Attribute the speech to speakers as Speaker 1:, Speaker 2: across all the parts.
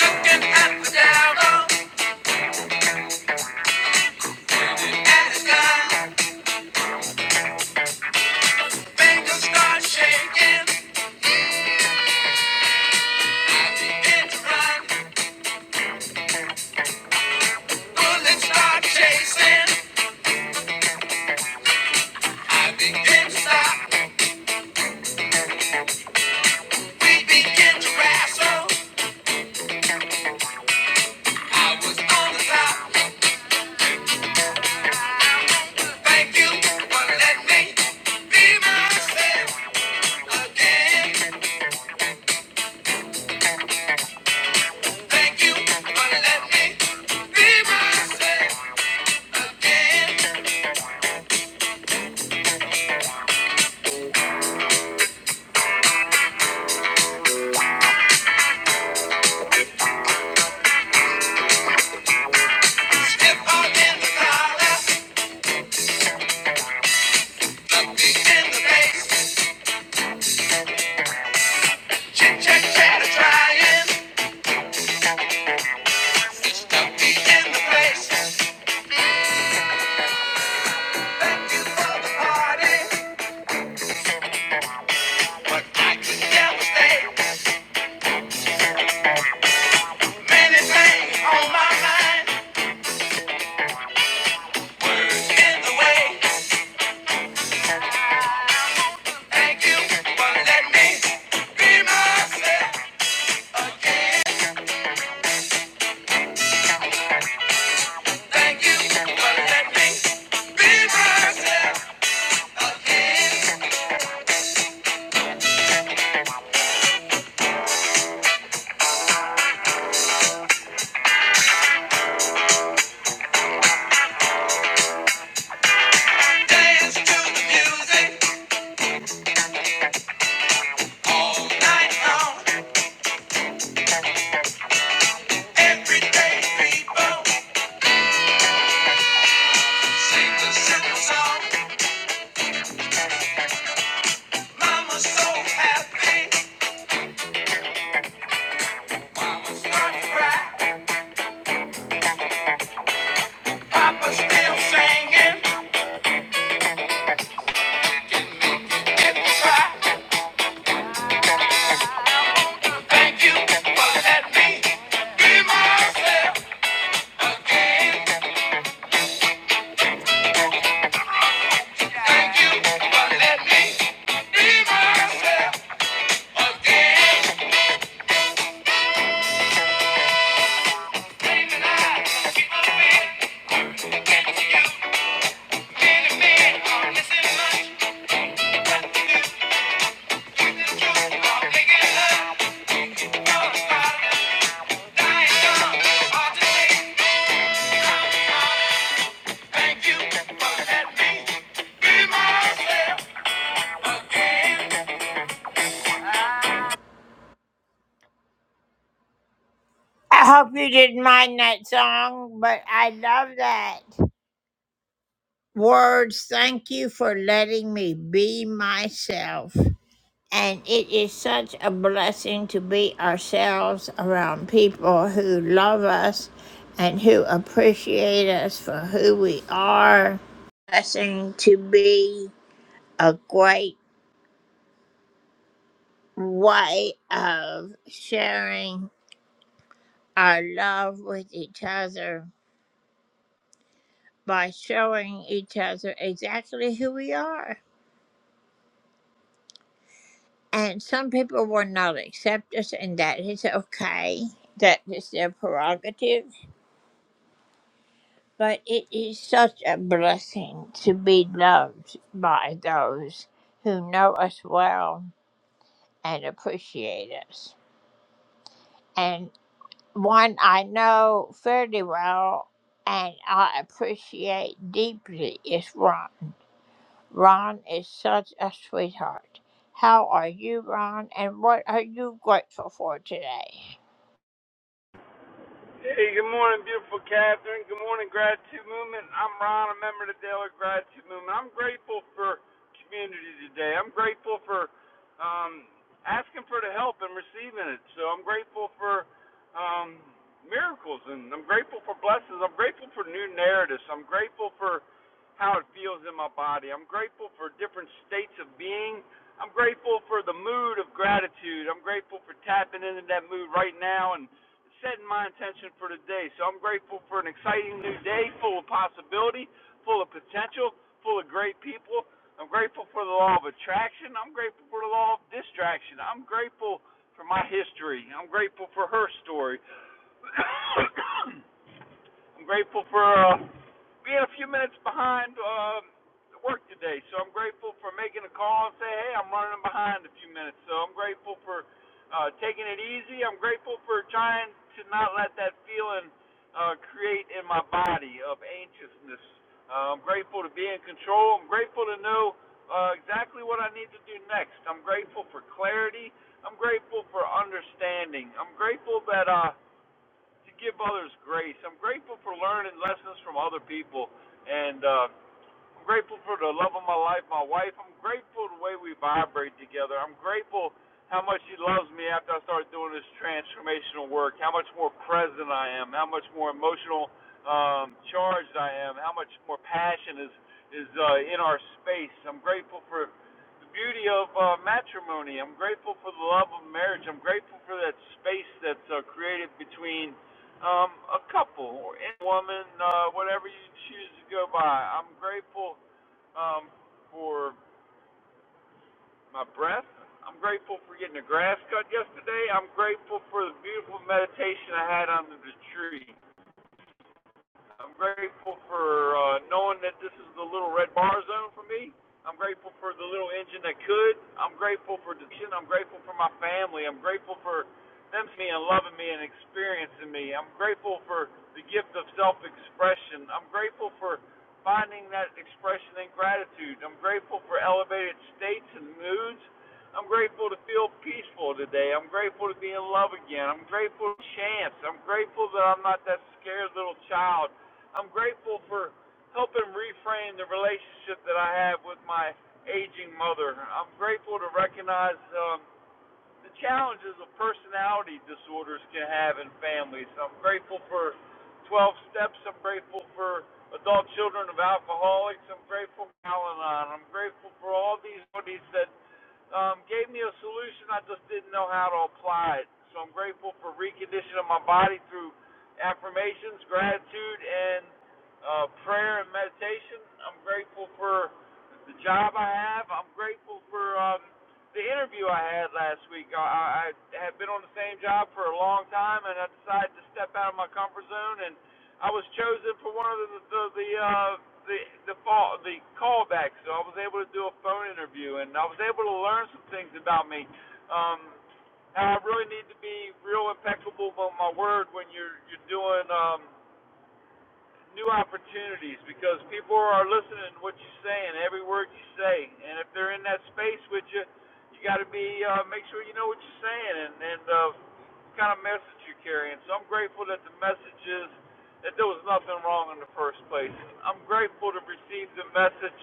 Speaker 1: Looking at the devil and the sky. Fingers start shaking, begin to run. Bullets start chasing. I begin to stop. We begin to wrestle. I was on the top. Thank you for letting me be myself again. Thank you for letting me be myself again. Step out in the collar, in the face. Chit chat, chatter, trying. Mama's so happy, her cry, Papa's still singing. Thank you for letting me be myself again. Thank you for letting me be myself again. I keep on I'm missing much the truth. I'm picking up on the bottom, dying dumb. Hard to say. Thank you for letting me be myself.
Speaker 2: Hey, good morning, beautiful Catherine. Good morning, Gratitude Movement. I'm Ron, a member of the Daily Gratitude Movement. I'm grateful for community today. I'm grateful for um, asking for the help and receiving it. So I'm grateful for um, miracles and I'm grateful for blessings. I'm grateful for new narratives. I'm grateful for how it feels in my body. I'm grateful for different states of being. I'm grateful for the mood of gratitude. I'm grateful for tapping into that mood right now and setting my intention for the day. So I'm grateful for an exciting new day full of possibility, full of potential, full of great people. I'm grateful for the law of attraction. I'm grateful for the law of distraction. I'm grateful for my history. I'm grateful for her story. I'm grateful for uh, being a few minutes behind uh, work today. So I'm grateful for making a call and say, hey, I'm running behind a few minutes. So I'm grateful for uh, taking it easy. I'm grateful for trying to not let that feeling uh, create in my body of anxiousness. Uh, I'm grateful to be in control. I'm grateful to know uh, exactly what I need to do next. I'm grateful for clarity. I'm grateful for understanding. I'm grateful that. Uh, to give others grace. I'm grateful for learning lessons from other people, and uh, I'm grateful for the love of my life, my wife. I'm grateful the way we vibrate together. I'm grateful how much she loves me after I started doing this transformational work. How much more present I am. How much more emotional um, charged I am. How much more passion is is uh, in our space. I'm grateful for the beauty of uh, matrimony. I'm grateful for the love of marriage. I'm grateful for that space that's uh, created between um, a couple, or any woman, uh, whatever you choose to go by. I'm grateful um, for my breath. I'm grateful for getting the grass cut yesterday. I'm grateful for the beautiful meditation I had under the tree. I'm grateful for uh, knowing that this is the little red bar zone for me. I'm grateful for the little engine that could. I'm grateful for Diction. I'm grateful for my family. I'm grateful for them seeing me and loving me and experiencing me. I'm grateful for the gift of self expression. I'm grateful for finding that expression in gratitude. I'm grateful for elevated states and moods. I'm grateful to feel peaceful today. I'm grateful to be in love again. I'm grateful to chance. I'm grateful that I'm not that scared little child I'm grateful for helping reframe the relationship that I have with my aging mother. I'm grateful to recognize um, the challenges of personality disorders can have in families. I'm grateful for 12 steps. I'm grateful for adult children of alcoholics. I'm grateful for Al Anon. I'm grateful for all these bodies that um, gave me a solution. I just didn't know how to apply it. So I'm grateful for reconditioning my body through affirmations, gratitude, and uh, prayer and meditation. I'm grateful for the job I have. I'm grateful for um, the interview I had last week. I, I had been on the same job for a long time, and I decided to step out of my comfort zone and I was chosen for one of the the the uh, the, the fall the callbacks, so I was able to do a phone interview, and I was able to learn some things about me. Um, how I really need to be real impeccable about my word when you're you're doing um, new opportunities because people are listening to what you're saying, every word you say, and if they're in that space with you, you got to be uh, make sure you know what you're saying and and uh, what kind of message you're carrying. So I'm grateful that the message is that there was nothing wrong in the first place. I'm grateful to receive the message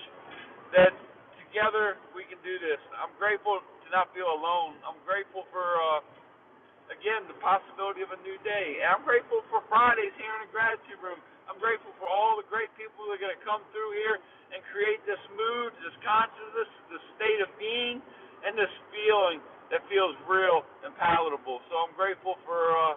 Speaker 2: that together we can do this. I'm grateful to not feel alone. I'm grateful for. Uh, again, the possibility of a new day. And I'm grateful for Fridays here in the gratitude room. I'm grateful for all the great people who are going to come through here and create this mood, this consciousness, this state of being, and this feeling that feels real and palatable. So I'm grateful for uh,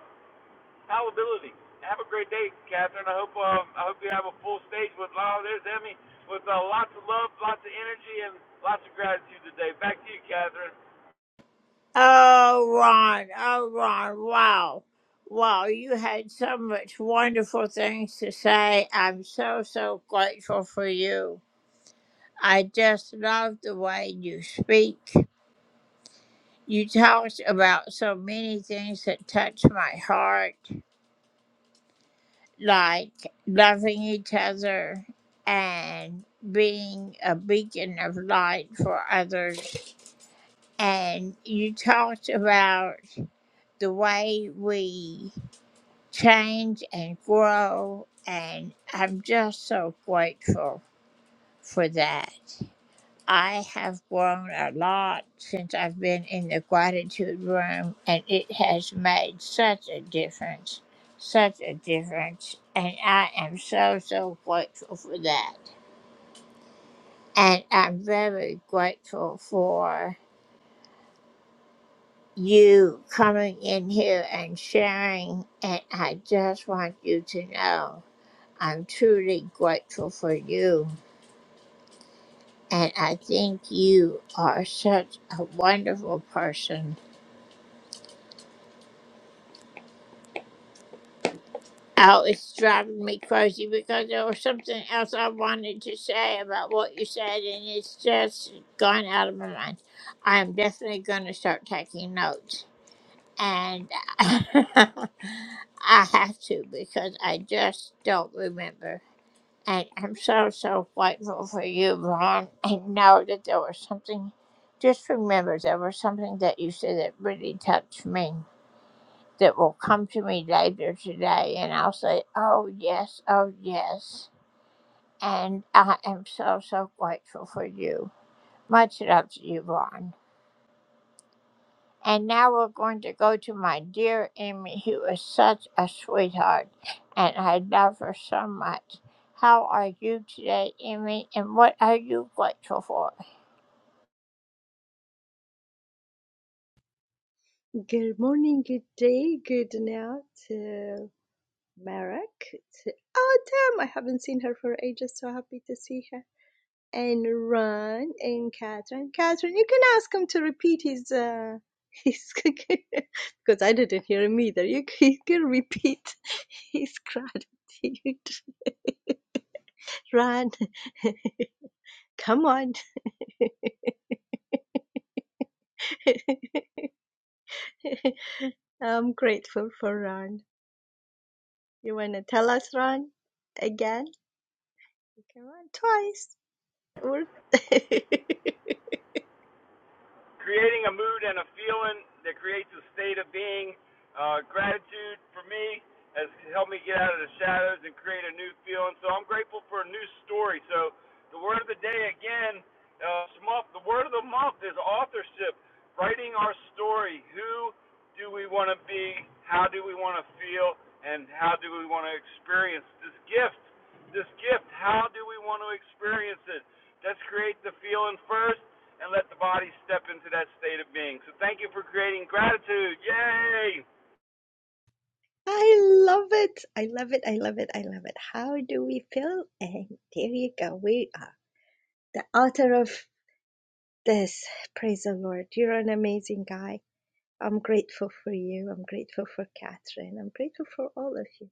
Speaker 2: palatability. Have a great day, Catherine. I hope um, I hope you have a full stage with oh, there's Emmy with uh, lots of love, lots of energy, and lots of gratitude today. Back to you, Catherine.
Speaker 3: Good morning, good day, good now to Marek, to Autumn. I haven't seen her for ages, so happy to see her. And Ron and Catherine. Catherine, you can ask him to repeat his uh his because I didn't hear him either. You can, you can repeat his gratitude. Ron, come on. I'm grateful for Ron. You wanna tell us, Ron? Again? Come on, twice. we
Speaker 2: creating a mood and a feeling that creates a state of being. Uh, gratitude for me has helped me get out of the shadows and create a new feeling. So I'm grateful for a new story. So the word of the day again, uh, the word of the month is authorship, writing our story. Who do we want to be? How do we want to feel? And how do we want to experience this gift? This gift, how do we want to experience it? Let's create the feeling first and let the body step into that state of being. So thank you for creating gratitude. Yay!
Speaker 3: I love it. I love it. I love it. I love it. How do we feel? And there you go. We are the author of this. Praise the Lord. You're an amazing guy. I'm grateful for you. I'm grateful for Catherine. I'm grateful for all of you.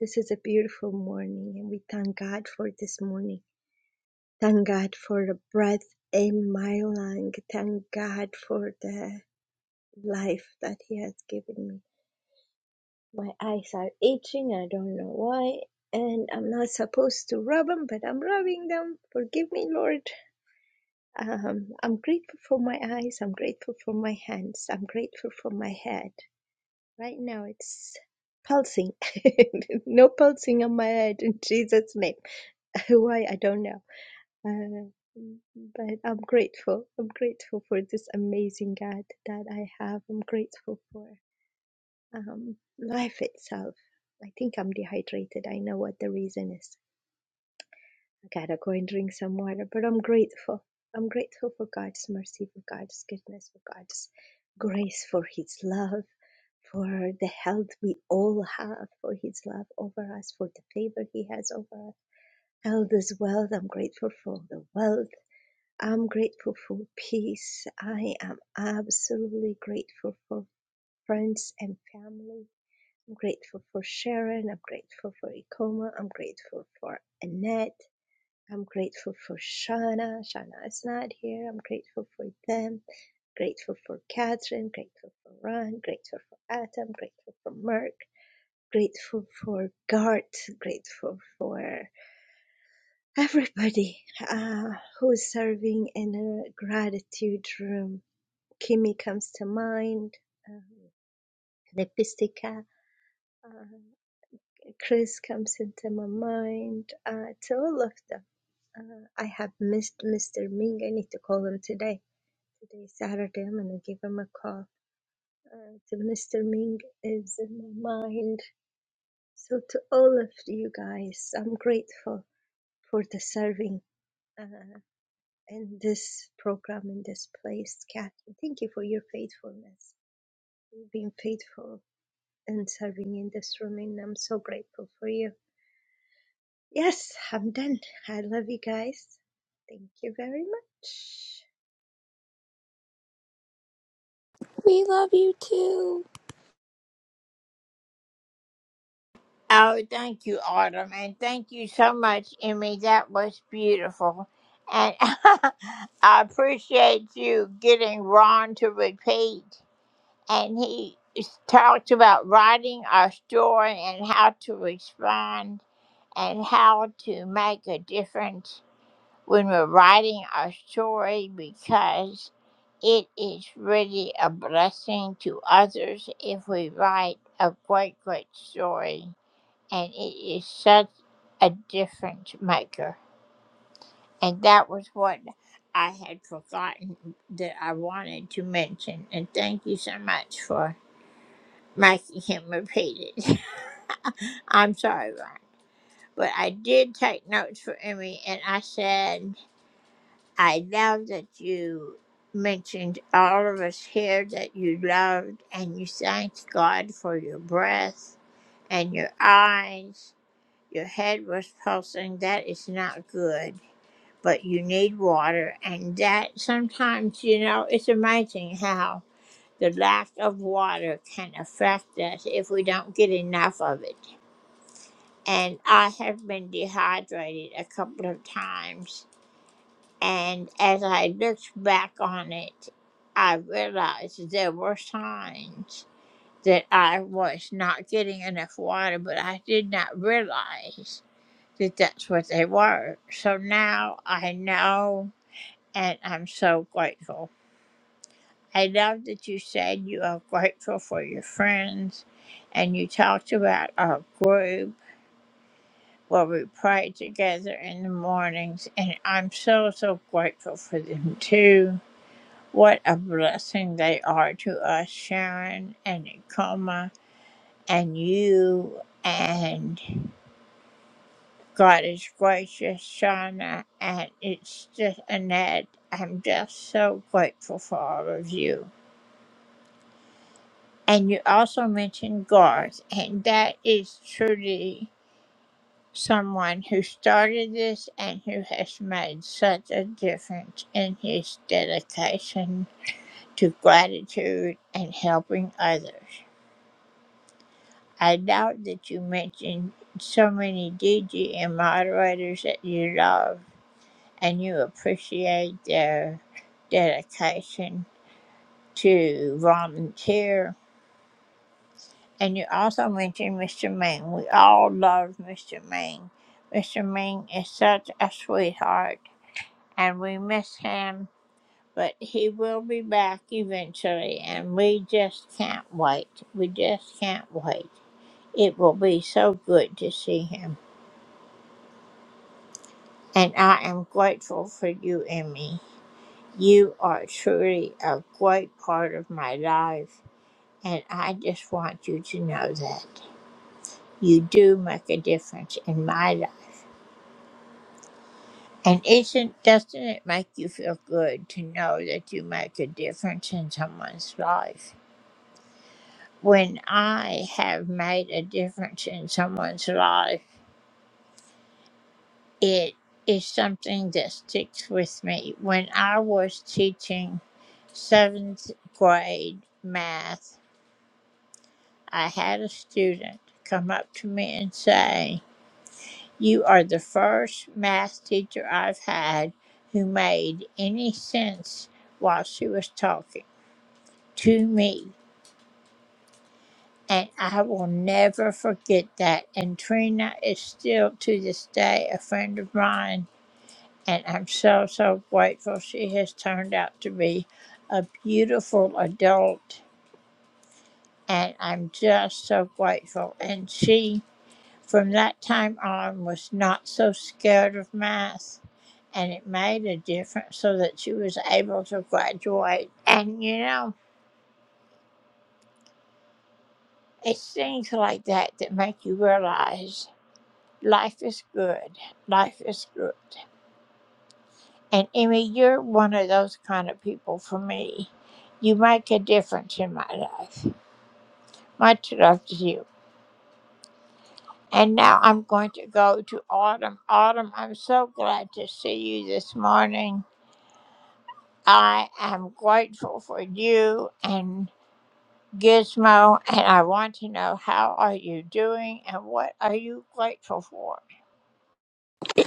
Speaker 3: This is a beautiful morning, and we thank God for this morning. Thank God for the breath in my lung. Thank God for the life that He has given me My eyes are itching, I don't know why, and I'm not supposed to rub them, but I'm rubbing them. Forgive me, Lord. Um, I'm grateful for my eyes, I'm grateful for my hands, I'm grateful for my head. Right now it's pulsing. no pulsing on my head in Jesus' name. why, I don't know. Uh, but I'm grateful. I'm grateful for this amazing God that I have. I'm grateful for. Um, life itself. I think I'm dehydrated. I know what the reason is. I gotta go and drink some water, but I'm grateful. I'm grateful for God's mercy, for God's goodness, for God's grace, for His love, for the health we all have, for His love over us, for the favor He has over us. Health is wealth. I'm grateful for the wealth. I'm grateful for peace. I am absolutely grateful for friends and family I'm grateful for Sharon. I'm grateful for Ikoma. I'm grateful for Annette. I'm grateful for Shauna. Shauna is not here. I'm grateful for them. Grateful for Catherine. Grateful for Ron. Grateful for Atom. Grateful for Merck. Grateful for Gart. Grateful for everybody uh, who is serving in a gratitude room. Kimmy comes to mind. Um, Lepistica. Uh, Chris comes into my mind. Uh, it's all of them. Uh, I have missed Mr. Ming. I need to call him today. Today is Saturday. I'm gonna give him a call. Uh, so Mr. Ming is in my mind. So to all of you guys, I'm grateful for the serving uh, in this program in this place, Kat. Thank you for your faithfulness. You've been faithful in serving in this room, and I'm so grateful for you. Yes, I'm done. I love you guys. Thank you very much.
Speaker 4: We love you too.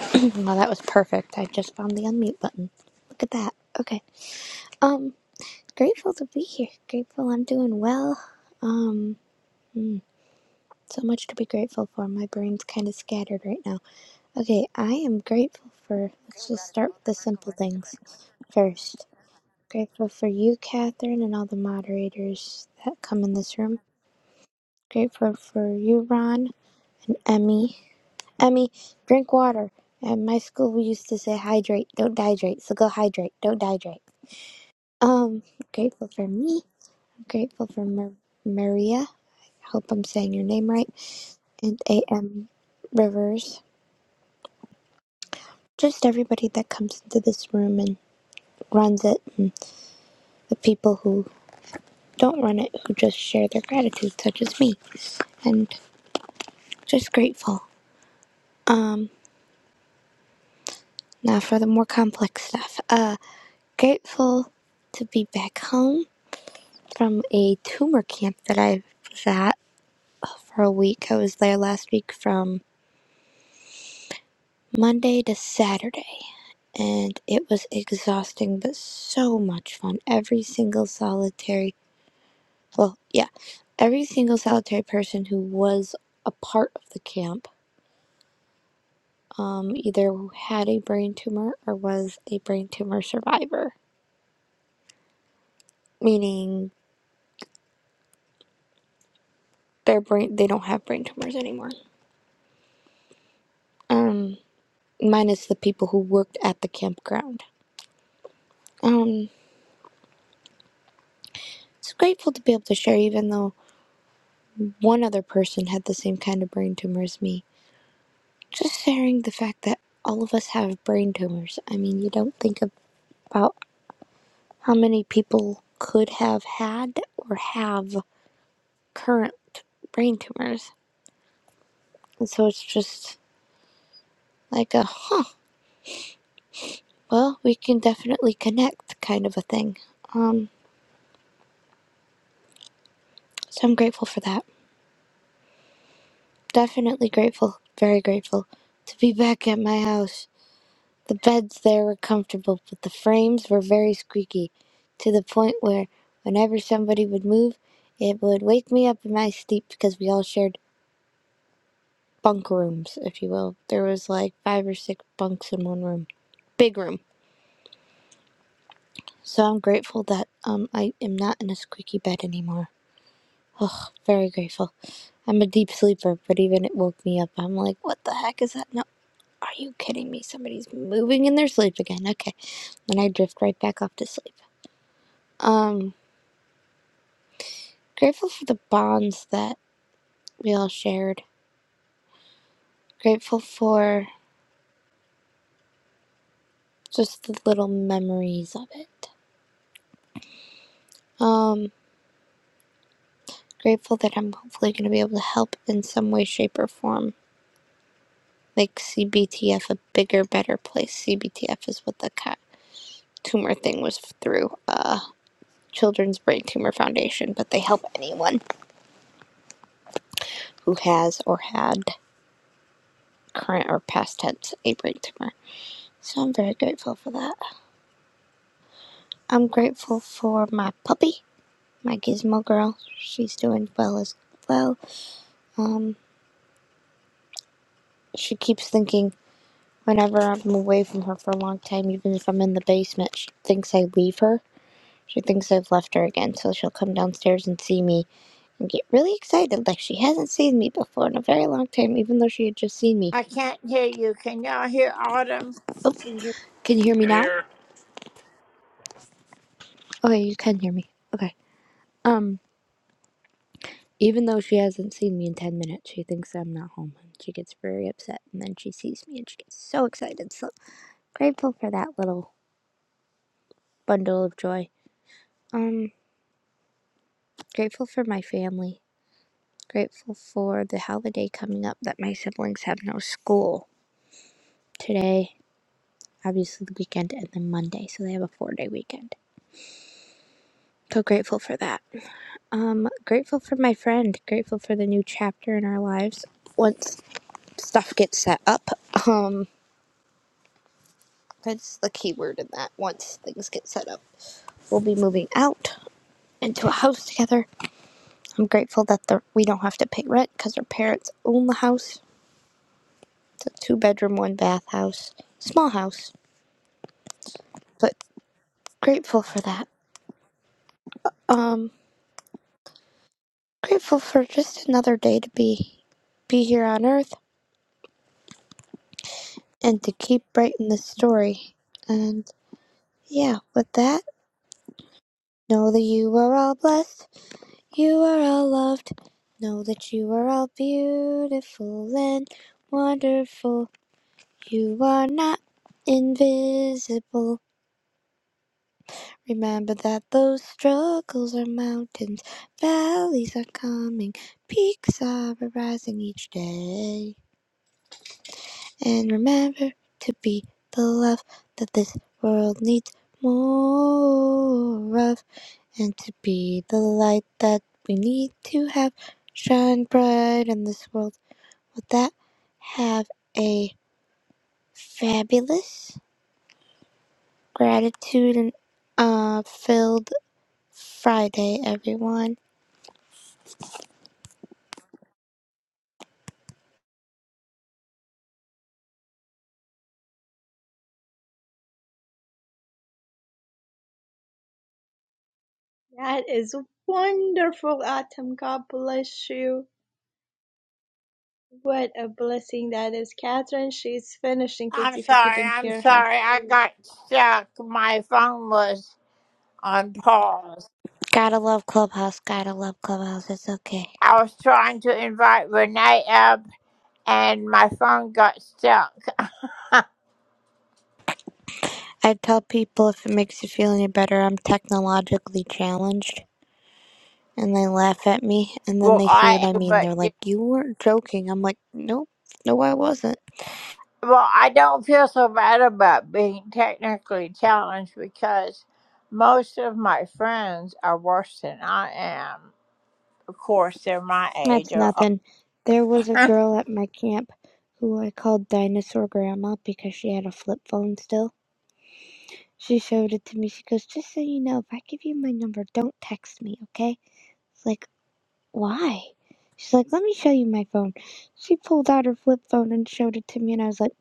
Speaker 4: well, that was perfect. I just found the unmute button. Look at that. Okay. Um, grateful to be here. Grateful I'm doing well. Um, mm, so much to be grateful for. My brain's kind of scattered right now. Okay, I am grateful for. Let's just start with the simple things first. Grateful for you, Catherine, and all the moderators that come in this room. Grateful for you, Ron, Emmy. Emmy, drink water. At my school, we used to say hydrate, don't dehydrate. So go hydrate, don't dehydrate. Um, grateful for me. Grateful for Mar- Maria. Hope I'm saying your name right. And A.M. Rivers. Just everybody that comes into this room and runs it, and the people who don't run it, who just share their gratitude, such as me. And just grateful. Now for the more complex stuff. Uh, grateful to be back home from a tumor camp that I was at for a week. I was there last week from Monday to Saturday, and it was exhausting but so much fun. Every single solitary, well, yeah, every single solitary person who was a part of the camp, um, either had a brain tumor or was a brain tumor survivor, meaning their brain they don't have brain tumors anymore, minus the people who worked at the campground. Um. It's grateful to be able to share, even though one other person had the same kind of brain tumor as me. Just sharing the fact that all of us have brain tumors. I mean, you don't think about how many people could have had or have current brain tumors. And so it's just like a, huh, well, we can definitely connect kind of a thing. So I'm grateful for that. Definitely grateful, very grateful to be back at my house The beds there were comfortable, but the frames were very squeaky, to the point where, whenever somebody would move, it would wake me up in my sleep because we all shared bunk rooms, if you will. There was like five or six bunks in one room, big room. So I'm grateful that um I am not in a squeaky bed anymore. Very grateful. I'm a deep sleeper, but even it woke me up. I'm like, what the heck is that? No, are you kidding me? Somebody's moving in their sleep again. Okay, then I drift right back off to sleep. Um. Grateful for the bonds that we all shared. Grateful for just the little memories of it. Um, grateful that I'm hopefully going to be able to help in some way, shape, or form. Make CBTF a bigger, better place. CBTF is what the cat tumor thing was through uh, Children's Brain Tumor Foundation, but they help anyone who has or had current or past tense a brain tumor. So I'm very grateful for that. I'm grateful for my puppy. my gizmo girl. She's doing well as well. Um, she keeps thinking whenever I'm away from her for a long time, even if I'm in the basement, she thinks I leave her. She thinks I've left her again, so she'll come downstairs and see me and get really excited, like she hasn't seen me before in a very long time, even though she had just seen me. Oh, can you hear me
Speaker 2: And
Speaker 4: now?
Speaker 2: here
Speaker 4: Okay, you can hear me. Okay. Um, even though she hasn't seen me in 10 minutes, she thinks I'm not home. and She gets very upset, and then she sees me and she gets so excited. So grateful for that little bundle of joy. Um, grateful for my family. Grateful for the holiday coming up that my siblings have no school today, obviously the weekend, and then Monday, so they have a four day weekend. So grateful for that. Um, grateful for my friend. Grateful for the new chapter in our lives. Once stuff gets set up, um, that's the key word in that. Once things get set up, we'll be moving out into a house together. I'm grateful that the, we don't have to pay rent because our parents own the house It's a two bedroom, one bath house. Small house, but grateful for that. Um, grateful for just another day to be be here on Earth and to keep writing this story. And yeah, with that, know that you are all blessed. You are all loved. Know that you are all beautiful and wonderful. You are not invisible. Remember that those struggles are mountains, valleys are coming, peaks are arising each day. And remember to be the love that this world needs more of, and to be the light that we need to have shine bright in this world. With that, have a fabulous gratitude and uh, filled Friday, everyone.
Speaker 3: That is wonderful, Autumn. God bless you. What a blessing that is. Catherine, she's finishing, kids, if you couldn't hear her.
Speaker 4: Gotta love Clubhouse. Gotta love Clubhouse. It's okay. I tell people if it makes you feel any better, I'm technologically challenged. And they laugh at me. And then they see what I mean. They're like, You weren't joking. I'm like, Nope. No, I wasn't. That's nothing. There was a girl at my camp who I called Dinosaur Grandma because she had a flip phone still. She showed it to me. She goes, Just so you know, if I give you my number, don't text me, okay? It's like. Why? She's like, Let me show you my phone. She pulled out her flip phone and showed it to me, and I was like,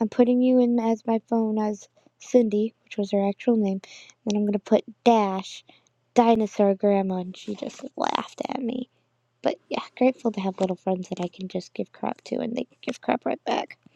Speaker 4: I'm putting you in as my phone as Cindy, which was her actual name, and I'm gonna put Dash, Dinosaur Grandma, and she just laughed at me. But yeah, grateful to have little friends that I can just give crap to, and they give crap right back.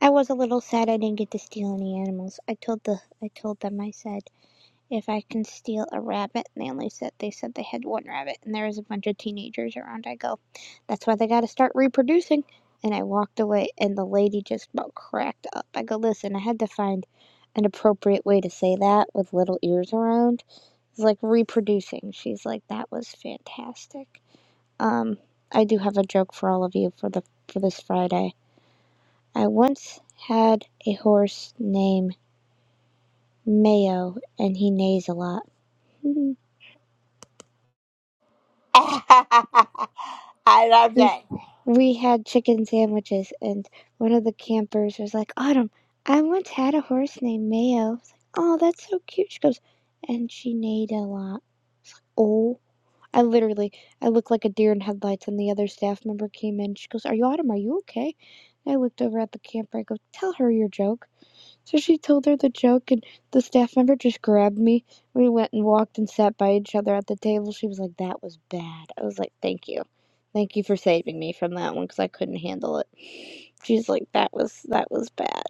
Speaker 4: I was a little sad I didn't get to steal any animals. I told the I told them I said. if I can steal a rabbit. And they only said they said they had one rabbit, and there was a bunch of teenagers around. I go, that's why they got to start reproducing. And I walked away, and the lady just about cracked up. I go, listen, I had to find an appropriate way to say that with little ears around. It's like reproducing. She's like, that was fantastic. Um, I do have a joke for all of you for the for this Friday. I once had a horse named Mayo, and he neighs a lot. we we had chicken sandwiches and one of the campers was like autumn i once had a horse named mayo It's like, oh that's so cute she goes and she neighed a lot oh i literally i looked like a deer in headlights and the other staff member came in she goes are you autumn are you okay and i looked over at the camper i go tell her your joke so she told her the joke, and the staff member just grabbed me. We went and walked and sat by each other at the table. She was like, That was bad. I was like, Thank you. Thank you for saving me from that one because I couldn't handle it. She's like, That was that was bad.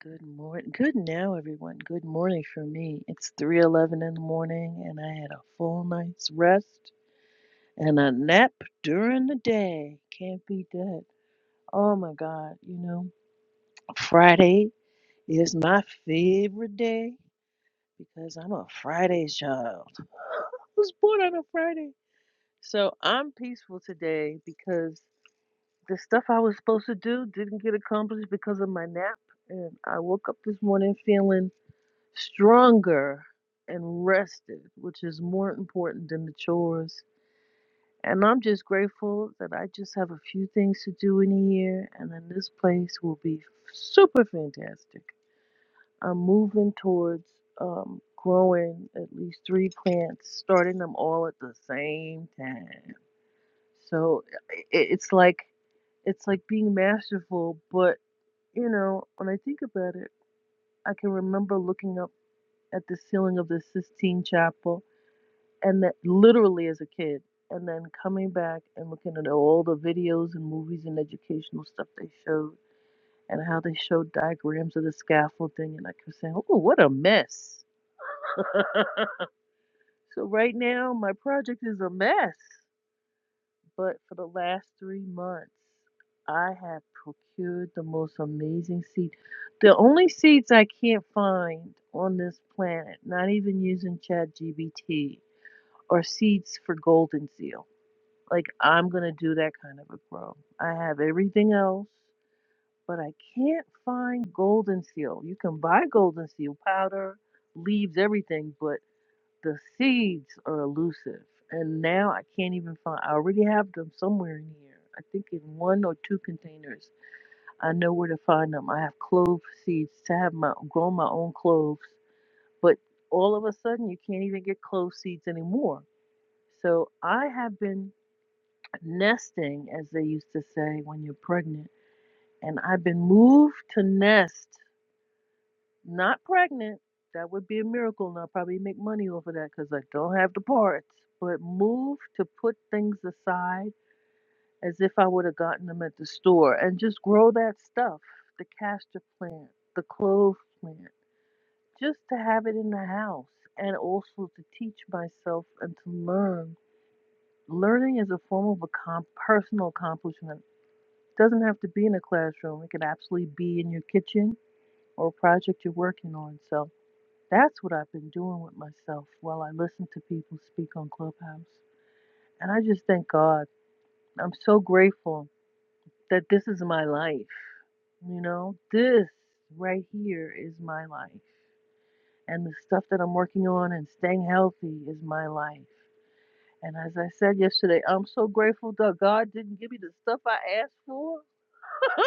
Speaker 5: Good morning. Good now, everyone. Good morning for me. It's 3:11 in the morning and I had a full night's rest and a nap during the day. Can't beat that. Oh my god, you know, Friday is my favorite day because I'm a Friday's child. I was born on a Friday. So I'm peaceful today because the stuff I was supposed to do didn't get accomplished because of my nap and I woke up this morning feeling stronger and rested, which is more important than the chores. And I'm just grateful that I just have a few things to do in a year, and then this place will be super fantastic. I'm moving towards um, growing at least three plants, starting them all at the same time. So i i- it's like it's like being masterful, but you know, when I think about it, I can remember looking up at the ceiling of the Sistine Chapel and that literally as a kid and then coming back and looking at all the videos and movies and educational stuff they showed and how they showed diagrams of the scaffolding and i kept saying oh what a mess so right now my project is a mess but for the last three months i have procured the most amazing seed the only seeds i can't find on this planet not even using ChatGPT, are seeds for golden seal Like I'm gonna do that kind of a grow. I have everything else, but I can't find golden seal. You can buy golden seal powder, leaves, everything, but the seeds are elusive. And now I can't even find. I already have them somewhere in here. I think in one or two containers. I know where to find them. I have clove seeds to have my grow my own cloves, but all of a sudden you can't even get clove seeds anymore. So I have been nesting, as they used to say when you're pregnant. And I've been moved to nest, not pregnant. That would be a miracle, and I'll probably make money off of that because I don't have the parts. But moved to put things aside as if I would have gotten them at the store and just grow that stuff the castor plant, the clove plant, just to have it in the house and also to teach myself and to learn. Learning is a form of a com- personal accomplishment. doesn't have to be in a classroom. It can absolutely be in your kitchen or a project you're working on. So that's what I've been doing with myself while I listen to people speak on Clubhouse. And I just thank God. I'm so grateful that this is my life. You know, this right here is my life. And the stuff that I'm working on and staying healthy is my life. And as I said yesterday, I'm so grateful that God didn't give me the stuff I asked for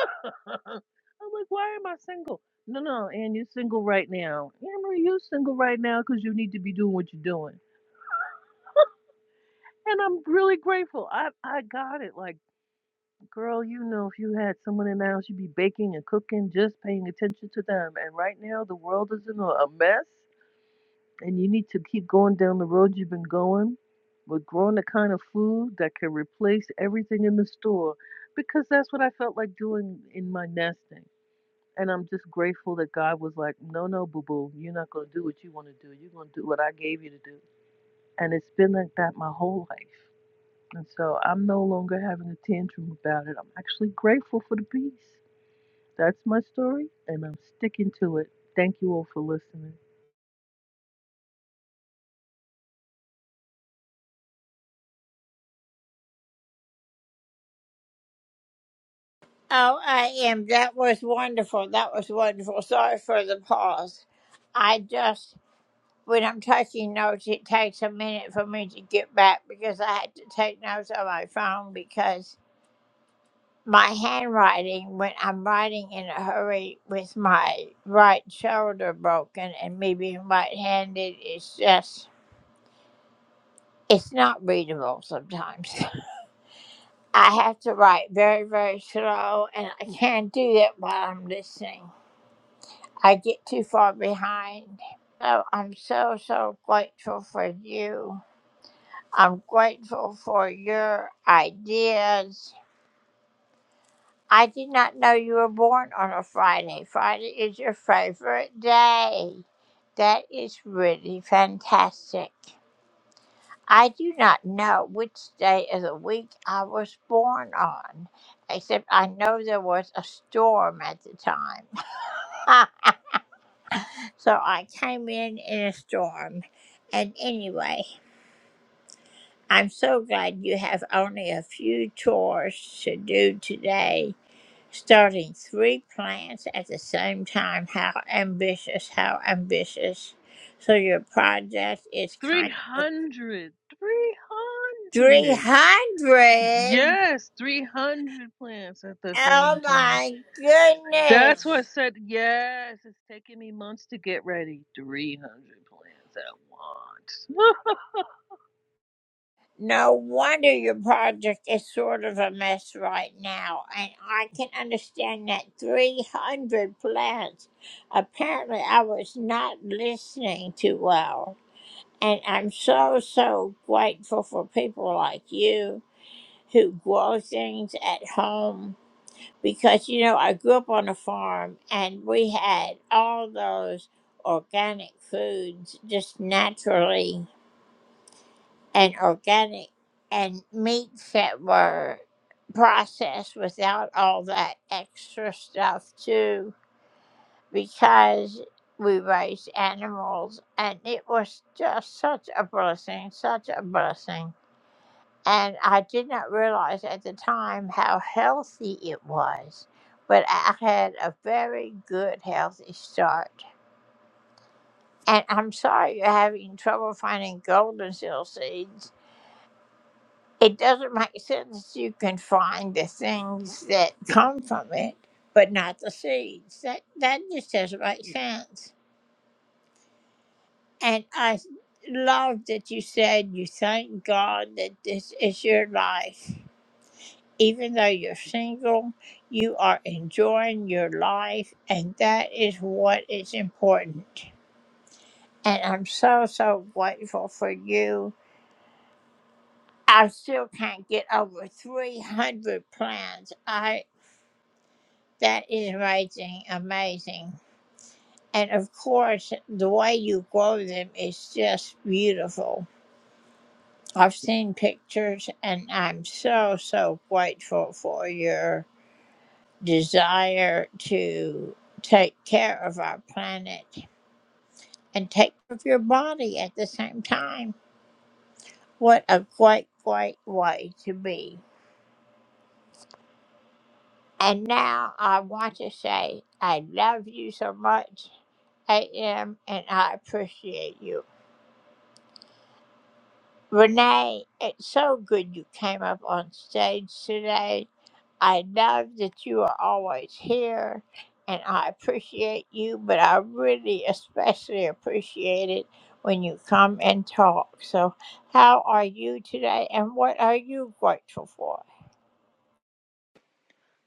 Speaker 5: I'm like, why am I single? No, no, and you're single right now. Amber, you're single right now because you need to be doing what you're doing. And I'm really grateful. I I got it. Like, girl, you know, if you had someone in the house, you'd be baking and cooking, just paying attention to them. And right now, the world is in a a mess, and you need to keep going down the road you've been going with growing the kind of food that can replace everything in the store, because that's what I felt like doing in my nesting. And I'm just grateful that God was like, no, no, boo boo, you're not going to do what you want to do. You're going to do what I gave you to do. And it's been like that my whole life. And so I'm no longer having a tantrum about it. I'm actually grateful for the peace. That's my story, and I'm sticking to it. Thank you all for listening. 300, 300. Yes, 300 plants at the same time. That's why I said. Yes, it's taking me months to get ready. 300 plans at once.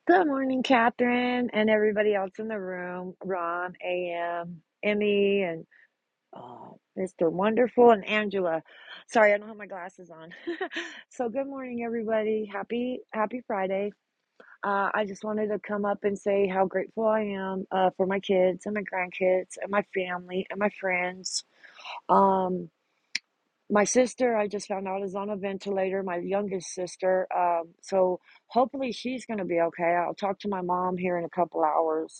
Speaker 6: Good morning, Catherine, and everybody else in the room. Ron, AM, Emmy, and oh, Mr. Wonderful, and Angela. Sorry, I don't have my glasses on. So, good morning, everybody. Happy Happy Friday. Uh, I just wanted to come up and say how grateful I am uh, for my kids and my grandkids and my family and my friends. Um, my sister, I just found out, is on a ventilator. My youngest sister. Um, so hopefully she's going to be okay. I'll talk to my mom here in a couple hours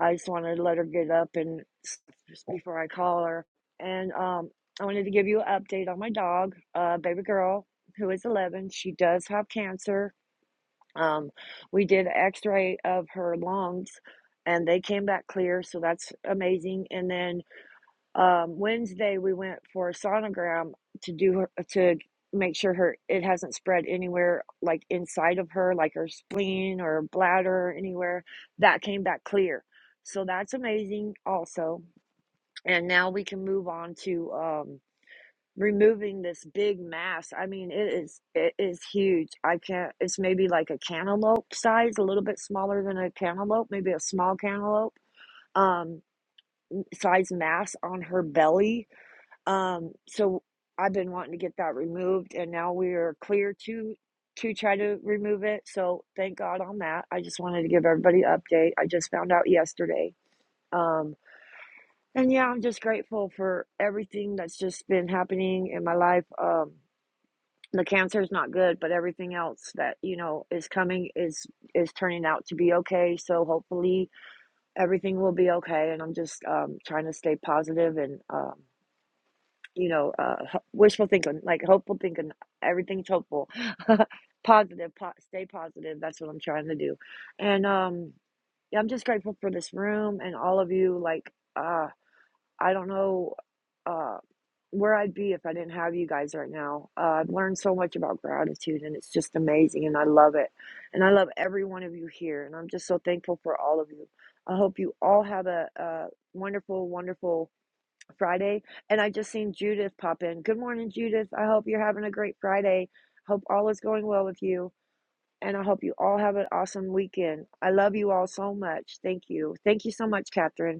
Speaker 6: I just want to let her get up and just before I call her. And um, I wanted to give you an update on my dog, uh, baby girl, who is 11. She does have cancer. Um, we did an x ray of her lungs and they came back clear, so that's amazing. And then um, Wednesday we went for a sonogram to do her, to make sure her it hasn't spread anywhere like inside of her like her spleen or bladder anywhere that came back clear so that's amazing also and now we can move on to um removing this big mass i mean it is it is huge i can't it's maybe like a cantaloupe size a little bit smaller than a cantaloupe maybe a small cantaloupe um size mass on her belly um, so I've been wanting to get that removed, and now we are clear to to try to remove it. So thank God on that. I just wanted to give everybody an update. I just found out yesterday. Um, and yeah, I'm just grateful for everything that's just been happening in my life. Um, the cancer is not good, but everything else that you know is coming is is turning out to be okay. So hopefully everything will be okay. And I'm just um, trying to stay positive and um, you know, uh, ho- wishful thinking, like hopeful thinking. Everything's hopeful, positive. Po- stay positive. That's what I'm trying to do, and um, yeah, I'm just grateful for this room and all of you. Like, uh, I don't know uh, where I'd be if I didn't have you guys right now. Uh, I've learned so much about gratitude, and it's just amazing, and I love it, and I love every one of you here, and I'm just so thankful for all of you. I hope you all have a, a wonderful, wonderful Friday, and I just seen Judith pop in. Good morning, Judith. I hope you're having a great Friday. Hope all is going well with you, and I hope you all have an awesome weekend. I love you all so much. Thank you. Thank you so much, Catherine.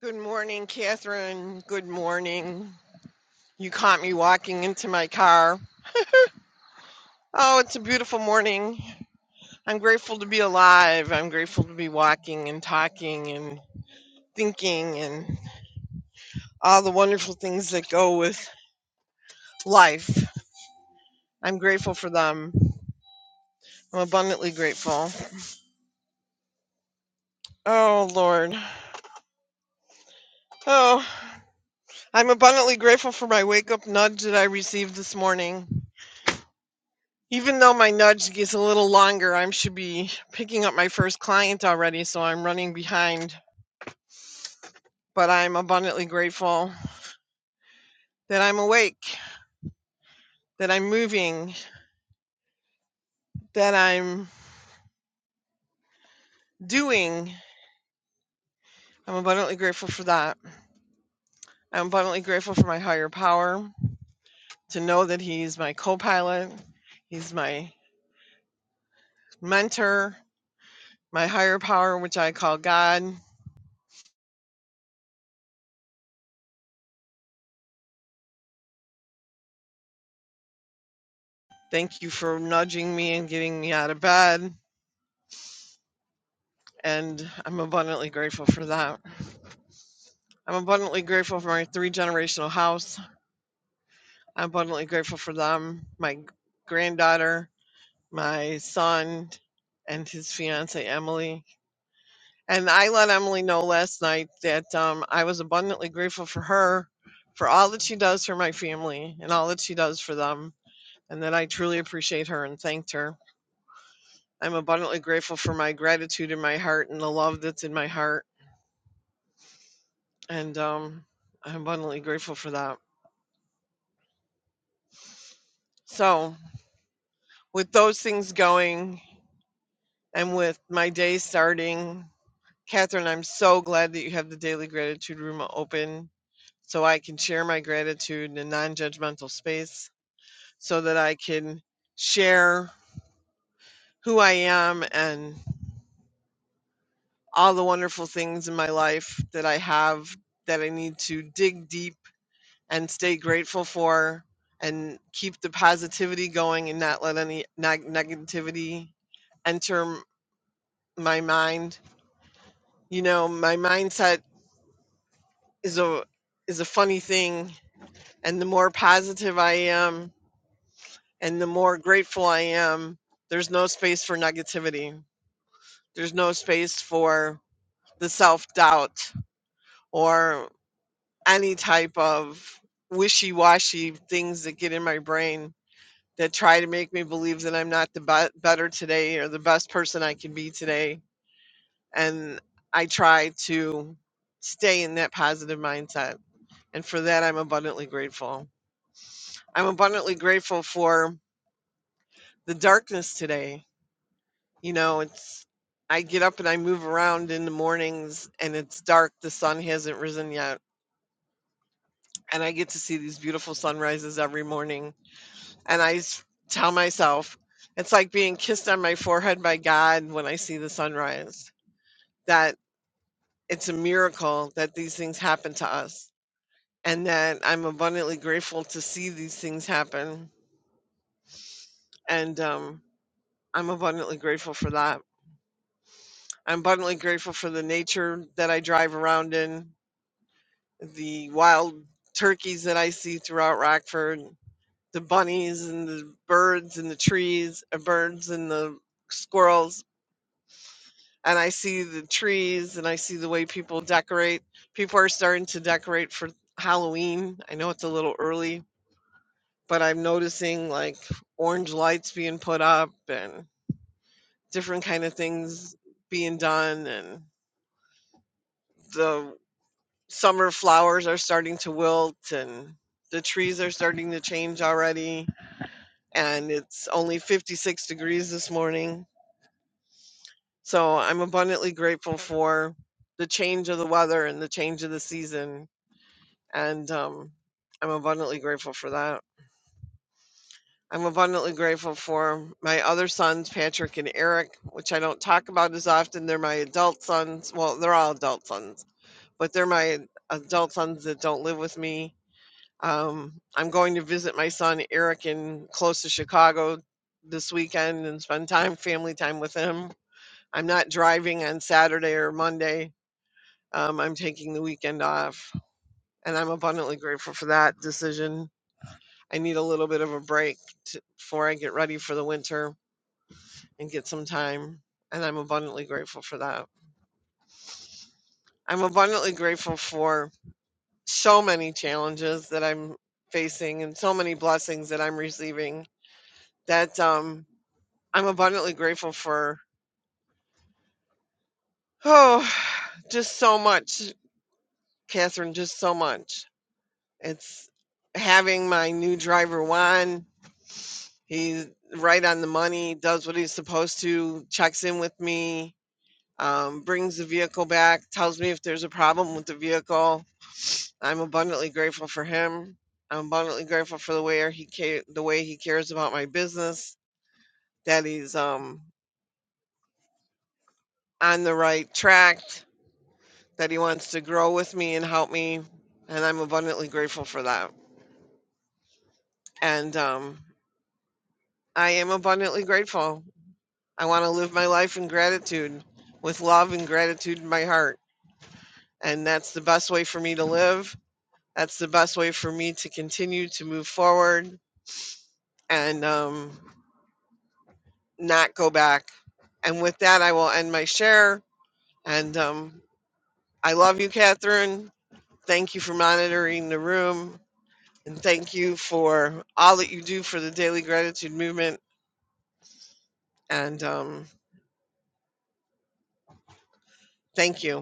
Speaker 7: Good morning, Catherine. Good morning. You caught me walking into my car. Oh, it's a beautiful morning. I'm grateful to be alive. I'm grateful to be walking and talking and thinking and all the wonderful things that go with life. I'm grateful for them. I'm abundantly grateful. Oh, Lord. Oh, I'm abundantly grateful for my wake up nudge that I received this morning. Even though my nudge gets a little longer, I should be picking up my first client already, so I'm running behind. But I'm abundantly grateful that I'm awake, that I'm moving, that I'm doing. I'm abundantly grateful for that. I'm abundantly grateful for my higher power to know that He's my co pilot, He's my mentor, my higher power, which I call God. Thank you for nudging me and getting me out of bed. and I'm abundantly grateful for that. I'm abundantly grateful for my three generational house. I'm abundantly grateful for them, my granddaughter, my son, and his fiance Emily. And I let Emily know last night that um, I was abundantly grateful for her, for all that she does for my family and all that she does for them, and that I truly appreciate her and thanked her. I'm abundantly grateful for my gratitude in my heart and the love that's in my heart and um, I'm abundantly grateful for that. So, with those things going and with my day starting, Catherine, I'm so glad that you have the daily gratitude room open so I can share my gratitude in a non judgmental space so that I can share who I am and all the wonderful things in my life that I have that I need to dig deep and stay grateful for and keep the positivity going and not let any neg- negativity enter my mind. You know, my mindset is a is a funny thing and the more positive I am and the more grateful I am, there's no space for negativity. There's no space for the self-doubt or any type of wishy-washy things that get in my brain that try to make me believe that I'm not the be- better today or the best person I can be today. And I try to stay in that positive mindset. And for that, I'm abundantly grateful. I'm abundantly grateful for the darkness today. You know, it's, I get up and I move around in the mornings and it's dark. The sun hasn't risen yet. And I get to see these beautiful sunrises every morning and I s- tell myself it's like being kissed on my forehead by God when I see the sunrise. That it's a miracle that these things happen to us, and that I'm abundantly grateful to see these things happen, and um, I'm abundantly grateful for that. I'm abundantly grateful for the nature that I drive around in, the wild turkeys that I see throughout Rockford, the bunnies and the birds and the trees, uh, birds and the squirrels and I see the trees and I see the way people decorate. People are starting to decorate for Halloween. I know it's a little early, but I'm noticing like orange lights being put up and different kind of things being done and the summer flowers are starting to wilt and the trees are starting to change already and it's only 56 degrees this morning. So I'm abundantly grateful for the change of the weather and the change of the season and um, I'm abundantly grateful for that. I'm abundantly grateful for my other sons, Patrick and Eric, which I don't talk about as often. They're my adult sons. Well, they're all adult sons, but they're my adult sons that don't live with me. Um, I'm going to visit my son Eric in close to Chicago this weekend and spend time, family time with him. I'm not driving on Saturday or Monday. Um, I'm taking the weekend off, and I'm abundantly grateful for that decision I need a little bit of a break to, before I get ready for the winter and get some time. And I'm abundantly grateful for that. I'm abundantly grateful for so many challenges that I'm facing and so many blessings that I'm receiving that um, I'm abundantly grateful for. Oh, just so much, Catherine, just so much. It's having my new driver, Juan. He's right on the money, does what he's supposed to, checks in with me um, brings the vehicle back, tells me if there's a problem with the vehicle. I'm abundantly grateful for him. I'm abundantly grateful for the way he ca- the way he cares about my business, that he's um, on the right track, that he wants to grow with me and help me, and I'm abundantly grateful for that. And um, I am abundantly grateful. I want to live my life in gratitude, with love and gratitude in my heart, and that's the best way for me to live That's the best way for me to continue to move forward and um, not go back. And with that, I will end my share. And um, I love you, Catherine. Thank you for monitoring the room. And thank you for all that you do for the daily gratitude movement. And um, thank you.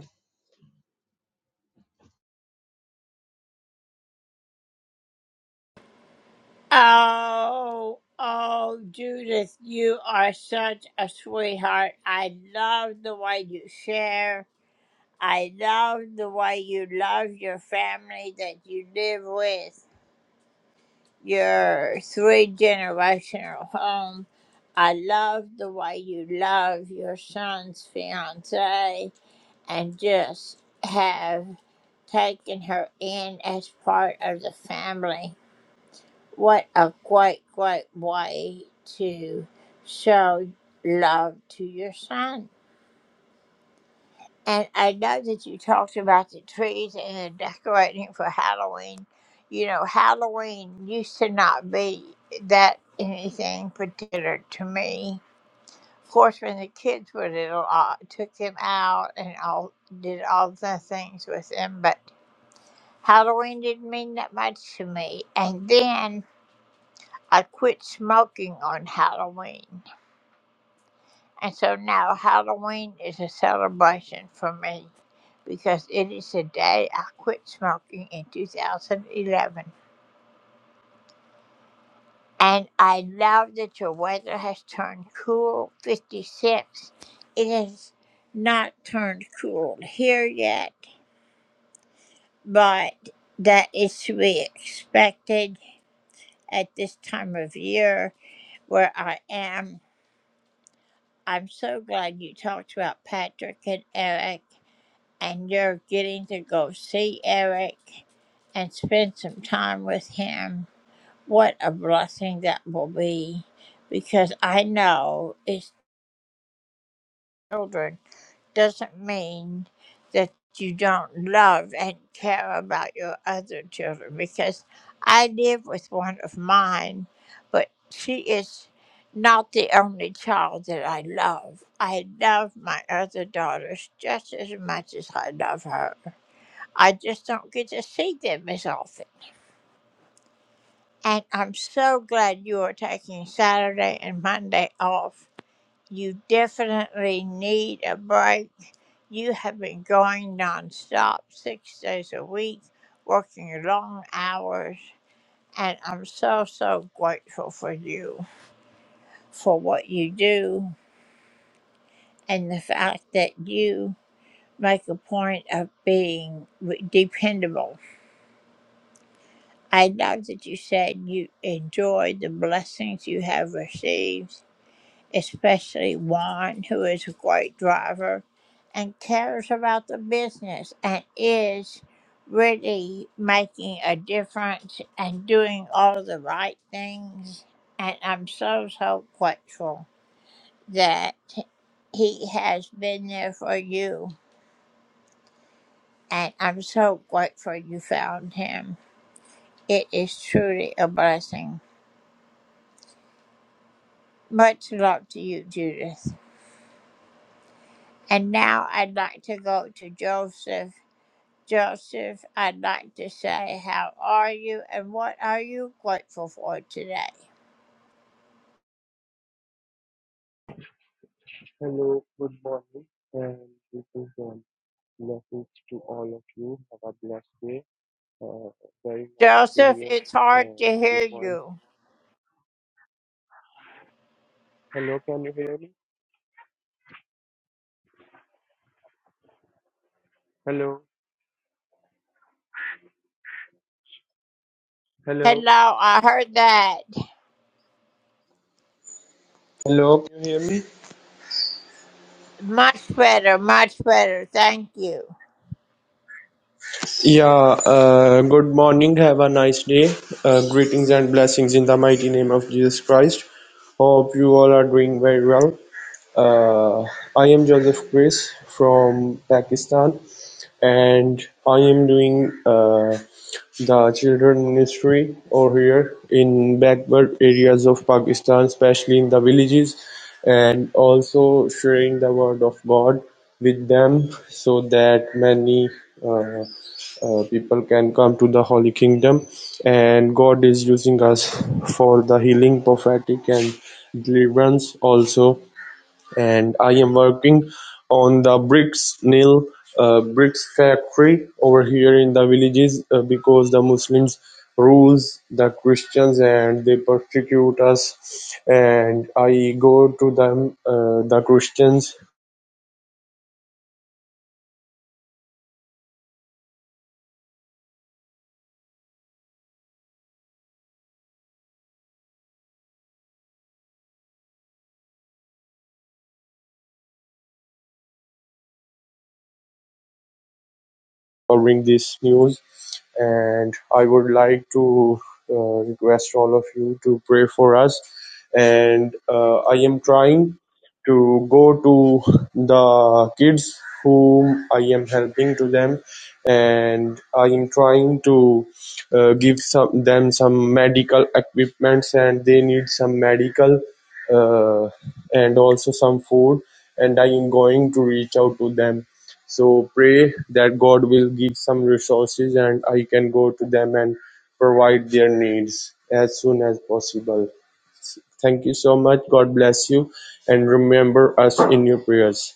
Speaker 8: Hello, good morning, and this is um, blessings to all of you. Have a blessed day. Uh, very nice to hear uh, your voice. Hello, can you hear me? Hello, hello, hello. Can you hear me? Yeah. Uh, good morning. Have a nice day. Uh, greetings and blessings in the mighty name of Jesus Christ. Hope you all are doing very well. Uh, I am Joseph Chris from Pakistan. and I am doing uh, the children ministry over here in backward areas of Pakistan, especially in the villages, and also sharing the word of God with them so that many uh, uh, people can come to the Holy Kingdom. And God is using us for the healing, prophetic, and deliverance also and I am working on the bricks nil uh, bricks factory over here in the villages uh, because the Muslims rules the Christians and they persecute us and I go to them uh, the Christians covering this news and I would like to uh, request all of you to pray for us. And uh, I am trying to go to the kids whom I am helping to them, and I am trying to uh, give some them some medical equipments, and they need some medical uh, and also some food. And I am going to reach out to them so pray that God will give some resources and I can go to them and provide their needs as soon as possible. Thank you so much. God bless you and remember us in your prayers.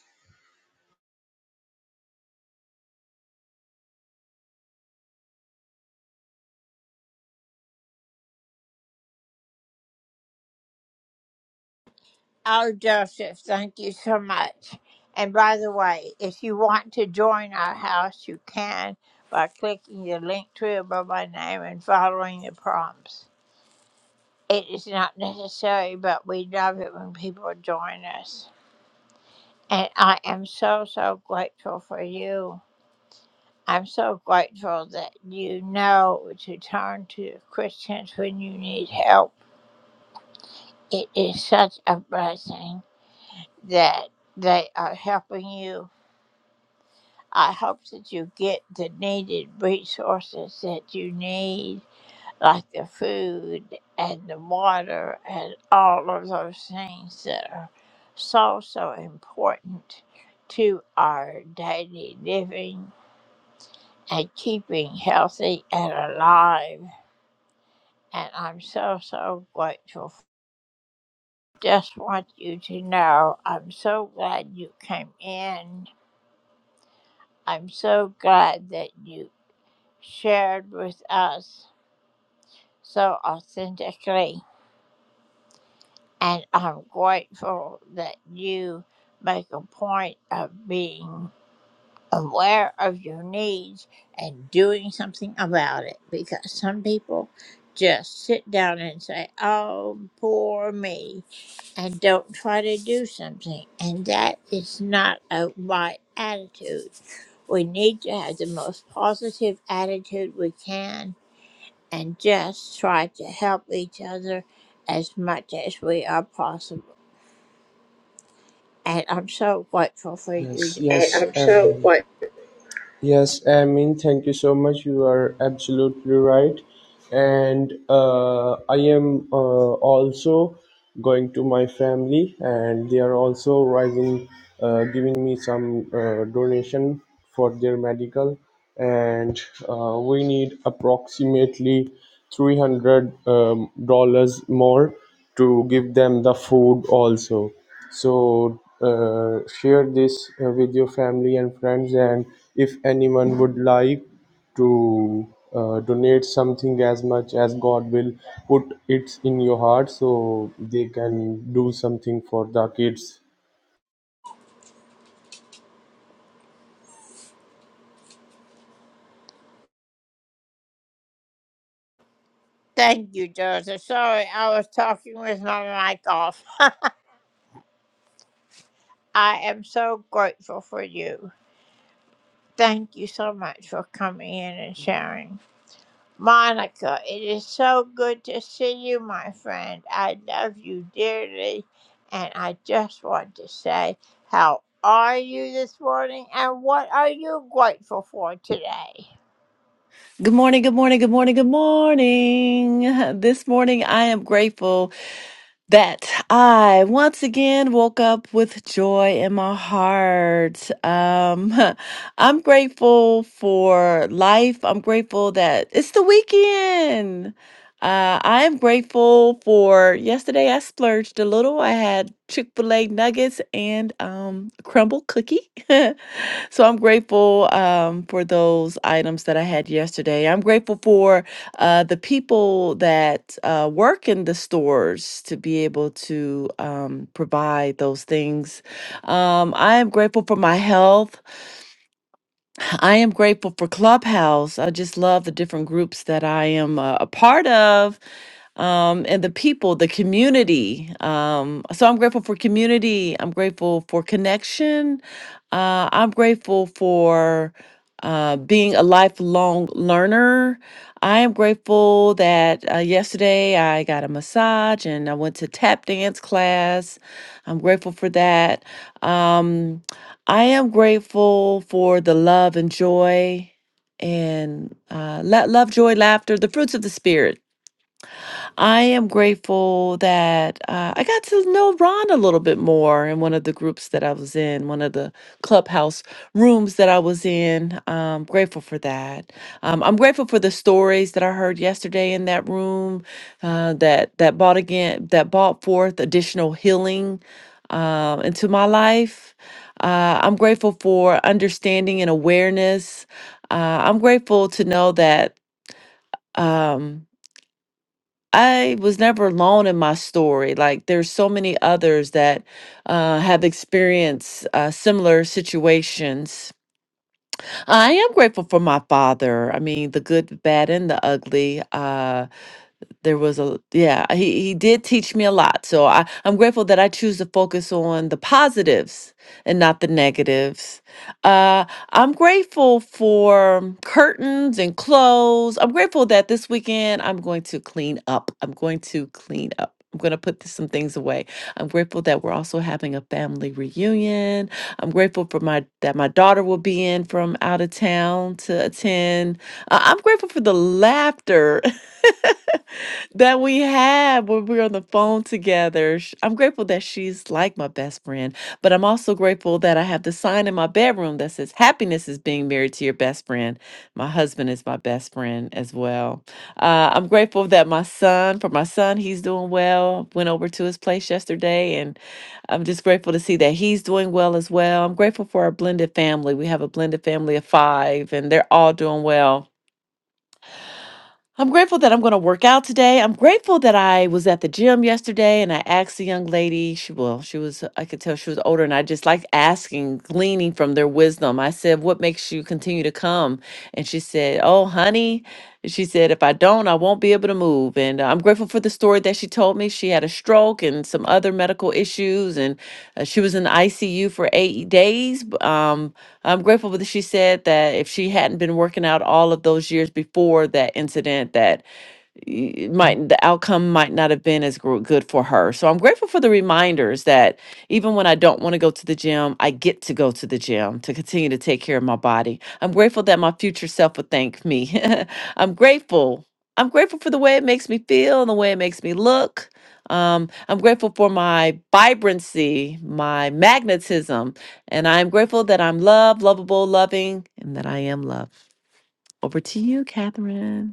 Speaker 8: Yes, And yes, I'm sure everyone. what Yes, I mean, thank you so much. You are absolutely right. And uh, I am uh, also going to my family, and they are also rising, uh, giving me some uh, donation for their medical. And uh, we need approximately $300 um, dollars more to give them the food also. So uh, share this uh, with your family and friends. And if anyone would like to uh, donate something as much as God will put it in your heart, so they can do something for the kids
Speaker 9: Good morning, good morning, good morning, good morning. This morning I am grateful that I once again woke up with joy in my heart. Um, I'm grateful for life. I'm grateful that it's the weekend. Uh, I am grateful for yesterday I splurged a little. I had Chick fil A nuggets and um, crumble cookie. So I'm grateful um, for those items that I had yesterday. I'm grateful for uh, the people that uh, work in the stores to be able to um, provide those things. Um, I am grateful for my health. I am grateful for Clubhouse. I just love the different groups that I am uh, a part of um, and the people, the community. Um, so I'm grateful for community. I'm grateful for connection. Uh, I'm grateful for uh, being a lifelong learner. I am grateful that uh, yesterday I got a massage and I went to tap dance class. I'm grateful for that. Um, I am grateful for the love and joy and uh, la- love, joy, laughter, the fruits of the spirit I am grateful that uh, I got to know Ron a little bit more in one of the groups that I was in, one of the clubhouse rooms that I was in. Um, grateful for that. Um, I'm grateful for the stories that I heard yesterday in that room uh, that that bought again that bought forth additional healing um, into my life. Uh, I'm grateful for understanding and awareness. Uh, I'm grateful to know that. Um, I was never alone in my story. Like there's so many others that uh, have experienced uh, similar situations. I am grateful for my father. I mean, the good, the bad, and the ugly. Uh, there was a yeah he, he did teach me a lot so I, i'm grateful that i choose to focus on the positives and not the negatives uh, i'm grateful for curtains and clothes i'm grateful that this weekend i'm going to clean up i'm going to clean up I'm going to put some things away. I'm grateful that we're also having a family reunion. I'm grateful for my that my daughter will be in from out of town to attend. Uh, I'm grateful for the laughter that we have when we're on the phone together. Sh- I'm grateful that she's like my best friend, but I'm also grateful that I have the sign in my bedroom that says, Happiness is being married to your best friend. My husband is my best friend as well. Uh, I'm grateful that my son, for my son, he's doing well. Went over to his place yesterday, and I'm just grateful to see that he's doing well as well. I'm grateful for our blended family. We have a blended family of five, and they're all doing well I'm grateful that I'm going to work out today. I'm grateful that I was at the gym yesterday and I asked a young lady, she well, she was I could tell she was older and I just like asking, gleaning from their wisdom. I said, "What makes you continue to come?" And she said, "Oh, honey." She said, "If I don't." don't, I won't be able to move. And uh, I'm grateful for the story that she told me. She had a stroke and some other medical issues, and uh, she was in the ICU for eight days. b- Um, I'm grateful that she said that if she hadn't been working out all of those years before that incident, that y- it might the outcome might not have been as gro- good for her. So I'm grateful for the reminders that even when I don't want to go to the gym, I get to go to the gym to continue to take care of my body. I'm grateful that my future self would thank me. I'm grateful. I'm grateful for the way it makes me feel and the way it makes me look. Um, I'm grateful for my vibrancy, my magnetism, and I'm grateful that I'm loved, lovable, loving, and that I am love. Over to you, Catherine.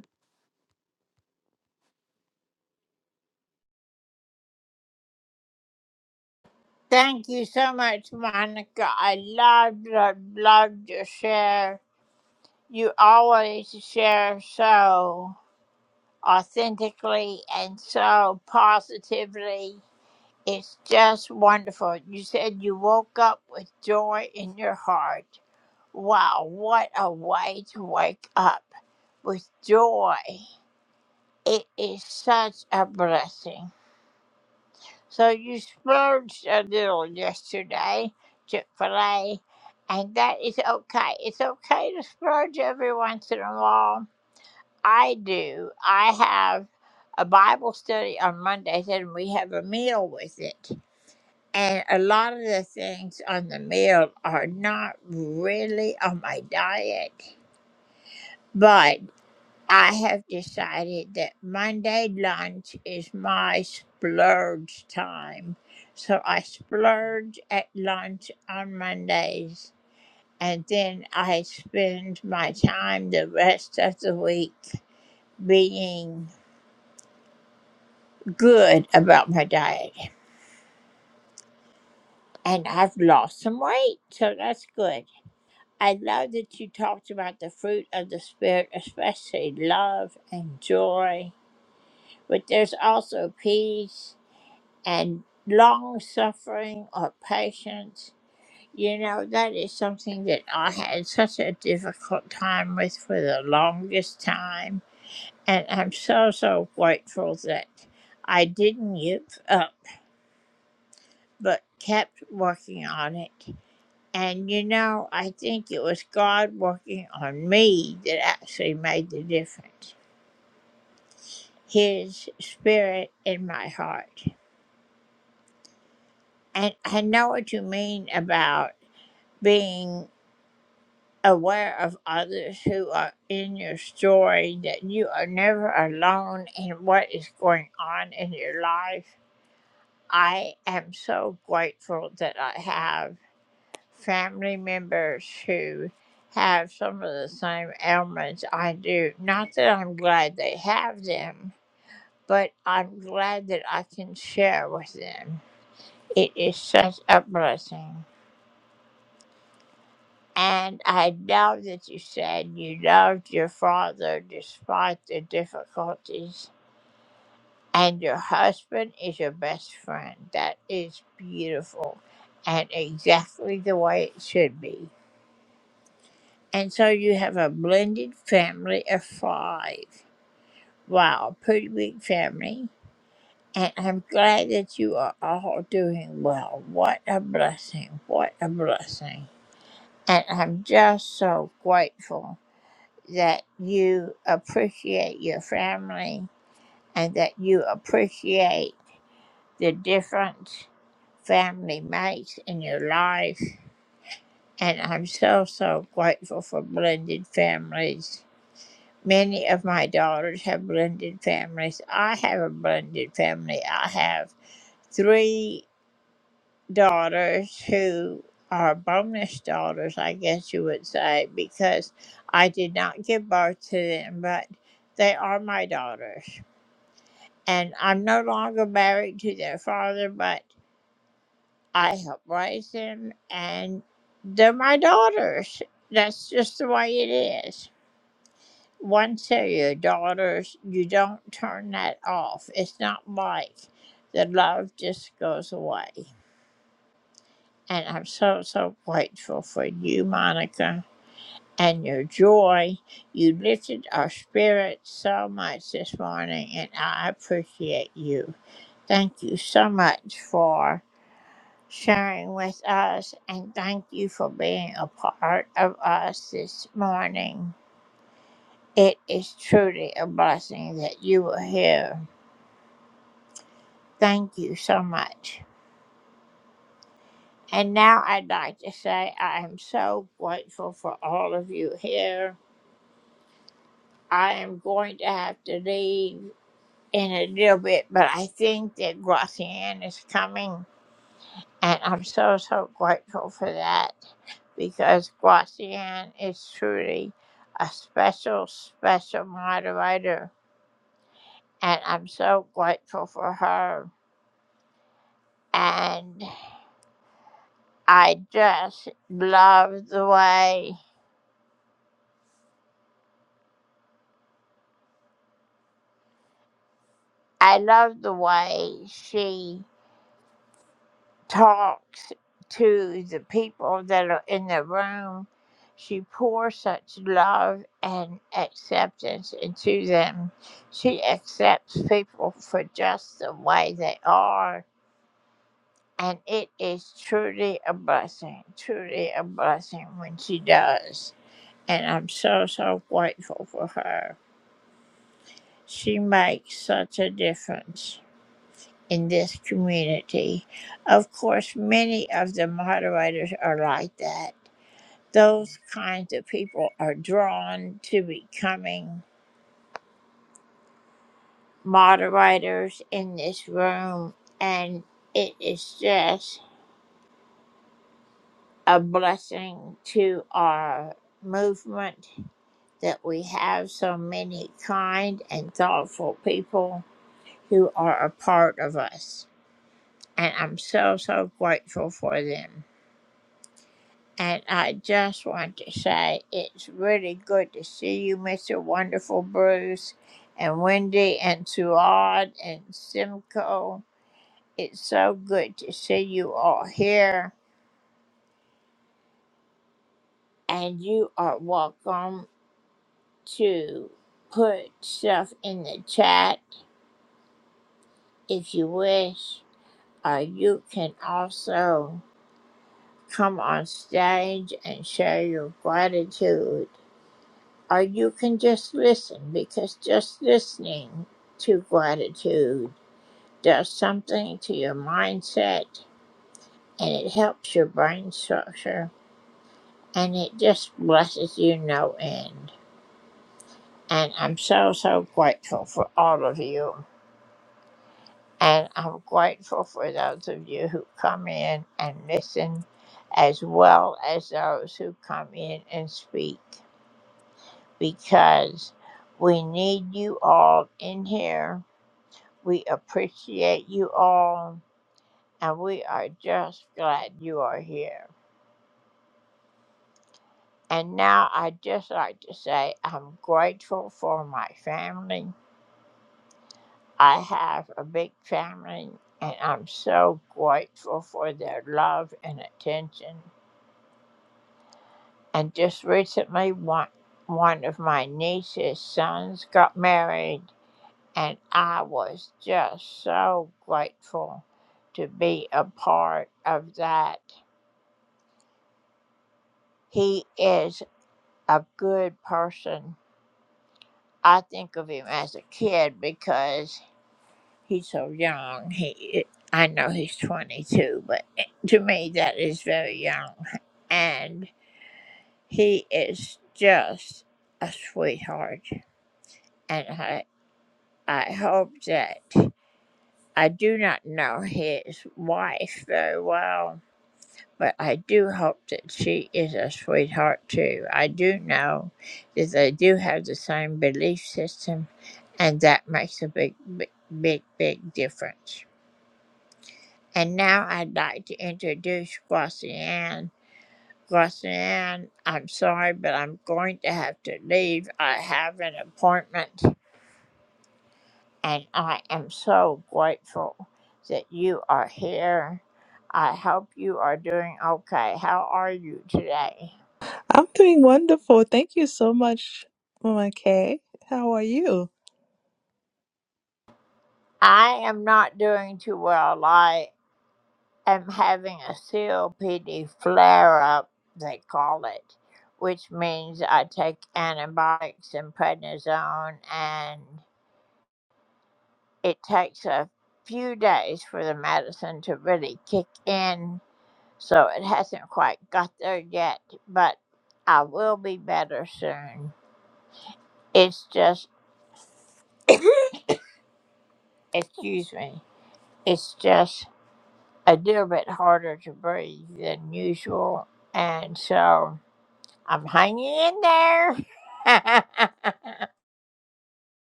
Speaker 10: I'm doing wonderful. Thank you so much, Mama Kay. How are you?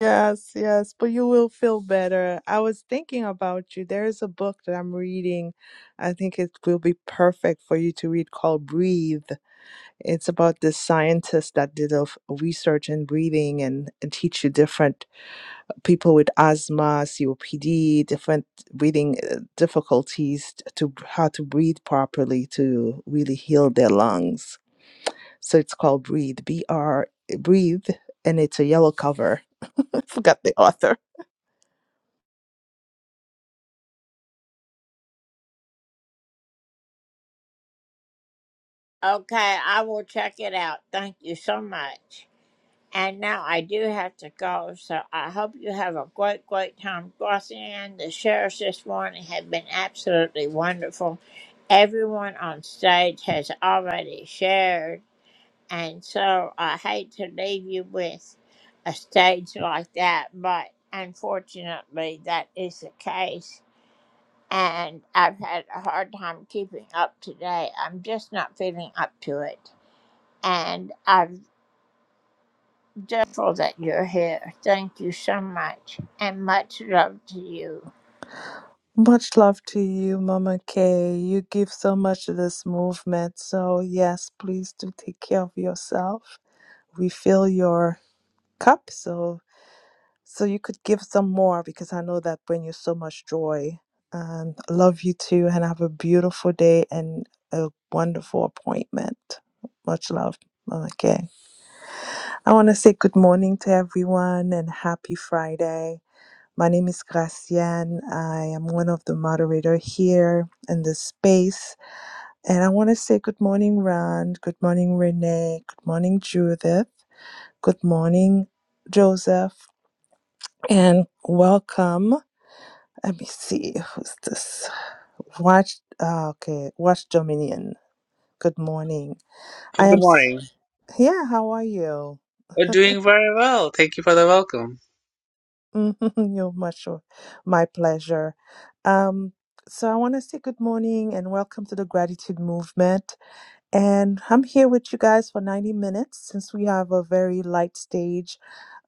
Speaker 10: Yes, yes, but you will feel better. I was thinking about you. There is a book that I'm reading. I think it will be perfect for you to read called Breathe. It's about this scientist that did a f- research in breathing and, and teach you different people with asthma, COPD, different breathing uh, difficulties t- to how to breathe properly to really heal their lungs. So it's called Breathe, B R Breathe, and it's a yellow cover. I forgot the author. Much love to you, Mama Kay. You give so much to this movement. So, yes, please do take care of yourself. We fill your cup. So, So you could give some more because I know that bring you so much joy. And I love you too, and have a beautiful day and a wonderful appointment. Much love. Okay. I want to say good morning to everyone and happy Friday. My name is Gracienne. I am one of the moderator here in this space. And I want to say good morning, Ron. Good morning, Renee. Good morning, Judith. Good morning, Joseph. And welcome. Let me see who's this. Watch. ah, okay, Watch Dominion. Good morning. I
Speaker 11: Well,
Speaker 10: am.
Speaker 11: Good
Speaker 10: s-
Speaker 11: morning.
Speaker 10: Yeah. How are you?
Speaker 11: We're doing very well. Thank you for the welcome.
Speaker 10: Mhm, You're much. o- My pleasure. Um. So I want to say good morning and welcome to the gratitude movement. And I'm here with you guys for 90 minutes since we have a very light stage.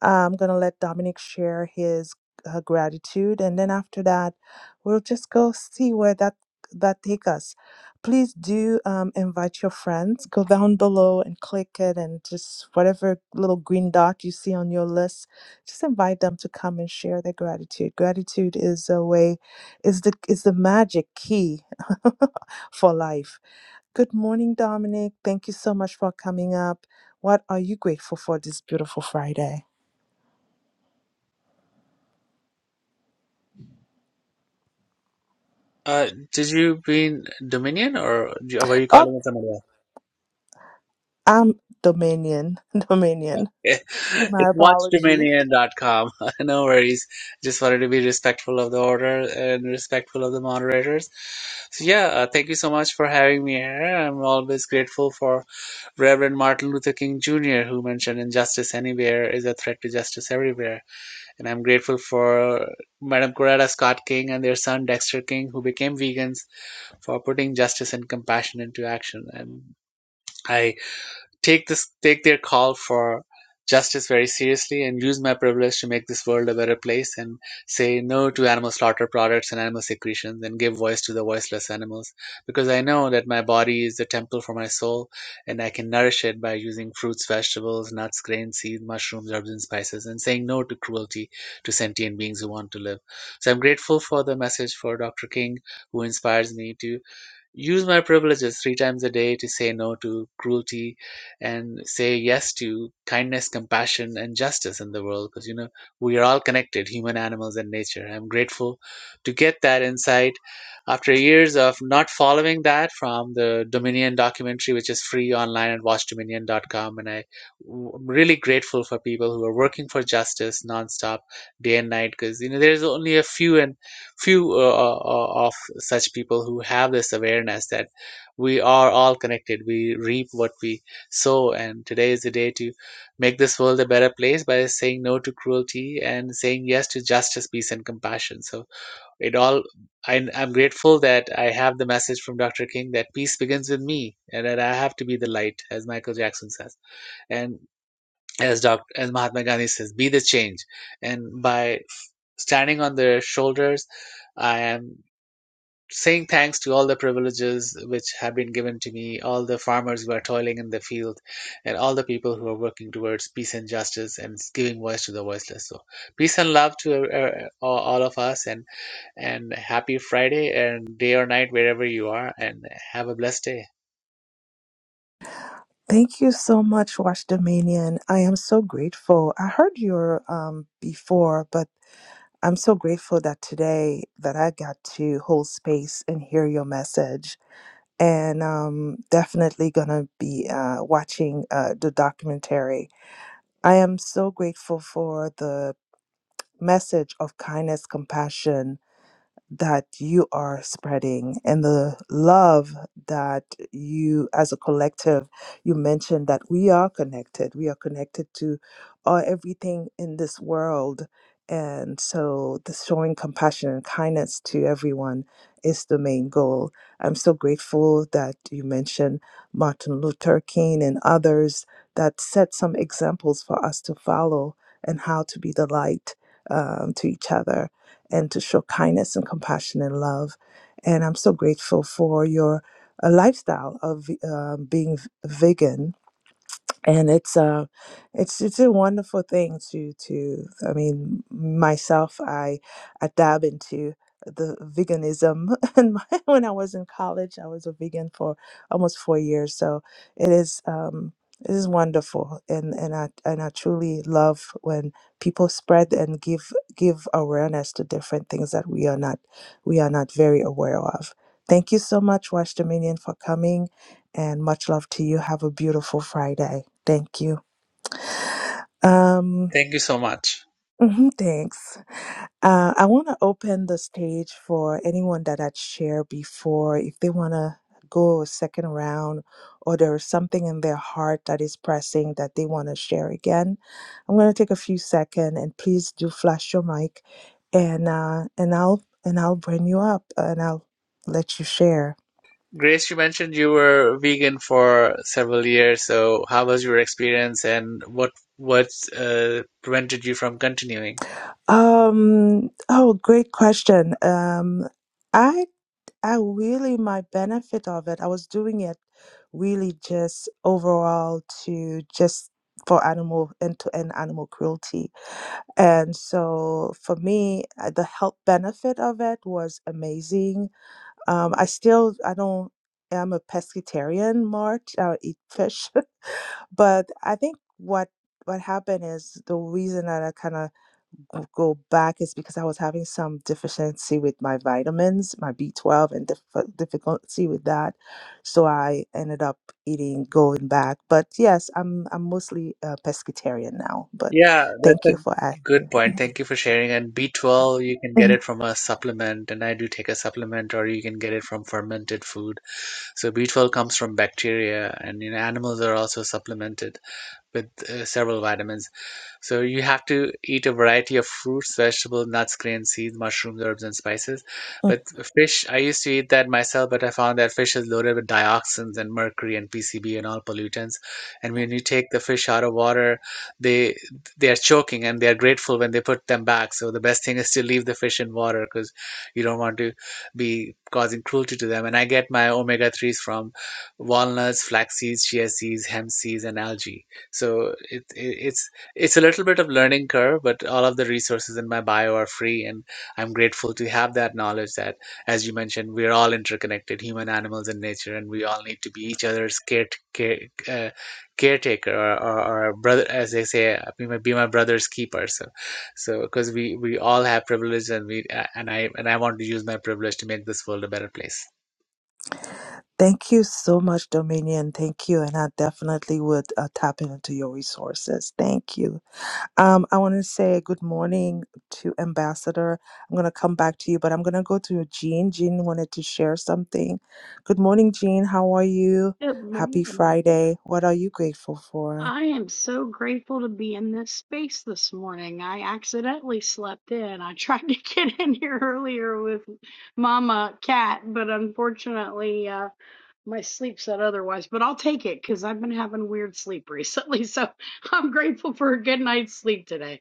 Speaker 10: I'm going to let Dominic share his uh, gratitude. And then after that, we'll just go see where that that take us please do um, invite your friends go down below and click it and just whatever little green dot you see on your list just invite them to come and share their gratitude gratitude is a way is the is the magic key for life Good morning, Dominic. Thank you so much for coming up. What are you grateful for this beautiful Friday?
Speaker 11: Uh, did you mean Dominion or do- or were you
Speaker 10: Oh,
Speaker 11: calling it somebody
Speaker 10: I'm Dominion. Dominion.
Speaker 11: else?
Speaker 10: My
Speaker 11: it's
Speaker 10: apology.
Speaker 11: watchdominion.com. no worries. Just wanted to be respectful of the order and respectful of the moderators. So yeah, uh, thank you so much for having me here. I'm always grateful for Reverend Martin Luther King Jr., who mentioned injustice anywhere is a threat to justice everywhere. And I'm grateful for Madam Coretta Scott King and their son Dexter King, who became vegans for putting justice and compassion into action. And I take this take their call for justice very seriously and use my privilege to make this world a better place and say no to animal slaughter products and animal secretions and give voice to the voiceless animals because I know that my body is the temple for my soul and I can nourish it by using fruits, vegetables, nuts, grains, seeds, mushrooms, herbs and spices and saying no to cruelty to sentient beings who want to live. So I'm grateful for the message for Dr. King who inspires me to use my privileges three times a day to say no to cruelty and say yes to kindness, compassion, and justice in the world because you know we are all connected human, animals, and nature. I'm grateful to get that insight after years of not following that from the Dominion documentary, which is free online at watchdominion.com. And I, am really grateful for people who are working for justice nonstop, day and night because you know there's only a few and few uh, uh, uh, of such people who have this awareness that we are all connected we reap what we sow and today is the day to make this world a better place by saying no to cruelty and saying yes to justice peace and compassion so it all I, i'm grateful that i have the message from dr king that peace begins with me and that i have to be the light as michael jackson says and as dr as mahatma gandhi says be the change and by standing on their shoulders i am saying thanks to all the privileges which have been given to me, all the farmers who are toiling in the field, and all the people who are working towards peace and justice and giving voice to the voiceless. So, peace and love to uh, uh, all all of us, and and happy Friday and day or night wherever you are, and have a blessed day.
Speaker 10: Thank you so much, Watch Dominion. I am so grateful. I heard your um before, but I'm so grateful that today that I got to hold space and hear your message. And um definitely gonna be uh watching uh the documentary. I am so grateful for the message of kindness, compassion, that you are spreading and the love that you as a collective you mentioned that we are connected we are connected to uh, everything in this world and so the showing compassion and kindness to everyone is the main goal i'm so grateful that you mentioned martin luther king and others that set some examples for us to follow and how to be the light um, to each other and to show kindness and compassion and love. And I'm so grateful for your uh, lifestyle of um, being vegan and it's uh it's it's a wonderful thing to to i mean myself i i dab into the veganism and my, when i was in college i was a vegan for almost four years so it is um it is wonderful and and i and i truly love when people spread and give give awareness to different things that we are not we are not very aware of thank you so much Watch dominion for coming and much love to you. Have a beautiful Friday. Thank you. Um,
Speaker 11: Thank you so much.
Speaker 10: mhm, thanks. Uh, I want to open the stage for anyone that had shared before. If they want to go a second round or there's something in their heart that is pressing that they want to share again, I'm going to take a few seconds and please do flash your mic and uh, and I'll and I'll bring you up and I'll let you share.
Speaker 11: Grace, you mentioned you were vegan for several years, so how was your experience and what what uh, prevented you from continuing?
Speaker 10: Um, oh, great question. Um, I. I really, my benefit of it, I was doing it really just overall to just for animal end to end animal cruelty. And so for me, uh, the health benefit of it was amazing. Um, I still, I don't, I'm a pescatarian, March. I eat fish, but I think what what happened is the reason that I kind of of go back is because I was having some deficiency with my vitamins, my B12, and dif- difficulty with that. So I ended up eating going back. But yes, I'm I'm mostly a pescatarian now. But
Speaker 11: Yeah,
Speaker 10: thank
Speaker 11: that's
Speaker 10: you
Speaker 11: a
Speaker 10: for
Speaker 11: good
Speaker 10: asking.
Speaker 11: point. Thank you for sharing. And B12, you can
Speaker 10: Mhm.
Speaker 11: get
Speaker 10: Mm.
Speaker 11: it from a supplement, and I do take a supplement, or you can get it from fermented food. So B12 comes from bacteria, and you know, animals are also supplemented with uh, several vitamins. So you have to eat a variety of fruits, vegetables, nuts, grains, seeds, mushrooms, herbs, and spices. But fish, I used to eat that myself, but I found that fish is loaded with dioxins and mercury and PCB and all pollutants. And when you take the fish out of water, they they are choking and they are grateful when they put them back. So the best thing is to leave the fish in water because you don't want to be causing cruelty to them. And I get my omega threes from walnuts, flax seeds, chia seeds, hemp seeds, and algae. So it, it it's it's a little bit of learning curve, but all of the resources in my bio are free, and I'm grateful to have that knowledge that, as you mentioned, we're all interconnected, human, animals, and nature, and we all need to be each other's care, care uh, caretaker or, or, or brother, as they say, be my, be my brother's keeper. So, so because we we all have privilege, and we uh, and I and I want to use my privilege to make this world a better place.
Speaker 10: Thank you so much, Dominion. Thank you, and I definitely would uh, tap into your resources. Thank you. Um, I want to say good morning to Ambassador. I'm going to come back to you, but I'm going to go to Jean. Jean wanted to share something. Good morning, Jean. How are you?
Speaker 12: Good
Speaker 10: Happy
Speaker 12: morning.
Speaker 10: Friday. What are you grateful for?
Speaker 12: I am so grateful to be in this space this morning. I accidentally slept in. I tried to get in here earlier with Mama Cat, but unfortunately, uh, my sleep said otherwise. But I'll take it because I've been having weird sleep recently. So I'm grateful for a good night's sleep today.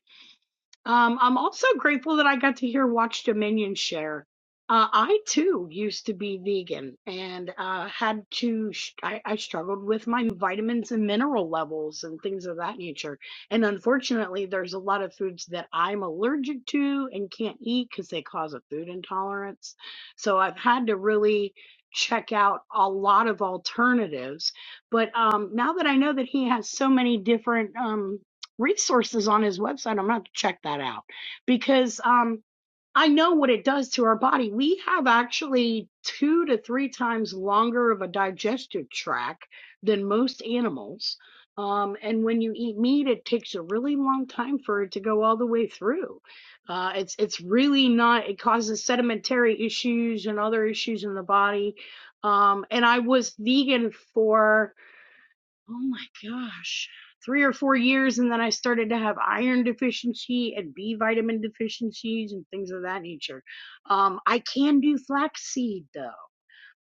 Speaker 12: Um, I'm also grateful that I got to hear Watch Dominion share. Uh, I too used to be vegan and uh, had to, sh- I, I struggled with my vitamins and mineral levels and things of that nature. And unfortunately, there's a lot of foods that I'm allergic to and can't eat because they cause a food intolerance. So I've had to really check out a lot of alternatives. But um, now that I know that he has so many different. um, resources on his website. I'm gonna have to check that out because um, I know what it does to our body. We have actually two to three times longer of a digestive tract than most animals. Um, and when you eat meat, it takes a really long time for it to go all the way through. Uh, it's it's really not. It causes sedimentary issues and other issues in the body. Um, and I was vegan for Oh my gosh. Three or four years, and then I started to have iron deficiency and B vitamin deficiencies and things of that nature. Um, I can do flaxseed though,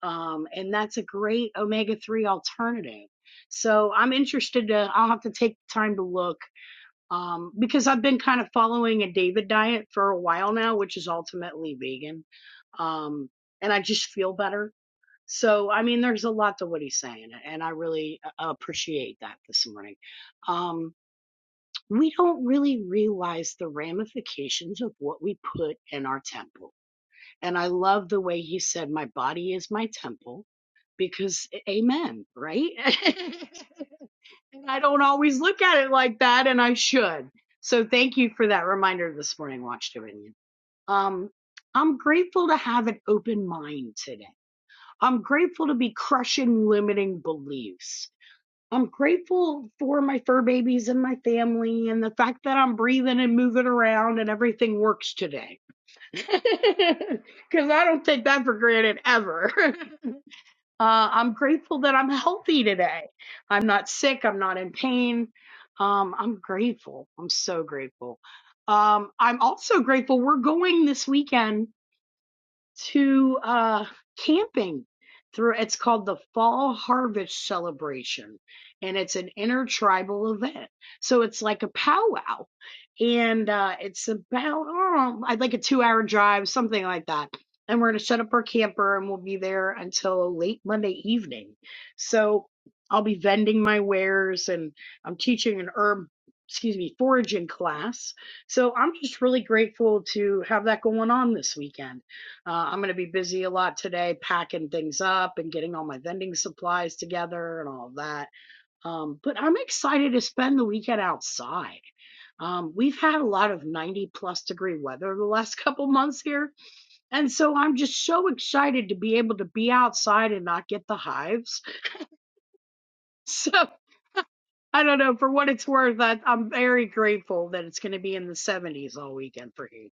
Speaker 12: um, and that's a great omega 3 alternative. So I'm interested to, I'll have to take time to look um, because I've been kind of following a David diet for a while now, which is ultimately vegan. Um, and I just feel better so, I mean, there's a lot to what he's saying, and I really uh, appreciate that this morning. Um, we don't really realize the ramifications of what we put in our temple. And I love the way he said, My body is my temple, because amen, right? and I don't always look at it like that, and I should. So, thank you for that reminder this morning, Watch Dominion. Um, I'm grateful to have an open mind today. I'm grateful to be crushing limiting beliefs. I'm grateful for my fur babies and my family and the fact that I'm breathing and moving around and everything works today. Because I don't take that for granted ever. Uh, I'm grateful that I'm healthy today. I'm not sick. I'm not in pain. Um, I'm grateful. I'm so grateful. Um, I'm also grateful we're going this weekend to uh, camping through it's called the fall harvest celebration and it's an intertribal event so it's like a powwow and uh, it's about oh, i'd like a two hour drive something like that and we're going to set up our camper and we'll be there until late monday evening so i'll be vending my wares and i'm teaching an herb excuse me foraging class so i'm just really grateful to have that going on this weekend uh, I'm going to be busy a lot today, packing things up and getting all my vending supplies together and all of that. Um, but I'm excited to spend the weekend outside. Um, we've had a lot of 90 plus degree weather the last couple months here. And so I'm just so excited to be able to be outside and not get the hives. So I don't know, for what it's worth, I, I'm very grateful that it's going to be in the 70s all weekend for here.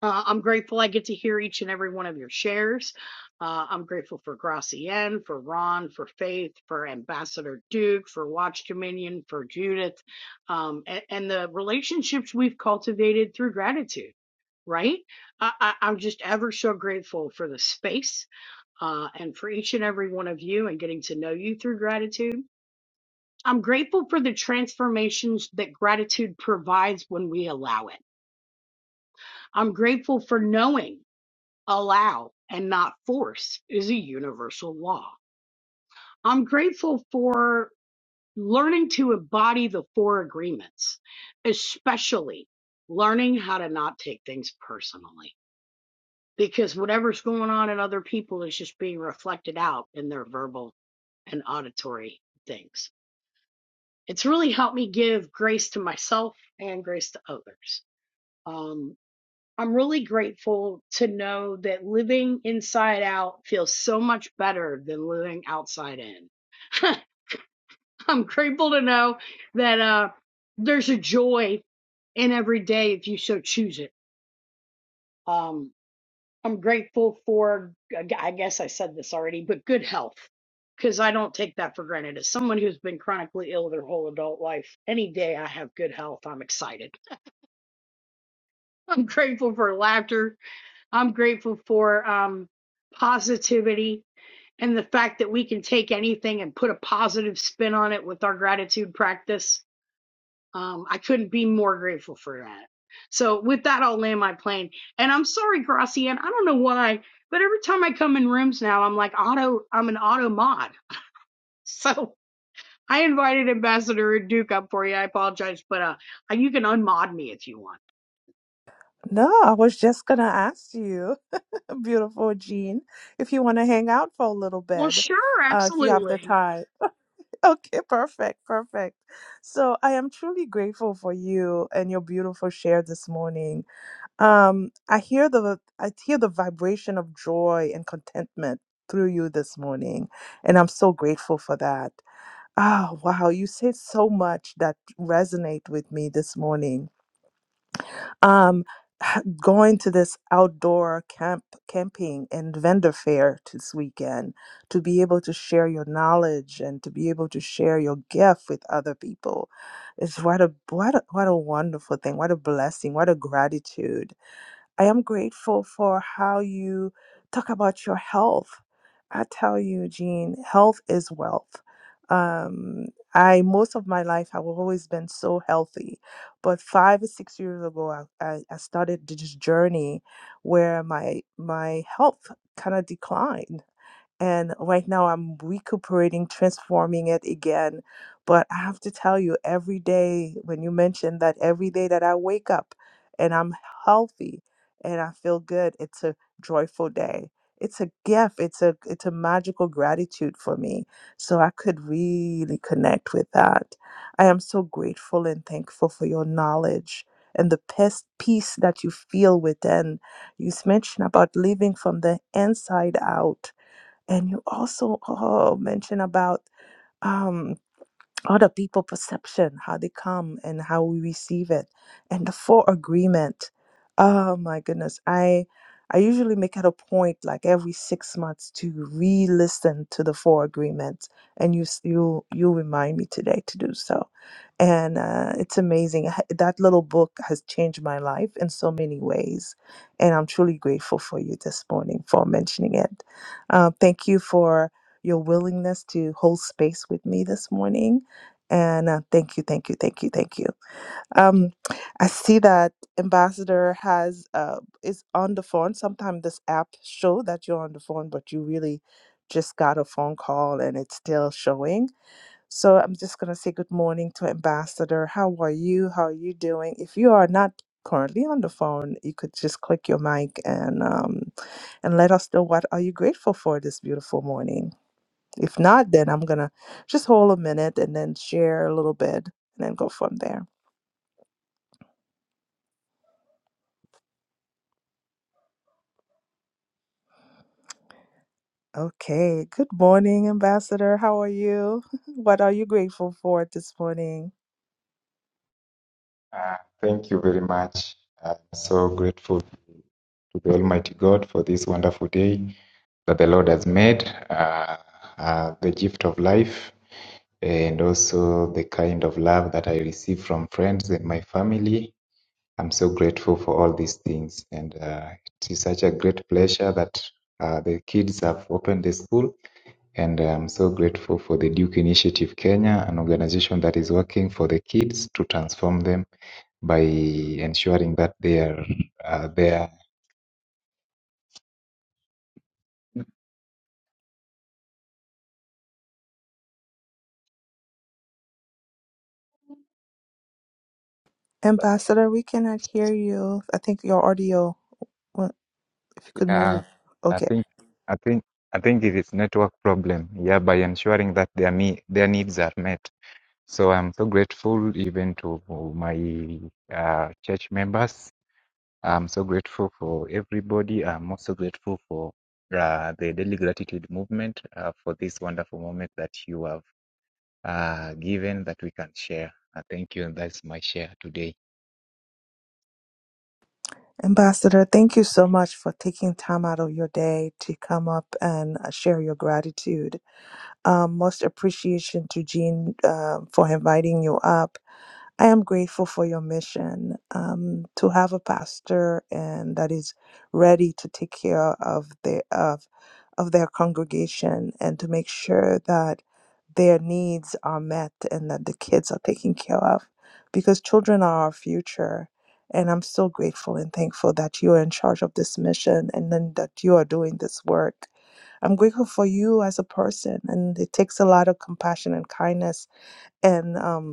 Speaker 12: Uh, I'm grateful I get to hear each and every one of your shares. Uh, I'm grateful for Gracienne, for Ron, for Faith, for Ambassador Duke, for Watch Dominion, for Judith, um, and, and the relationships we've cultivated through gratitude. Right? I, I, I'm just ever so grateful for the space uh, and for each and every one of you and getting to know you through gratitude. I'm grateful for the transformations that gratitude provides when we allow it. I'm grateful for knowing allow and not force is a universal law. I'm grateful for learning to embody the four agreements, especially learning how to not take things personally because whatever's going on in other people is just being reflected out in their verbal and auditory things. It's really helped me give grace to myself and grace to others. Um, I'm really grateful to know that living inside out feels so much better than living outside in. I'm grateful to know that uh, there's a joy in every day if you so choose it. Um, I'm grateful for, I guess I said this already, but good health, because I don't take that for granted. As someone who's been chronically ill their whole adult life, any day I have good health, I'm excited. I'm grateful for laughter I'm grateful for um, positivity and the fact that we can take anything and put a positive spin on it with our gratitude practice. Um, I couldn't be more grateful for that. So, with that, I'll land my plane. And I'm sorry, Gracian, I don't know why, but every time I come in rooms now, I'm like, auto, I'm an auto mod. So, I invited Ambassador Duke up for you. I apologize, but uh, you can unmod me if you want.
Speaker 10: No, I was just going to ask you, beautiful Jean, if you want to hang out for a little
Speaker 12: Well,
Speaker 10: bit,
Speaker 12: sure,
Speaker 10: uh, if you have the
Speaker 12: absolutely.
Speaker 10: time. Okay, perfect, perfect. So I am truly grateful for you and your beautiful share this morning. Um, I hear the I hear the vibration of joy and contentment through you this morning, and I'm so grateful for that. Oh, wow, you said so much that resonate with me this morning. Um, going to this outdoor camp camping and vendor fair this weekend to be able to share your knowledge and to be able to share your gift with other people. It's what a what a, what a wonderful thing. What a blessing. What a gratitude I am grateful for how you talk about your health. I tell you, Jean, health is wealth. Um, I most of my life I've always been so healthy, but five or six years ago I, I, I started this journey where my my health kind of declined, and right now I'm recuperating, transforming it again. But I have to tell you, every day, when you mentioned that every day that I wake up and I'm healthy and I feel good, it's a joyful day. It's a gift. It's a it's a magical gratitude for me. So I could really connect with that. I am so grateful and thankful for your knowledge and the pes- peace that you feel within. You mentioned about living from the inside out and you also uh, mentioned about um, other people perception how they come and how we receive it and the full agreement oh my goodness i i usually make it a point like every six months to re-listen to the four agreements and you s- you you remind me today to do so and uh, it's amazing H- that little book has changed my life in so many ways and i'm truly grateful for you this morning for mentioning it uh, thank you for your willingness to hold space with me this morning and uh, thank you, thank you, thank you, thank you. Um, I see that Ambassador has uh, is on the phone. Sometimes this app show that you're on the phone, but you really just got a phone call and it's still showing. So I'm just gonna say good morning to Ambassador. How are you? How are you doing? If you are not currently on the phone, you could just click your mic and um, and let us know what are you grateful for this beautiful morning. If not, then I'm going to just hold a minute and then share a little bit and then go from there. Okay. Good morning, Ambassador. How are you? What are you grateful for this morning?
Speaker 13: Uh, thank you very much. I'm so grateful to the Almighty God for this wonderful day that the Lord has made, uh, uh, the gift of life, and also the kind of love that I receive from friends and my family. I'm so grateful for all these things, and uh, it is such a great pleasure that uh, the kids have opened the school. And I'm so grateful for the Duke Initiative Kenya, an organization that is working for the kids to transform them by ensuring that they are uh, there.
Speaker 10: Ambassador, we cannot hear you. I think your audio, well, if you could move.
Speaker 13: Uh,
Speaker 10: it.
Speaker 13: I
Speaker 10: Okay.
Speaker 13: think I think I think it is network problem. Yeah, by ensuring that their me their needs are met. So I'm so grateful even to my uh, church members. I'm so grateful for everybody. I'm also grateful for uh, the daily gratitude movement uh, for this wonderful moment that you have uh, given that we can share. Uh, thank you. And that's my share today.
Speaker 10: Ambassador, thank you so much for taking time out of your day to come up and uh, share your gratitude. Um, most appreciation to Jean um, for inviting you up. I am grateful for your mission um, to have a pastor and that is ready to take care of their of of their congregation and to make sure that their needs are met and that the kids are taken care of because children are our future and I'm so grateful and thankful that you are in charge of this mission and then that you are doing this work. I'm grateful for you as a person and it takes a lot of compassion and kindness and um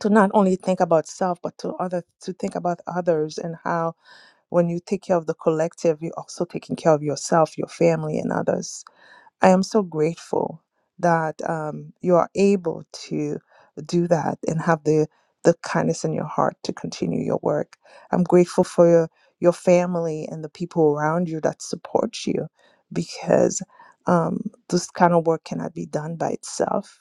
Speaker 10: to not only think about self but to other to think about others and how when you take care of the collective you're also taking care of yourself your family and others I am so grateful that um, you are able to do that and have the the kindness in your heart to continue your work. I'm grateful for your, your family and the people around you that support you because um, this kind of work cannot be done by itself.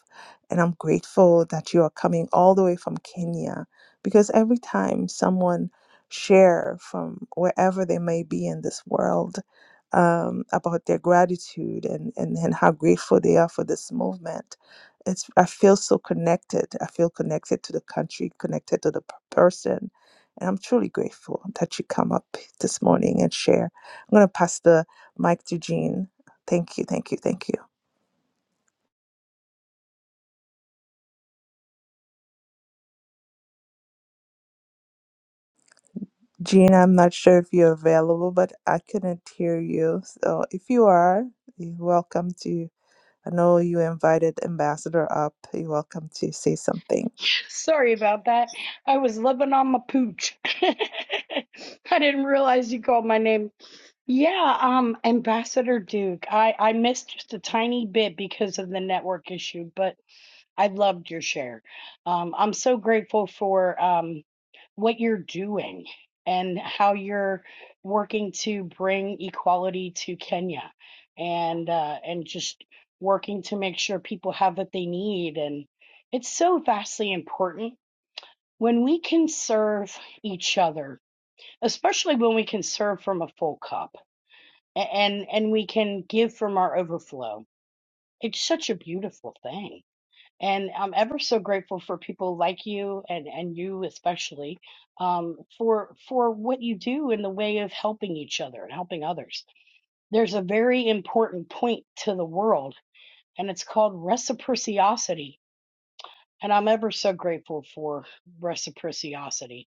Speaker 10: And I'm grateful that you are coming all the way from Kenya because every time someone share from wherever they may be in this world um, about their gratitude and, and, and how grateful they are for this movement. It's, I feel so connected. I feel connected to the country, connected to the p- person. And I'm truly grateful that you come up this morning and share. I'm going to pass the mic to Jean. Thank you, thank you, thank you. Jean, I'm not sure if you're available, but I couldn't hear you. So if you are, you're welcome to. I know you invited Ambassador up. You're welcome to say something.
Speaker 12: Sorry about that. I was living on my pooch. I didn't realize you called my name. Yeah, um, Ambassador Duke. I I missed just a tiny bit because of the network issue, but I loved your share. Um, I'm so grateful for um, what you're doing and how you're working to bring equality to Kenya, and uh, and just working to make sure people have what they need. And it's so vastly important when we can serve each other, especially when we can serve from a full cup a- and and we can give from our overflow. It's such a beautiful thing and I'm ever so grateful for people like you and, and you especially um, for for what you do in the way of helping each other and helping others. There's a very important point to the world, and it's called reciprocity. And I'm ever so grateful for reciprocity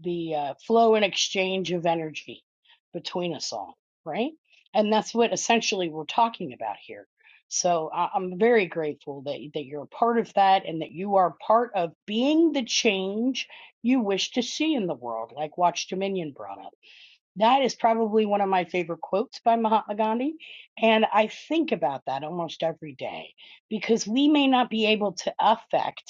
Speaker 12: the uh, flow and exchange of energy between us all, right? And that's what essentially we're talking about here. So I- I'm very grateful that, that you're a part of that and that you are part of being the change you wish to see in the world, like Watch Dominion brought up. That is probably one of my favorite quotes by Mahatma Gandhi. And I think about that almost every day because we may not be able to affect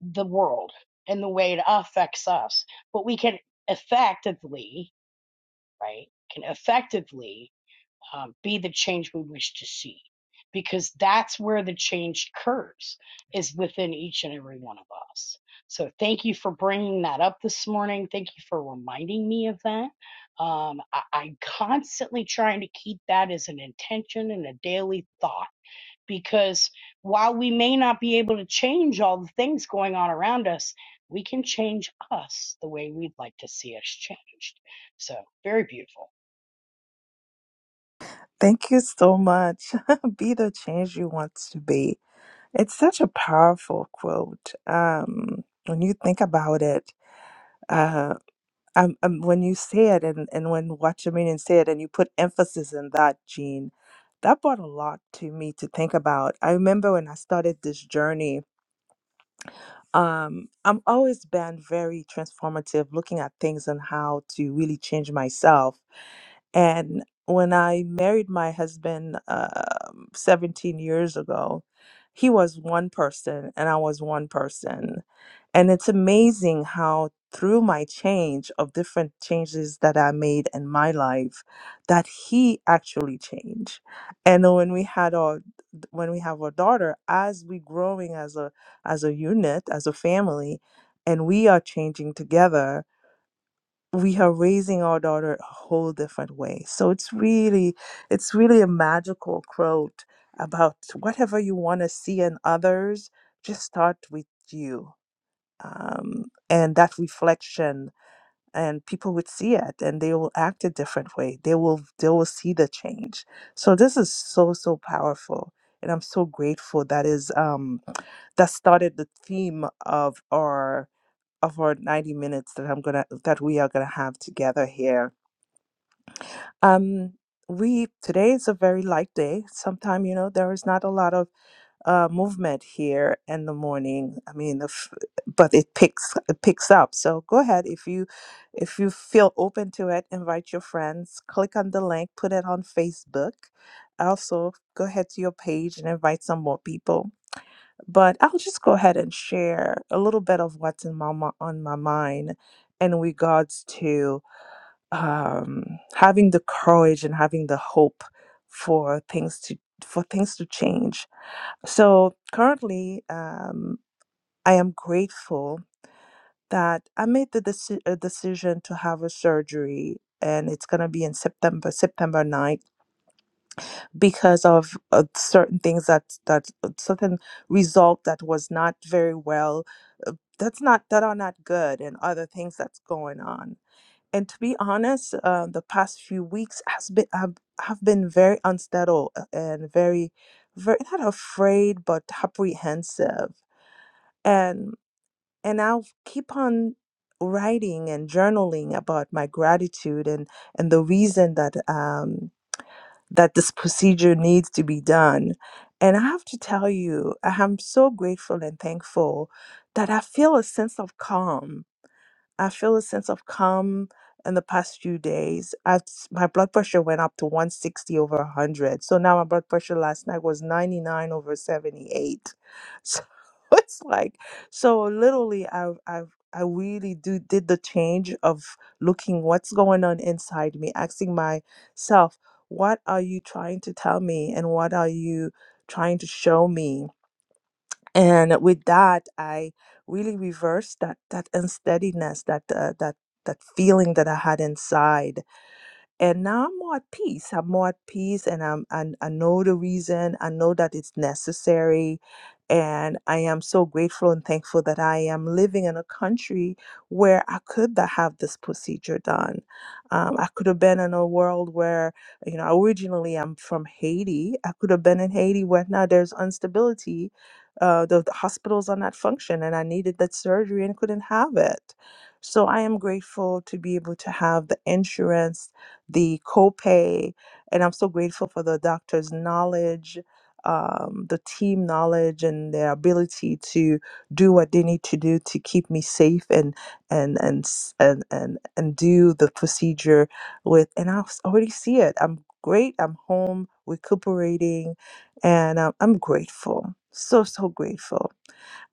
Speaker 12: the world and the way it affects us. But we can effectively, right, can effectively um, be the change we wish to see because that's where the change occurs is within each and every one of us. So thank you for bringing that up this morning. Thank you for reminding me of that. Um, I, I'm constantly trying to keep that as an intention and a daily thought because while we may not be able to change all the things going on around us, we can change us the way we'd like to see us changed. So, very beautiful.
Speaker 10: Thank you so much. be the change you want to be. It's such a powerful quote. Um, when you think about it, uh, Um, um, when you say it and, and when Watchaman say it and you put emphasis in that, Gene, that brought a lot to me to think about. I remember when I started this journey, um, I'm always been very transformative, looking at things and how to really change myself. And when I married my husband um 17 years ago, he was one person and I was one person and it's amazing how through my change of different changes that I made in my life, that he actually changed. And then when we had our when we have our daughter, as we growing as a as a unit, as a family, and we are changing together, we are raising our daughter a whole different way. So it's really it's really a magical quote about whatever you want to see in others, just start with you um, and that reflection and people would see it and they will act a different way they will they will see the change so this is so so powerful and i'm so grateful that is um that started the theme of our of our 90 minutes that i'm gonna that we are gonna have together here um we today is a very light day Sometimes you know there is not a lot of uh, movement here in the morning. I mean, the f but it picks it picks up. So go ahead if you if you feel open to it, invite your friends. Click on the link, put it on Facebook. Also, go ahead to your page and invite some more people. But I'll just go ahead and share a little bit of what's in my mi- on my mind in regards to um, having the courage and having the hope for things to for things to change so currently, um, I am grateful that I made the deci- uh, decision to have a surgery, and it's gonna be in September, September ninth, because of uh, certain things that that uh, certain result that was not very well. That's not that are not good, and other things that's going on. And to be honest, uh, the past few weeks has been have, have been very unsettled uh, and very, very not afraid but apprehensive and and I'll keep on writing and journaling about my gratitude and and the reason that um, that this procedure needs to be done. And I have to tell you, I am so grateful and thankful that I feel a sense of calm I feel a sense of calm in the past few days. I my blood pressure went up to 160 over 100. So now my blood pressure last night was 99 over 78. So it's like so literally I have I have I really do did the change of looking what's going on inside me, asking myself, what are you trying to tell me and what are you trying to show me? and with that i really reversed that that unsteadiness that uh, that that feeling that i had inside and now I'm more at peace. I'm more at peace, and I'm and I know the reason. I know that it's necessary, and I am so grateful and thankful that I am living in a country where I could tha- have this procedure done. Um, I could have been in a world where you know originally I'm from Haiti. I could have been in Haiti where now there's instability. Uh, the, the hospitals are not functioning, and I needed that surgery and couldn't have it. So I am grateful to be able to have the insurance the copay. And I'm so grateful for the doctor's knowledge, um, the team knowledge, and their ability to do what they need to do to keep me safe and and and s- and and, and do the procedure with. And I s- already see it. I'm great. I'm home recuperating, and um, I'm grateful. So so grateful.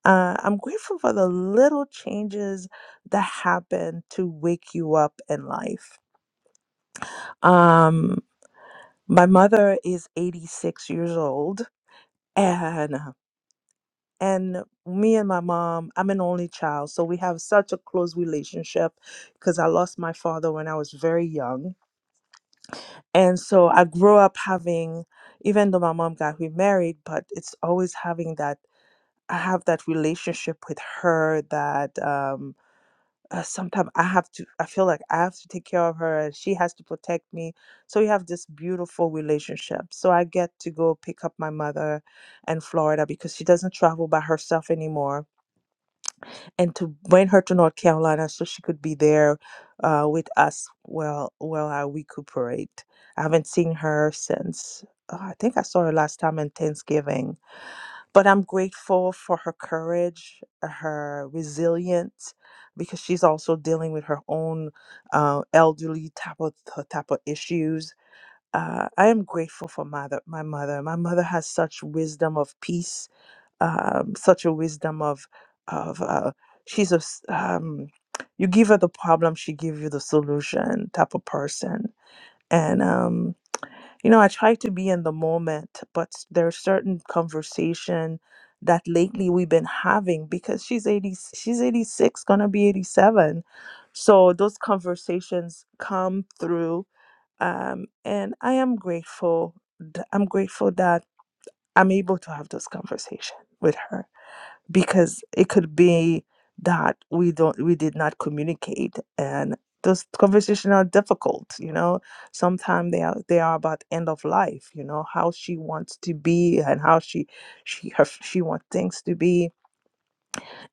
Speaker 10: Uh, I'm grateful for the little changes that happen to wake you up in life. Um, my mother is 86 years old and and me and my mom, I'm an only child, so we have such a close relationship because I lost my father when I was very young. And so I grew up having even though my mom got remarried, but it's always having that I have that relationship with her that um, uh, sometimes I have to, I feel like I have to take care of her and she has to protect me. So we have this beautiful relationship. So I get to go pick up my mother in Florida because she doesn't travel by herself anymore and to bring her to North Carolina so she could be there uh, with us while, while I recuperate. I haven't seen her since, oh, I think I saw her last time in Thanksgiving but I'm grateful for her courage, uh, her resilience, because she's also dealing with her own uh, elderly type of type of issues. Uh, I am grateful for mother, my mother. My mother has such wisdom of peace, um, such a wisdom of of uh, she's a s- um, you give her the problem, she give you the solution type of person, and um, you know, I try to be in the moment, but there's certain conversation that lately we've been having because she's 80, she's 86, gonna be 87. So those conversations come through. Um, and I am grateful. th- I'm grateful that I'm able to have this conversation with her because it could be that we don't we did not communicate and those conversations are difficult you know sometimes they are they are about end of life you know how she wants to be and how she she her, she wants things to be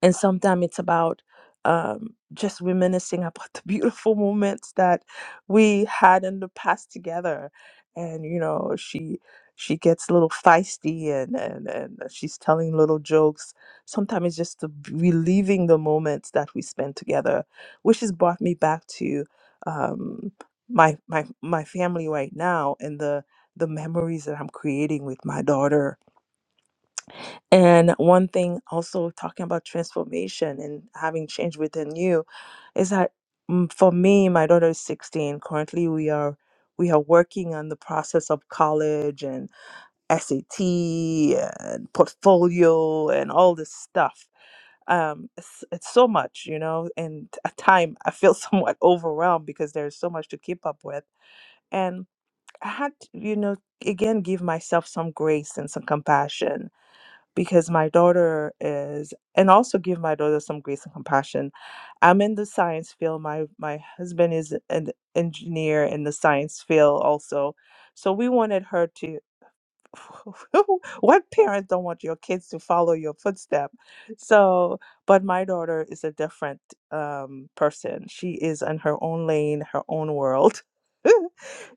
Speaker 10: and sometimes it's about um, just reminiscing about the beautiful moments that we had in the past together and you know she she gets a little feisty and and, and she's telling little jokes sometimes it's just the, reliving the moments that we spent together which has brought me back to um, my my my family right now and the the memories that i'm creating with my daughter and one thing also talking about transformation and having change within you is that mm, for me, my daughter is 16. Currently, we are we are working on the process of college and SAT and portfolio and all this stuff. Um, it's, it's so much, you know, and at time I feel somewhat overwhelmed because there's so much to keep up with. And I had, to, you know, again, give myself some grace and some compassion because my daughter is and also give my daughter some grace and compassion i'm in the science field my my husband is an engineer in the science field also so we wanted her to what parents don't want your kids to follow your footstep so but my daughter is a different um, person she is in her own lane her own world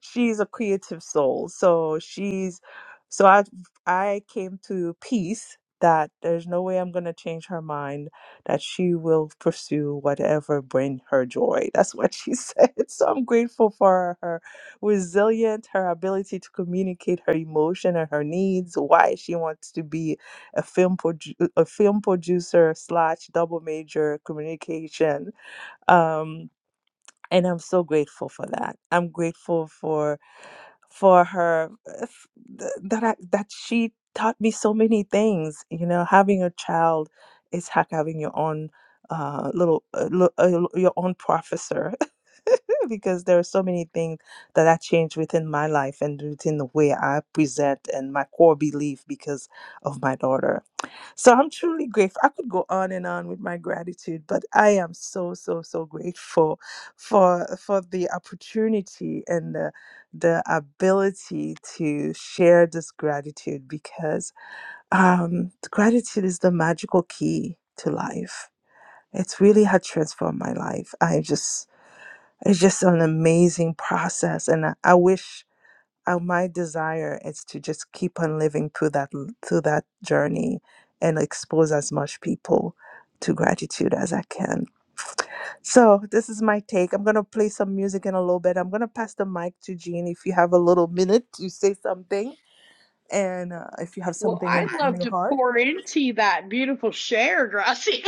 Speaker 10: she's a creative soul so she's so i i came to peace that there's no way i'm going to change her mind that she will pursue whatever bring her joy that's what she said so i'm grateful for her resilience, her ability to communicate her emotion and her needs why she wants to be a film produ- a film producer slash double major communication um and i'm so grateful for that i'm grateful for for her if- th- that I, that she taught me so many things. You know, having a child is like having your own uh, little uh, lo- uh, lo- your own professor because there are so many things that I changed within my life and within the way I present and my core belief because of my daughter. So I'm truly grateful. I could go on and on with my gratitude, but I am so so so grateful for for the opportunity and the the ability to share this gratitude because um, gratitude is the magical key to life. It's really had transformed my life. I just it's just an amazing process, and I, I wish uh, my desire is to just keep on living through that through that journey and expose as much people to gratitude as I can. So this is my take. I'm gonna play some music in a little bit. I'm gonna pass the mic to Jean if you have a little minute to say something and uh, if you have
Speaker 12: Well,
Speaker 10: something in,
Speaker 12: I'd
Speaker 10: in
Speaker 12: love
Speaker 10: your
Speaker 12: to
Speaker 10: heart.
Speaker 12: pour into that beautiful share, Gracia.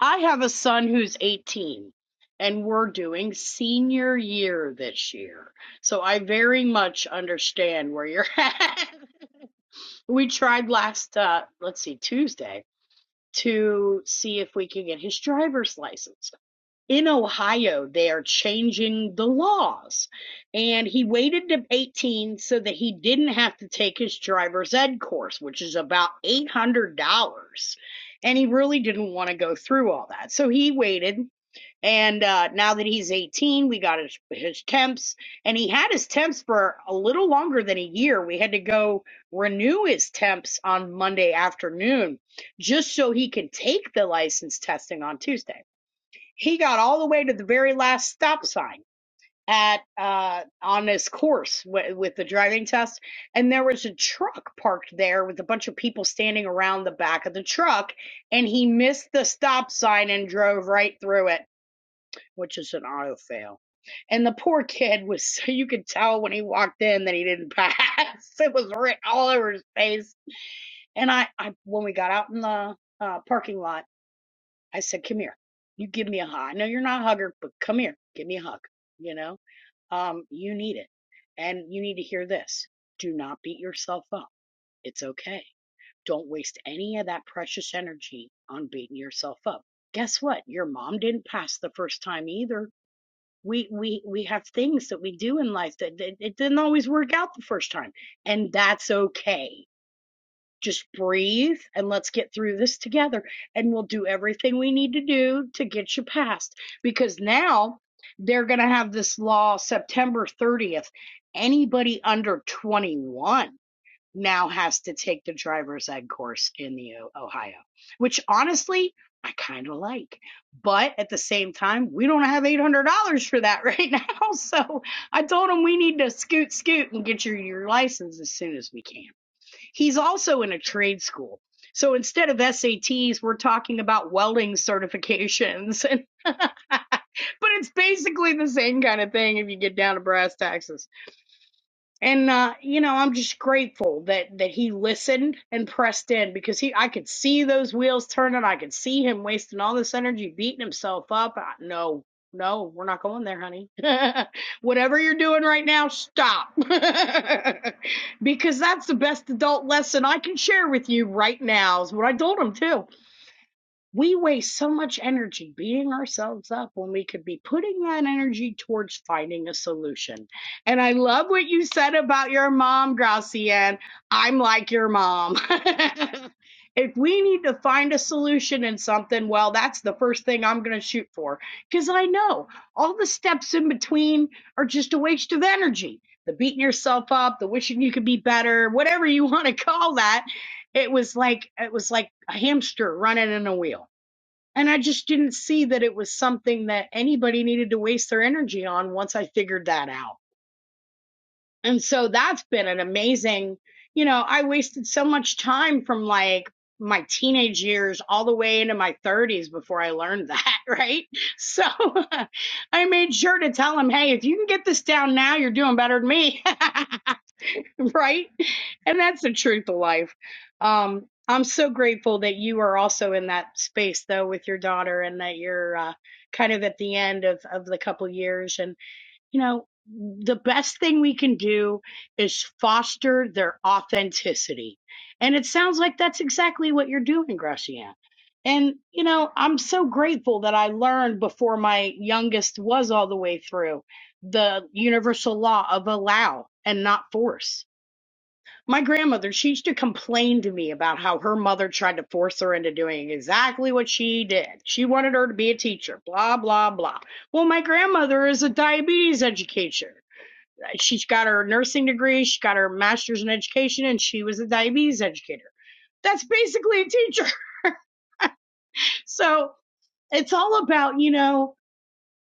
Speaker 12: I have a son who's 18, and we're doing senior year this year. So I very much understand where you're at. We tried last, uh, let's see, Tuesday. to see if we could get his driver's license. In Ohio, they are changing the laws. And he waited to 18 so that he didn't have to take his driver's ed course, which is about $800. And he really didn't want to go through all that. So he waited and uh, now that he's 18, we got his, his temps, and he had his temps for a little longer than a year. We had to go renew his temps on Monday afternoon just so he can take the license testing on Tuesday. He got all the way to the very last stop sign at uh on this course w- with the driving test and there was a truck parked there with a bunch of people standing around the back of the truck and he missed the stop sign and drove right through it which is an auto fail. And the poor kid was so you could tell when he walked in that he didn't pass. It was written all over his face. And I, I when we got out in the uh, parking lot, I said, "Come here. You give me a hug. I know you're not a hugger, but come here. Give me a hug. You know, um, you need it, and you need to hear this. Do not beat yourself up. It's okay. Don't waste any of that precious energy on beating yourself up. Guess what? Your mom didn't pass the first time either we we we have things that we do in life that, that it didn't always work out the first time and that's okay just breathe and let's get through this together and we'll do everything we need to do to get you past because now they're going to have this law September 30th anybody under 21 now has to take the driver's ed course in the Ohio, which honestly I kind of like. But at the same time, we don't have eight hundred dollars for that right now. So I told him we need to scoot, scoot, and get your your license as soon as we can. He's also in a trade school. So instead of SATs, we're talking about welding certifications. but it's basically the same kind of thing if you get down to brass tacks and uh, you know i'm just grateful that that he listened and pressed in because he i could see those wheels turning i could see him wasting all this energy beating himself up I, no no we're not going there honey whatever you're doing right now stop because that's the best adult lesson i can share with you right now is what i told him too we waste so much energy beating ourselves up when we could be putting that energy towards finding a solution. And I love what you said about your mom, Gracianne. I'm like your mom. if we need to find a solution in something, well, that's the first thing I'm going to shoot for because I know all the steps in between are just a waste of energy. The beating yourself up, the wishing you could be better, whatever you want to call that. It was like it was like a hamster running in a wheel and I just didn't see that it was something that anybody needed to waste their energy on once I figured that out. And so that's been an amazing, you know, I wasted so much time from like my teenage years all the way into my 30s before I learned that, right? So I made sure to tell him, hey, if you can get this down now, you're doing better than me. right? And that's the truth of life. Um, I'm so grateful that you are also in that space though with your daughter and that you're uh, kind of at the end of, of the couple years. And, you know, the best thing we can do is foster their authenticity. And it sounds like that's exactly what you're doing, Gracian. And, you know, I'm so grateful that I learned before my youngest was all the way through the universal law of allow and not force my grandmother, she used to complain to me about how her mother tried to force her into doing exactly what she did. She wanted her to be a teacher, blah, blah, blah. Well, my grandmother is a diabetes educator. She's got her nursing degree, she got her master's in education, and she was a diabetes educator. That's basically a teacher. So it's all about, you know,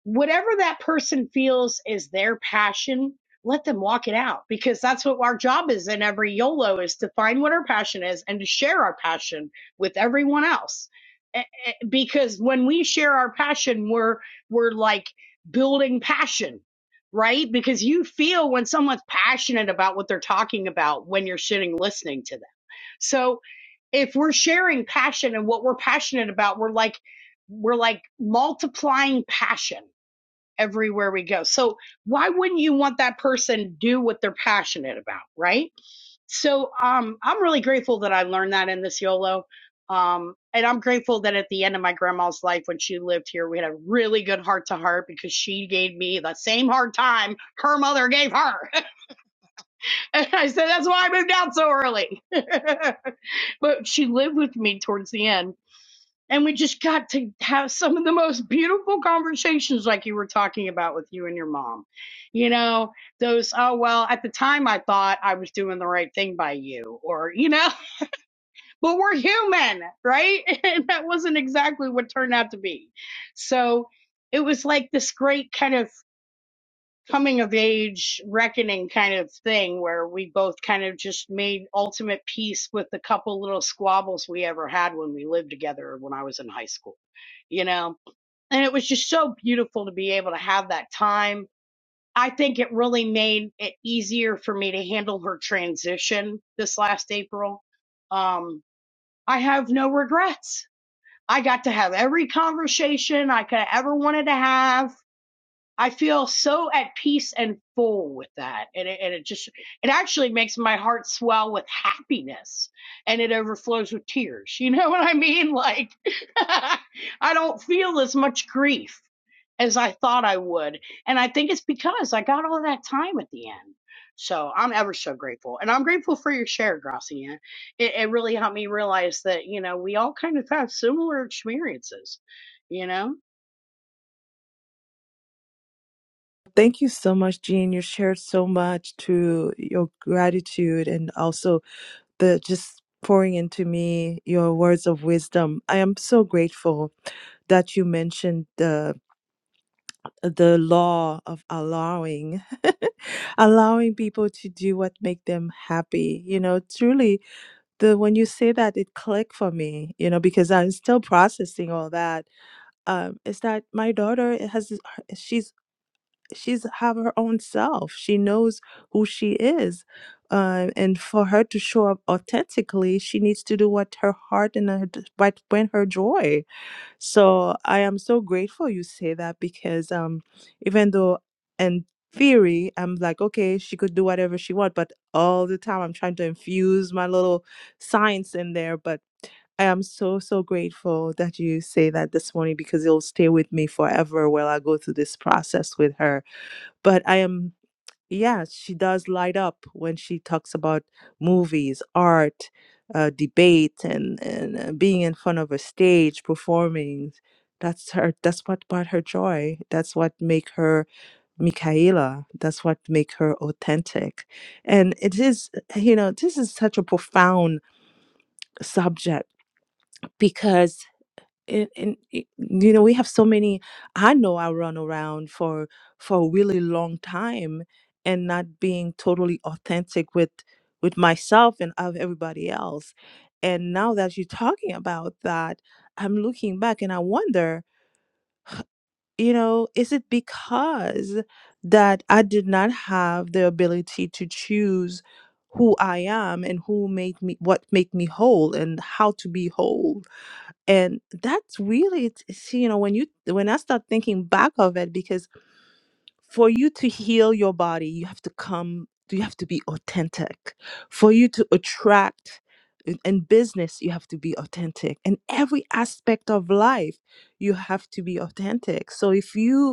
Speaker 12: whatever that person feels is their passion, let them walk it out because that's what our job is in every YOLO is to find what our passion is and to share our passion with everyone else. Eh, eh, Because when we share our passion, we're we're like building passion, right? Because you feel when someone's passionate about what they're talking about when you're sitting listening to them. So if we're sharing passion and what we're passionate about, we're like we're like multiplying passion everywhere we go. So why wouldn't you want that person do what they're passionate about, right? So um, I'm really grateful that I learned that in this YOLO. Um, and I'm grateful that at the end of my grandma's life, when she lived here, we had a really good heart to heart because she gave me the same hard time her mother gave her. And I said, that's why I moved out so early. but she lived with me towards the end and we just got to have some of the most beautiful conversations like you were talking about with you and your mom you know those oh well at the time i thought i was doing the right thing by you or you know but we're human right and that wasn't exactly what turned out to be so it was like this great kind of coming of age reckoning kind of thing where we both kind of just made ultimate peace with the couple little squabbles we ever had when we lived together when I was in high school, you know? And it was just so beautiful to be able to have that time. I think it really made it easier for me to handle her transition this last April. Um, I have no regrets. I got to have every conversation I could have ever wanted to have. I feel so at peace and full with that. And it, and it just, it actually makes my heart swell with happiness and it overflows with tears. You know what I mean? Like, I don't feel as much grief as I thought I would. And I think it's because I got all that time at the end. So I'm ever so grateful. And I'm grateful for your share, Gracia. It, it really helped me realize that, you know, we all kind of have similar experiences, you know?
Speaker 10: Thank you so much, Jean. You shared so much to your gratitude and also the just pouring into me your words of wisdom. I am so grateful that you mentioned the the law of allowing allowing people to do what make them happy you know truly the when you say that it clicked for me you know because i'm still processing all that um is that my daughter has she's she's have her own self she knows who she is um, and for her to show up authentically she needs to do what her heart and her, what bring her joy so I am so grateful you say that because um even though in theory I'm like okay she could do whatever she want but all the time I'm trying to infuse my little science in there but I am so so grateful that you say that this morning because it'll stay with me forever while I go through this process with her. But I am yeah, she does light up when she talks about movies, art, uh, debate, and and uh, being in front of a stage performing. That's her. That's what brought her joy. That's what make her Michaela. That's what make her authentic. And it is, you know, this is such a profound subject because and, and it- you know we have so many i know i run around for for a really long time and not being totally authentic with with myself and of everybody else and now that you're talking about that i'm looking back and i wonder you know is it because that i did not have the ability to choose who i am and who made me what make me whole and how to be whole and that's really it's, it's, you know when you when i start thinking back of it because for you to heal your body you have to come you have to be authentic for you to attract in in business you have to be authentic in every aspect of life you have to be authentic so if you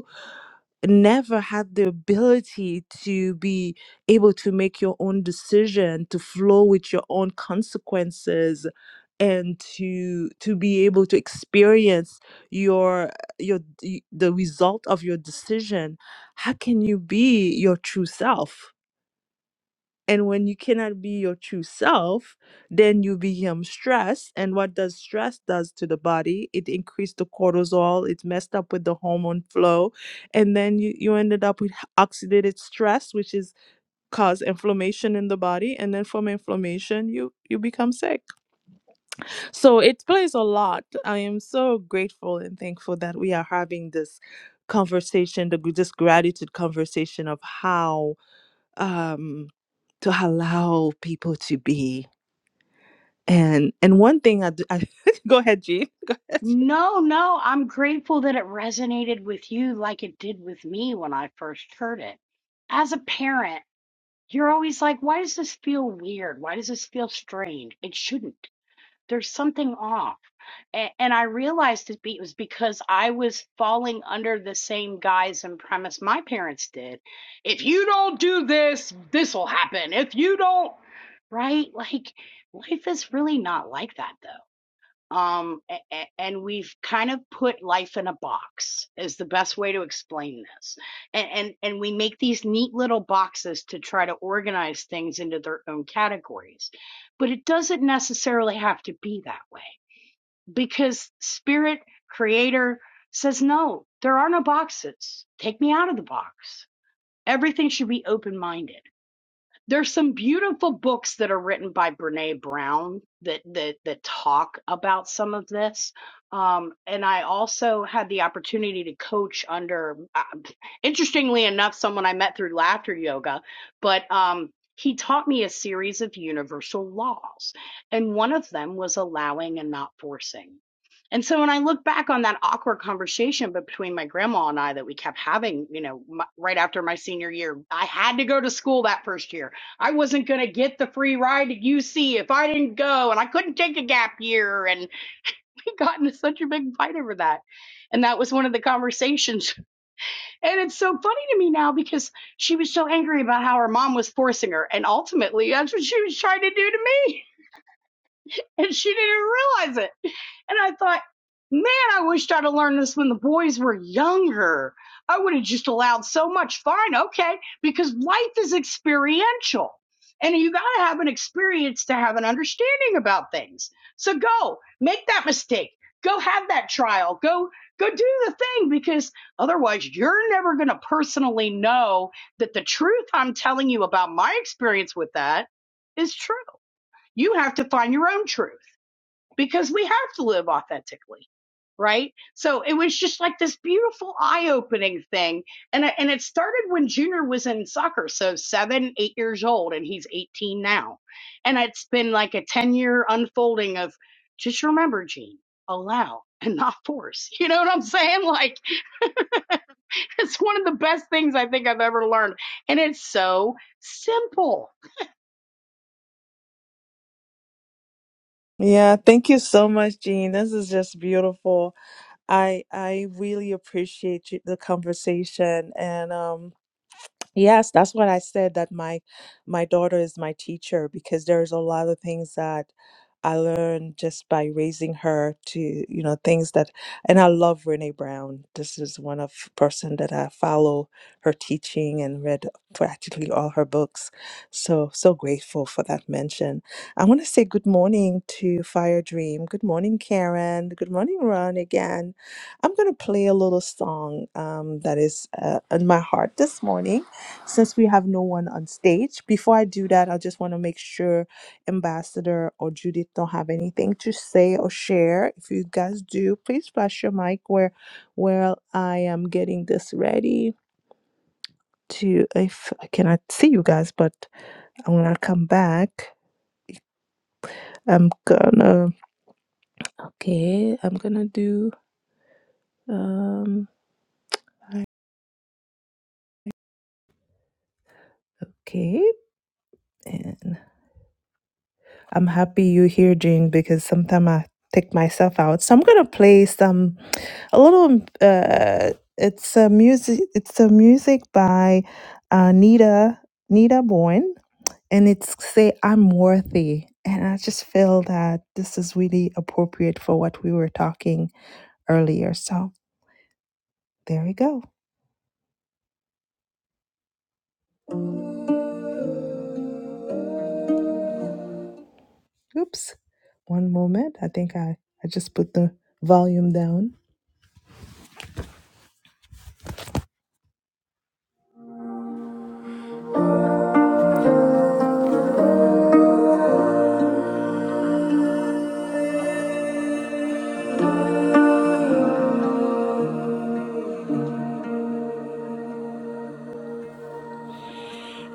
Speaker 10: never had the ability to be able to make your own decision to flow with your own consequences and to to be able to experience your your the the result of your decision how can you be your true self and when you cannot be your true self, then you become stressed. And what does stress does to the body? It increased the cortisol. It messed up with the hormone flow, and then you you ended up with h- oxidative stress, which is cause inflammation in the body. And then from inflammation, you you become sick. So it plays a lot. I am so grateful and thankful that we are having this conversation, the gr- this gratitude conversation of how um, to allow people to be. And and one thing I, do, I go ahead, Jean. Go ahead.
Speaker 12: No, no, I'm grateful that it resonated with you like it did with me when I first heard it. As a parent, you're always like, why does this feel weird? Why does this feel strange? It shouldn't. There's something off. A- And I realized it be- it was because I was falling under the same guise and premise my parents did. If you don't do this, this will happen. If you don't, right? Like, life is really not like that, um a- a- and we've kind of put life in a box is the best way to explain this and and and we make these neat little boxes to try to organize things into their own categories but it doesn't necessarily have to be that way because spirit creator says no there are no boxes take me out of the box everything should be open minded there's some beautiful books that are written by Brene Brown that that that talk about some of this. Um, and I also had the opportunity to coach under, uh, interestingly enough, someone I met through laughter yoga, but um, he taught me a series of universal laws, and one of them was allowing and not forcing. And so when I look back on that awkward conversation but between my grandma and I that we kept having, you know, my, right after my senior year, I had to go to school that first year I wasn't going to get the free ride at UC if I didn't go, and I couldn't take a gap year. And we got into such a big fight over that. And that was one of the conversations. And it's so funny to me now because she was so angry about how her mom was forcing her. And ultimately, that's what she was trying to do to me and she didn't realize it. And I thought, man, I wished I'd have learned this when the boys were younger. I would have just allowed so much fun, okay, because life is experiential. And you got to have an experience to have an understanding about things. So go make that mistake. Go have that trial. Go go do the thing because otherwise you're never going to personally know that the truth I'm telling you about my experience with that is true. You have to find your own truth because we have to live authentically right so it was just like this beautiful eye-opening thing and I- and it started when junior was in soccer so seven eight years old and he's 18 now and it's been like a 10 year unfolding of just remember gene allow and not force you know what i'm saying like it's one of the best things i think i've ever learned and it's so simple
Speaker 10: Yeah, thank you so much, Jean. This is just beautiful. I I really appreciate you, the conversation, and um. Yes, that's what I said that my my daughter is my teacher because there's a lot of things that I learned just by raising her to, you know, things that and I love Renee Brown. This is one of person that I follow her teaching and read practically all her books. So so grateful for that mention. I want to say good morning to Fire Dream. Good morning, Karen. Good morning, Ron again. I'm going to play a little song um, that is uh, in my heart this morning since we have no one on stage, before I do that, I just want to make sure Ambassador or Judith don't have anything to say or share. If you guys do, please flash your mic where where I am getting this ready to if I cannot see you guys, but I'm gonna come back. I'm gonna okay, I'm gonna do um okay. And. I'm happy you're here, Jane, because sometimes I take myself out. So I'm gonna play some a little. Uh, it's a music. It's a music by uh, Nita Nita Bourne, and it's say I'm worthy. And I just feel that this is really appropriate for what we were talking earlier. So there we go. Oops. One moment. I think I I just put the volume down.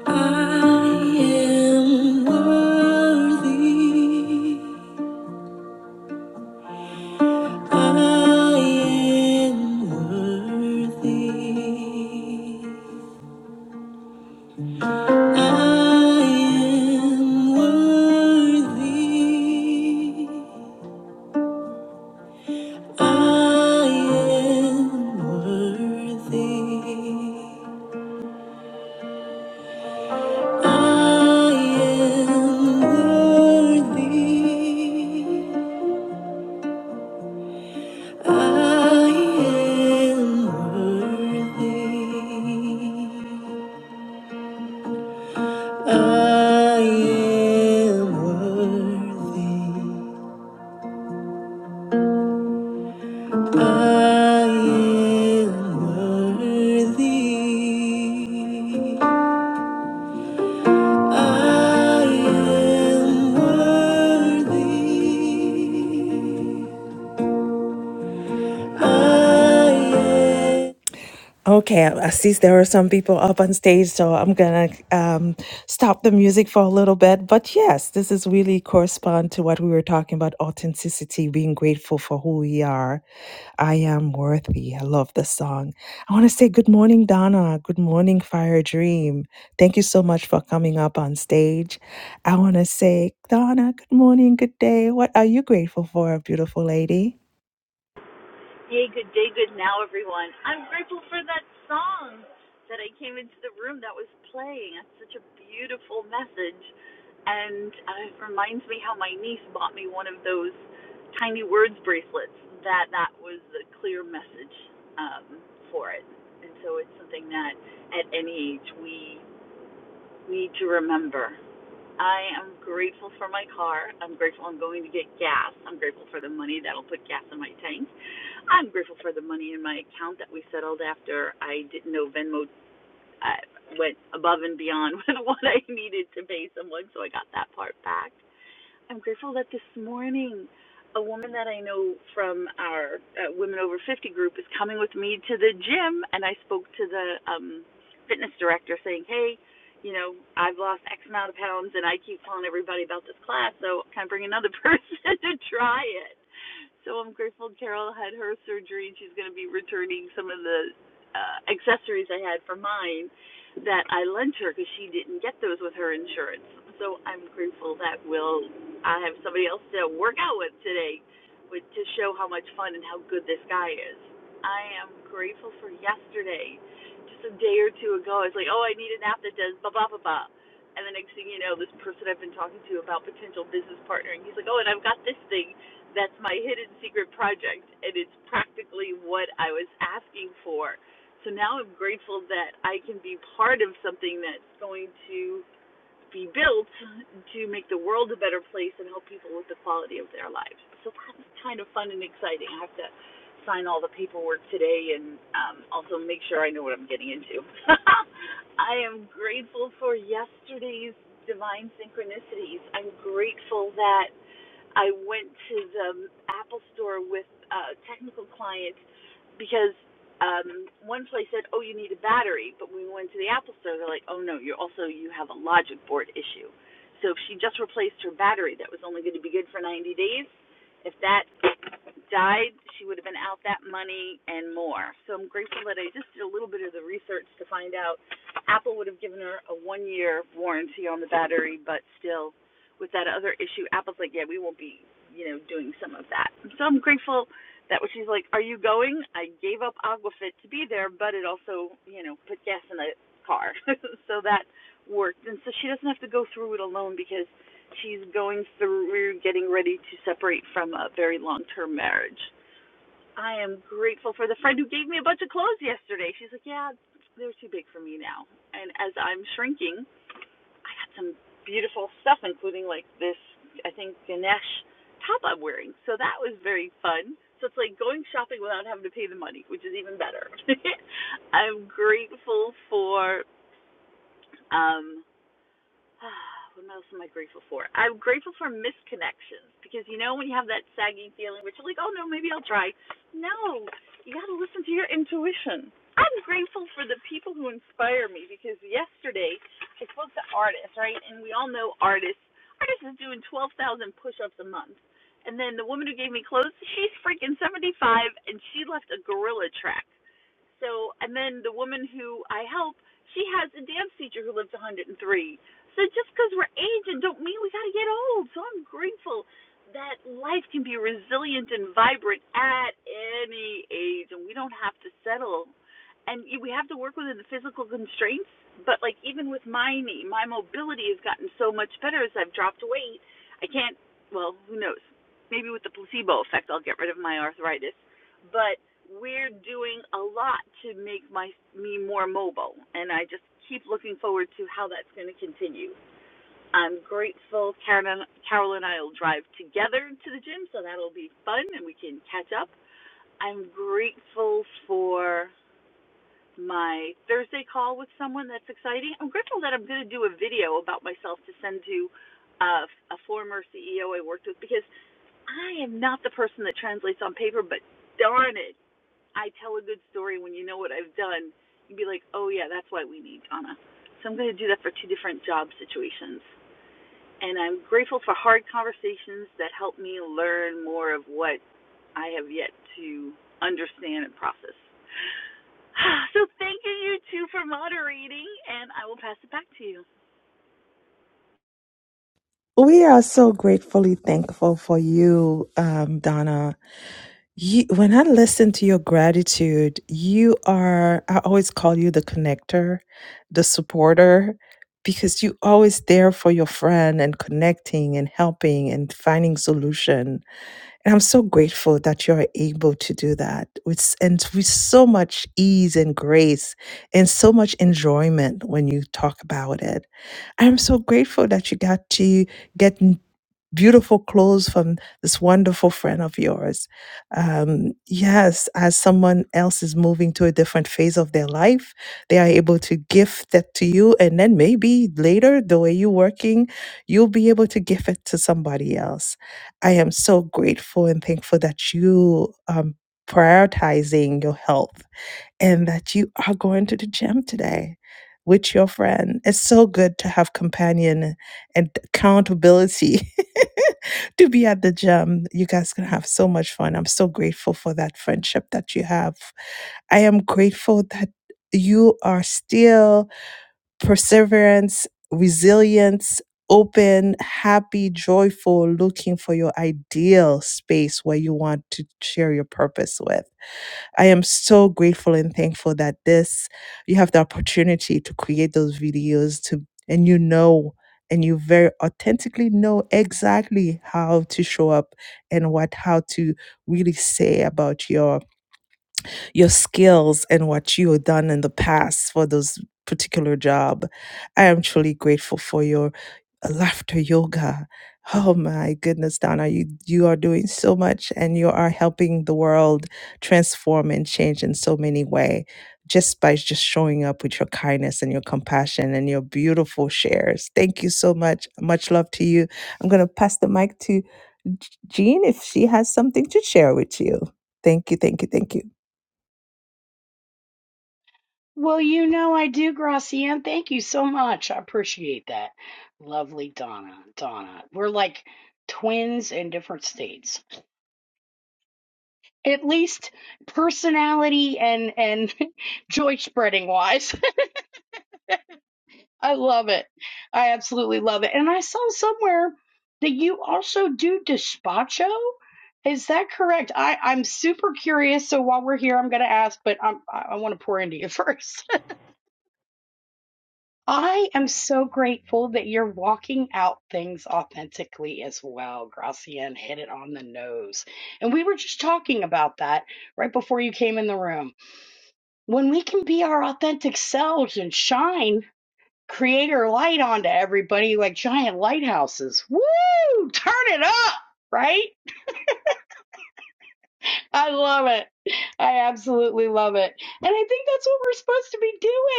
Speaker 10: I am worthy. I am worthy. I am worthy. I am worthy. I am worthy. I am worthy. I am worthy. I am worthy. I am worthy. Okay, I I see there are some people up on stage, so I'm gonna um, stop the music for a little bit. But yes, this is really correspond to what we were talking about authenticity, being grateful for who we are. I am worthy. I love the song. I want to say good morning, Donna. Good morning, Fire Dream. Thank you so much for coming up on stage. I want to say, Donna, good morning, good day. What are you grateful for, beautiful lady?
Speaker 14: Yay, good day, good now, everyone. I'm grateful for that song that I came into the room that was playing. That's such a beautiful message. And uh, it reminds me how my niece bought me one of those tiny words bracelets that that was the clear message um, for it. And so it's something that at any age we need to remember I am grateful for my car. I'm grateful I'm going to get gas. I'm grateful for the money that'll put gas in my tank. I'm grateful for the money in my account that we settled after I didn't know Venmo uh, went above and beyond with what I needed to pay someone, so I got that part back. I'm grateful that this morning a woman that I know from our uh, Women Over 50 group is coming with me to the gym, and I spoke to the um, fitness director saying, hey, you know, I've lost X amount of pounds, and I keep telling everybody about this class, so can I bring another person to try it? So I'm grateful Carol had her surgery, and she's going to be returning some of the uh, accessories I had for mine that I lent her because she didn't get those with her insurance. So I'm grateful that Will I have somebody else to work out with today with, to show how much fun and how good this guy is. I am grateful for yesterday. Just a day or two ago, I was like, oh, I need an app that does blah, blah, blah, blah. And the next thing you know, this person I've been talking to about potential business partnering, he's like, oh, and I've got this thing that's my hidden secret project. And it's practically what I was asking for. So now I'm grateful that I can be part of something that's going to be built to make the world a better place and help people with the quality of their lives. So that's kind of fun and exciting. I have to sign all the paperwork today and um, also make sure I know what I'm getting into. I am grateful for yesterday's divine synchronicities. I'm grateful that I went to the Apple store with a technical client because um, one place said, "Oh, you need a battery," but when we went to the Apple Store, they're like, "Oh no, you also you have a logic board issue." So if she just replaced her battery, that was only going to be good for 90 days. If that died, she would have been out that money and more. So I'm grateful that I just did a little bit of the research to find out Apple would have given her a one year warranty on the battery, but still with that other issue, Apple's like, yeah, we won't be, you know, doing some of that. So I'm grateful that when she's like, are you going? I gave up Aquafit to be there, but it also, you know, put gas in the car. so that worked. And so she doesn't have to go through it alone because She's going through getting ready to separate from a very long term marriage. I am grateful for the friend who gave me a bunch of clothes yesterday. She's like, Yeah, they're too big for me now. And as I'm shrinking, I got some beautiful stuff, including like this, I think, Ganesh top I'm wearing. So that was very fun. So it's like going shopping without having to pay the money, which is even better. I'm grateful for um what else am I grateful for? I'm grateful for misconnections because you know when you have that sagging feeling, which you're like, oh no, maybe I'll try. No, you got to listen to your intuition. I'm grateful for the people who inspire me because yesterday I spoke to artists, right? And we all know artists. Artists is doing 12,000 push-ups a month. And then the woman who gave me clothes, she's freaking 75 and she left a gorilla track. So, and then the woman who I help, she has a dance teacher who lives 103. So just because we're aged don't mean we got to get old. So I'm grateful that life can be resilient and vibrant at any age, and we don't have to settle. And we have to work within the physical constraints. But like even with my knee, my mobility has gotten so much better as I've dropped weight. I can't. Well, who knows? Maybe with the placebo effect, I'll get rid of my arthritis but we're doing a lot to make my me more mobile and I just keep looking forward to how that's going to continue. I'm grateful Karen, Carol and I will drive together to the gym so that'll be fun and we can catch up. I'm grateful for my Thursday call with someone that's exciting. I'm grateful that I'm going to do a video about myself to send to uh, a former CEO I worked with because I am not the person that translates on paper, but darn it I tell a good story when you know what I've done, you'd be like, oh, yeah, that's why we need Donna. So I'm going to do that for two different job situations. And I'm grateful for hard conversations that help me learn more of what I have yet to understand and process. So thank you, you two, for moderating, and I will pass it back to you.
Speaker 10: We are so gratefully thankful for you, um, Donna. You, when I listen to your gratitude, you are, I always call you the connector, the supporter, because you always there for your friend and connecting and helping and finding solution. And I'm so grateful that you're able to do that with, s- and with so much ease and grace and so much enjoyment when you talk about it. I'm so grateful that you got to get beautiful clothes from this wonderful friend of yours. Um, yes, as someone else is moving to a different phase of their life, they are able to gift that to you. And then maybe later, the way you're working, you'll be able to give it to somebody else. I am so grateful and thankful that you um prioritizing your health and that you are going to the gym today with your friend. It's so good to have companion and accountability to be at the gym. You guys can have so much fun. I'm so grateful for that friendship that you have. I am grateful that you are still perseverance, resilience, open, happy, joyful, looking for your ideal space where you want to share your purpose with. I am so grateful and thankful that this you have the opportunity to create those videos to and you know and you very authentically know exactly how to show up and what how to really say about your your skills and what you have done in the past for those particular job. I am truly grateful for your laughter yoga. Oh my goodness, Donna, you, you are doing so much and you are helping the world transform and change in so many ways just by just showing up with your kindness and your compassion and your beautiful shares. Thank you so much. Much love to you. I'm going to pass the mic to J- Jean if she has something to share with you. Thank you, thank you, thank you.
Speaker 12: Well, you know I do, Gracian. Thank you so much. I appreciate that. Lovely Donna. Donna. We're like twins in different states. At least personality and and joy spreading wise. I love it. I absolutely love it. And I saw somewhere that you also do despacho. Is that correct? I, I'm super curious. So while we're here, I'm going to ask, but I'm, I, I want to pour into you first. I am so grateful that you're walking out things authentically as well. Gracian hit it on the nose. And we were just talking about that right before you came in the room. When we can be our authentic selves and shine creator light onto everybody like giant lighthouses, woo, turn it up, right? I love it. I absolutely love it. And I think that's what we're supposed to be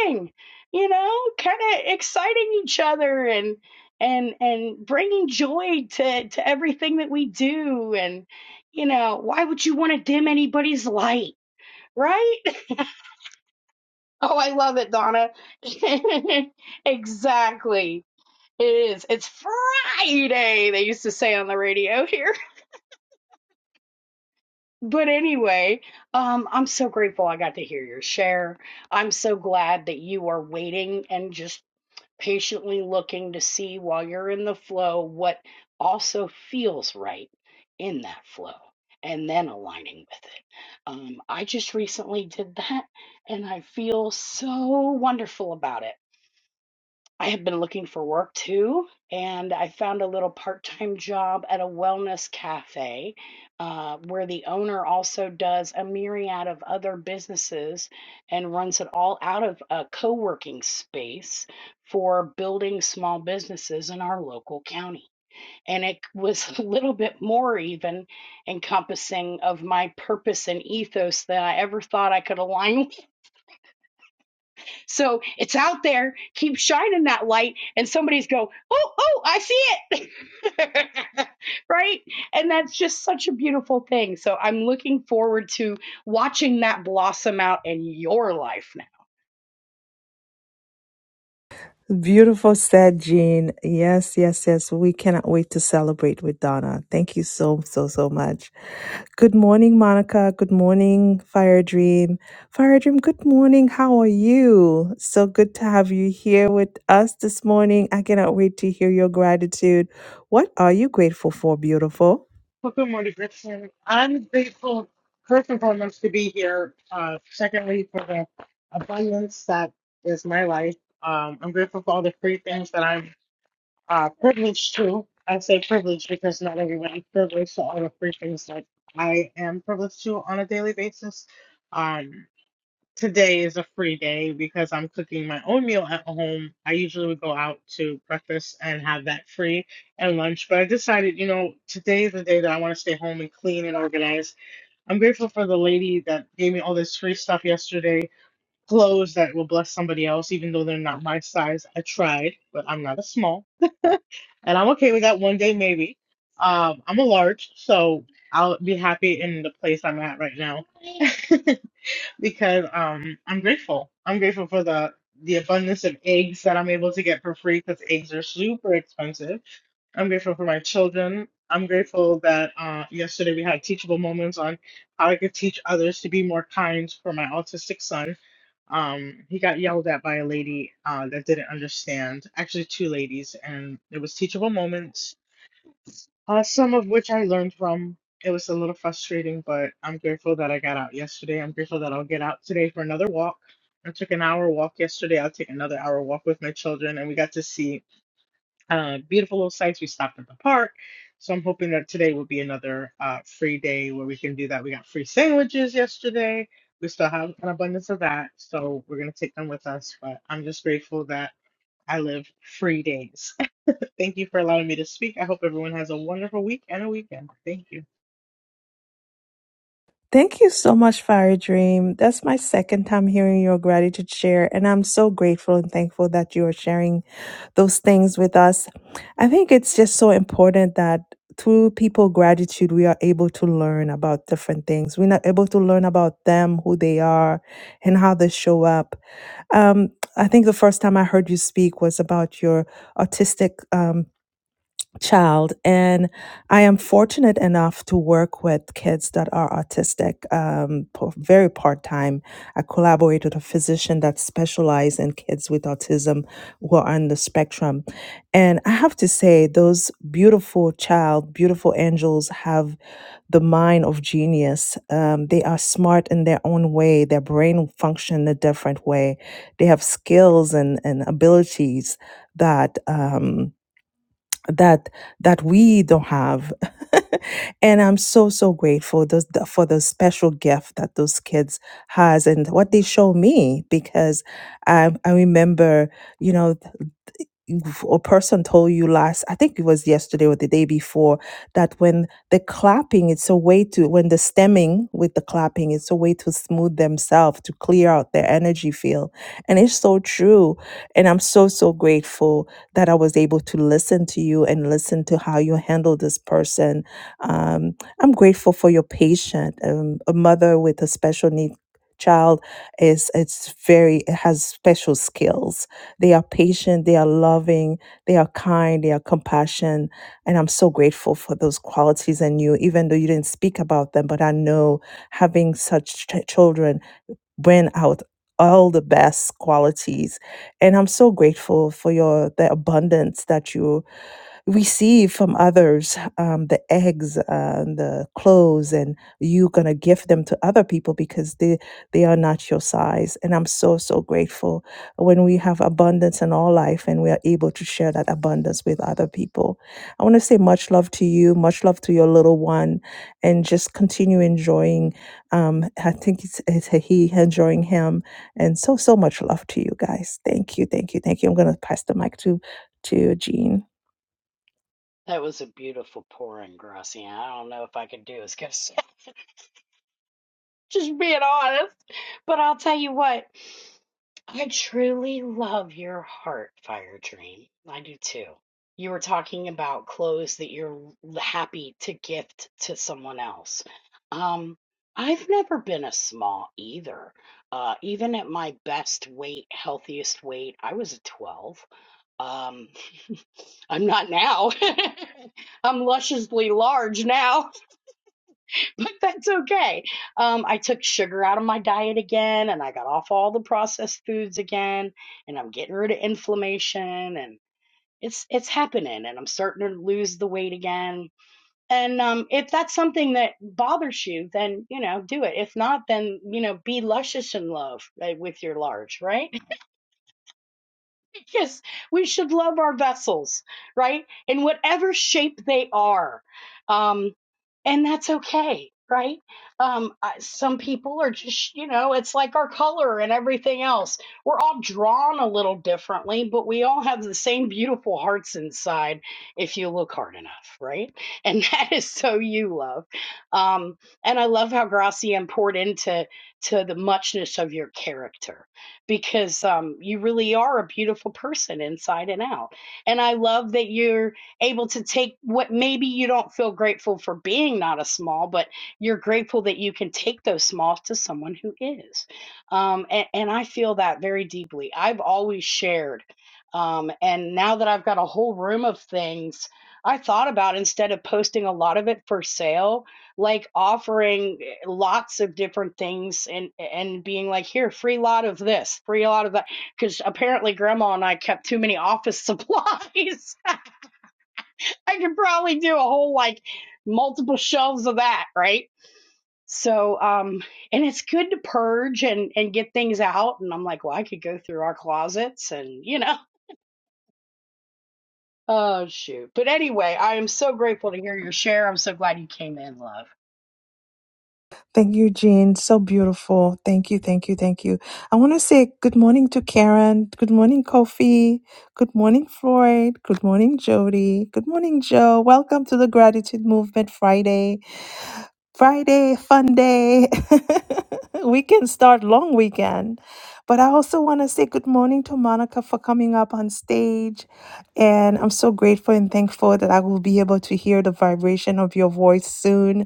Speaker 12: doing. You know, kind of exciting each other and and and bringing joy to to everything that we do and you know, why would you want to dim anybody's light, right? Oh, I love it, Donna. exactly. It is. It's Friday, they used to say on the radio here. But anyway, um, I'm so grateful I got to hear your share. I'm so glad that you are waiting and just patiently looking to see while you're in the flow what also feels right in that flow and then aligning with it. Um, I just recently did that and I feel so wonderful about it. I have been looking for work too, and I found a little part time job at a wellness cafe uh, where the owner also does a myriad of other businesses and runs it all out of a co working space for building small businesses in our local county. And it was a little bit more even encompassing of my purpose and ethos than I ever thought I could align so it's out there. Keep shining that light, and somebody's go, oh, oh, I see it, right? And that's just such a beautiful thing. So I'm looking forward to watching that blossom out in your life now.
Speaker 10: Beautiful said, Jean. Yes, yes, yes. We cannot wait to celebrate with Donna. Thank you so, so, so much. Good morning, Monica. Good morning, Fire Dream. Fire Dream, good morning. How are you? So good to have you here with us this morning. I cannot wait to hear your gratitude. What are you grateful for, beautiful?
Speaker 15: Well, good morning, Richard. I'm grateful, first and foremost, to be here. Uh, secondly, for the abundance that is my life. Um, I'm grateful for all the free things that I'm uh, privileged to. I say privileged because not everyone is privileged to all the free things that I am privileged to on a daily basis. Um, Today is a free day because I'm cooking my own meal at home. I usually would go out to breakfast and have that free and lunch, but I decided, you know, today is the day that I want to stay home and clean and organize. I'm grateful for the lady that gave me all this free stuff yesterday, clothes that will bless somebody else, even though they're not my size. I tried, but I'm not a small, and I'm okay with that one day maybe. Um, I'm a large, so I'll be happy in the place I'm at right now. because um I'm grateful. I'm grateful for the the abundance of eggs that I'm able to get for free because eggs are super expensive. I'm grateful for my children. I'm grateful that uh, yesterday we had teachable moments on how I could teach others to be more kind for my autistic son. Um, he got yelled at by a lady uh, that didn't understand, actually two ladies, and it was teachable moments uh, some of which I learned from. It was a little frustrating, but I'm grateful that I got out yesterday. I'm grateful that I'll get out today for another walk. I took an hour walk yesterday. I'll take another hour walk with my children, and we got to see uh, beautiful little sights. We stopped at the park. So I'm hoping that today will be another uh, free day where we can do that. We got free sandwiches yesterday. We still have an abundance of that. So we're going to take them with us. But I'm just grateful that I live free days. Thank you for allowing me to speak. I hope everyone has a wonderful week and a weekend. Thank you.
Speaker 10: Thank you so much, Fire Dream. That's my second time hearing your gratitude share, and I'm so grateful and thankful that you are sharing those things with us. I think it's just so important that through people gratitude, we are able to learn about different things. We're not able to learn about them, who they are, and how they show up. Um, I think the first time I heard you speak was about your autistic. um, child and i am fortunate enough to work with kids that are autistic um, po- very part-time i collaborate with a physician that specializes in kids with autism who are on the spectrum and i have to say those beautiful child beautiful angels have the mind of genius um, they are smart in their own way their brain function in a different way they have skills and, and abilities that um, that that we don't have and i'm so so grateful those the- for the special gift that those kids has and what they show me because i i remember you know if a person told you last i think it was yesterday or the day before that when the clapping it's a way to when the stemming with the clapping it's a way to smooth themselves to clear out their energy field and it's so true and i'm so so grateful that i was able to listen to you and listen to how you handle this person um, i'm grateful for your patient um, a mother with a special need child is it's very it has special skills they are patient, they are loving, they are kind, they are compassionate. And I'm so grateful for those qualities in you, even though you didn't speak about them. But I know having such ch- children, bring out all the best qualities. And I'm so grateful for your the abundance that you receive from others, um, the eggs uh, and the clothes, and you gonna give them to other people because they they are not your size. And I'm so so grateful when we have abundance in our life and we are able to share that abundance with other people. I want to say much love to you, much love to your little one, and just continue enjoying um, I think it's, it's a he enjoying him, and so so much love to you guys. Thank you, thank you, thank you. I'm gonna pass the mic to to Jean.
Speaker 12: That was a beautiful pouring, Graciana. I don't know if I could do as good. Just being honest. But I'll tell you what, I truly love your heart, Fire Dream. I do too. You were talking about clothes that you're happy to gift to someone else. Um, I've never been a small either. Uh, even at my best weight, healthiest weight, I was a 12. Um, I'm not now. I'm lusciously large now. but that's okay. Um, I took sugar out of my diet again, and I got off all the processed foods again, and I'm getting rid of inflammation, and it's it's happening, and I'm starting to lose the weight again. And um, if that's something that bothers you, then you know do it. If not, then you know be luscious in love uh, with your large, right? yes, we should love our vessels, right? In whatever shape they are. Um, and that's okay, right? Um, I- some people are just, you know, it's like our color and everything else. We're all drawn a little differently, but we all have the same beautiful hearts inside if you look hard enough, right? And that is so you love. Um, and I love how Gracian poured into to the muchness of your character because um, you really are a beautiful person inside and out. And I love that you're able to take what maybe you don't feel grateful for being not a small, but you're grateful that you can take those smalls to someone who is. Um, and, and I feel that very deeply. I've always shared. Um, and now that I've got a whole room of things, I thought about instead of posting a lot of it for sale like offering eh, lots of different things and and being like here free lot of this free lot of that because apparently grandma and i kept too many office supplies i could probably do a whole like multiple shelves of that right so um and it's good to purge and and get things out and i'm like well i could go through our closets and you know oh shoot but anyway i am so grateful to hear your share i'm so glad you came in love
Speaker 10: Thank you, Jean. So beautiful. Thank you, thank you, thank you. I want to say good morning to Karen. Good morning, Kofi. Good morning, Floyd. Good morning, Jody. Good morning, Joe. Welcome to the Gratitude Movement Friday. Friday, fun day. we can start long weekend. But I also want to say good morning to Monica for coming up on stage. And I'm so grateful and thankful that I will be able to hear the vibration of your voice soon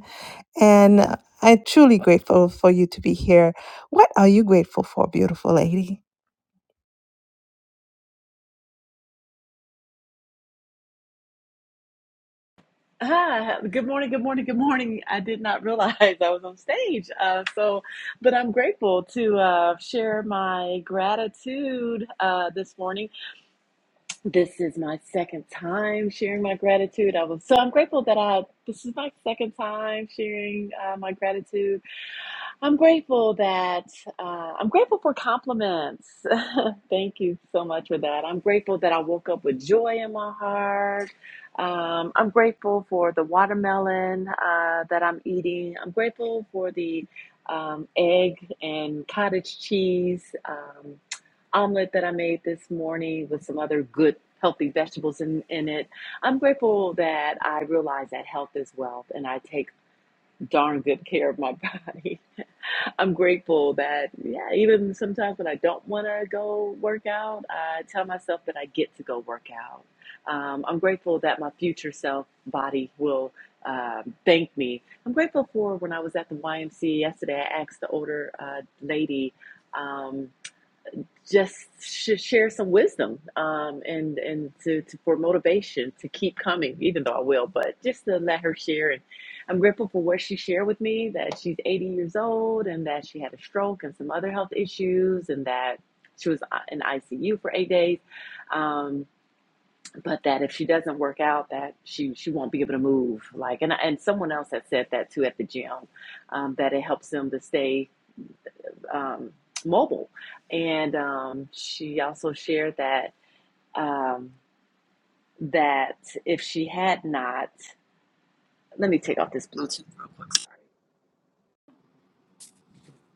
Speaker 10: and uh, I'm truly grateful for you to be here. What are you grateful for, beautiful lady?
Speaker 9: Ah, good morning, good morning, good morning. I did not realize I was on stage. Uh, so, but I'm grateful to uh, share my gratitude uh, this morning. This is my second time sharing my gratitude. I was so I'm grateful that I this is my second time sharing uh, my gratitude. I'm grateful that uh, I'm grateful for compliments. Thank you so much for that. I'm grateful that I woke up with joy in my heart. Um, I'm grateful for the watermelon uh, that I'm eating. I'm grateful for the um, egg and cottage cheese um, omelet that I made this morning with some other good healthy vegetables in, in it. I'm grateful that I realize that health is wealth and I take darn good care of my body. I'm grateful that, yeah, even sometimes when I don't want to go work out, I tell myself that I get to go work out. Um, I'm grateful that my future self body will um, thank me. I'm grateful for when I was at the YMCA yesterday, I asked the older uh, lady, um, just sh- share some wisdom um, and and to, to for motivation to keep coming, even though I will, but just to let her share. And I'm grateful for what she shared with me that she's 80 years old and that she had a stroke and some other health issues and that she was uh, in ICU for eight days. Um, but that if she doesn't work out, that she she won't be able to move. Like and and someone else had said that too at the gym, um, that it helps them to stay um, mobile. And um, she also shared that um, that if she had not, let me take off this Bluetooth real quick.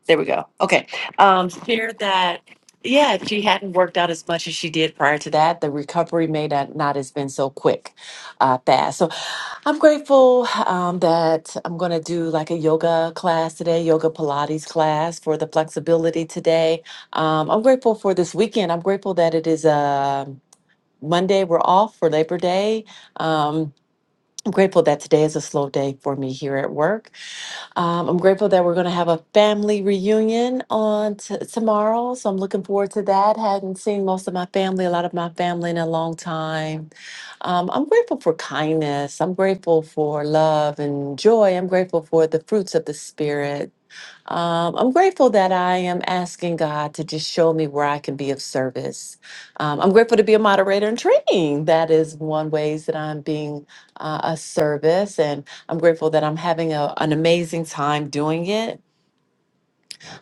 Speaker 9: There we go. Okay. Um, fear that, yeah, if she hadn't worked out as much as she did prior to that, the recovery may not, not has been so quick, uh, fast. So I'm grateful um, that I'm going to do like a yoga class today, yoga Pilates class for the flexibility today. Um, I'm grateful for this weekend. I'm grateful that it is uh, Monday. We're off for Labor Day. Um, I'm grateful that today is a slow day for me here at work. Um, I'm grateful that we're going to have a family reunion on t- tomorrow. So I'm looking forward to that. Hadn't seen most of my family, a lot of my family in a long time. Um, I'm grateful for kindness. I'm grateful for love and joy. I'm grateful for the fruits of the Spirit. Um, I'm grateful that I am asking God to just show me where I can be of service. Um, I'm grateful to be a moderator in training. That is one ways that I'm being uh, a service, and I'm grateful that I'm having a, an amazing time doing it.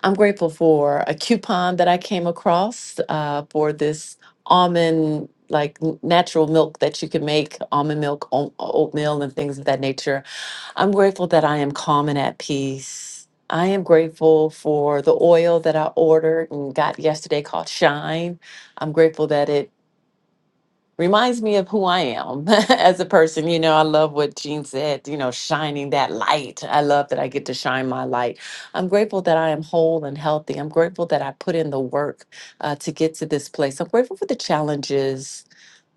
Speaker 9: I'm grateful for a coupon that I came across uh, for this almond. Like n- natural milk that you can make, almond milk, oat- oatmeal, and things of that nature. I'm grateful that I am calm and at peace. I am grateful for the oil that I ordered and got yesterday called Shine. I'm grateful that it reminds me of who I am as a person. You know, I love what Jean said, you know, shining that light. I love that I get to shine my light. I'm grateful that I am whole and healthy. I'm grateful that I put in the work uh, to get to this place. I'm grateful for the challenges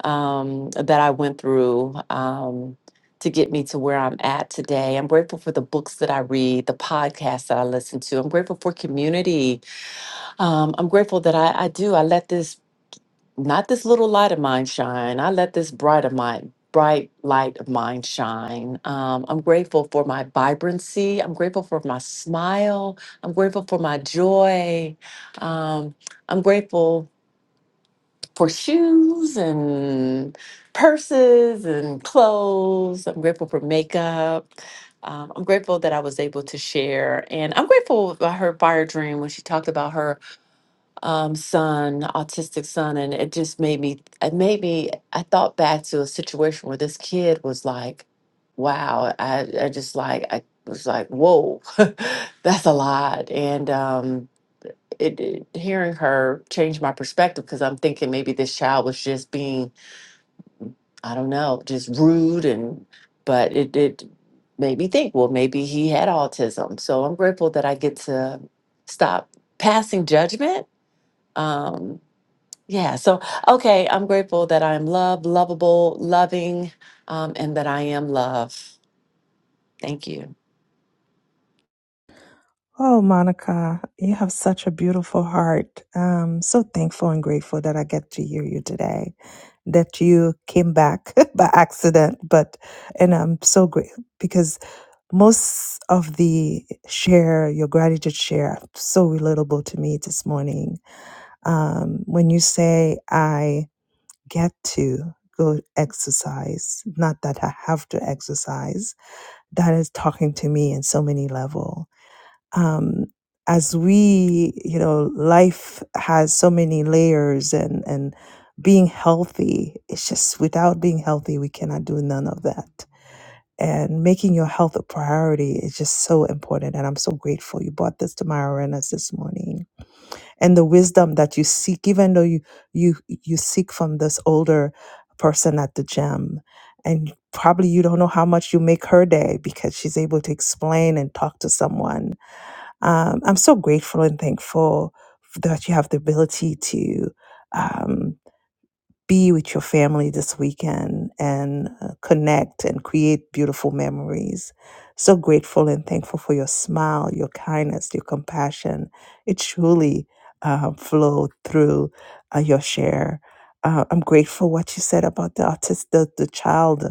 Speaker 9: um, that I went through um, to get me to where I'm at today. I'm grateful for the books that I read, the podcasts that I listen to. I'm grateful for community. Um, I'm grateful that I, I do. I let this, not this little light of mine shine, I let this bright of mine. Bright light of mine shine. Um, I'm grateful for my vibrancy. I'm grateful for my smile. I'm grateful for my joy. Um, I'm grateful for shoes and purses and clothes. I'm grateful for makeup. Um, I'm grateful that I was able to share. And I'm grateful about her fire dream when she talked about her um, son, autistic son. And it just made me, it made me, I thought back to a situation where this kid was like, wow, I, I just like, I was like, whoa, that's a lot. And, um, it, it hearing her changed my perspective because I'm thinking maybe this child was just being I don't know just rude and but it it made me think well maybe he had autism so I'm grateful that I get to stop passing judgment um yeah so okay I'm grateful that I'm loved lovable loving um and that I am love thank you
Speaker 10: Oh, Monica, you have such a beautiful heart. Um, so thankful and grateful that I get to hear you today. That you came back by accident, but and I'm so grateful because. Most of the share, your gratitude share, so relatable to me this morning. Um, when you say, I get to go exercise, not that I have to exercise, that is talking to me in so many level. Um, as we, you know, life has so many layers and, and being healthy, it's just without being healthy, we cannot do none of that and making your health a priority is just so important. And I'm so grateful you brought this to my awareness this morning. And the wisdom that you seek, even though you you you seek from this older person at the gym, and probably you don't know how much you make her day because she's able to explain and talk to someone. Um, I'm so grateful and thankful that you have the ability to. Um, be with your family this weekend and uh, connect and create beautiful memories. So grateful and thankful for your smile, your kindness, your compassion. It truly uh, flowed through uh, your share. Uh, I'm grateful what you said about the autistic, the, the child.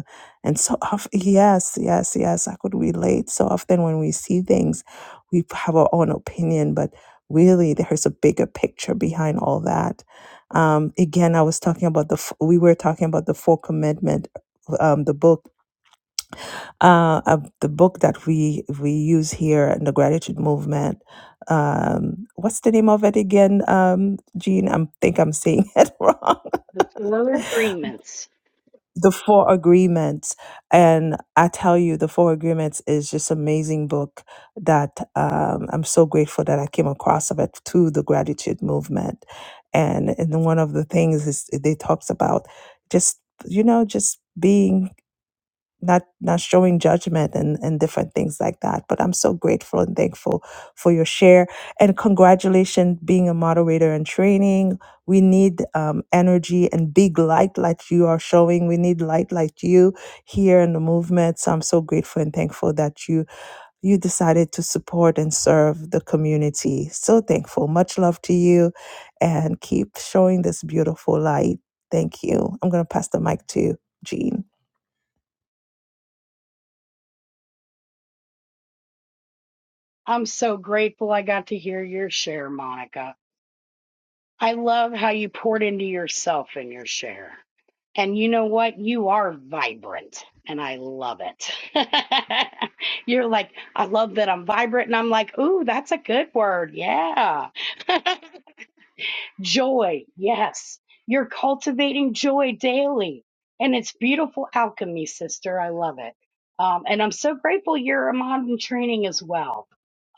Speaker 10: And so, of, yes, yes, yes, I could relate. So often when we see things, we have our own opinion, but really there's a bigger picture behind all that um again i was talking about the f- we were talking about the four commandment um the book uh of the book that we we use here in the gratitude movement um what's the name of it again um jean i am think i'm saying it wrong
Speaker 12: the four agreements
Speaker 10: the four agreements and i tell you the four agreements is just amazing book that um, i'm so grateful that i came across of it through the gratitude movement and and one of the things is they talks about just you know just being not not showing judgment and and different things like that but i'm so grateful and thankful for your share and congratulations being a moderator and training we need um, energy and big light like you are showing we need light like you here in the movement so i'm so grateful and thankful that you you decided to support and serve the community. So thankful. Much love to you and keep showing this beautiful light. Thank you. I'm going to pass the mic to Jean.
Speaker 12: I'm so grateful I got to hear your share, Monica. I love how you poured into yourself in your share. And you know what? You are vibrant, and I love it. You're like, I love that I'm vibrant. And I'm like, ooh, that's a good word. Yeah. Joy, yes. You're cultivating joy daily. And it's beautiful alchemy, sister. I love it. Um, and I'm so grateful you're a mom in training as well.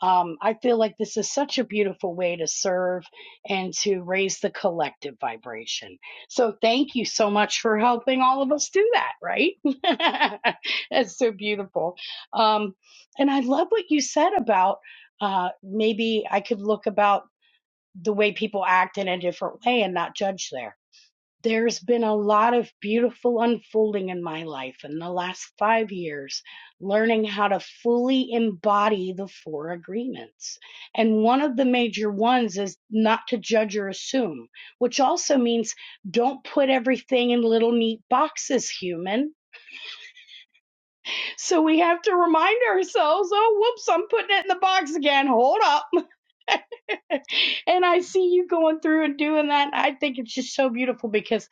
Speaker 12: Um, I feel like this is such a beautiful way to serve and to raise the collective vibration. So thank you so much for helping all of us do that, right? That's so beautiful. Um, and I love what you said about uh, maybe I could look about the way people act in a different way and not judge there. There's been a lot of beautiful unfolding in my life in the last five years, learning how to fully embody the four agreements. And one of the major ones is not to judge or assume, which also means don't put everything in little neat boxes, human. So we have to remind ourselves oh, whoops, I'm putting it in the box again. Hold up. and I see you going through and doing that. and I think it's just so beautiful because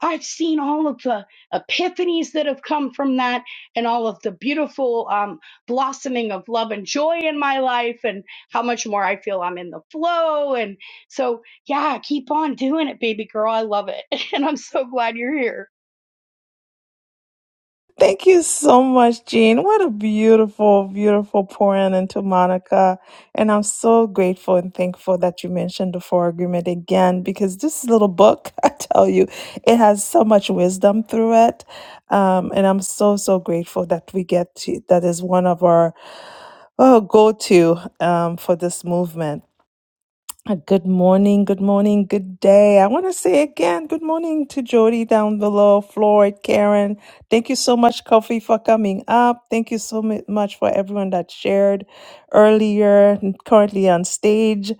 Speaker 12: I've seen all of the epiphanies that have come from that and all of the beautiful um, blossoming of love and joy in my life and how much more I feel I'm in the flow. And so, yeah, keep on doing it, baby girl. I love it. And I'm so glad you're here.
Speaker 10: Thank you so much, Jean. What a beautiful, beautiful pour in into Monica. And I'm so grateful and thankful that you mentioned the Four Agreement again because this little book, I tell you, it has so much wisdom through it. Um, and I'm so, so grateful that we get to, that is one of our oh, go to um, for this movement uh, Good morning, good morning, good day. I want to say again, good morning to Jody down below, Floyd, Karen. Thank you so much, Kofi, for coming up. Thank you so mu- much for everyone that shared earlier, and currently on stage.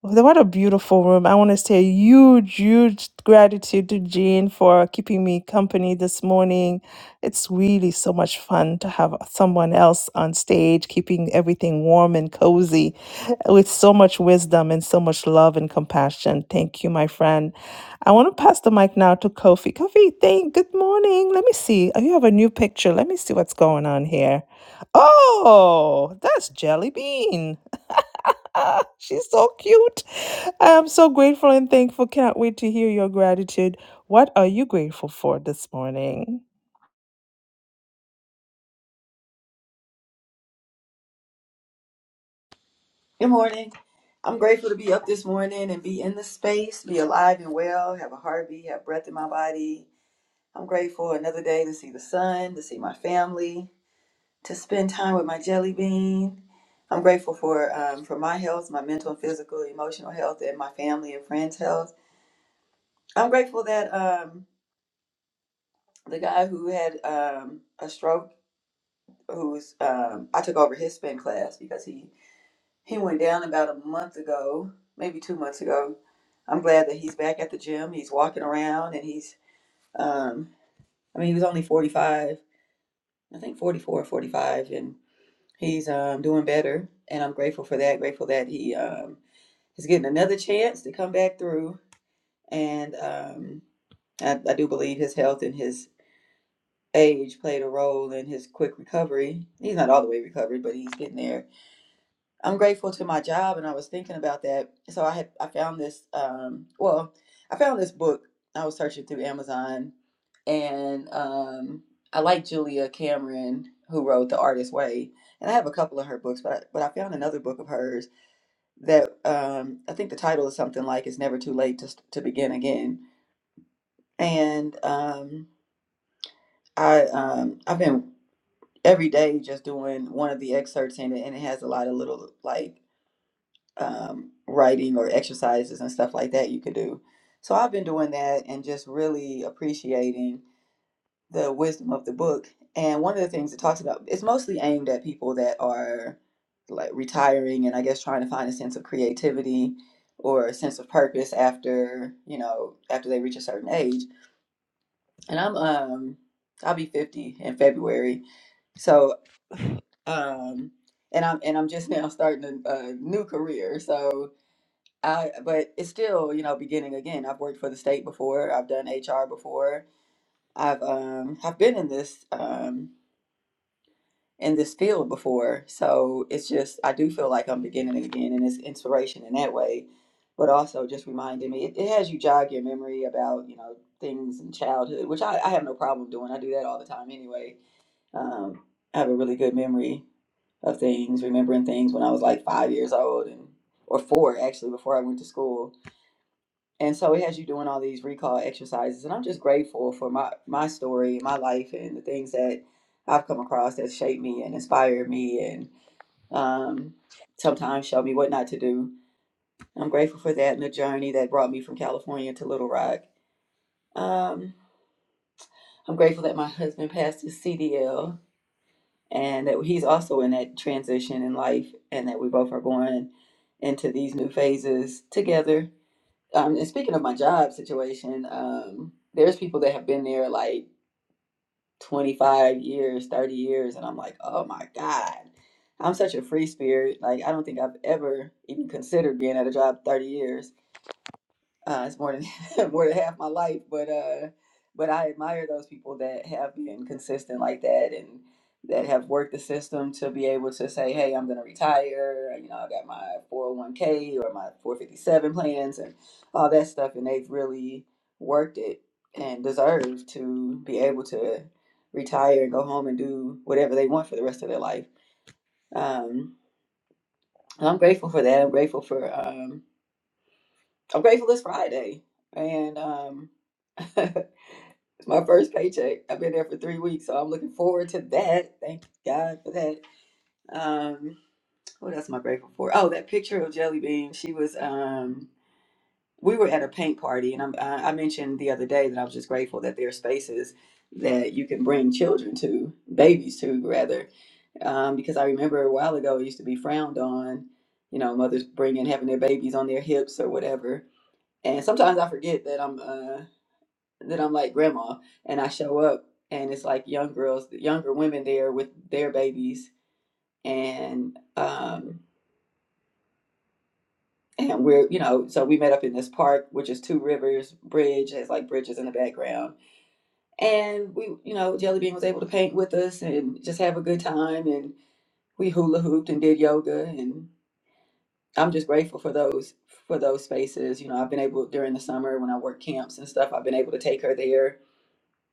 Speaker 10: What a beautiful room. I want to say huge, huge gratitude to Jean for keeping me company this morning. It's really so much fun to have someone else on stage, keeping everything warm and cozy with so much wisdom and so much love and compassion. Thank you, my friend. I want to pass the mic now to Kofi. Kofi, thank good morning. Let me see. Oh, You have a new picture. Let me see what's going on here. Oh, that's Jelly Bean. Ah, She's so cute. I'm so grateful and thankful. Can't wait to hear your gratitude. What are you grateful for this morning?
Speaker 16: Good morning. I'm grateful to be up this morning and be in the space, be alive and well, have a heartbeat, have breath in my body. I'm grateful another day to see the sun, to see my family, to spend time with my jelly bean. I'm grateful for um, for my health, my mental and physical, emotional health, and my family and friends' health. I'm grateful that um, the guy who had um, a stroke, who's um, I took over his spin class because he He went down about a month ago, maybe two months ago. I'm glad that he's back at the gym. He's walking around and he's, um, I mean, he was only 45, I think 44 or 45, and he's um, doing better. And I'm grateful for that. Grateful that he um, is getting another chance to come back through. And um, I, I do believe his health and his age played a role in his quick recovery. He's not all the way recovered, but he's getting there I'm grateful to my job, and I was thinking about that. So I had I found this. Um, well, I found this book. I was searching through Amazon, and um, I like Julia Cameron, who wrote The Artist's Way, and I have a couple of her books. But I, but I found another book of hers that um, I think the title is something like "It's Never Too Late to to Begin Again." And um, I um, I've been every day just doing one of the excerpts in it, and it has a lot of little like um, writing or exercises and stuff like that you could do. So I've been doing that and just really appreciating the wisdom of the book. And one of the things it talks about, it's mostly aimed at people that are like retiring and I guess trying to find a sense of creativity or a sense of purpose after, you know, after they reach a certain age. And I'm um I'll be 50 in February. So, um and I'm and I'm just now starting a, a new career. So, I, but it's still, you know, beginning again. I've worked for the state before. I've done HR before. I've um have been in this um in this field before. So it's just I do feel like I'm beginning again, and it's inspiration in that way. But also just reminding me, it, it has you jog your memory about you know things in childhood, which I, I have no problem doing. I do that all the time anyway. Um, I have a really good memory of things, remembering things when I was like five years old and or four actually before I went to school and so it has you doing all these recall exercises and i'm just grateful for my my story my life and the things that i've come across that shaped me and inspired me and um, sometimes showed me what not to do i'm grateful for that and the journey that brought me from california to little rock um, i'm grateful that my husband passed his cdl and that he's also in that transition in life and that we both are going into these new phases together Um, and speaking of my job situation, um, there's people that have been there like 25 years, 30 years, and I'm like, oh my God, I'm such a free spirit. Like, I don't think I've ever even considered being at a job 30 years uh, it's more than more than half my life, but uh, but I admire those people that have been consistent like that and that have worked the system to be able to say, hey, I'm gonna retire. You know, I got my 401k or my 457 plans and all that stuff, and they've really worked it and deserve to be able to retire and go home and do whatever they want for the rest of their life. Um, I'm grateful for that. I'm grateful for. um, I'm grateful it's Friday, and um, it's my first paycheck. I've been there for three weeks, so I'm looking forward to that. Thank God for that. Um, what else am I grateful for? Oh, that picture of Jelly Bean. She was. Um, we were at a paint party, and I'm, I I mentioned the other day that I was just grateful that there are spaces that you can bring children to, babies to, rather, um, because I remember a while ago it used to be frowned on. You know, mothers bringing having their babies on their hips or whatever and sometimes I forget that I'm uh, that I'm like grandma and I show up and it's like young girls, younger women there with their babies and um and we're you know so we met up in this park which is two rivers bridge has like bridges in the background and we you know jelly bean was able to paint with us and just have a good time and we hula hooped and did yoga and i'm just grateful for those for those spaces you know i've been able during the summer when i work camps and stuff i've been able to take her there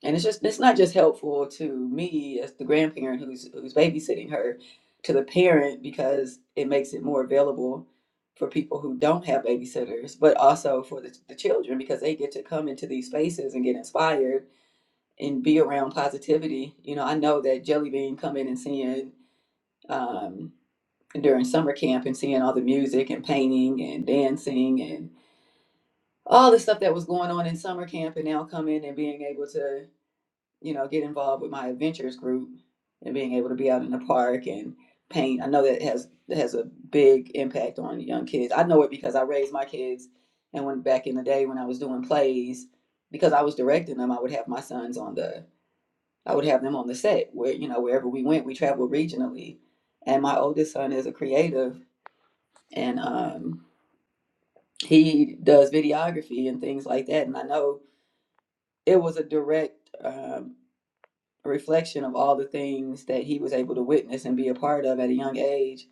Speaker 16: and it's just it's not just helpful to me as the grandparent who's who's babysitting her to the parent because it makes it more available for people who don't have babysitters but also for the, the children because they get to come into these spaces and get inspired and be around positivity you know i know that jelly bean coming and seeing um, during summer camp and seeing all the music and painting and dancing and all the stuff that was going on in summer camp and now coming and being able to you know, get involved with my adventures group and being able to be out in the park and paint. I know that has that has a big impact on young kids. I know it because I raised my kids and when back in the day when I was doing plays, because I was directing them, I would have my sons on the I would have them on the set where, you know, wherever we went, we traveled regionally. And my oldest son is a creative and um he does videography and things like that. And I know it was a direct um a reflection of all the things that he was able to witness and be a part of at a young age.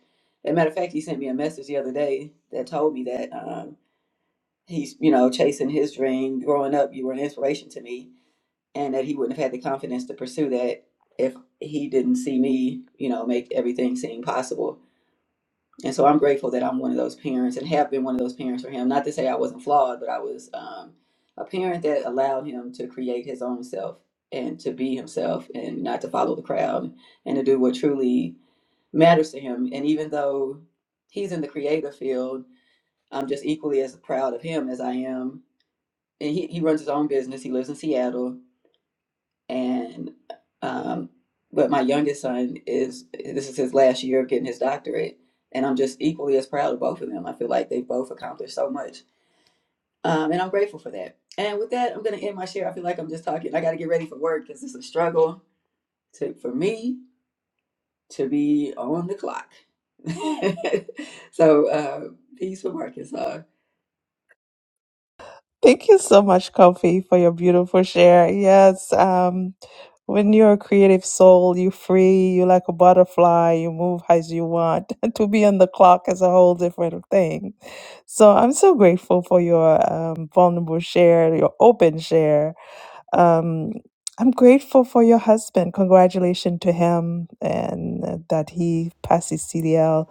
Speaker 16: As a matter of fact, he sent me a message the other day that told me that um, he's, you know, chasing his dream. Growing up, you were an inspiration to me, and that he wouldn't have had the confidence to pursue that if he didn't see me, you know, make everything seem possible and so I'm grateful that I'm one of those parents and have been one of those parents for him. Not to say I wasn't flawed, but I was um, a parent that allowed him to create his own self and to be himself and not to follow the crowd and to do what truly matters to him. And even though he's in the creative field, I'm just equally as proud of him as I am. And he, he runs his own business. He lives in Seattle and um, but my youngest son is this is his last year of getting his doctorate, and I'm just equally as proud of both of them. I feel like they've both accomplished so much, um, and I'm grateful for that. And with that, I'm gonna end my share. I feel like I'm just talking. I got to get ready for work because it's a struggle to for me to be on the clock. so uh, peace from Arkansas.
Speaker 10: Thank you so much, Kofi, for your beautiful share. Yes, um, when you're a creative soul, you free, you like a butterfly, you move as you want. to be on the clock is a whole different thing. So I'm so grateful for your um, vulnerable share, your open share. Um, I'm grateful for your husband. Congratulations to him and uh, that he passes CDL.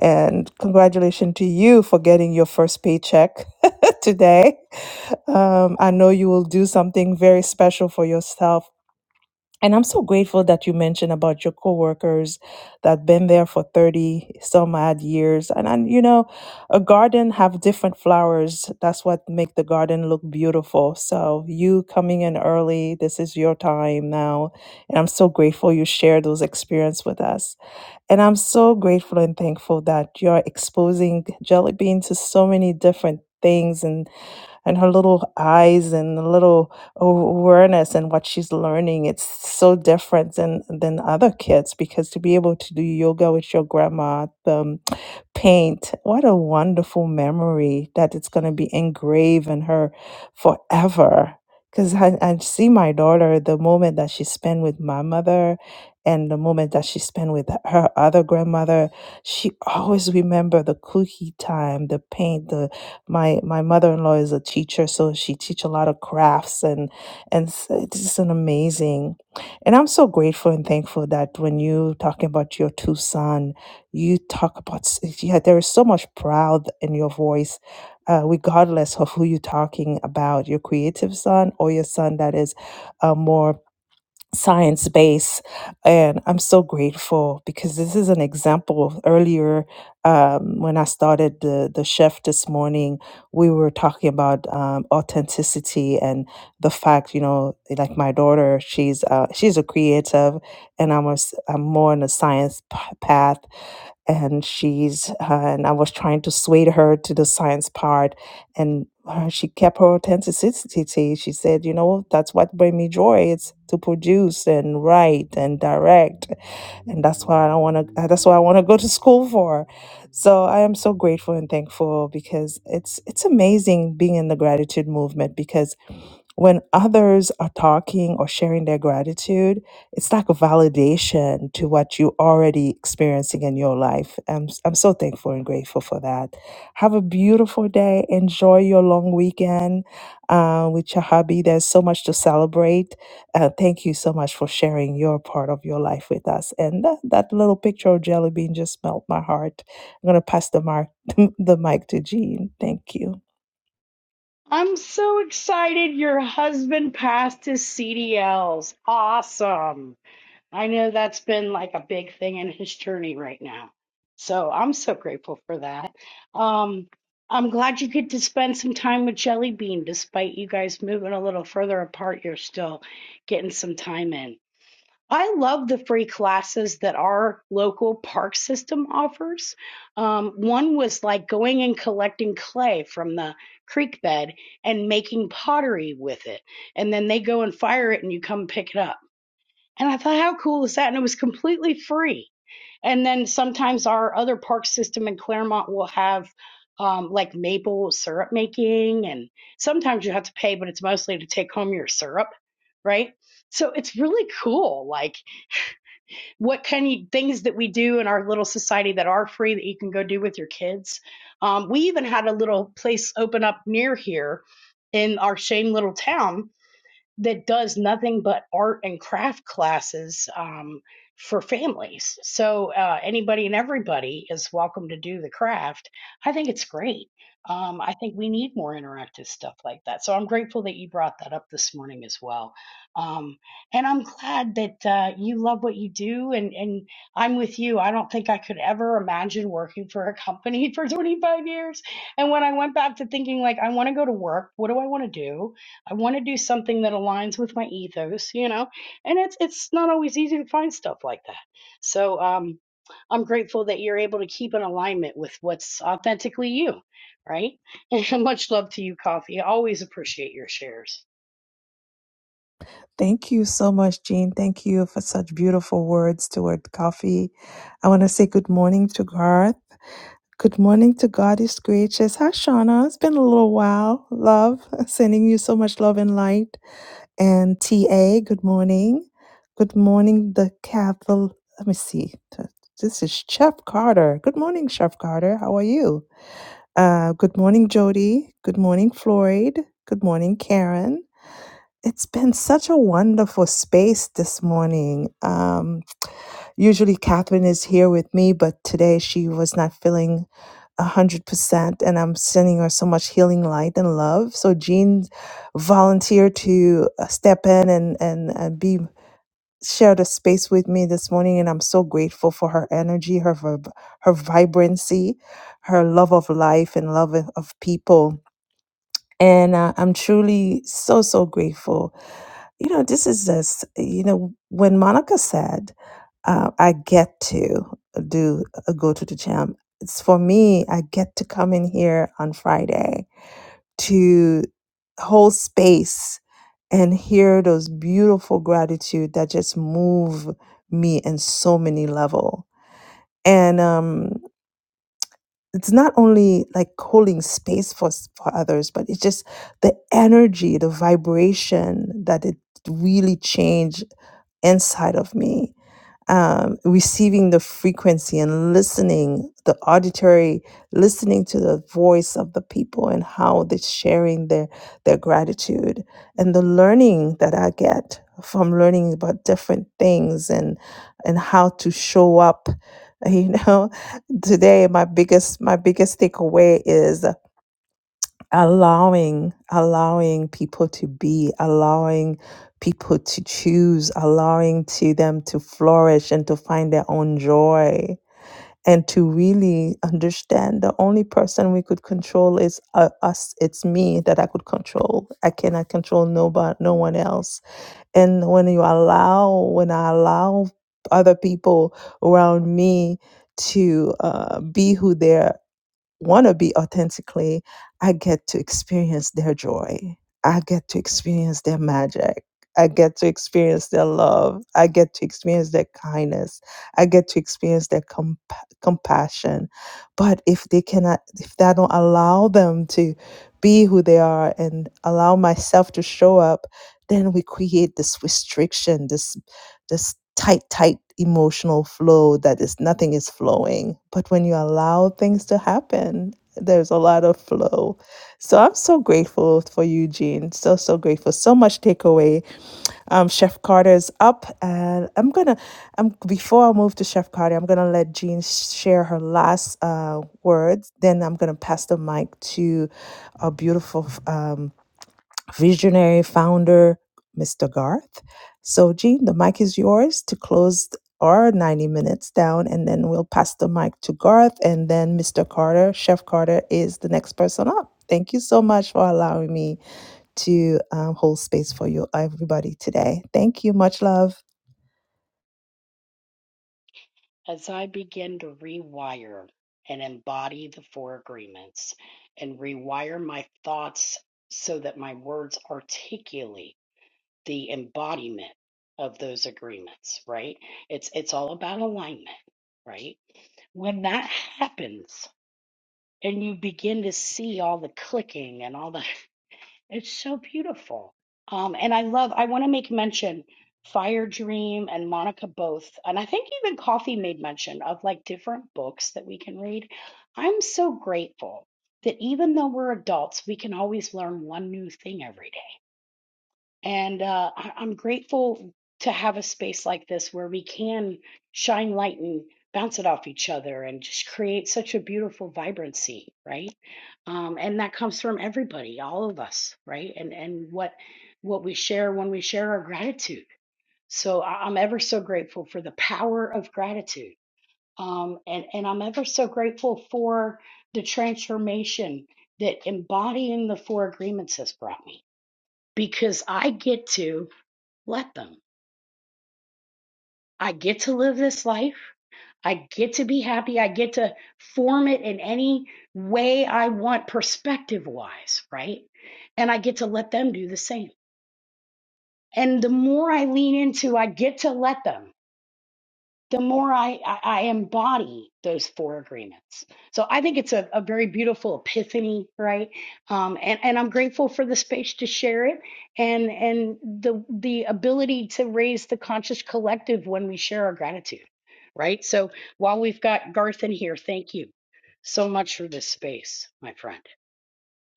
Speaker 10: And congratulations to you for getting your first paycheck today. Um, I know you will do something very special for yourself and I'm so grateful that you mentioned about your coworkers that been there for 30 some odd years. And, and you know, a garden have different flowers. That's what make the garden look beautiful. So you coming in early, this is your time now. And I'm so grateful you share those experience with us. And I'm so grateful and thankful that you're exposing Jelly Bean to so many different things and and her little eyes and the little awareness and what she's learning it's so different than than other kids because to be able to do yoga with your grandma the paint. What a wonderful memory that it's going to be engraved in her forever. Because I, I see my daughter, the moment that she spent with my mother and the moment that she spent with her other grandmother, she always remember the cookie time, the paint, the my my mother-in-law is a teacher, so she teach a lot of crafts and and s- it's just an amazing. And I'm so grateful and thankful that when you talking about your two sons. You talk about, s- yeah, there is so much pride in your voice, uh, regardless of who you're talking about, your creative son or your son that is uh, more science base and i'm so grateful because this is an example of earlier um, when i started the the chef this morning we were talking about um, authenticity and the fact you know like my daughter she's uh, she's a creative and i'm, a, s- I'm more on a science p- path and she's uh, and i was trying to sway her to the science part and her- she kept her authenticity. She said, you know, that's what bring me joy. It's to produce and write and direct, and that's why I don't want to. That's why I want to go to school for. So I am so grateful and thankful because it's it's amazing being in the gratitude movement because when others are talking or sharing their gratitude, it's like a validation to what you already experiencing in your life. I'm I'm so thankful and grateful for that. Have a beautiful day. Enjoy your long weekend uh, with your hubby. There's so much to celebrate. Uh, thank you so much for sharing your part of your life with us. And that, that little picture of Jelly Bean just melt my heart. I'm going to pass the, mark, the mic to Jean. Thank you.
Speaker 12: I'm so excited your husband passed his CDLs. Awesome. I know that's been like a big thing in his journey right now. So I'm so grateful for that. Um, I'm glad you get to spend some time with Jelly Bean, despite you guys moving a little further apart, you're still getting some time in. I love the free classes that our local park system offers. Um, one was like going and collecting clay from the creek bed and making pottery with it. And then they go and fire it and you come pick it up and I thought, how cool is that? And it was completely free. And then sometimes our other park system in Claremont will have um, like maple syrup making, and sometimes you have to pay, but it's mostly to take home your syrup, right? So it's really cool. Like, what kind of things that we do in our little society that are free that you can go do with your kids? Um, we even had a little place open up near here in our same little town that does nothing but art and craft classes um, for families. So uh, anybody and everybody is welcome to do the craft. I think it's great. Um, I think we need more interactive stuff like that. So I'm grateful that you brought that up this morning as well. Um, and I'm glad that uh, you love what you do. And, and I'm with you. I don't think I could ever imagine working for a company for 25 years. And when I went back to thinking, like, I want to go to work, what do I want to do? I want to do something that aligns with my ethos, you know, and it's it's not always easy to find stuff like that. So um, I'm grateful that you're able to keep in alignment with what's authentically you, right? And much love to you, Coffee. I always appreciate your shares.
Speaker 10: Thank you so much, Jean. Thank you for such beautiful words toward coffee. I want to say good morning to Garth. Good morning to God is gracious. Hi, Shauna. It's been a little while. Love, sending you so much love and light. And TA, good morning. Good morning, the Cathol. Let me see. This is Chef Carter. Good morning, Chef Carter. How are you? Uh, good morning, Jody. Good morning, Floyd. Good morning, Karen. It's been such a wonderful space this morning. Um. Usually, Catherine is here with me, but today she was not feeling 100%, and I'm sending her so much healing light and love. So, Jean volunteered to uh, step in and, and, and be share the space with me this morning and i'm so grateful for her energy her vib- her vibrancy her love of life and love of of people and uh, i'm truly so so grateful you know, this is this, you know, when Monica said, uh, I get to do uh, go to the jam," it's for me, I get to come in here on Friday to hold space and hear those beautiful gratitude that just move me in so many level. And um it's not only like holding space for s- for others but it's just the energy the vibration that it really changed inside of me um, receiving the frequency and listening the auditory listening to the voice of the people and how they're sharing their their gratitude and the learning that i get from learning about different things and and how to show up you know today my biggest my biggest takeaway is allowing allowing people to be allowing people to choose allowing to them to flourish and to find their own joy and to really understand the only person we could control is uh, us it's me that i could control i cannot control nobody no one else and when you allow when i allow other people around me to uh, be who they are want to be authentically, I get to experience their joy. I get to experience their magic. I get to experience their love. I get to experience their kindness. I get to experience their comp- compassion. But if they cannot, if that don't allow them to be who they are and allow myself to show up, then we create this restriction, This this tight, tight emotional flow that is nothing is flowing. But when you allow things to happen, there's a lot of flow. So I'm so grateful for you, Jean. So, so grateful. So much takeaway. Um, Chef Carter is up and I'm gonna I'm before I move to Chef Carter, I'm gonna let Jean share her last uh words. Then I'm gonna pass the mic to our beautiful um visionary founder, Mr. Garth. So, Gene, the mic is yours to close our 90 minutes down, and then we'll pass the mic to Garth, and then Mr. Carter, Chef Carter, is the next person up. Thank you so much for allowing me to um, hold space for you, everybody, today. Thank you. Much love.
Speaker 12: As I begin to rewire and embody the four agreements and rewire my thoughts so that my words articulate the embodiment of those agreements, right? It's it's all about alignment, right? When that happens and you begin to see all the clicking and all the it's so beautiful. Um and I love I want to make mention Fire Dream and Monica both, and I think even Coffee made mention of like different books that we can read. I'm so grateful that even though we're adults, we can always learn one new thing every day and uh, I- I'm grateful to have a space like this where we can shine light and bounce it off each other and just create such a beautiful vibrancy, right? Um, and that comes from everybody, all of us, right? And and what what we share when we share our gratitude. So I- I'm ever so grateful for the power of gratitude. Um, and, and I'm ever so grateful for the transformation that embodying the four agreements has brought me because I get to let them. I get to live this life. I get to be happy. I get to form it in any way I want, perspective wise, right? And I get to let them do the same. And the more I lean into, I get to let them. the more I, I, I embody those four agreements. So I think it's a, a very beautiful epiphany, right? Um, and, and I'm grateful for the space to share it and and the the ability to raise the conscious collective when we share our gratitude, right? So while we've got Garth in here, thank you so much for this space, my friend.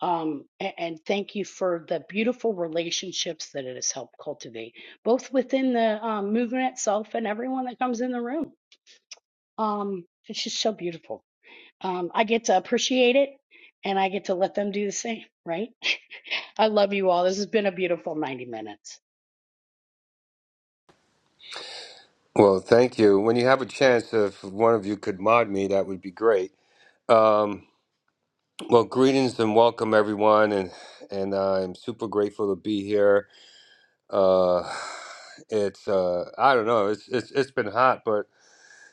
Speaker 12: Um, and, and thank you for the beautiful relationships that it has helped cultivate, both within the um, movement itself and everyone that comes in the room. Um, it's just so beautiful. Um, I get to appreciate it and I get to let them do the same, right? I love you all. This has been a beautiful 90 minutes.
Speaker 17: Well, thank you. When you have a chance, if one of you could mod me, that would be great. Um, well, greetings and welcome, everyone, and and I'm super grateful to be here. Uh, it's uh, I don't know, it's it's it's been hot, but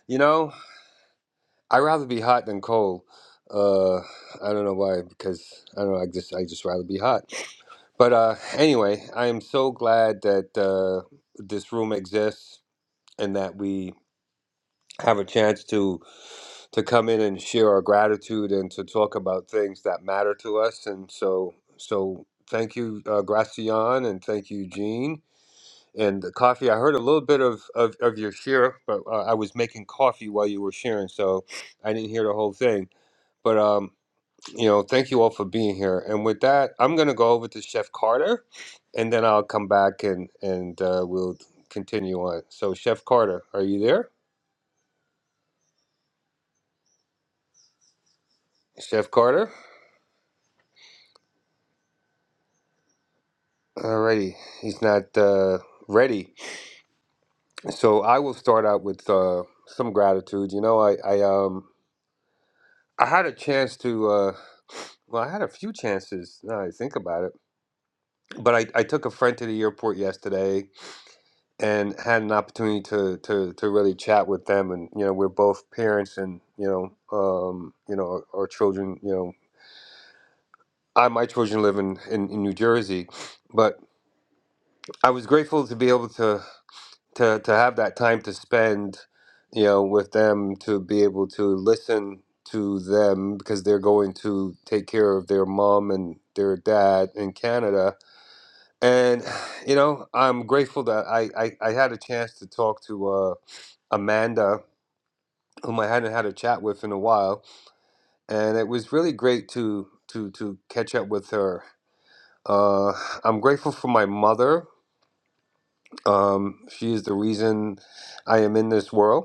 Speaker 17: you know, I'd rather be hot than cold. Uh, I don't know why, because I don't know. I just I just rather be hot. But uh, anyway, I am so glad that uh, this room exists and that we have a chance to. to come in and share our gratitude and to talk about things that matter to us. And so, so thank you, uh, Gracian, and thank you, Jean. And the coffee, I heard a little bit of, of, of your share, but uh, I was making coffee while you were sharing, so I didn't hear the whole thing. But, um, you know, thank you all for being here. And with that, I'm going to go over to Chef Carter, and then I'll come back and, and uh, we'll continue on. So, Chef Carter, are you there? Chef Carter? Alrighty, he's not uh, ready. So I will start out with uh, some gratitude. You know, I, I um I had a chance to uh, well, I had a few chances now that I think about it. But I, I took a friend to the airport yesterday and had an opportunity to, to, to really chat with them and you know, we're both parents and you know, um, you know, our, our children, you know I my children live in, in, in New Jersey, but I was grateful to be able to to to have that time to spend you know with them to be able to listen to them because they're going to take care of their mom and their dad in Canada and you know I'm grateful that I I, I had a chance to talk to uh, Amanda whom I hadn't had a chat with in a while and it was really great to to to catch up with her uh, I'm grateful for my mother um, she is the reason I am in this world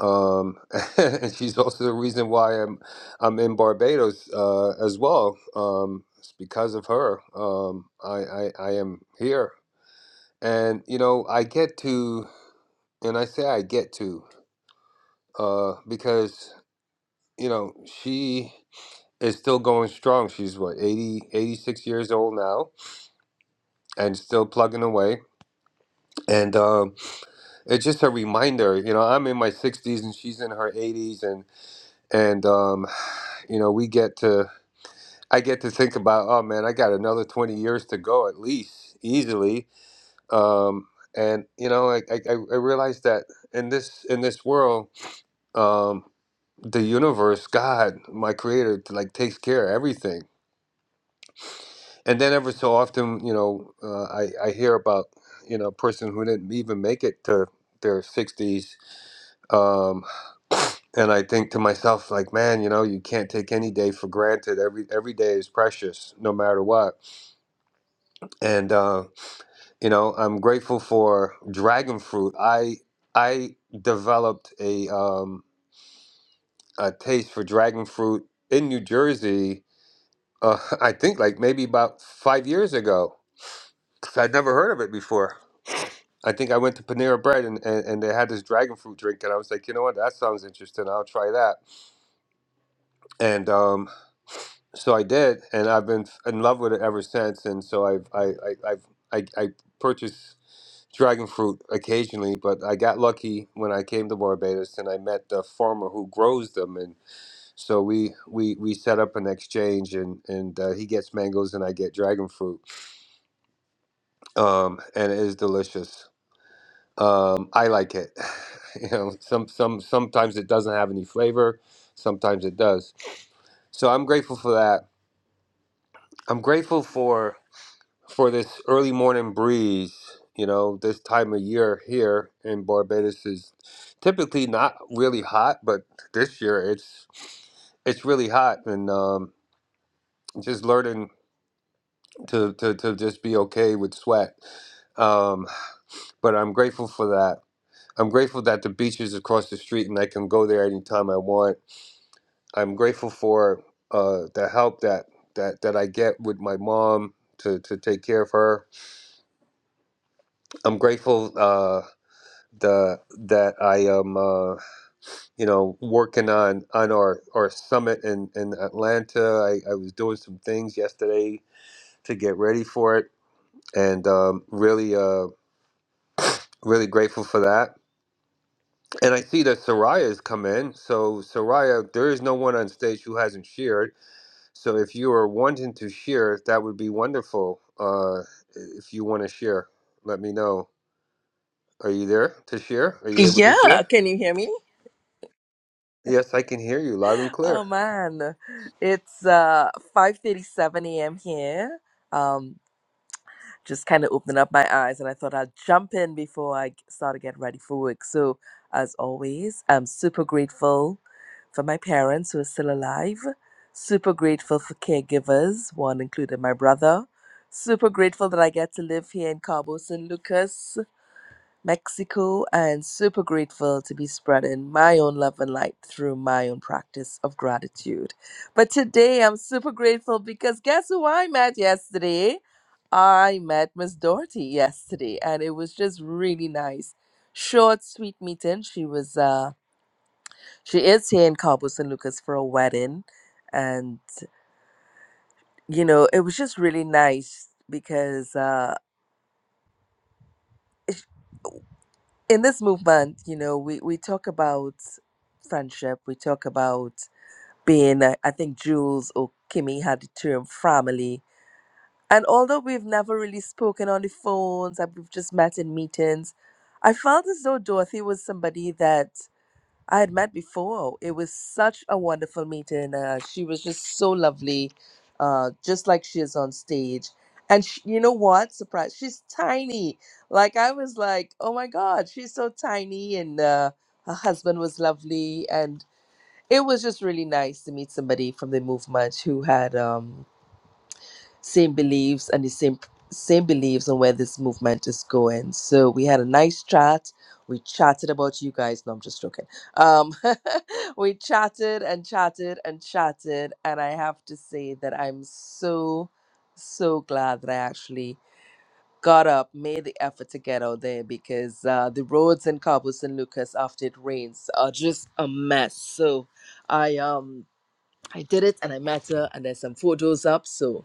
Speaker 17: um, and she's also the reason why I'm I'm in Barbados uh, as well. Um, it's because of her. Um, I, I I am here, and you know I get to, and I say I get to uh, because you know she is still going strong. She's what 80 86 years old now, and still plugging away. And um, it's just a reminder. You know, I'm in my sixties, and she's in her eighties, and and um, you know we get to. I get to think about, oh man, I got another 20 years to go at least, easily. Um, and you know, I, I, I I realized that in this in this world, um, the universe, God, my creator, like takes care of everything. And then every so often, you know, uh, I, I hear about, you know, a person who didn't even make it to their 60s. Um, and I think to myself, like, man, you know, you can't take any day for granted. Every every day is precious, no matter what. And uh, You know, I'm grateful for dragon fruit. I I developed a um a taste for dragon fruit in New Jersey. Uh, I think like maybe about five years ago. 'cause I'd never heard of it before. I think I went to Panera Bread and, and, and they had this dragon fruit drink, and I was like, you know what, that sounds interesting. I'll try that. And um, so I did, and I've been f- in love with it ever since. And so I've I I I've, I, I purchase dragon fruit occasionally, but I got lucky when I came to Barbados and I met the farmer who grows them, and so we we we set up an exchange, and and uh, he gets mangoes and I get dragon fruit, um, and it is delicious. Um, I like it. you know, some some sometimes it doesn't have any flavor, sometimes it does. So I'm grateful for that. I'm grateful for. for this early morning breeze. You know, this time of year here in Barbados is typically not really hot, but this year it's it's really hot, and um, just learning to, to to just be okay with sweat. Um, but I'm grateful for that. I'm grateful that the beach is across the street and I can go there anytime I want. I'm grateful for uh, the help that, that, that I get with my mom to, to take care of her. I'm grateful. Uh, the that I am uh, you know working on on our our summit in in Atlanta. I, I was doing some things yesterday to get ready for it, and um, really uh, really grateful for that. And I see that Soraya's come in. So Soraya, there is no one on stage who hasn't shared. So if you are wanting to share, that would be wonderful. Uh, if you want to share, let me know. Are you there to share? Are you able to
Speaker 18: Yeah,
Speaker 17: share?
Speaker 18: can you hear me?
Speaker 17: Yes, I can hear you loud and
Speaker 18: Oh
Speaker 17: clear.
Speaker 18: man, it's uh 5:37 a.m. here. Um, just kind of opened up my eyes, and I thought I'd jump in before I start to get ready for work. So, as always, I'm super grateful for my parents who are still alive. Super grateful for caregivers, one included my brother. Super grateful that I get to live here in Cabo San Lucas. Mexico and super grateful to be spreading my own love and light through my own practice of gratitude. But today I'm super grateful because guess who I met yesterday? I met Miss Dorothy yesterday and it was just really nice. Short, sweet meeting. She was uh she is here in Cabo San Lucas for a wedding and you know, it was just really nice because uh in this movement, you know, we, we talk about friendship, we talk about being, uh, I think Jules or Kimmy had the term family. And although we've never really spoken on the phones, and we've just met in meetings, I felt as though Dorothy was somebody that I had met before. It was such a wonderful meeting. Uh, she was just so lovely, uh, just like she is on stage. And sh you know what? Surprise! She's tiny. Like I was like, oh my God, she's so tiny. And uh, her husband was lovely, and it was just really nice to meet somebody from the movement who had um same beliefs and the same same beliefs on where this movement is going. So we had a nice chat. We chatted about you guys. No, I'm just joking. Um, we chatted and chatted and chatted, and I have to say that I'm so so glad that I actually got up, made the effort to get out there because uh, the roads in Cabo San Lucas after it rains are just a mess. So I um I did it and I met her, and there's some photos up. So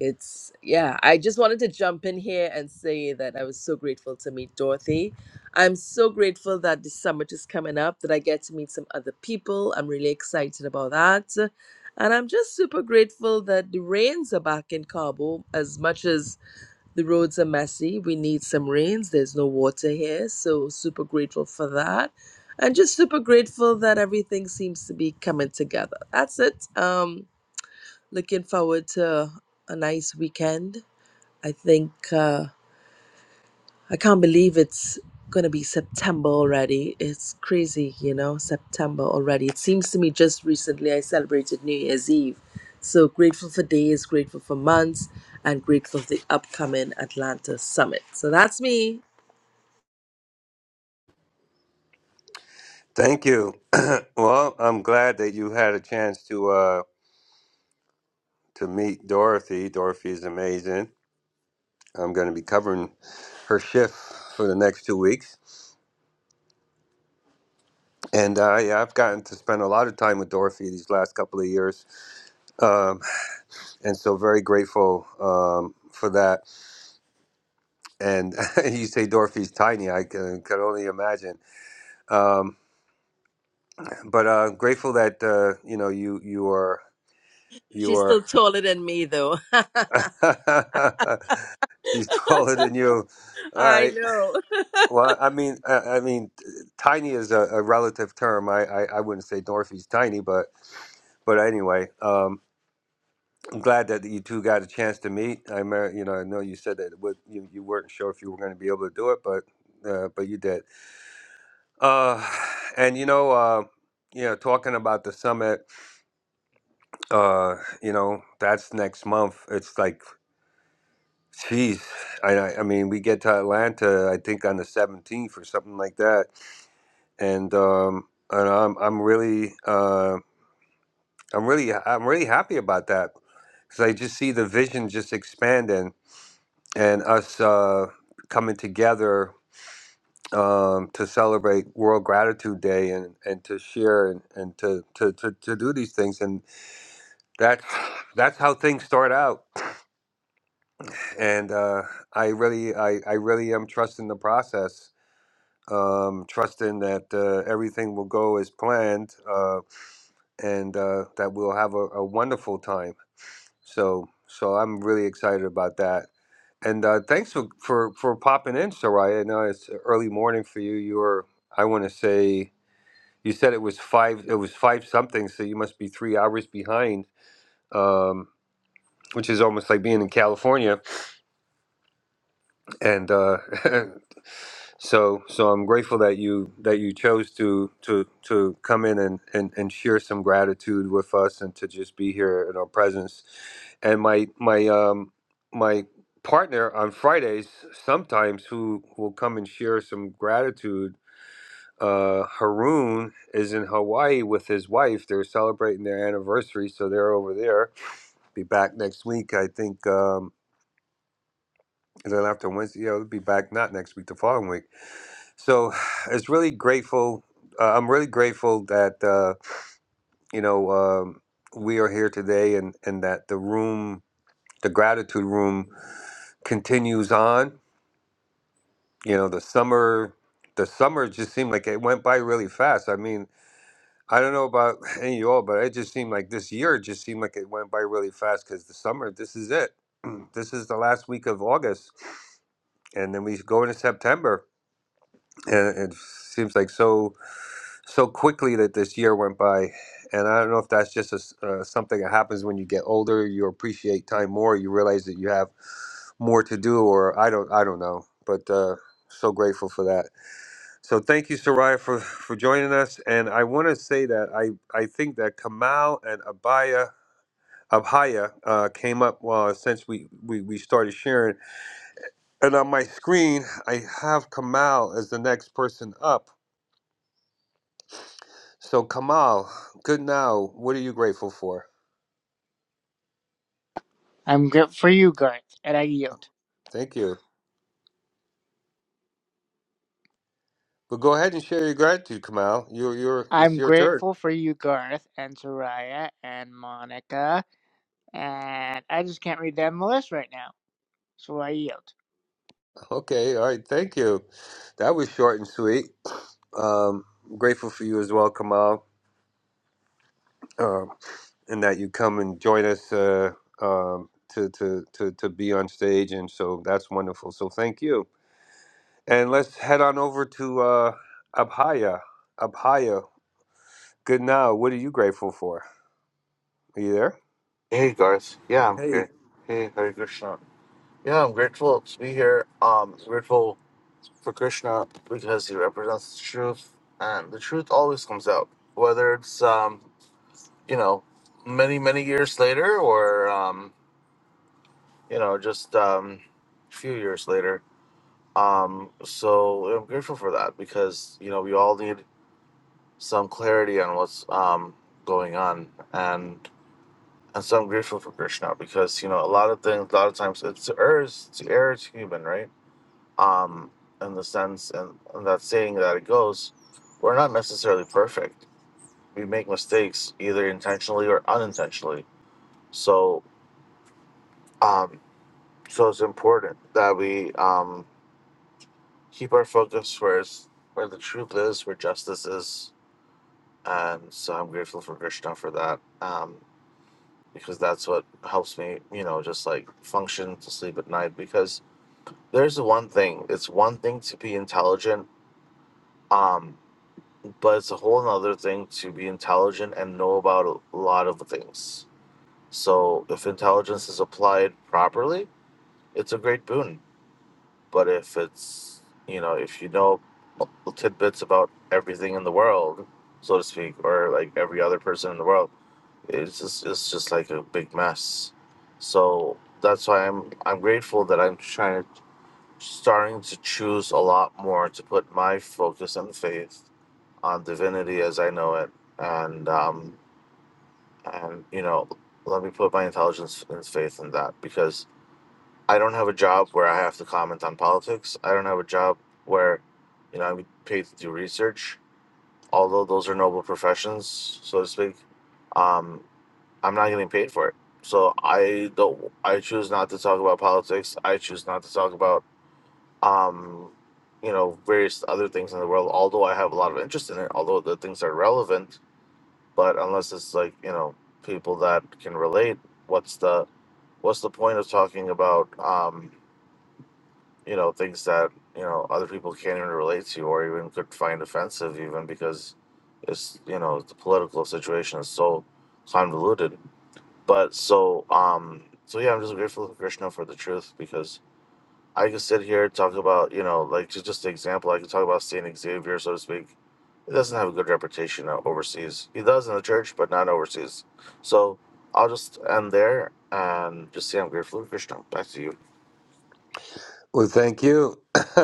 Speaker 18: it's yeah i just wanted to jump in here and say that i was so grateful to meet dorothy i'm so grateful that the summit is coming up that i get to meet some other people i'm really excited about that and i'm just super grateful that the rains are back in cabo as much as the roads are messy we need some rains there's no water here so super grateful for that and just super grateful that everything seems to be coming together that's it um Looking forward to a nice weekend. I think uh, I can't believe it's going to be September already. It's crazy, you know, September already. It seems to me just recently I celebrated New Year's Eve. So grateful for days, grateful for months, and grateful for the upcoming Atlanta Summit. So that's me.
Speaker 17: Thank you. well, I'm glad that you had a chance to uh, to meet Dorothy. Dorothy is amazing. I'm going to be covering her shift for the next two weeks, and uh, yeah, I've gotten to spend a lot of time with Dorothy these last couple of years, um, and so very grateful um, for that. And you say Dorothy's tiny. I can, could only imagine, um, but uh, grateful that uh, you know you you are you
Speaker 18: She's
Speaker 17: are.
Speaker 18: still taller than me, though.
Speaker 17: He's taller than you. All
Speaker 18: I
Speaker 17: right.
Speaker 18: know.
Speaker 17: Well, I mean, I, I mean, tiny is a, a relative term. I, I, I wouldn't say Dorothy's tiny, but but anyway, um, I'm glad that you two got a chance to meet. I mer- you know, I know you said that it would, you you weren't sure if you were going to be able to do it, but uh, but you did. Uh, and you know, uh, you know, talking about the summit, uh, you know, that's next month. It's like, geez, I I I mean, we get to Atlanta, I think on the 17th or something like that and um, and I'm I'm really uh, I'm really I'm really happy about that because I just see the vision just expanding and us uh, coming together um, to celebrate World Gratitude Day and, and to share and, and to, to, to, to do these things and that's that's how things start out and uh, I really I, I really am trusting the process. Um, trusting that uh, everything will go as planned, um, and uh, that we'll have a, a wonderful time. So, so I'm really excited about that. And uh, thanks for, for for popping in, Soraya. I know it's early morning for you. You were, I want to say, you said it was five. It was five something. So you must be three hours behind, um, which is almost like being in California. And uh, So so I'm grateful that you that you chose to to to come in and, and, and share some gratitude with us and to just be here in our presence. And my my um my partner on Fridays sometimes who will come and share some gratitude. Uh, Haroon is in Hawaii with his wife. They're celebrating their anniversary, so they're over there. Be back next week, I think. Um, and then after Wednesday, yeah, it'll be back not next week, the following week. So it's really grateful. Uh, I'm really grateful that uh, you know um, we are here today, and and that the room, the gratitude room, continues on. You know, the summer, the summer just seemed like it went by really fast. I mean, I don't know about any of you all, but it just seemed like this year just seemed like it went by really fast because the summer, this is it. This is the last week of August, and then we go into September and it seems like so so quickly that this year went by and i don't know if that's just a s uh, something that happens when you get older you appreciate time more you realize that you have more to do or i don't i don't know but uh so grateful for that so thank you soraya for for joining us and i want to say that i i think that kamal and abaya abhaya uh, came up uh, since we, we we started sharing and on my screen i have kamal as the next person up So, Kamal, good now. What are you grateful for?
Speaker 19: I'm grateful for you, Garth, and I yield.
Speaker 17: Thank you. But go ahead and share your gratitude, Kamal. You're, you're, it's
Speaker 19: I'm
Speaker 17: your turn.
Speaker 19: grateful for you, Garth, and Soraya, and Monica, and I just can't read down the list right now, so I yield.
Speaker 17: Okay, all right. Thank you. That was short and sweet. Um, grateful for you as well, Kamal, um, and that you come and join us uh, um, to, to, to, to be on stage. And so that's wonderful. So thank you. And let's head on over to uh, Abhaya. Abhaya, good now. What are you grateful for? Are you there?
Speaker 20: Hey Garth, yeah, I'm
Speaker 17: Hey.
Speaker 20: here. Hey, Hare Krishna. Yeah, I'm grateful to be here. Um, grateful for Krishna because he represents the truth, and the truth always comes out, whether it's um, you know, many many years later or um, you know, just um, a few years later. Um, so I'm grateful for that because you know we all need some clarity on what's um going on, and. And so I'm grateful for Krishna because, you know, a lot of things, a lot of times it's to it's is err is human, right? Um, in the sense and, and that saying that it goes, we're not necessarily perfect. We make mistakes either intentionally or unintentionally. So um so it's important that we um keep our focus where it's, where the truth is, where justice is. And so I'm grateful for Krishna for that. Um because that's what helps me, you know, just like function to sleep at night because there's the one thing. It's one thing to be intelligent, um, but it's a whole other thing to be intelligent and know about a lot of things. So if intelligence is applied properly, it's a great boon. But if it's you know, if you know tidbits about everything in the world, so to speak, or like every other person in the world, it's just it's just like a big mess. So that's why I'm I'm grateful that I'm trying to starting to choose a lot more to put my focus and faith on divinity as I know it, and um, and you know, let me put my intelligence and faith in that because I don't have a job where I have to comment on politics. I don't have a job where, you know, I'm paid to do research. Although those are noble professions, so to speak, um, I'm not getting paid for it. So I don't. I choose not to talk about politics. I choose not to talk about um, you know, various other things in the world. Although I have a lot of interest in it, although the things are relevant, but unless it's like you know people that can relate, what's the what's the point of talking about um, you know things that you know other people can't even relate to or even could find offensive even because it's you know the political situation is so convoluted. But so um so yeah, I'm just grateful to Krishna for the truth because I could sit here and talk about, you know, like ju- just an example, I could talk about St. Xavier, so to speak. He doesn't have a good reputation o- overseas. He does in the church, but not overseas. So I'll just end there and just say I'm grateful to Krishna. Back to you.
Speaker 17: Well, thank you.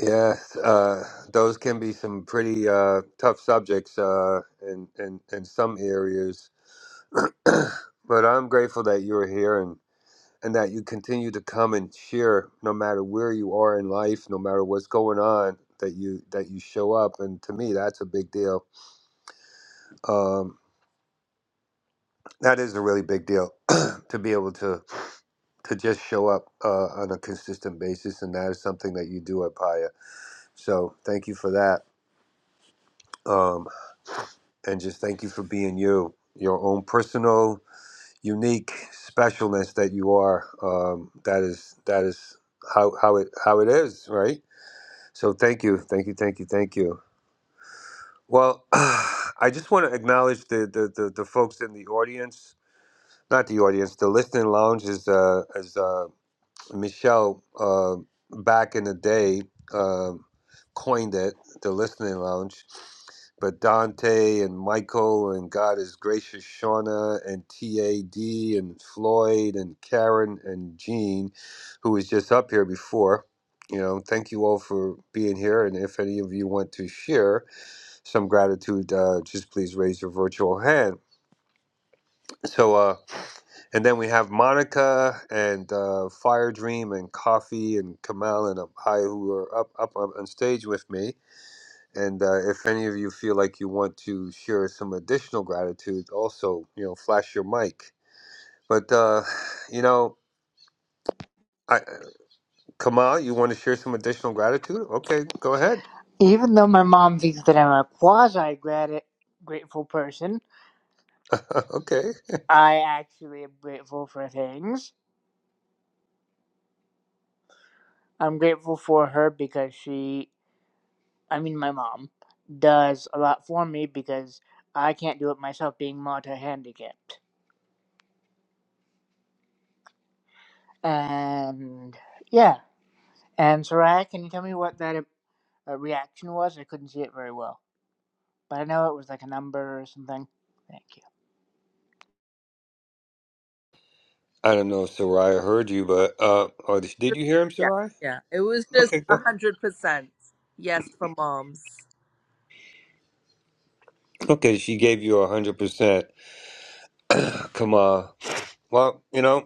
Speaker 17: Yeah, uh, those can be some pretty uh, tough subjects uh, in, in in some areas. But I'm grateful that you're here and and that you continue to come and share, no matter where you are in life, no matter what's going on. That you that you show up, and to me, that's a big deal. Um, that is a really big deal to be able to to just show up uh, on a consistent basis, and that is something that you do at Paya. So thank you for that. Um, and just thank you for being you, your own personal, unique specialness that you are. Um, that is that is how how it how it is, right? So thank you, thank you, thank you, thank you. Well, I just want to acknowledge the the, the the folks in the audience, not the audience, the listening lounge is uh, is. uh, Michelle uh, back in the day uh, coined it, the listening lounge. But Dante and Michael and God is gracious, Shauna and TAD and Floyd and Karen and Jean, who was just up here before. You know, thank you all for being here. And if any of you want to share some gratitude, uh, just please raise your virtual hand. So, uh, and then we have Monica and uh, Fire Dream and Coffee and Kamal and Abhai who are up, up on on stage with me. And uh, if any of you feel like you want to share some additional gratitude, also, you know, flash your mic. But, uh, you know, I, Kamal, you want to share some additional gratitude? Okay, go ahead.
Speaker 19: Even though my mom thinks that I'm a quasi grateful person,
Speaker 17: okay.
Speaker 19: I actually am grateful for things. I'm grateful for her because she, I mean, my mom, does a lot for me because I can't do it myself being multi handicapped. And yeah. And Soraya, can you tell me what that uh, reaction was? I couldn't see it very well, but I know it was like a number or something. Thank you.
Speaker 17: I don't know if Soraya heard you, but, uh, or did you hear him,
Speaker 18: Yeah,
Speaker 17: Soraya?
Speaker 18: yeah. It was just
Speaker 17: Okay,
Speaker 18: a
Speaker 17: go.
Speaker 18: hundred percent. Yes, for moms.
Speaker 17: Okay, she gave you a 100%. Kamal. Well, you know.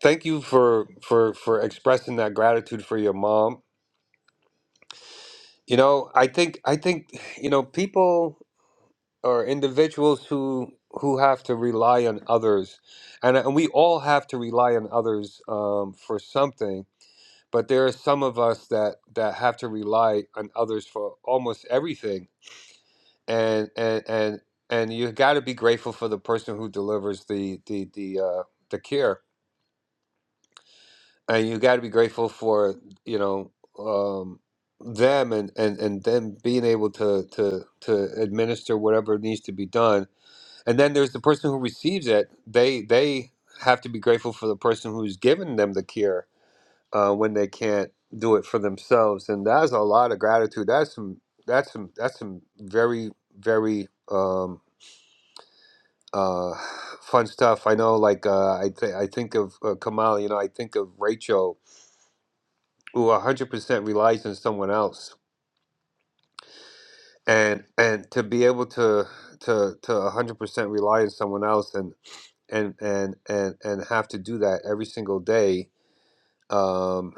Speaker 17: Thank you for for for expressing that gratitude for your mom. You know, I think I think you know people or individuals who who have to rely on others, and and we all have to rely on others um, for something. But there are some of us that that have to rely on others for almost everything, and and and and you got to be grateful for the person who delivers the the the uh, the care and you got to be grateful for you know um, them and, and and them being able to to to administer whatever needs to be done and then there's the person who receives it they they have to be grateful for the person who's given them the care uh, when they can't do it for themselves and that's a lot of gratitude that's some that's some that's some very very um uh fun stuff i know like uh i th- i think of uh, kamal you know i think of rachel who 100% relies on someone else and and to be able to to to 100% rely on someone else and and and and and have to do that every single day um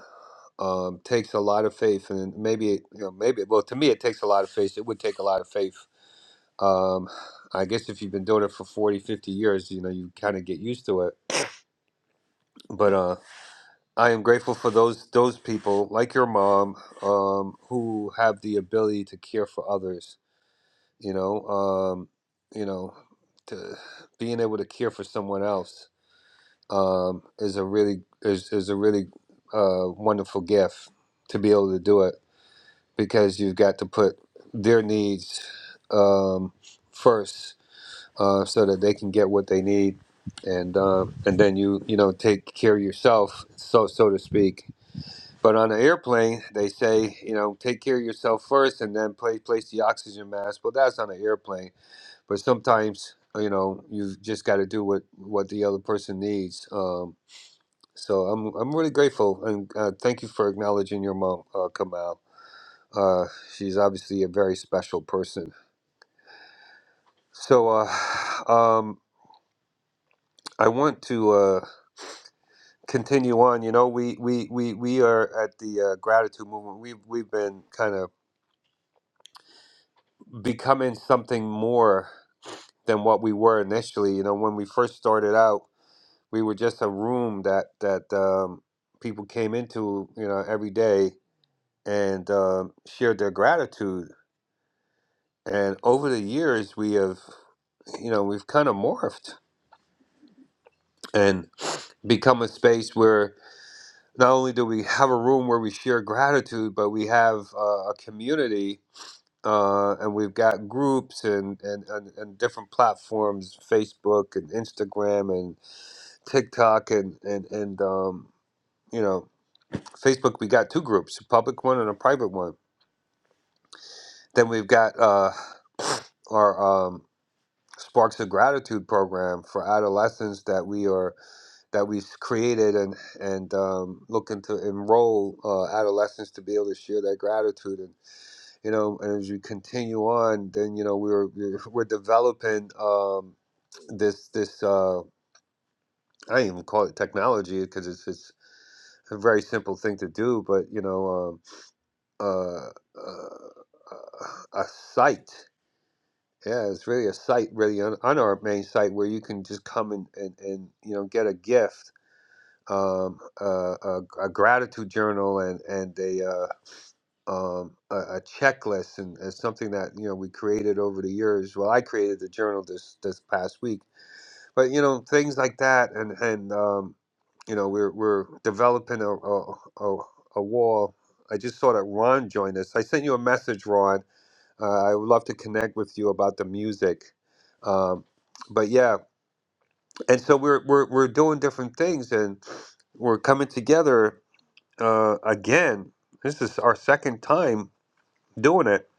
Speaker 17: um takes a lot of faith and maybe it- you know maybe well to me it takes a lot of faith it would take a lot of faith um i guess if you've been doing it for 40, 50 years you know you kind of get used to it but uh i am grateful for those those people like your mom um who have the ability to care for others you know um you know to being able to care for someone else um is a really is, is a really uh wonderful gift to be able to do it because you've got to put their needs um first uh so that they can get what they need and um and then you you know take care of yourself so so to speak but on an airplane they say you know take care of yourself first and then place place the oxygen mask well that's on an airplane but sometimes you know you've just got to do what what the other person needs um so i'm i'm really grateful and uh, thank you for acknowledging your mom uh, kamal uh she's obviously a very special person so uh um i want to uh continue on you know we we we, we are at the uh, gratitude movement we've we've been kind of becoming something more than what we were initially you know when we first started out we were just a room that that um, people came into, you know, every day and um, shared their gratitude. And over the years, we have, you know, we've kind of morphed and become a space where not only do we have a room where we share gratitude, but we have uh, a community. Uh, and we've got groups and, and, and, and different platforms, Facebook and Instagram and TikTok and and and um, you know Facebook, we got two groups, a public one and a private one. Then we've got uh, our um, Sparks of Gratitude program for adolescents that we are that we've created and and um, looking to enroll uh, adolescents to be able to share their gratitude. And you know, and as we continue on, then you know we're we're we're developing um, this this uh, I don't even call it technology because it's it's a very simple thing to do, but you know. Um, uh, uh, a site. Yeah, it's really a site, really on, on our main site where you can just come and, and, and you know get a gift, um, uh, a, a gratitude journal, and and a uh, um, a, a checklist, and, and something that you know we created over the years. Well, I created the journal this this past week, but you know things like that, and and um, you know we're we're developing a a, a, a wall. I just saw that Ron joined us. I sent you a message, Ron uh, I would love to connect with you about the music. Um, but yeah, and so we're we're we're doing different things, and we're coming together uh, again. This is our second time doing it,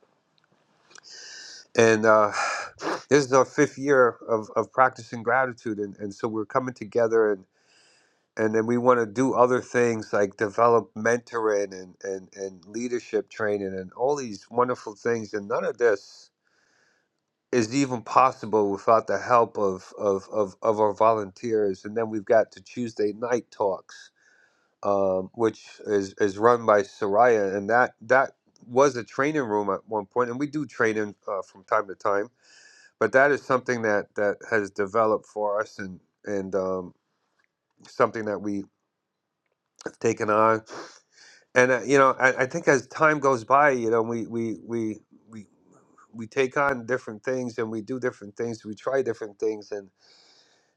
Speaker 17: and uh, this is our fifth year of, of practicing gratitude, and, and so we're coming together, and and then we want to do other things like develop mentoring and, and and leadership training and all these wonderful things, and none of this. is even possible without the help of, of, of, of our volunteers. And then we've got the Tuesday night talks, um, which is, is run by Soraya. And that, that was a training room at one point, and we do training uh, from time to time. But that is something that, that has developed for us and, and um, something that we have taken on. And, uh, you know, I, I think as time goes by, you know, we, we, we, we, we take on different things and we do different things. We try different things. And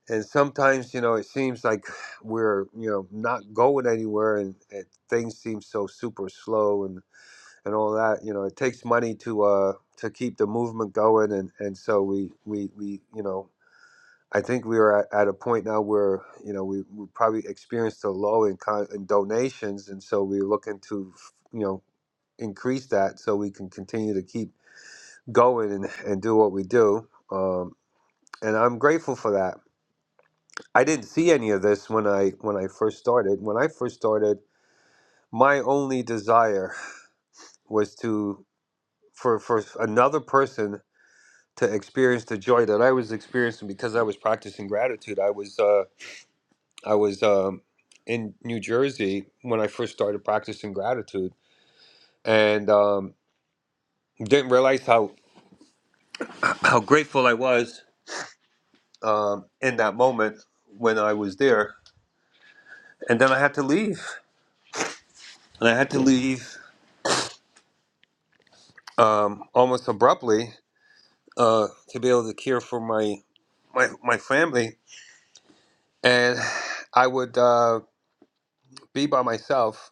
Speaker 17: and sometimes you know it seems like we're you know not going anywhere and, and things seem so super slow and and all that you know it takes money to uh to keep the movement going and and so we we we you know i think we are at, at a point now where you know we, we probably experienced a low in, con- in donations and so we're looking to you know increase that so we can continue to keep going and, and do what we do um, and i'm grateful for that I didn't see any of this when I when I first started. When I first started, my only desire was to for for another person to experience the joy that I was experiencing because I was practicing gratitude. I was uh, I was um, in New Jersey when I first started practicing gratitude, and um, didn't realize how how grateful I was um, in that moment when I was there. And then I had to leave, and I had to leave um, almost abruptly uh, to be able to care for my my my family, and I would uh, be by myself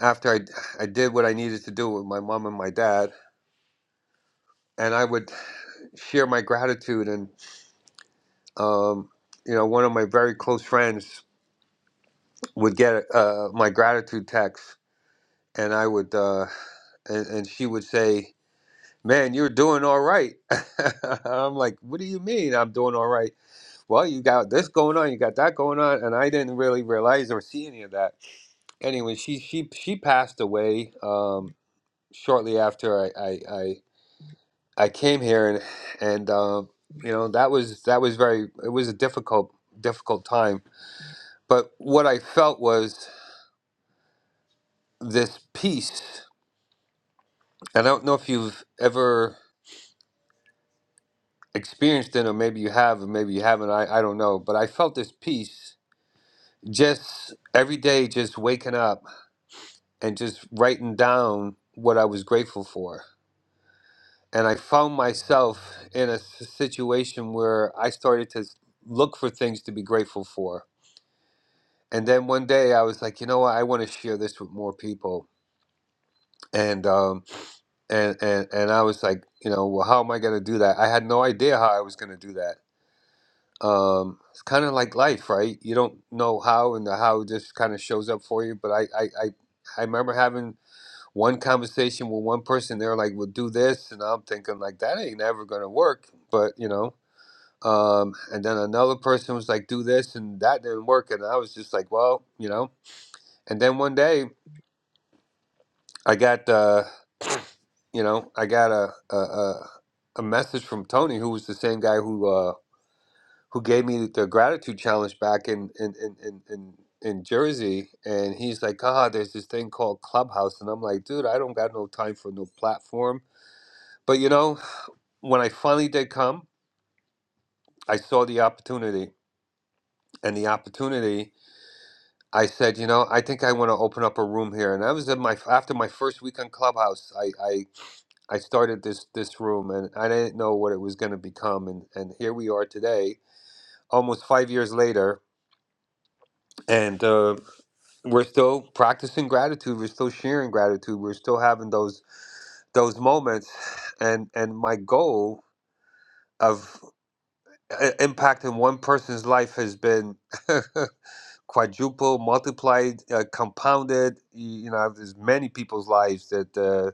Speaker 17: after I I did what I needed to do with my mom and my dad, and I would share my gratitude, and um, you know, one of my very close friends would get uh, my gratitude text, and I would. Uh, and, and she would say, "Man, you're doing all right." I'm like, "What do you mean I'm doing all right?" well, you got this going on, you got that going on, and I didn't really realize or see any of that. Anyway, she she she passed away um, shortly after I, I I I came here, and and um, you know that was that was very it was a difficult difficult time. But what I felt was this peace. And I don't know if you've ever experienced it, or maybe you have, or maybe you haven't. I I don't know, but I felt this peace just every day, just waking up and just writing down what I was grateful for. And I found myself in a s- situation where I started to s- look for things to be grateful for. And then one day I was like, you know what? I want to share this with more people. And um, and and and I was like, you know, well, how am I going to do that? I had no idea how I was going to do that. Um, it's kind of like life, right? You don't know how, and the how just kind of shows up for you. But I I I, I remember having one conversation with one person they're like we'll do this and i'm thinking like that ain't ever gonna work but you know um and then another person was like do this and that didn't work and i was just like well you know and then one day i got uh you know i got a a, a, a message from tony who was the same guy who uh who gave me the gratitude challenge back in in in in, in in Jersey, and he's like, "Ah, there's this thing called Clubhouse," and I'm like, "Dude, I don't got no time for no platform. But you know, when I finally did come, I saw the opportunity. And the opportunity, I said, you know, I think I want to open up a room here. And I was in my after my first week on Clubhouse, I I, I started this this room, and I didn't know what it was going to become. And and here we are today, almost five years later, and. Uh, we're still practicing gratitude we're still sharing gratitude we're still having those those moments and and my goal of i- impact in one person's life has been quadruple, multiplied, uh, compounded. You, you know, there's many people's lives that uh,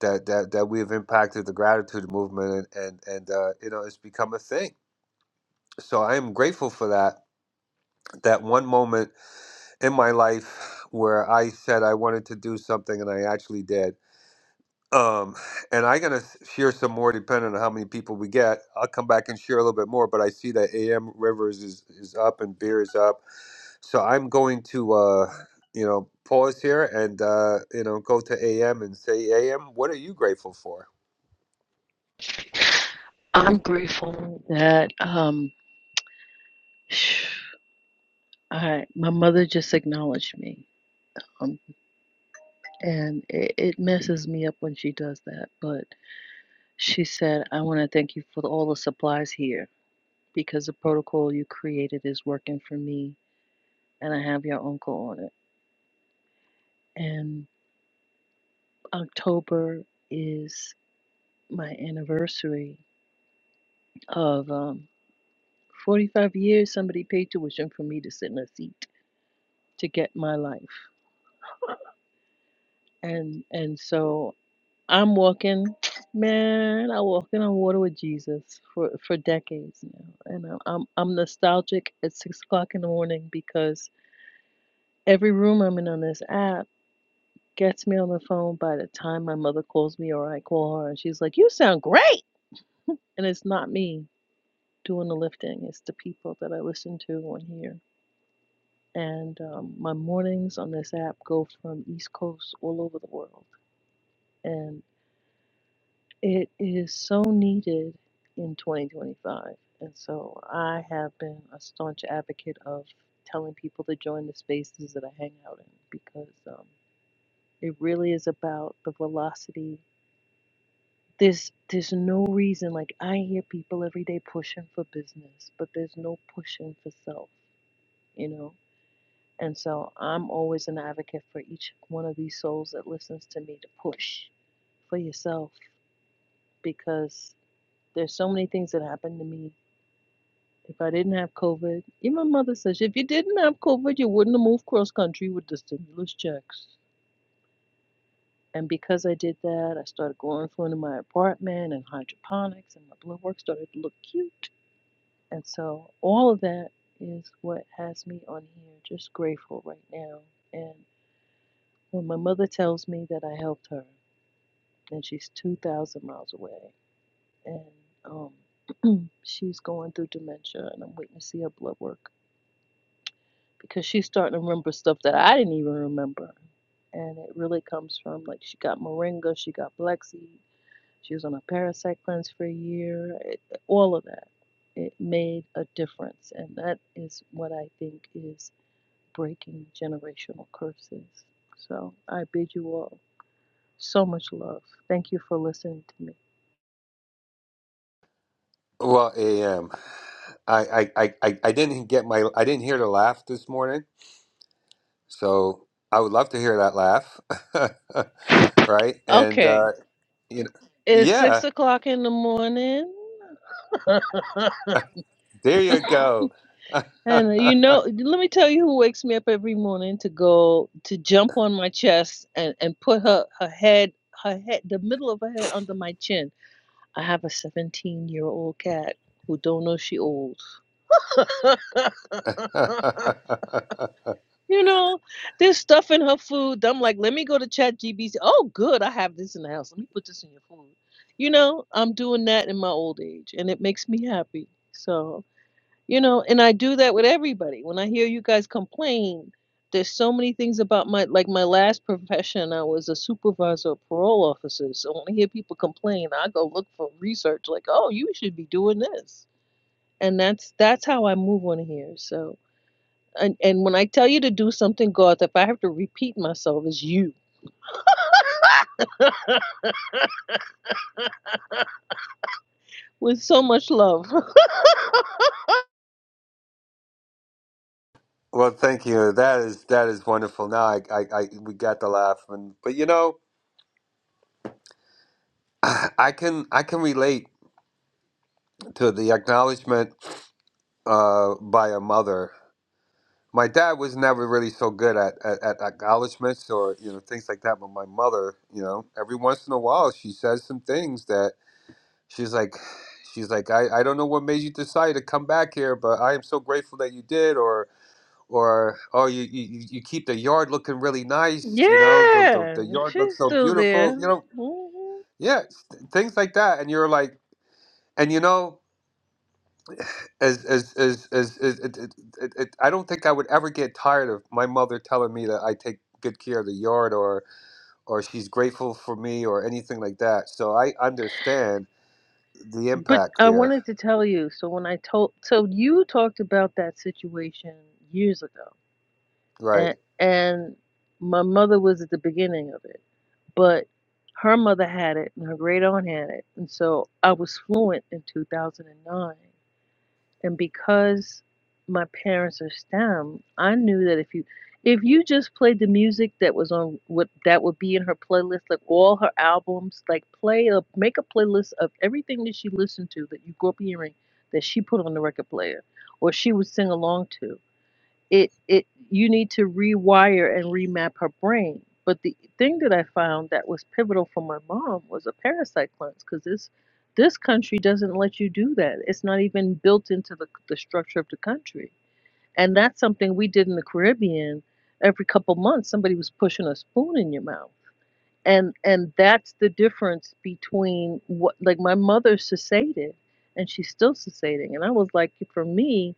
Speaker 17: that that that we have impacted the gratitude movement, and and, and uh, you know, it's become a thing. So I am grateful for that. That one moment in my life where I said I wanted to do something, and I actually did Um, and I'm gonna share some more depending on how many people we get. I'll come back and share a little bit more, but I see that AM Rivers is is up and beer is up, so I'm going to uh, you know pause here and uh, you know go to AM and say AM, what are you grateful for?
Speaker 5: I'm grateful that um, I, my mother just acknowledged me. Um, and it, it messes me up when she does that. But she said, I want to thank you for all the supplies here because the protocol you created is working for me and I have your uncle on it. And October is my anniversary of. um." 45 years somebody paid tuition for me to sit in a seat to get my life and and so i'm walking man i walking on water with jesus for for decades now and i'm i'm, I'm nostalgic at six o'clock in the morning because every room i'm in on this app gets me on the phone by the time my mother calls me or i call her and she's like you sound great and it's not me doing the lifting it's the people that i listen to on here and um, my mornings on this app go from East Coast all over the world, and it is so needed in 2025. And so I have been a staunch advocate of telling people to join the spaces that I hang out in because um, it really is about the velocity. There's there's no reason like I hear people every day pushing for business, but there's no pushing for self, you know. And so I'm always an advocate for each one of these souls that listens to me to push for yourself because there's so many things that happened to me. If I didn't have COVID, even my mother says, if you didn't have COVID, you wouldn't have moved cross country with the stimulus checks. And because I did that, I started growing food in my apartment and hydroponics, and my blood work started to look cute. And so all of that is what has me on here, just grateful right now. And When my mother tells me that I helped her, and she's 2,000 miles away, and um, she's going through dementia, and I'm waiting to see her blood work because she's starting to remember stuff that I didn't even remember. And it really comes from like she got moringa, she got black seed, she was on a parasite cleanse for a year, it, all of that. It made a difference, and that is what I think is breaking generational curses. So I bid you all So much love. Thank you for listening to me.
Speaker 17: Well, AM, I I I I I didn't get my I didn't hear the laugh this morning. So I would love to hear that laugh, right? And
Speaker 5: Okay,
Speaker 17: uh, you know,
Speaker 5: it's
Speaker 17: yeah,
Speaker 5: six o'clock in the morning.
Speaker 17: there you go. well,
Speaker 5: And uh, you know, let me tell you who wakes me up every morning to go to jump on my chest and, and put her, her head, her head, the middle of her head under my chin. I have a 17 year old cat who don't know she old. You know, there's stuff in her food. I'm like, let me go to Chat GBC. Oh, good, I have this in the house. Let me put this in your food. You know, I'm doing that in my old age, and it makes me happy. So, you know, and I do that with everybody. When I hear you guys complain, there's so many things about my like my last profession. I was a supervisor of parole officers. So when I hear people complain, I go look for research. Like, oh, you should be doing this, and that's that's how I move on here. So and, and when I tell you to do something, God, if I have to repeat myself, it's you with so much love.
Speaker 17: thank you. That is that is wonderful. Now I, I, I we got the laugh, and but you know, I can I can relate to the acknowledgement uh, by a mother. My dad was never really so good at, at, at acknowledgments or you know things like that, but my mother, you know, every once in a while she says some things that She's like, she's like, I, I don't know what made you decide to come back here, but I am so grateful that you did. Or, or, oh, you, you, you you keep the yard looking really nice. You know, the, the,
Speaker 5: yeah,
Speaker 17: the yard looks
Speaker 5: she's
Speaker 17: so
Speaker 5: still
Speaker 17: beautiful.
Speaker 5: there.
Speaker 17: You know,
Speaker 5: Mhm.
Speaker 17: yeah, s- things like that. And you're like, and you know, as, as, as, as, as it, it, it, it, I don't think I would ever get tired of my mother telling me that I take good care of the yard or, or she's grateful for me or anything like that. So I understand the
Speaker 5: But
Speaker 17: impact
Speaker 5: I
Speaker 17: there.
Speaker 5: wanted to tell you. So when I told, so you talked about that situation years ago,
Speaker 17: Right.
Speaker 5: and and my mother was at the beginning of it, but her mother had it and her great aunt had it, and so I was fluent in 2009 And because my parents are STEM, I knew that if you if you just played the music that was on what that would be in her playlist, like all her albums, like play a make a playlist of everything that she listened to that you grew up hearing that she put on the record player or she would sing along to it it you need to rewire and remap her brain. But the thing that I found that was pivotal for my mom was a parasite cleanse because this this country doesn't let you do that. It's not even built into the the structure of the country, and that's something we did in the Caribbean. Every couple months, somebody was pushing a spoon in your mouth, and and that's the difference between what like my mother sesated, and she's still sesating, and I was like, for me,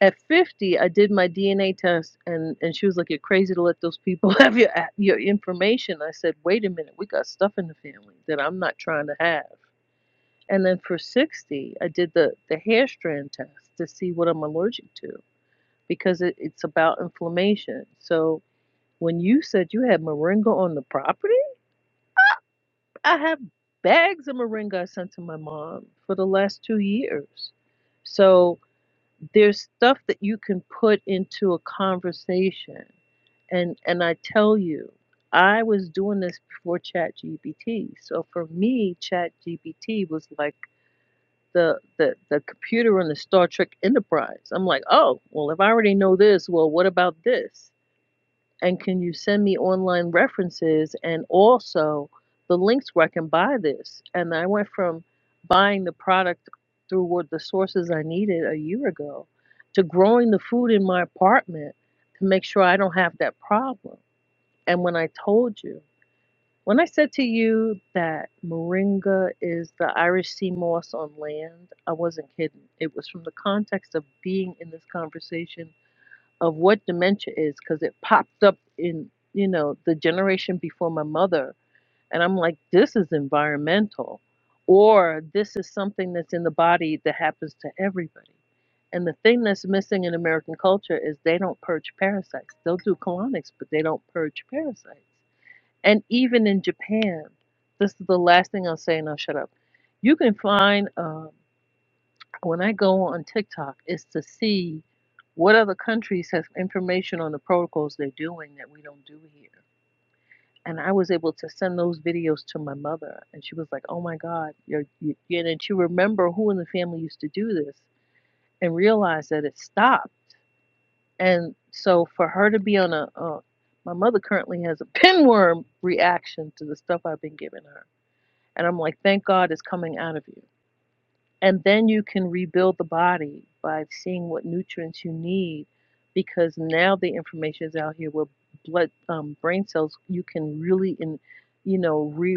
Speaker 5: at 50 i did my dna test and and she was like you're crazy to let those people have your your information i said wait a minute we got stuff in the family that i'm not trying to have and then for 60 i did the the hair strand test to see what i'm allergic to because it, it's about inflammation so when you said you had moringa on the property i have bags of moringa i sent to my mom for the last two years so there's stuff that you can put into a conversation and and I tell you, I was doing this before ChatGPT. So for me, ChatGPT was like the, the the computer on the Star Trek Enterprise. I'm like, oh, well, if I already know this, well, what about this? And can you send me online references and also the links where I can buy this? And I went from buying the product through what the sources I needed a year ago to growing the food in my apartment to make sure I don't have that problem. And when I told you, when I said to you that moringa is the Irish sea moss on land, I wasn't kidding. It was from the context of being in this conversation of what dementia is because it popped up in you know the generation before my mother and i'm like this is environmental or this is something that's in the body that happens to everybody and the thing that's missing in american culture is they don't purge parasites they'll do colonics but they don't purge parasites and even in japan this is the last thing i'll say and i'll shut up you can find um, when I go on TikTok is to see what other countries have information on the protocols they're doing that we don't do here. And I was able to send those videos to my mother, and she was like, "Oh my God, you're, you, and then she remember who in the family used to do this and realize that it stopped." And so for her to be on a, uh, my mother currently has a pinworm reaction to the stuff I've been giving her, and I'm like, "Thank God it's coming out of you." And then you can rebuild the body by seeing what nutrients you need because now the information is out here where blood um, brain cells you can really in you know re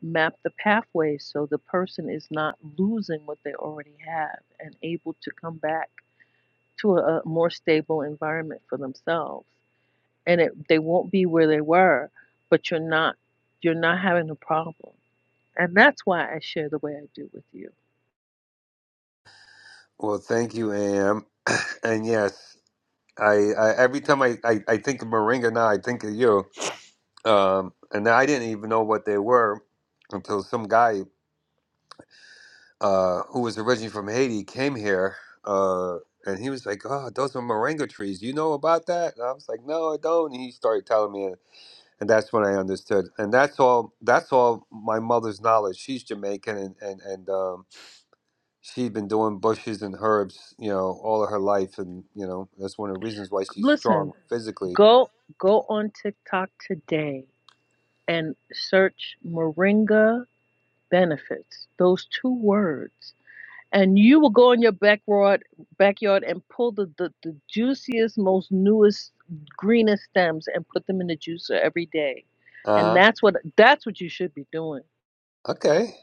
Speaker 5: map the pathways so the person is not losing what they already have and able to come back to a, a more stable environment for themselves and it, they won't be where they were but you're not you're not having a problem and that's why i share the way i do with you
Speaker 17: Well, thank you, Am. And yes, I, I every time I, I, I think of Moringa now, I think of you. Um, and I didn't even know what they were until some guy uh, who was originally from Haiti came here. Uh, and he was like, "Oh, those are moringa trees. You know about that?" And I was like, "No, I don't." And he started telling me, and that's when I understood. And that's all. That's all my mother's knowledge. She's Jamaican, and and and um, she's been doing bushes and herbs, you know, all of her life, and you know that's one of the reasons why she's
Speaker 5: listen
Speaker 17: strong physically.
Speaker 5: Go go on TikTok today and search Moringa benefits, those two words. And you will go in your backyard backyard and pull the, the, the juiciest, most newest, greenest stems and put them in the juicer every day. And
Speaker 17: Uh huh.
Speaker 5: that's what that's what you should be doing.
Speaker 17: Okay,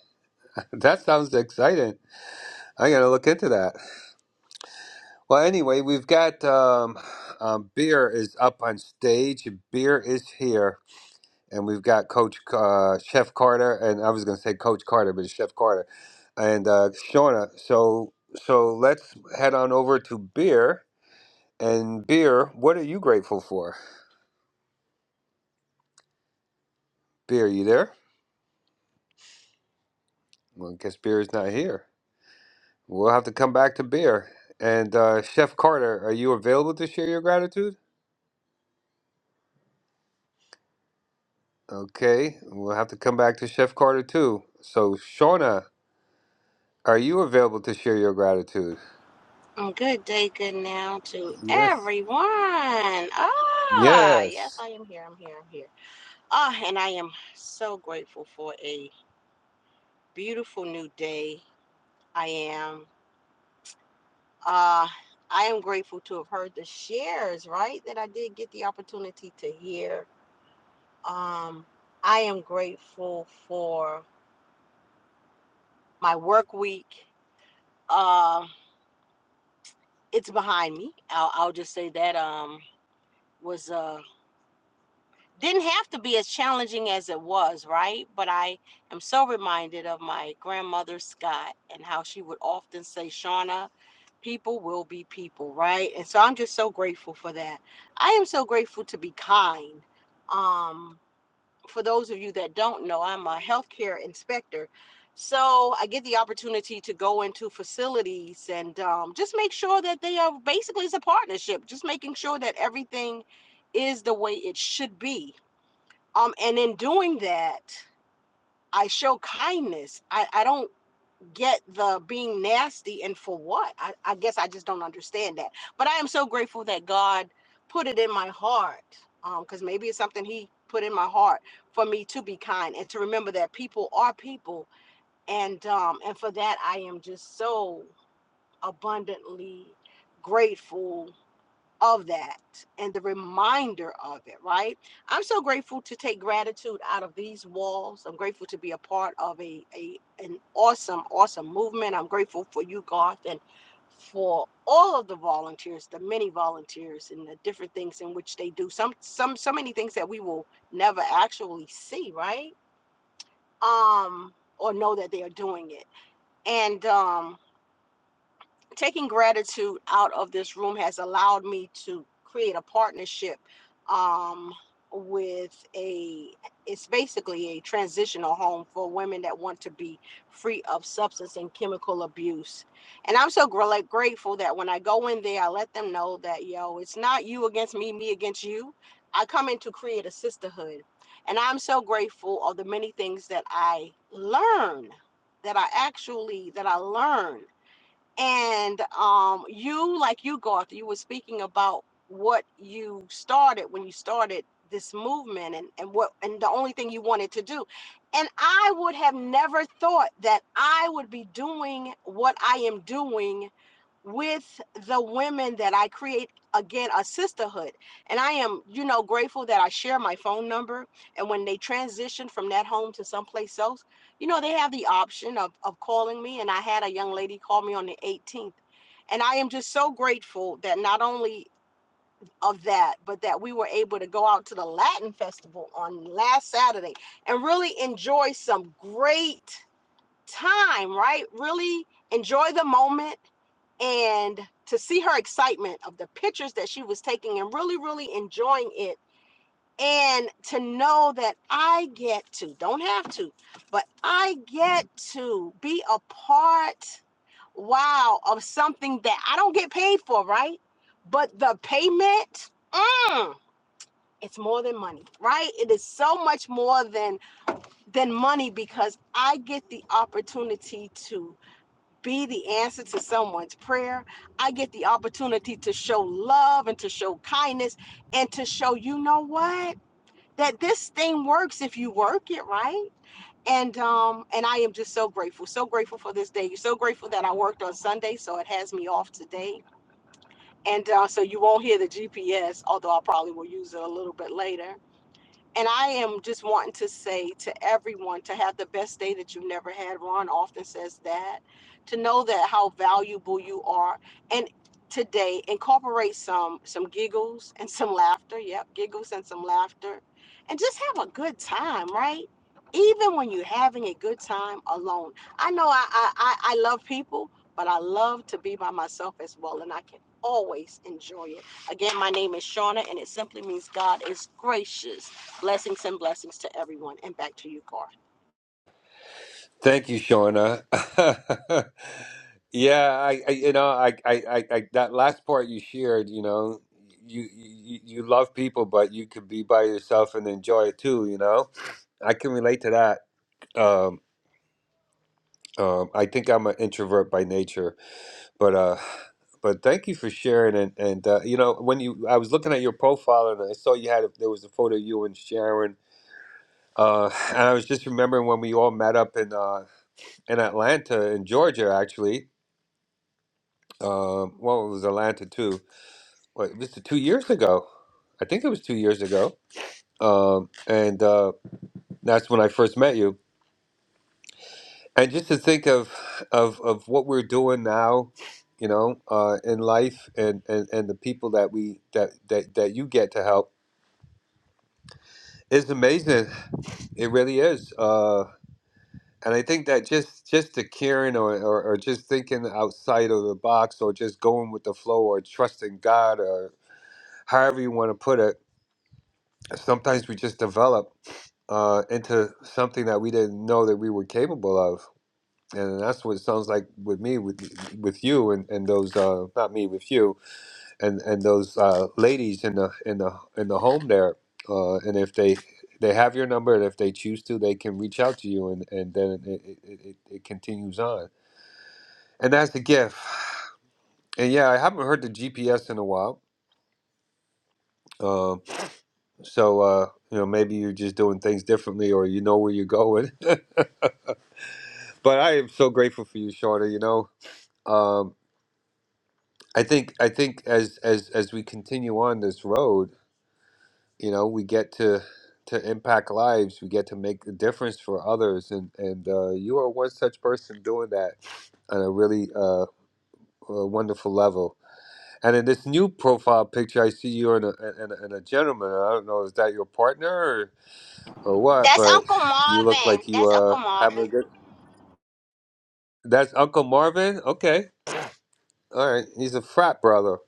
Speaker 17: that sounds exciting. I gotta look into that. Well, anyway, we've got um, um, beer is up on stage. Beer is here, and we've got Coach uh, Chef Carter, and I was gonna say Coach Carter, but it's Chef Carter, and uh, Shauna. So so let's head on over to beer. And beer, what are you grateful for? Beer, you there? Well, I guess beer's not here. We'll have to come back to beer. And uh, Chef Carter, are you available to share your gratitude? Okay, we'll have to come back to Chef Carter too. So, Shauna, are you available to share your gratitude?
Speaker 21: Oh, Good day, good now to
Speaker 17: Yes.
Speaker 21: everyone. Ah, yes,
Speaker 17: Yes.
Speaker 21: I am here. I'm here. I'm here. Ah, and I am so grateful for a beautiful new day. I am. Ah, I am grateful to have heard the shares, right? That I did get the opportunity to hear. Um, I am grateful for my work week. Uh, it's behind me. I'll, I'll just say that um was uh didn't have to be as challenging as it was, right? But I am so reminded of my grandmother Scott and how she would often say, Shauna, people will be people, right? And so I'm just so grateful for that. I am so grateful to be kind. Um, for those of you that don't know, I'm a healthcare inspector. So I get the opportunity to go into facilities and um, just make sure that they are basically it's a partnership, just making sure that everything is the way it should be um, and in doing that, I show kindness. I, I don't get the being nasty and for what. I, I guess I just don't understand that. But I am so grateful that God put it in my heart because um, maybe it's something He put in my heart for me to be kind and to remember that people are people. And um, and for that, I am just so abundantly grateful of that and the reminder of it, right? I'm so grateful to take gratitude out of these walls. I'm grateful to be a part of a, a an awesome, awesome movement. I'm grateful for you, Garth, and for all of the volunteers, the many volunteers and the different things in which they do. Some some so many things that we will never actually see, right? Um or know that they are doing it. And um taking gratitude out of this room has allowed me to create a partnership um, with a it's basically a transitional home for women that want to be free of substance and chemical abuse and i'm so gr- like, grateful that when i go in there i let them know that yo it's not you against me me against you i come in to create a sisterhood and i'm so grateful of the many things that i learn that i actually that i learn and um you like you Garth, you were speaking about what you started when you started this movement and and what and the only thing you wanted to do and i would have never thought that i would be doing what i am doing with the women that i create again a sisterhood and i am you know grateful that i share my phone number and when they transition from that home to someplace else you know, they have the option of, of calling me. And I had a young lady call me on the 18th. And I am just so grateful that not only of that, but that we were able to go out to the Latin Festival on last Saturday and really enjoy some great time, right? Really enjoy the moment and to see her excitement of the pictures that she was taking and really, really enjoying it and to know that I get to, don't have to, but I get to be a part, wow, of something that I don't get paid for, right? But the payment, mm, it's more than money, right? It is so much more than than money because I get the opportunity to be the answer to someone's prayer. I get the opportunity to show love and to show kindness and to show, you know what? that this thing works if you work it right and um and i am just so grateful so grateful for this day so grateful that i worked on sunday so it has me off today and uh, so you won't hear the gps although i probably will use it a little bit later and I am just wanting to say to everyone to have the best day that you've never had. Ron often says that. To know that how valuable you are. And today incorporate some some giggles and some laughter. Yep, giggles and some laughter. And just have a good time, right? Even when you're having a good time alone. I know I I, I I love people, but I love to be by myself as well. And I can always enjoy it. Again, my name is Shauna and it simply means God is gracious. Blessings and blessings to everyone. And back to you, Car.
Speaker 17: Thank you, Shauna. yeah, I, I, you know, I, I, I, I, that last part you shared, you know, you, you, you love people, but you could be by yourself and enjoy it too. You know, I can relate to that. Um, Um, I think I'm an introvert by nature, but uh, but thank you for sharing. And and uh, you know, when you I was looking at your profile and I saw you had a, there was a photo of you and Sharon, uh, and I was just remembering when we all met up in uh, in Atlanta in Georgia actually. Um, well, it was Atlanta too. What this is two years ago? I think it was two years ago. Um, and uh, that's when I first met you and just to think of of of what we're doing now you know uh in life and and and the people that we that that, that you get to help is amazing it really is uh and I think that just just the caring or, or, or just thinking outside of the box or just going with the flow or trusting God or however you want to put it, sometimes we just develop uh, into something that we didn't know that we were capable of. and that's what it sounds like with me with with you and, and those uh not me with you and and those uh ladies in the in the in the home there uh and if they they have your number and if they choose to they can reach out to you and and then it it, it, it it continues on and that's a gift and yeah i haven't heard the gps in a while um so uh you know maybe you're just doing things differently or you know where you're going but i am so grateful for you shorter you know Um, I think I think as as as we continue on this road, you know, we get to to impact lives. We get to make a difference for others, and and uh, you are one such person doing that on a really uh, a wonderful level. And in this new profile picture, I see you in a and a, and a gentleman. I don't know is that your partner or, or what,
Speaker 21: That's
Speaker 17: but
Speaker 21: Uncle
Speaker 17: you look
Speaker 21: Marvin.
Speaker 17: like you
Speaker 21: That's
Speaker 17: uh
Speaker 21: Uncle
Speaker 17: having a
Speaker 21: Marvin.
Speaker 17: good. That's Uncle Marvin. Okay, all right, he's a frat brother.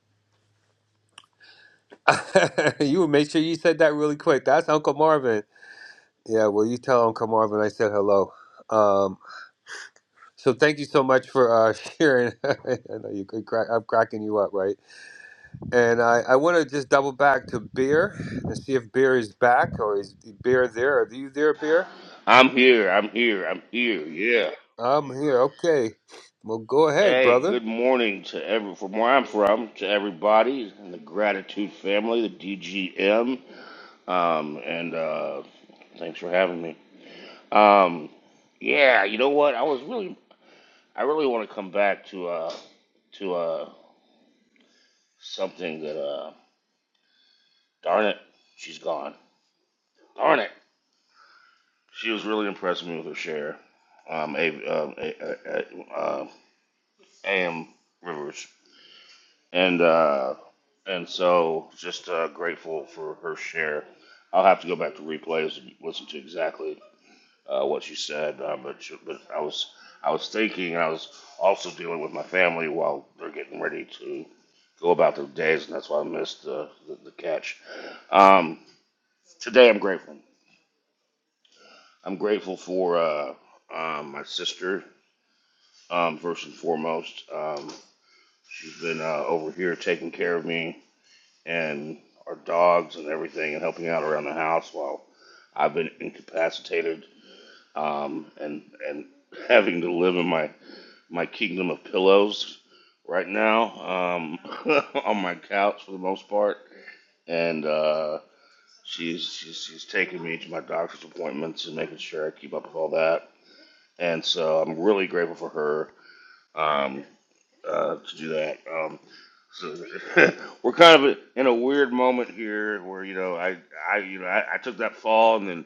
Speaker 17: you would make sure you said that really quick. That's Uncle Marvin. Yeah, well, you tell Uncle Marvin I said hello. Um, so thank you so much for uh, sharing. I know you could crack, I'm cracking you up, right? And I, I want to just double back to beer and see if beer is back or is beer there? Are you there, beer?
Speaker 22: I'm here. I'm here. I'm here. Yeah.
Speaker 17: I'm here. Okay. Well, go ahead,
Speaker 22: Hey,
Speaker 17: brother.
Speaker 22: good morning to every from where I'm from to everybody in the gratitude family, the DGM. Um, and uh, thanks for having me. Um, yeah, you know what? I was really, I really want to come back to uh, to uh, something that uh, darn it, she's gone. Darn it, she was really impressing me with her share. Um, a, um, a, a, a, uh, A.M. Rivers. and uh, and so just uh, grateful for her share. I'll have to go back to replays and listen to exactly uh, what she said, uh, but she, but I was I was thinking and I was also dealing with my family while they're getting ready to go about their days, and that's why I missed uh, the, the catch. Um, today I'm grateful. I'm grateful for uh, um, my sister um, first and foremost. Um, she's been uh, over here taking care of me and our dogs and everything and helping out around the house while I've been incapacitated um, and and having to live in my my kingdom of pillows right now um, on my couch for the most part and uh, she's, she's she's taking me to my doctor's appointments and making sure I keep up with all that. And so I'm really grateful for her. Um, uh, to do that. Um, so we're kind of in a weird moment here, where you know I I you know I, I took that fall and then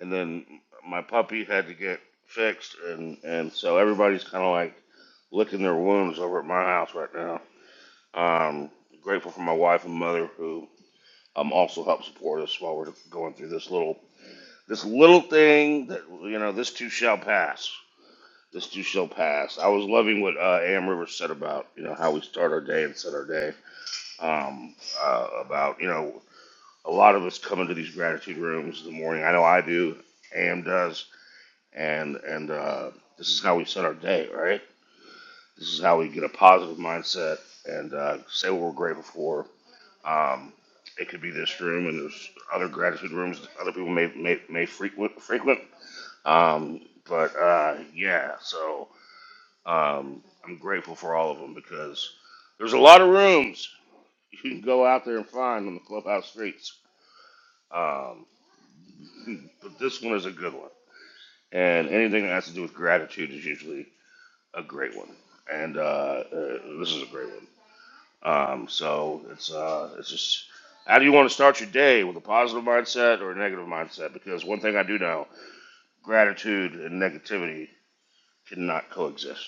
Speaker 22: and then my puppy had to get fixed, and and so everybody's kind of like licking their wounds over at my house right now. Um, grateful for my wife and mother who um also help support us while we're going through this little this little thing that you know this too shall pass. This too shall pass. I was loving what uh, Am Rivers said about you know how we start our day and set our day. Um, uh, about you know a lot of us come into these gratitude rooms in the morning. I know I do. Am does. And and uh, this is how we set our day, right? This is how we get a positive mindset and uh, say what we're grateful for. Um, it could be this room, and there's other gratitude rooms that other people may may, may frequent frequent. Um, but uh, yeah, so. Um, I'm grateful for all of them because there's a lot of rooms you can go out there and find on the clubhouse streets. Um, but this one is a good one, and anything that has to do with gratitude is usually a great one, and uh, uh, this is a great one. Um, so it's uh, it's just how do you want to start your day with a positive mindset or a negative mindset? Because one thing I do know, gratitude and negativity cannot coexist.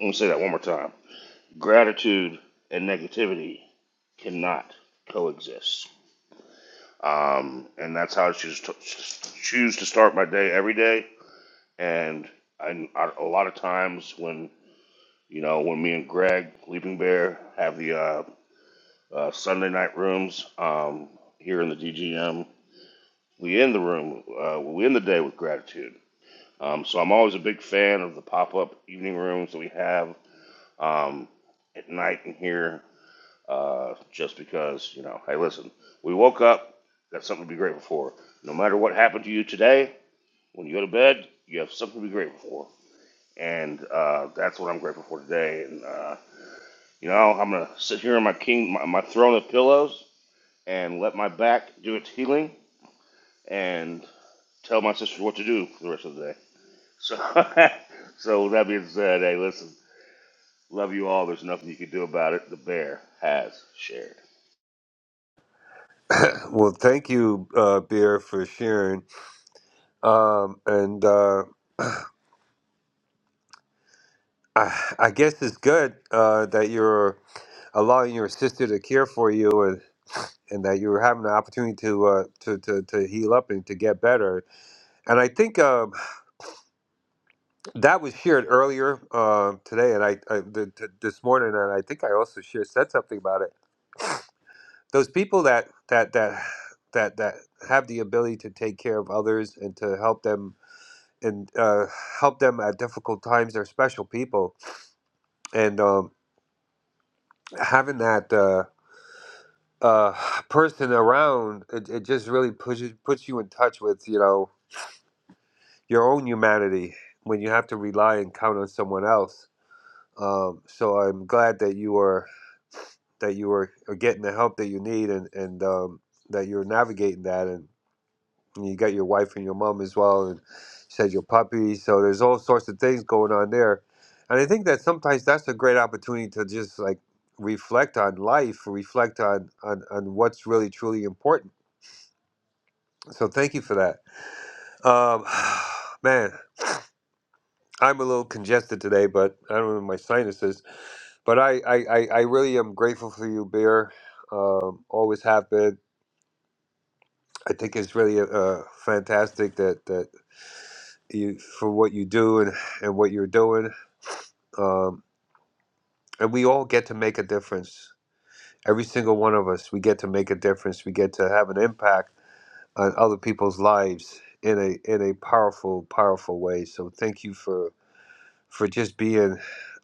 Speaker 22: Let me say that one more time. Gratitude and negativity cannot coexist. Um, and that's how I choose to, choose to start my day every day. And I, I, a lot of times when you know when me and Greg Leaping Bear have the uh, uh, Sunday night rooms um, here in the DGM, we end the room uh, we end the day with gratitude. Um, so I'm always a big fan of the pop up evening rooms that we have um, at night in here. uh, just because, you know, hey, listen, we woke up, got something to be grateful for. No matter what happened to you today, when you go to bed, you have something to be grateful for. And uh, that's what I'm grateful for today. And, uh, you know, I'm going to sit here on my king, my, my throne of pillows and let my back do its healing and tell my sister what to do for the rest of the day. So, so with that being said, hey, listen, love you all. There's nothing you can do about it. The bear has shared.
Speaker 17: Well, thank you, uh, beer, for sharing. Um, and uh, I, I guess it's good uh, that you're allowing your sister to care for you and that you were having the opportunity to uh, to, to to heal up and to get better. And I think um, that was shared earlier uh, today, and I, I th- th- this morning, and I think I also shared said something about it. Those people that that that that that have the ability to take care of others and to help them and uh, help them at difficult times, they're special people, and um, having that. Uh, uh person around it, it just really pushes puts you in touch with you know your own humanity when you have to rely and count on someone else. Um, so I'm glad that you are that you are, are getting the help that you need and and um, that you're navigating that and, and you got your wife and your mom as well and said your puppy. So there's all sorts of things going on there, and I think that sometimes that's a great opportunity to just like reflect on life, reflect on on, on what's really truly important. So thank you for that, um, man. I'm a little congested today, but I don't know my sinuses. But I, I, I, I really am grateful for you, Beer. Um, always have been. I think it's really uh, fantastic that, that you for what you do and, and what you're doing. Um, and we all get to make a difference. Every single one of us, we get to make a difference. We get to have an impact on other people's lives in a in a powerful, powerful way. So thank you for for just being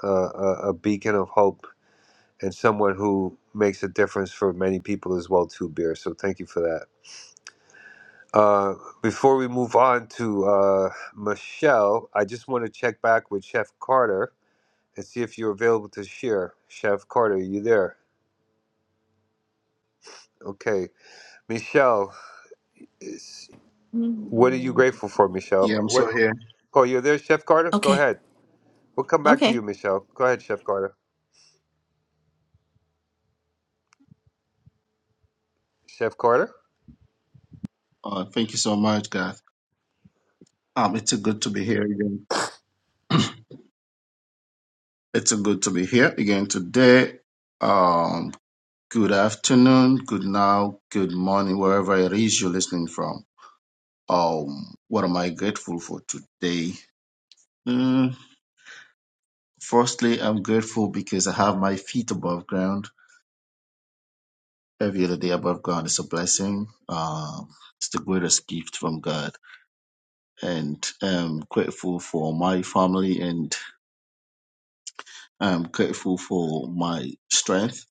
Speaker 17: uh, a, a beacon of hope and someone who makes a difference for many people as well too beer so thank you for that uh, before we move on to uh, michelle i just want to check back with chef carter and see if you're available to share chef carter are you there okay michelle is, what are you
Speaker 23: Mm.
Speaker 17: grateful for michelle
Speaker 24: Yeah, I'm
Speaker 17: what,
Speaker 24: so here.
Speaker 17: oh you're there chef carter go
Speaker 23: Okay,
Speaker 17: ahead we'll come back to
Speaker 23: okay.
Speaker 17: you michelle go ahead chef carter chef carter
Speaker 24: Uh, thank you so much, guys. Um, it's a good to be here again. It's a good to be here again today. Um, good afternoon, good now, good morning, wherever it is you're listening from. Um, what am I grateful for today? Mm, firstly, I'm grateful because I have my feet above ground. Every other day above ground is a blessing. Um, it's the greatest gift from God, and I'm grateful for my family and I'm grateful for my strength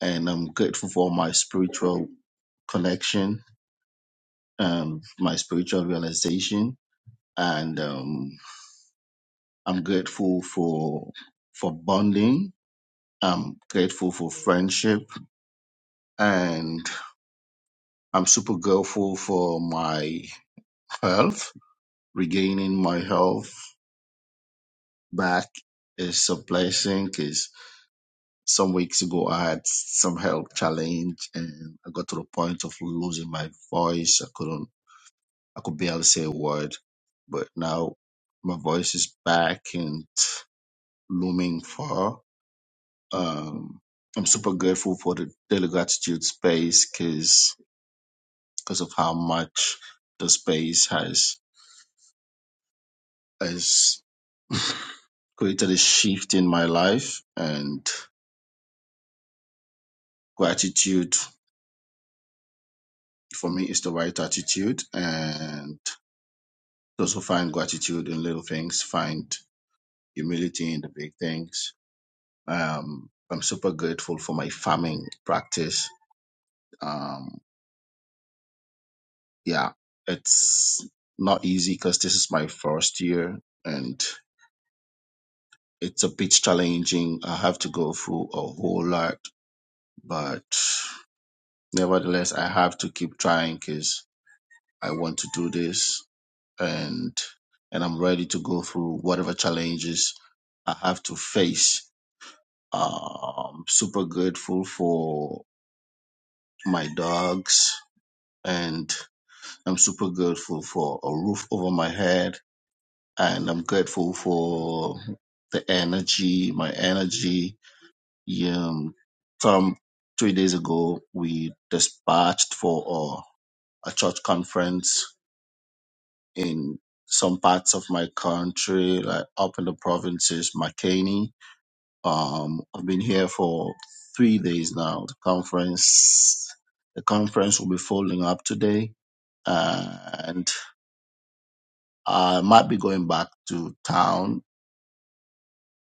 Speaker 24: and I'm grateful for my spiritual connection, um, my spiritual realization. And um, I'm grateful for for bonding. I'm grateful for friendship and I'm super grateful for my health. Regaining my health back is a blessing 'cause some weeks ago I had some health challenge and I got to the point of losing my voice. I couldn't I could barely say a word. But now my voice is back and looming far. Um I'm super grateful for the daily gratitude space because of how much the space has has created a shift in my life and gratitude for me is the right attitude and Those who find gratitude in little things find humility in the big things. Um, I'm super grateful for my farming practice. Um, yeah, it's not easy because this is my first year and it's a bit challenging. I have to go through a whole lot, but nevertheless, I have to keep trying because I want to do this and and I'm ready to go through whatever challenges I have to face Um, super grateful for my dogs, and I'm super grateful for a roof over my head, and I'm grateful for the energy, my energy. Um, some three days ago, we dispatched for a, a church conference in some parts of my country, like up in the provinces, McCainy Um, I've been here for three days now. The conference, the conference will be folding up today, and I might be going back to town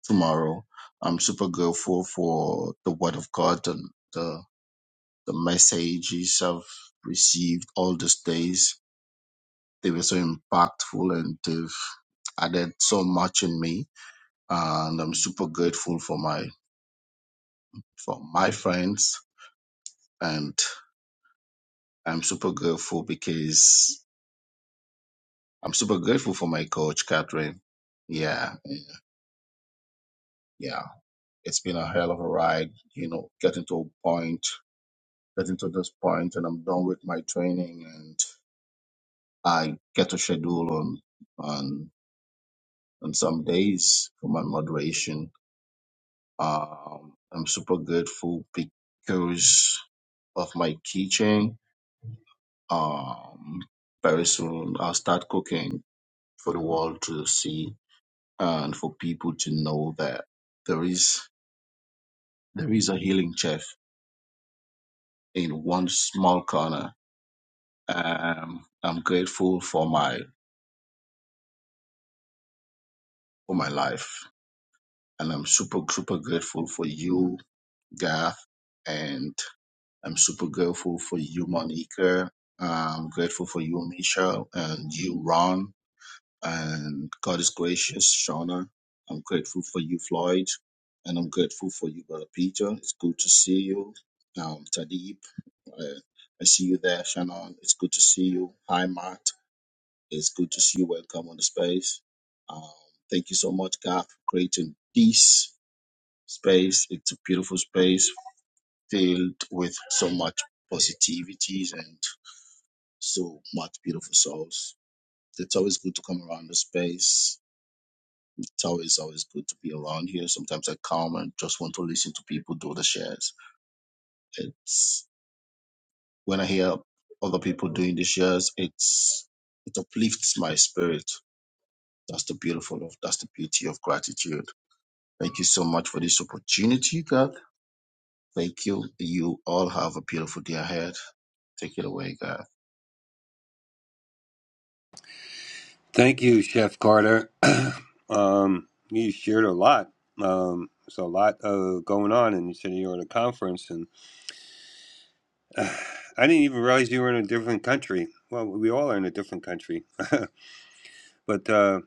Speaker 24: tomorrow. I'm super grateful for the word of God and the the messages I've received all these days. They were so impactful and they've added so much in me. And I'm super grateful for my for my friends. and. I'm super grateful because I'm super grateful for my coach, Catherine. Yeah, yeah. It's been a hell of a ride, you know, getting to a point, getting to this point, and I'm done with my training, and I get a schedule on on on some days for my moderation. Um, I'm super grateful because of my teaching. Um, very soon I'll start cooking for the world to see and for people to know that there is there is a healing chef in one small corner. Um, I'm grateful for my for my life, and I'm super super grateful for you, Garth, and I'm super grateful for you, Monica. I'm grateful for you, Michelle, and you, Ron, and God is gracious, Shauna. I'm grateful for you, Floyd, and I'm grateful for you, Brother Peter. It's good to see you, um, Tadeep. Uh, I see you there, Shannon. It's good to see you. Hi, Matt. It's good to see you. Welcome on the space. Um, thank you so much, God, for creating this space. It's a beautiful space filled with so much positivities and so much beautiful souls. It's always good to come around the space. It's always, always good to be around here. Sometimes I come and just want to listen to people do the shares. It's when I hear other people doing these shares, it's it uplifts my spirit. That's the beautiful of that's the beauty of gratitude. Thank you so much for this opportunity, God. Thank you. You all have a beautiful day ahead. Take it away, God.
Speaker 17: Thank you, Chef Carter. um, you shared a lot. Um, there's a lot uh, going on, and you said you were at a conference, and I didn't even realize you were in a different country. Well, we all are in a different country, but uh,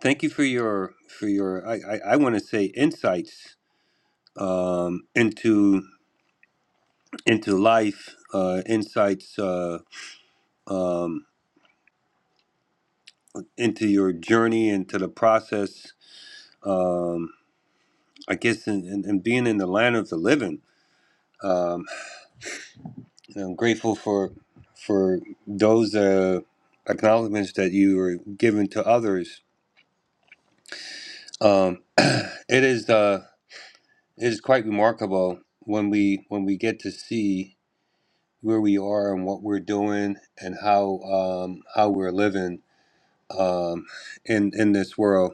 Speaker 17: thank you for your for your I I, I want to say insights um, into into life, uh, insights uh, um, into your journey, into the process. Um, I guess, and in, in, in being in the land of the living Um, I'm grateful for for those uh, acknowledgments that you were given to others. Um, it is uh, it is quite remarkable when we when we get to see where we are and what we're doing and how um, how we're living um, in in this world.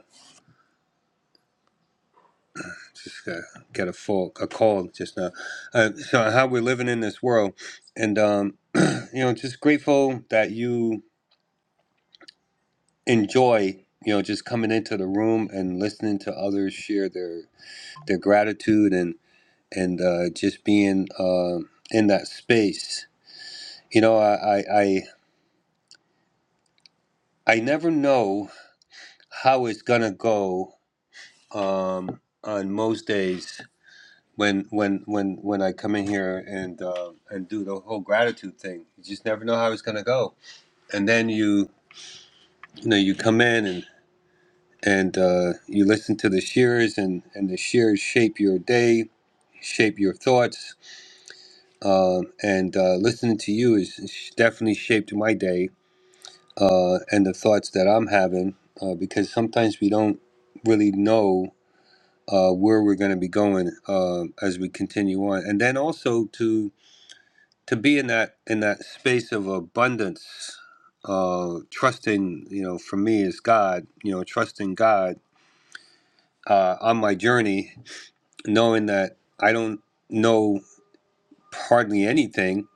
Speaker 17: Just uh, get a full a cold just now. Uh, so how we're living in this world, and um, you know, just grateful that you. enjoy you know just coming into the room and listening to others share their their gratitude and and uh, just being uh, in that space you know I, I i i never know how it's gonna go um on most days when when when when i come in here and uh, and do the whole gratitude thing you just never know how it's gonna go and then you you know you come in and and uh, you listen to the shearers and, and the shearers shape your day shape your thoughts uh, and uh, listening to you is is definitely shaped my day uh, and the thoughts that i'm having uh, because sometimes we don't really know uh, where we're going to be going uh, as we continue on and then also to to be in that in that space of abundance uh, trusting you know for me is god you know trusting god uh, on my journey knowing that I don't know hardly anything,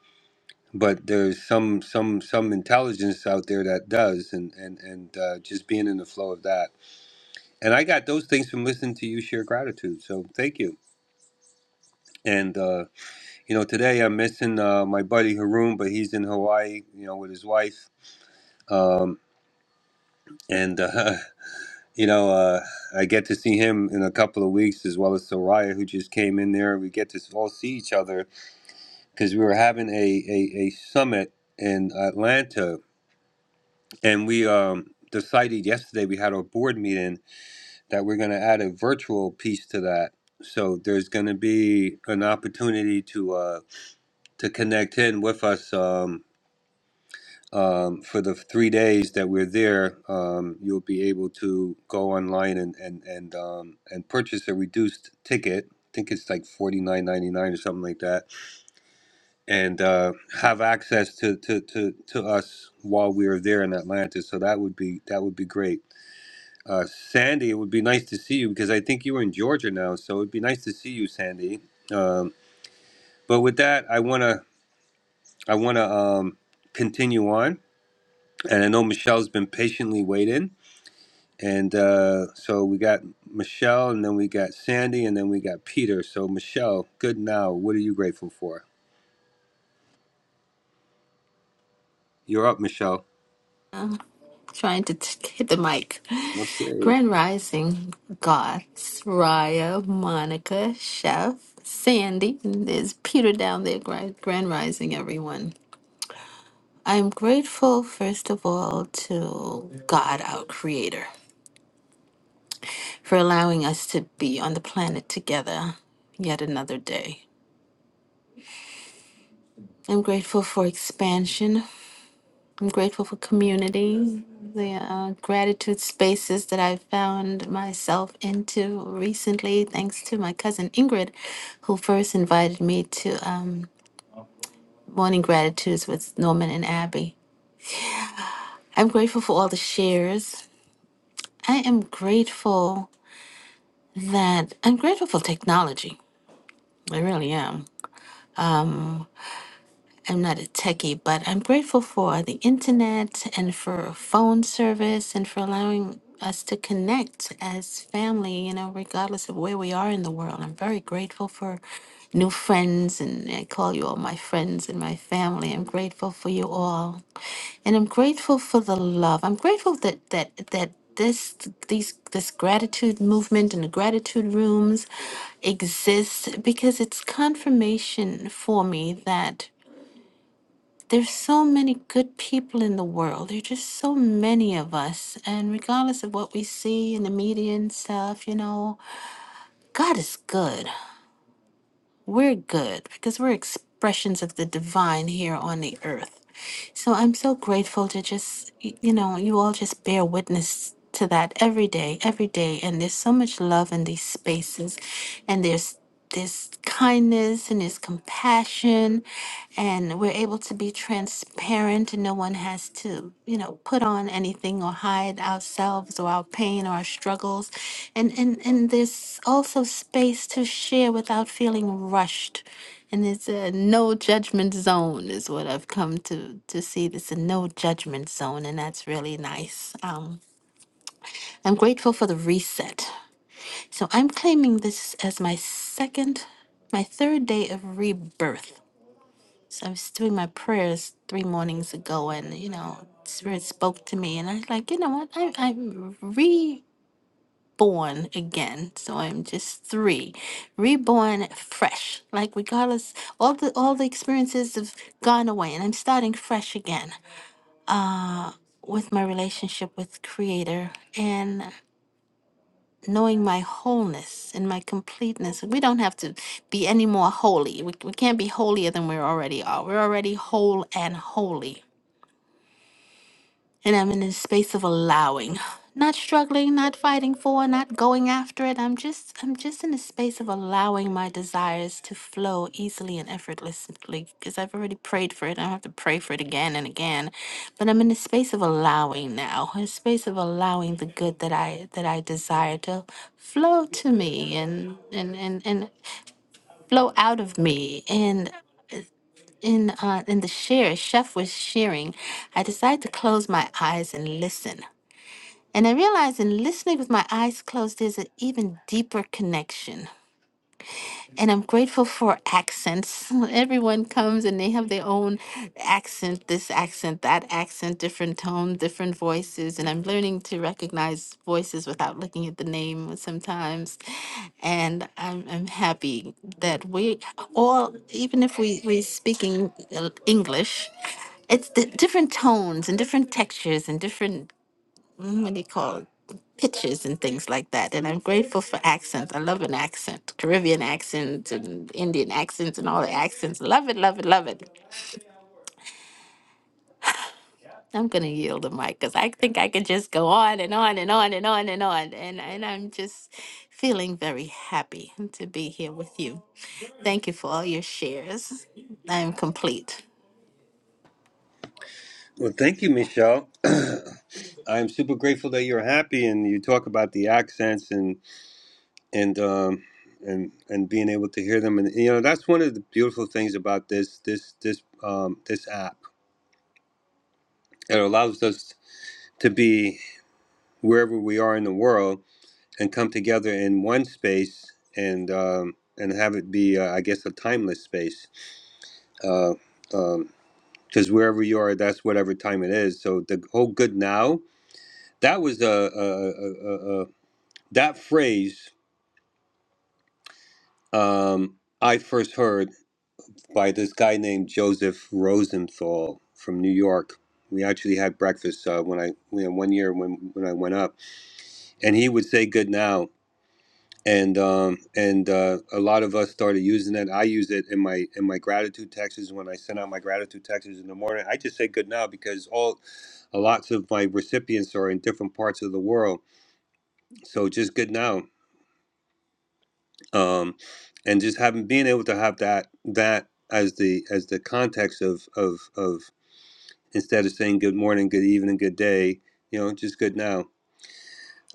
Speaker 17: but there's some some some intelligence out there that does, and and and uh, just being in the flow of that. And I got those things from listening to you share gratitude. So thank you. And uh, you know, today I'm missing uh, my buddy Haroon, but he's in Hawaii, you know, with his wife. Um, and uh, you know, uh, I get to see him in a couple of weeks, as well as Soraya, who just came in there. We get to all see each other because we were having a, a, a summit in Atlanta, and we um, decided yesterday we had our board meeting that we're going to add a virtual piece to that. So there's going to be an opportunity to uh, to connect in with us um, um, for the three days that we're there. Um, you'll be able to go online and and and um, and purchase a reduced ticket. I think it's like forty nine ninety nine or something like that and uh, have access to, to, to, to us while we are there in Atlanta. So that would be that would be great. Uh, Sandy, it would be nice to see you because I think you were in Georgia now, so it'd be nice to see you, Sandy. Um, but with that, I wanna I wanna um, continue on, and I know Michelle's been patiently waiting, and uh, so we got Michelle, and then we got Sandy, and then we got Peter. So Michelle, good now. What are you grateful for? You're up, Michelle.
Speaker 23: Trying to t- hit the mic.
Speaker 17: Okay.
Speaker 23: Grand Rising, Gods, Raya, Monica, Chef, Sandy, and there's Peter down there. Grand, Grand Rising, everyone. I'm grateful, first of all, to God, our Creator, for allowing us to be on the planet together yet another day. I'm grateful for expansion, I'm grateful for community, the uh, gratitude spaces that I found myself into recently, thanks to my cousin Ingrid, who first invited me to um, Morning Gratitudes with Norman and Abby. I'm grateful for all the shares. I am grateful that I'm grateful for technology. I really am. I'm not a techie, but I'm grateful for the internet and for phone service and for allowing us to connect as family, you know, regardless of where we are in the world. I'm very grateful for new friends, and I call you all my friends and my family. I'm grateful for you all, and I'm grateful for the love. I'm grateful that that that this these this gratitude movement and the gratitude rooms exist because it's confirmation for me that there's so many good people in the world. There are just so many of us. And regardless of what we see in the media and stuff, you know, God is good. We're good because we're expressions of the divine here on the earth. So I'm so grateful to just, y- you know, you all just bear witness to that every day, every day. And there's so much love in these spaces, and there's there's kindness and there's compassion and we're able to be transparent and no one has to you know put on anything or hide ourselves or our pain or our struggles and and and there's also space to share without feeling rushed and it's a no judgment zone is what I've come to to see. It's a no judgment zone, and that's really nice. Um, I'm grateful for the reset. So I'm claiming this as my second, my third day of rebirth. So I was doing my prayers three mornings ago, and you know, Spirit spoke to me, and I was like, you know what? I, I'm born again. So I'm just three, reborn fresh. Like regardless, all the all the experiences have gone away, and I'm starting fresh again with my relationship with Creator and knowing my wholeness and my completeness. We don't have to be any more holy. We, we can't be holier than we already are. We're already whole and holy And I'm in a space of allowing, not struggling, not fighting for, not going after it. I'm just I'm just in a space of allowing my desires to flow easily and effortlessly because I've already prayed for it. I don't have to pray for it again and again. But I'm in a space of allowing now, a space of allowing the good that I that I desire to flow to me and and and, and flow out of me and in uh, in the share chef was sharing i decided to close my eyes and listen and I realized in listening with my eyes closed, there's an even deeper connection. And I'm grateful for accents. Everyone comes and they have their own accent, this accent, that accent, different tone, different voices. And I'm learning to recognize voices without looking at the name sometimes. And I'm, I'm happy that we all, even if we, we're speaking uh, English, it's the different tones and different textures and different what do you call pitches and things like that. And I'm grateful for accents. I love an accent, Caribbean accents, and Indian accents and all the accents. Love it, love it, love it. I'm gonna yield the mic because I think I could just go on and on and on and on and on. And and I'm just feeling very happy to be here with you. Thank you for all your shares. I'm complete.
Speaker 17: Well, thank you, Michelle. I'm super grateful that you're happy and you talk about the accents and and um, and and being able to hear them. And you know that's one of the beautiful things about this this this um, this app. It allows us to be wherever we are in the world and come together in one space and um, and have it be, uh, I guess, a timeless space. Uh, um, because wherever you are, that's whatever time it is. So the whole good now, that was a, a, a, That phrase um, I first heard by this guy named Joseph Rosenthal from New York. We actually had breakfast uh, when I you know, one year when when I went up, and he would say "good now," and um, and uh, a lot of us started using it. I use it in my in my gratitude texts when I send out my gratitude texts in the morning. I just say "good now" because all lots of my recipients are in different parts of the world, so just "good now." um, and just having being able to have that that as the as the context of of of instead of saying good morning, good evening, good day, you know, just good now.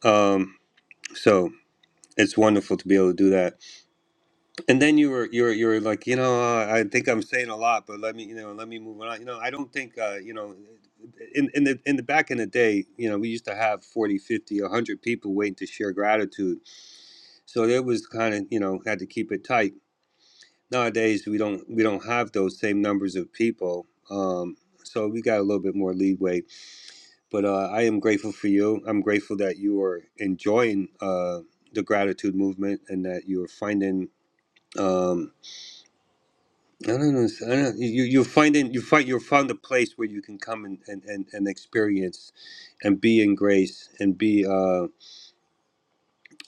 Speaker 17: Um, so it's wonderful to be able to do that. And then you were you were you were like, you know, uh, I think I'm saying a lot, but let me you know let me move on. You know, I don't think uh, you know. In, in the in the back in the day, you know, we used to have 40, 50, 100 people waiting to share gratitude. So it was kind of, you know, had to keep it tight nowadays we don't we don't have those same numbers of people um so we got a little bit more leeway but uh, i am grateful for you i'm grateful that you are enjoying uh the gratitude movement and that you're finding um I don't know. I don't, you you're finding you find you found a place where you can come and, and, and, and experience, and be in grace and be Uh,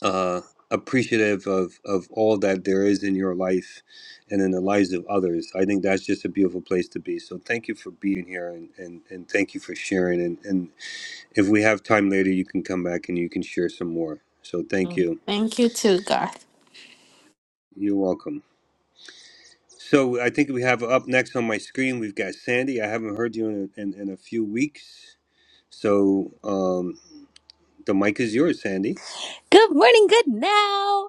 Speaker 17: uh, appreciative of of all that there is in your life and in the lives of others. I think that's just a beautiful place to be. So thank you for being here and and, and thank you for sharing. And, and if we have time later, you can come back and you can share some more. So thank you.
Speaker 23: Thank you too, Garth.
Speaker 17: You're welcome. So I think we have up next on my screen, we've got Sandy. I haven't heard you in, in, in a few weeks. So um, the mic is yours, Sandy.
Speaker 25: Good morning, good now.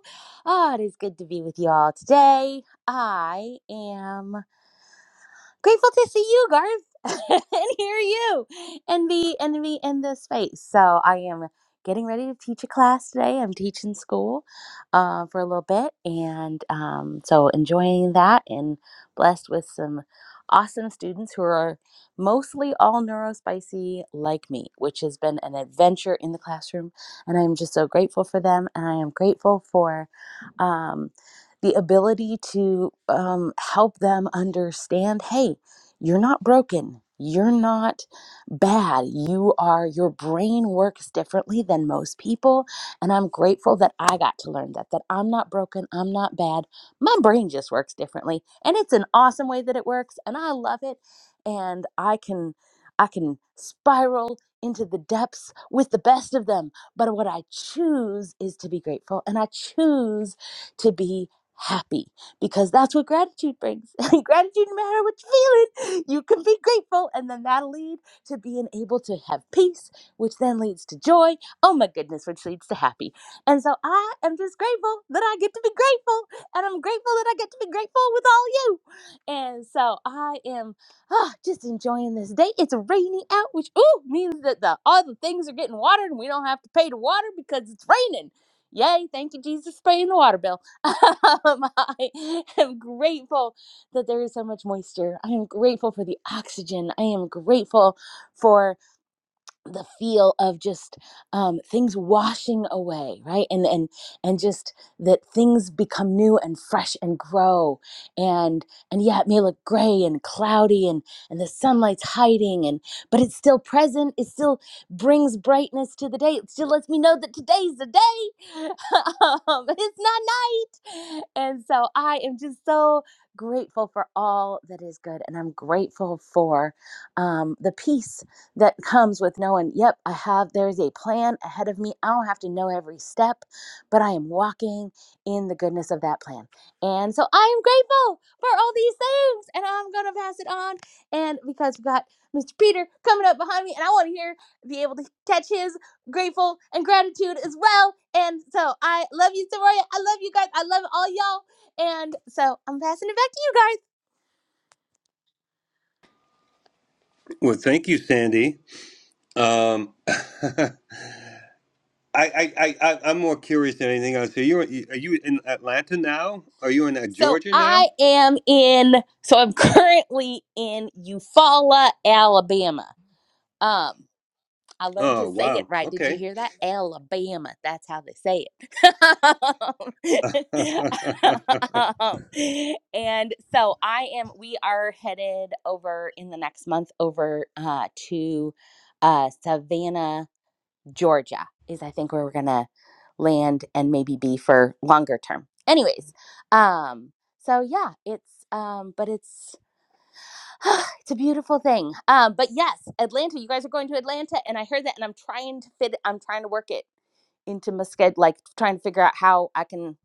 Speaker 25: Oh, it is good to be with you all today. I am grateful to see you, Garth, and hear you, and be and be in this space. So I am getting ready to teach a class today. I'm teaching school uh, for a little bit, and um, so enjoying that, and blessed with some awesome students who are mostly all neurospicy like me, which has been an adventure in the classroom, and I'm just so grateful for them, and I am grateful for. Um, the ability to um, help them understand hey, you're not broken. You're not bad. You are, your brain works differently than most people. And I'm grateful that I got to learn that, that I'm not broken. I'm not bad. My brain just works differently. And it's an awesome way that it works. And I love it. And I can, I can spiral into the depths with the best of them. But what I choose is to be grateful. And I choose to be happy because that's what gratitude brings. gratitude, no matter what you're feeling, you can be grateful, and then that'll lead to being able to have peace, which then leads to joy. Oh my goodness, which leads to happy. And so I am just grateful that I get to be grateful, and I'm grateful that I get to be grateful with all you. And so I am ah, just enjoying this day. It's rainy out, which ooh means that the all the things are getting watered, and we don't have to pay to water because it's raining. Yay! Thank you, Jesus, for paying the water bill. Um, I am grateful that there is so much moisture. I am grateful for the oxygen. I am grateful for the feel of just um, things washing away right and and and just that things become new and fresh and grow and and yeah it may look gray and cloudy and and the sunlight's hiding and but it's still present it still brings brightness to the day it still lets me know that today's the day um, it's not night and so i am just so grateful for all that is good and i'm grateful for um, the peace that comes with knowing, yep, I have, there's a plan ahead of me. I don't have to know every step, but I am walking in the goodness of that plan. And so I am grateful for all these things. And I'm going to pass it on. And because we've got Mr. Peter coming up behind me, and I want to hear, be able to catch his grateful and gratitude as well. And so I love you, Soraya. I love you guys. I love all y'all. And so I'm passing it back to you guys.
Speaker 17: Well, thank you, Sandy. Um, I, I, I, I- I'm more curious than anything else. Are you, are you in Atlanta now? Are you in uh,
Speaker 25: So
Speaker 17: Georgia now?
Speaker 25: I am in, so I'm currently in Eufaula, Alabama. Um, I learned to
Speaker 17: Oh,
Speaker 25: say it
Speaker 17: wow.
Speaker 25: right. Did you
Speaker 17: Okay.
Speaker 25: hear that? Alabama. That's how they say
Speaker 17: All
Speaker 25: it. Um, and so I am, we are headed over in the next month over uh, to uh, Savannah. Georgia is I think where we're gonna land and maybe be for longer term. Anyways, um, so yeah, it's um, but it's it's a beautiful thing. Um, but yes, Atlanta, you guys are going to Atlanta, and I heard that, and I'm trying to fit, I'm trying to work it into my schedule, like trying to figure out how I can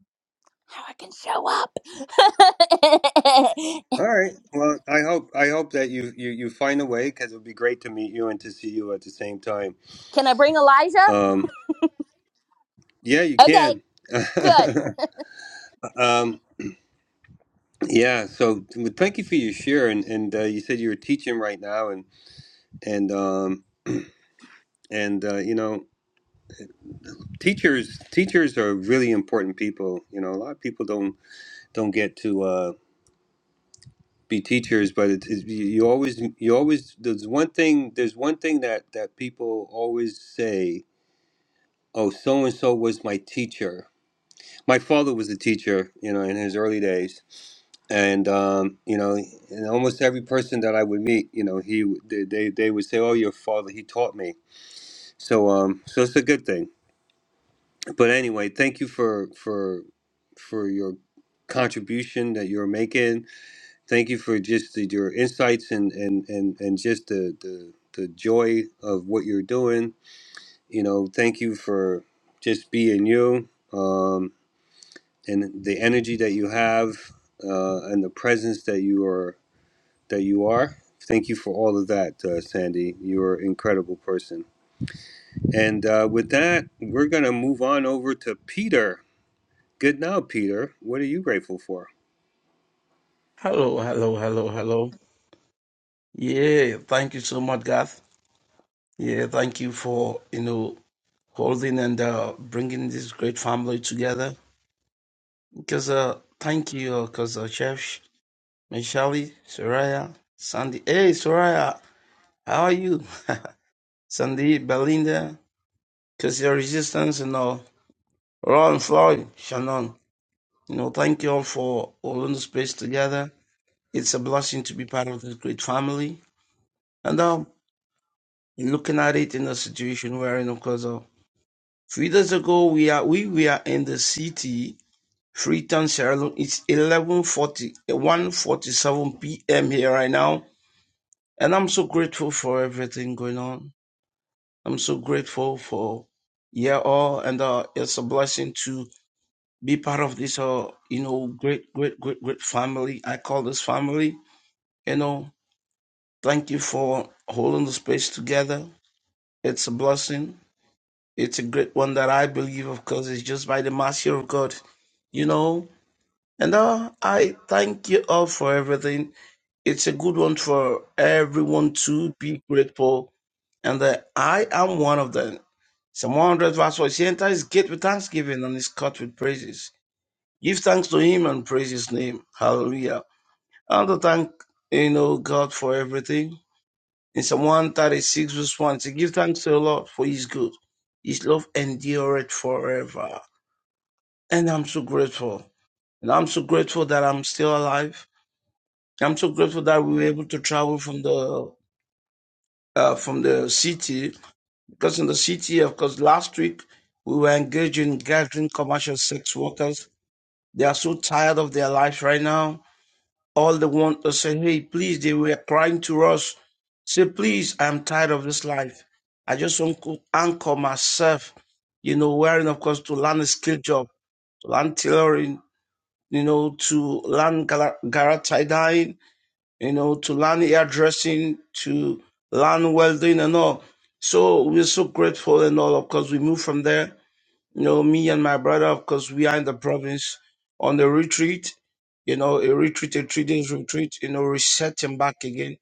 Speaker 25: how I can show up.
Speaker 17: right. Well, I hope I hope that you you, you find a way because it would be great to meet you and to see you at the same time.
Speaker 25: can I bring Elijah?
Speaker 17: Um, yeah, you
Speaker 25: Okay,
Speaker 17: can.
Speaker 25: good.
Speaker 17: Um, yeah, so well, thank you for your share, and and uh, you said you were teaching right now, and and um, and uh, you know, teachers teachers are really important people. You know, a lot of people don't don't get to uh, be teachers, but it's, it's you you always you always there's one thing there's one thing that that people always say. Oh, so and so was my teacher. My father was a teacher, you know, in his early days, and um, you know, and almost every person that I would meet, you know, he they they they would say, "Oh, your father, he taught me." So um, so it's a good thing. But anyway, thank you for for for your contribution that you're making. Thank you for just the, your insights and and and and just the the the joy of what you're doing. You know, thank you for just being you um, and the energy that you have uh, and the presence that you are. that you are. Thank you for all of that, uh, Sandy. You're an incredible person. And uh, with that, we're going to move on over to Peter. Good now, Peter. What are you grateful for?
Speaker 26: Hello, hello, hello, hello. Yeah, thank you so much, Garth. Yeah, thank you for you know holding and uh, bringing this great family together. Because uh, thank you, because uh, Chef Michelle, Soraya, Sandy. Hey, Soraya, how are you? Sandy, Belinda, because your resistance, you know, Ron, Floyd, Shannon. You know, thank you all for holding the space together. It's a blessing to be part of this great family. And um, in looking at it in a situation we're in because of three days ago we are we were in the city Freetown Sierra Leone it's eleven forty, one forty-seven p.m. here right now and I'm so grateful for everything going on I'm so grateful for yeah all and uh it's a blessing to be part of this uh you know great great great great family I call this family you know thank you for holding the space together it's a blessing It's a great one that I believe, of course, is just by the mercy of God, you know. And uh, I thank you all for everything. It's a good one for everyone to be grateful. And that I am one of them. Psalm 100 verse 4, he enters his gate with thanksgiving and his court with praises. Give thanks to him and praise his name. Hallelujah. And to thank, you know, God for everything. In Psalm 136 verse 1, to give thanks to the Lord for his good. His love endureth forever. And I'm so grateful. And I'm so grateful that I'm still alive. I'm so grateful that we were able to travel from the uh, from the city because in the city, of course, last week we were engaged in gathering commercial sex workers. They are so tired of their lives right now. All they want to say, hey, please, they were crying to us. Say, please, I'm tired of this life. I just want to anchor myself, you know, wearing, of course, to learn a skill job, to learn tailoring, you know, to learn gar- garage tie dyeing, you know, to learn hairdressing, to learn welding and all. So we're so grateful and all. Of course, we moved from there. You know, me and my brother, of course, we are in the province on the retreat, you know, a retreat, a three days retreat, you know, resetting back again,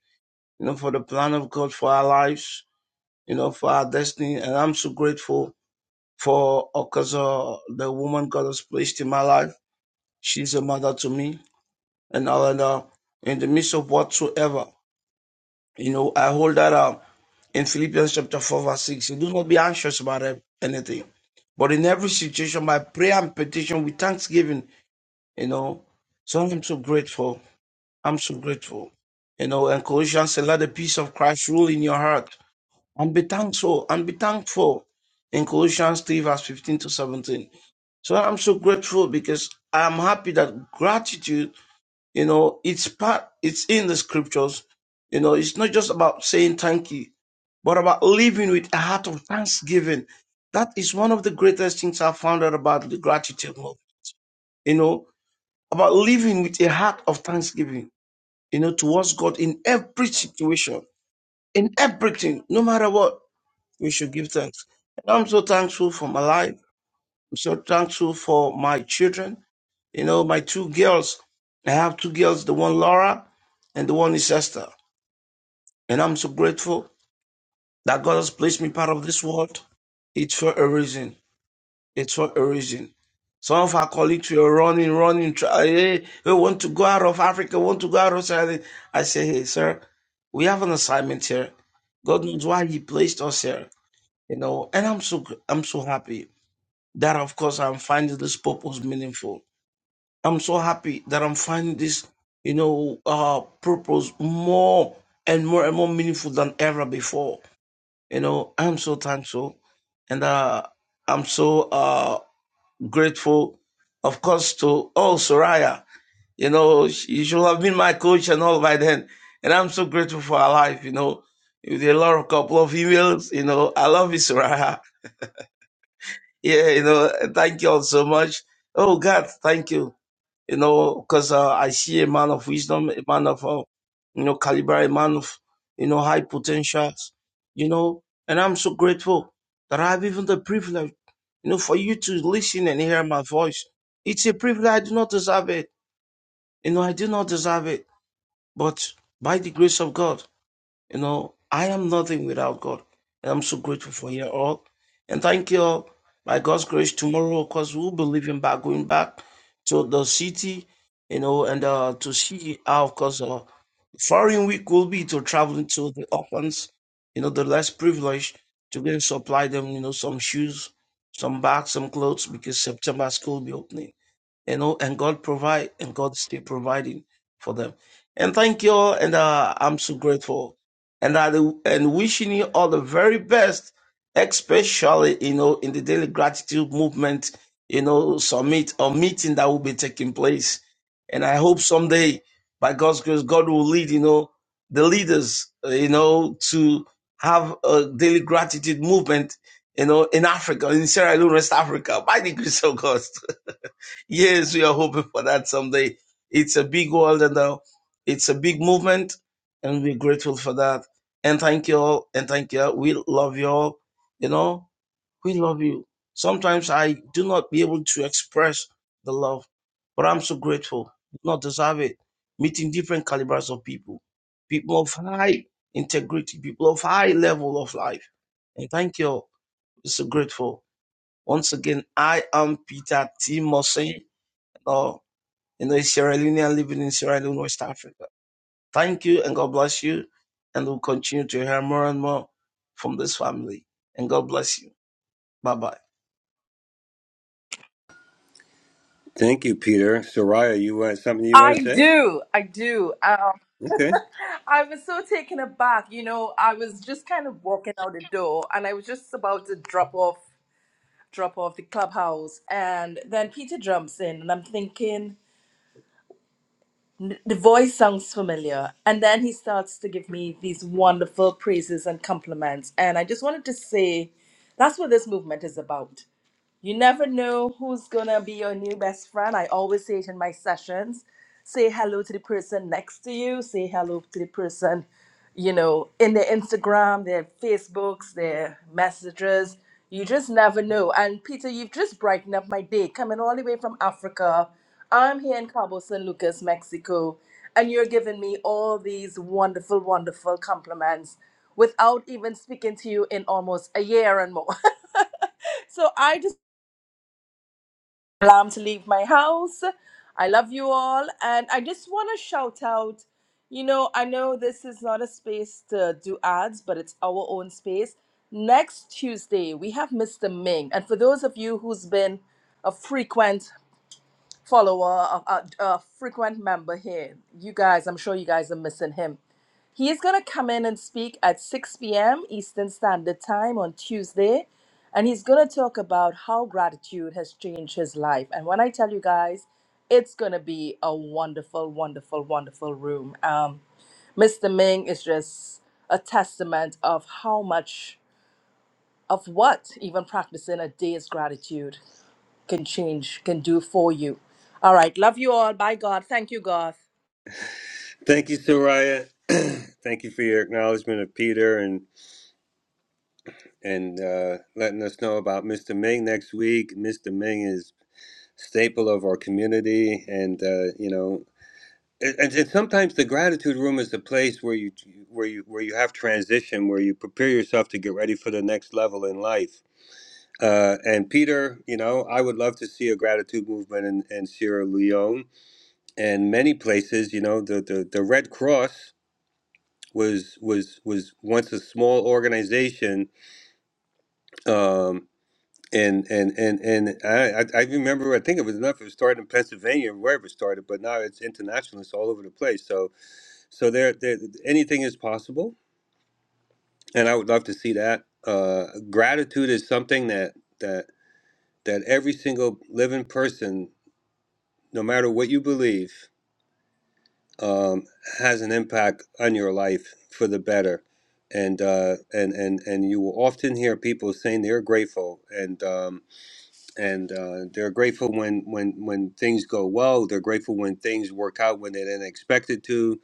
Speaker 26: you know, for the plan of God for our lives, you know, for our destiny. And I'm so grateful for, of course, uh, the woman God has placed in my life. She's a mother to me and all and uh, in the midst of whatsoever. You know, I hold that up in Philippians chapter 4, verse 6. You do not be anxious about anything, but in every situation, by prayer and petition with thanksgiving, you know. So I'm so grateful. I'm so grateful. You know, and Colossians said, let the peace of Christ rule in your heart and be thankful and be thankful in Colossians 3, verse 15 to 17. So I'm so grateful because I'm happy that gratitude you know, it's part, it's in the scriptures. You know, it's not just about saying thank you, but about living with a heart of thanksgiving. That is one of the greatest things I found out about the gratitude movement. You know, about living with a heart of thanksgiving, you know, towards God in every situation, in everything, no matter what, we should give thanks. And I'm so thankful for my life. I'm so thankful for my children. You know, my two girls. I have two girls, the one Laura and the one is Esther. And I'm so grateful that God has placed me part of this world. It's for a reason. It's for a reason. Some of our colleagues were running, running, try, hey, we want to go out of Africa, want to go out of Saudi. I say, hey, sir, we have an assignment here. God knows why He placed us here, you know. And I'm so I'm so happy that, of course, I'm finding this purpose meaningful. I'm so happy that I'm finding this, you know, uh, purpose more and more and more meaningful than ever before. You know, I'm so thankful and uh, I'm so uh, grateful, of course, to all Soraya. You know, she should have been my coach and all by then. And I'm so grateful for her life, you know, with a lot of couple of emails. You know, I love you, Soraya. Yeah, you know, thank you all so much. Oh, God, thank you you know, because uh, I see a man of wisdom, a man of, uh, you know, caliber, a man of, you know, high potentials, you know, and I'm so grateful that I have even the privilege, you know, for you to listen and hear my voice. It's a privilege. I do not deserve it. You know, I do not deserve it. But by the grace of God, you know, I am nothing without God. And I'm so grateful for you all. And thank you all. By God's grace, tomorrow, of course, we'll be leaving back, going back to the city, you know, and uh, to see how, of course, uh, foreign week will be to traveling to the orphans, you know, the less privileged, to go and supply them, you know, some shoes, some bags, some clothes, because September school will be opening you know, and God provide, and God's still providing for them. And thank you all, and uh, I'm so grateful, and I do- and wishing you all the very best, especially you know in the daily gratitude movement, you know, summit or meeting that will be taking place, and I hope someday by God's grace, God will lead you know the leaders, uh, you know, to have a daily gratitude movement, you know, in Africa, in Sierra Leone, West Africa, by the grace of God. Yes, we are hoping for that someday. It's a big world and uh, it's a big movement, and we're grateful for that. And thank you all, and thank you. all. We love you all. You know, we love you. Sometimes I do not be able to express the love, but I'm so grateful. Do not deserve it. Meeting different calibers of people, people of high integrity, people of high level of life. And thank you all. We're so grateful. Once again, I am Peter T. Mossing. You know, a Sierra Leonean living in Sierra Leone, West Africa. Thank you and God bless you. And we'll continue to hear more and more from this family. And God bless you. Bye bye.
Speaker 17: Thank you, Peter. Soraya, you want something you want
Speaker 18: I
Speaker 17: to say?
Speaker 18: do. I do. Um,
Speaker 17: Okay.
Speaker 18: I was so taken aback. You know, I was just kind of walking out the door and I was just about to drop off drop off the clubhouse and then Peter jumps in and I'm thinking "N- the voice sounds familiar and then he starts to give me these wonderful praises and compliments and I just wanted to say that's what this movement is about. You never know who's gonna be your new best friend. I always say it in my sessions. Say hello to the person next to you. Say hello to the person, you know, in their Instagram, their Facebooks, their messages. You just never know. And Peter, you've just brightened up my day. Coming all the way from Africa. I'm here in Cabo San Lucas, Mexico, and you're giving me all these wonderful, wonderful compliments without even speaking to you in almost a year and more. so I just alarm to leave my house. I love you all. And I just want to shout out you know, I know this is not a space to do ads, but it's our own space. Next Tuesday, we have Mr. Ming. And for those of you who's been a frequent follower, a, a, a frequent member here, you guys, I'm sure you guys are missing him. He is going to come in and speak at 6 p.m. Eastern Standard Time on Tuesday. And he's going to talk about how gratitude has changed his life. And when I tell you guys, it's going to be a wonderful, wonderful, wonderful room. Um, Mr. Ming is just a testament of how much of what even practicing a day's gratitude can change, can do for you. All right. Love you all. Bye, God. Thank you, God.
Speaker 17: Thank you, Soraya. Thank you for your acknowledgement of Peter and and uh, letting us know about Mr. Ming next week. Mr. Ming is staple of our community, and uh, you know and, and and sometimes the gratitude room is the place where you where you where you have transition where you prepare yourself to get ready for the next level in life uh, and peter you know i would love to see a gratitude movement in, in sierra leone and many places you know the, the, the red cross was was was once a small organization um, and and and and I, I I remember I think it was enough it was started in Pennsylvania wherever it started but now it's international it's all over the place so So there, there, anything is possible, and I would love to see that. Uh, gratitude is something that that that every single living person, no matter what you believe, um, has an impact on your life for the better. And uh, and and and you will often hear people saying they're grateful, and um, and uh, they're grateful when when when things go well. They're grateful when things work out when they didn't expect it to,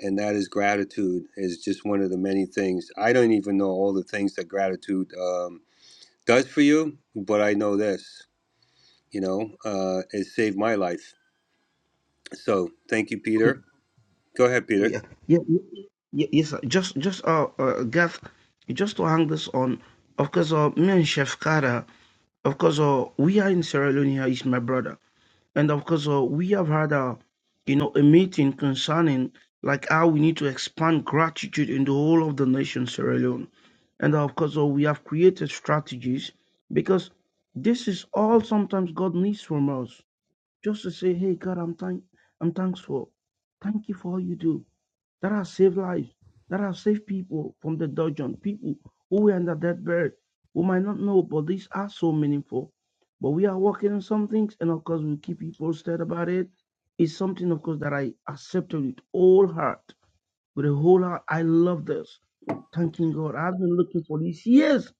Speaker 17: and that is gratitude is just one of the many things. I don't even know all the things that gratitude um, does for you, but I know this. You know, uh, it saved my life. So thank you,
Speaker 26: Oh,
Speaker 17: Peter. Go ahead, Peter.
Speaker 26: yeah. Yeah, yeah, yeah, yes, sir. Just, just, uh, uh, Gav, just to hang this on, of course, uh, me and Chef Kara, of course, uh, we are in Sierra Leone, here, he's my brother. and of course uh, we have had a you know a meeting concerning like how we need to expand gratitude in the whole of the nation sierra leone and of course uh, we have created strategies because this is all sometimes god needs from us just to say hey god i'm thank i'm thankful thank you for all you do that have saved lives, that have saved people from the dungeon, people who were under that bird, who might not know, but these are so meaningful. But we are working on some things, and of course, we'll keep you posted about it. It's something, of course, that I accepted with all heart, with a whole heart. I love this. Thanking God. I've been looking for these years,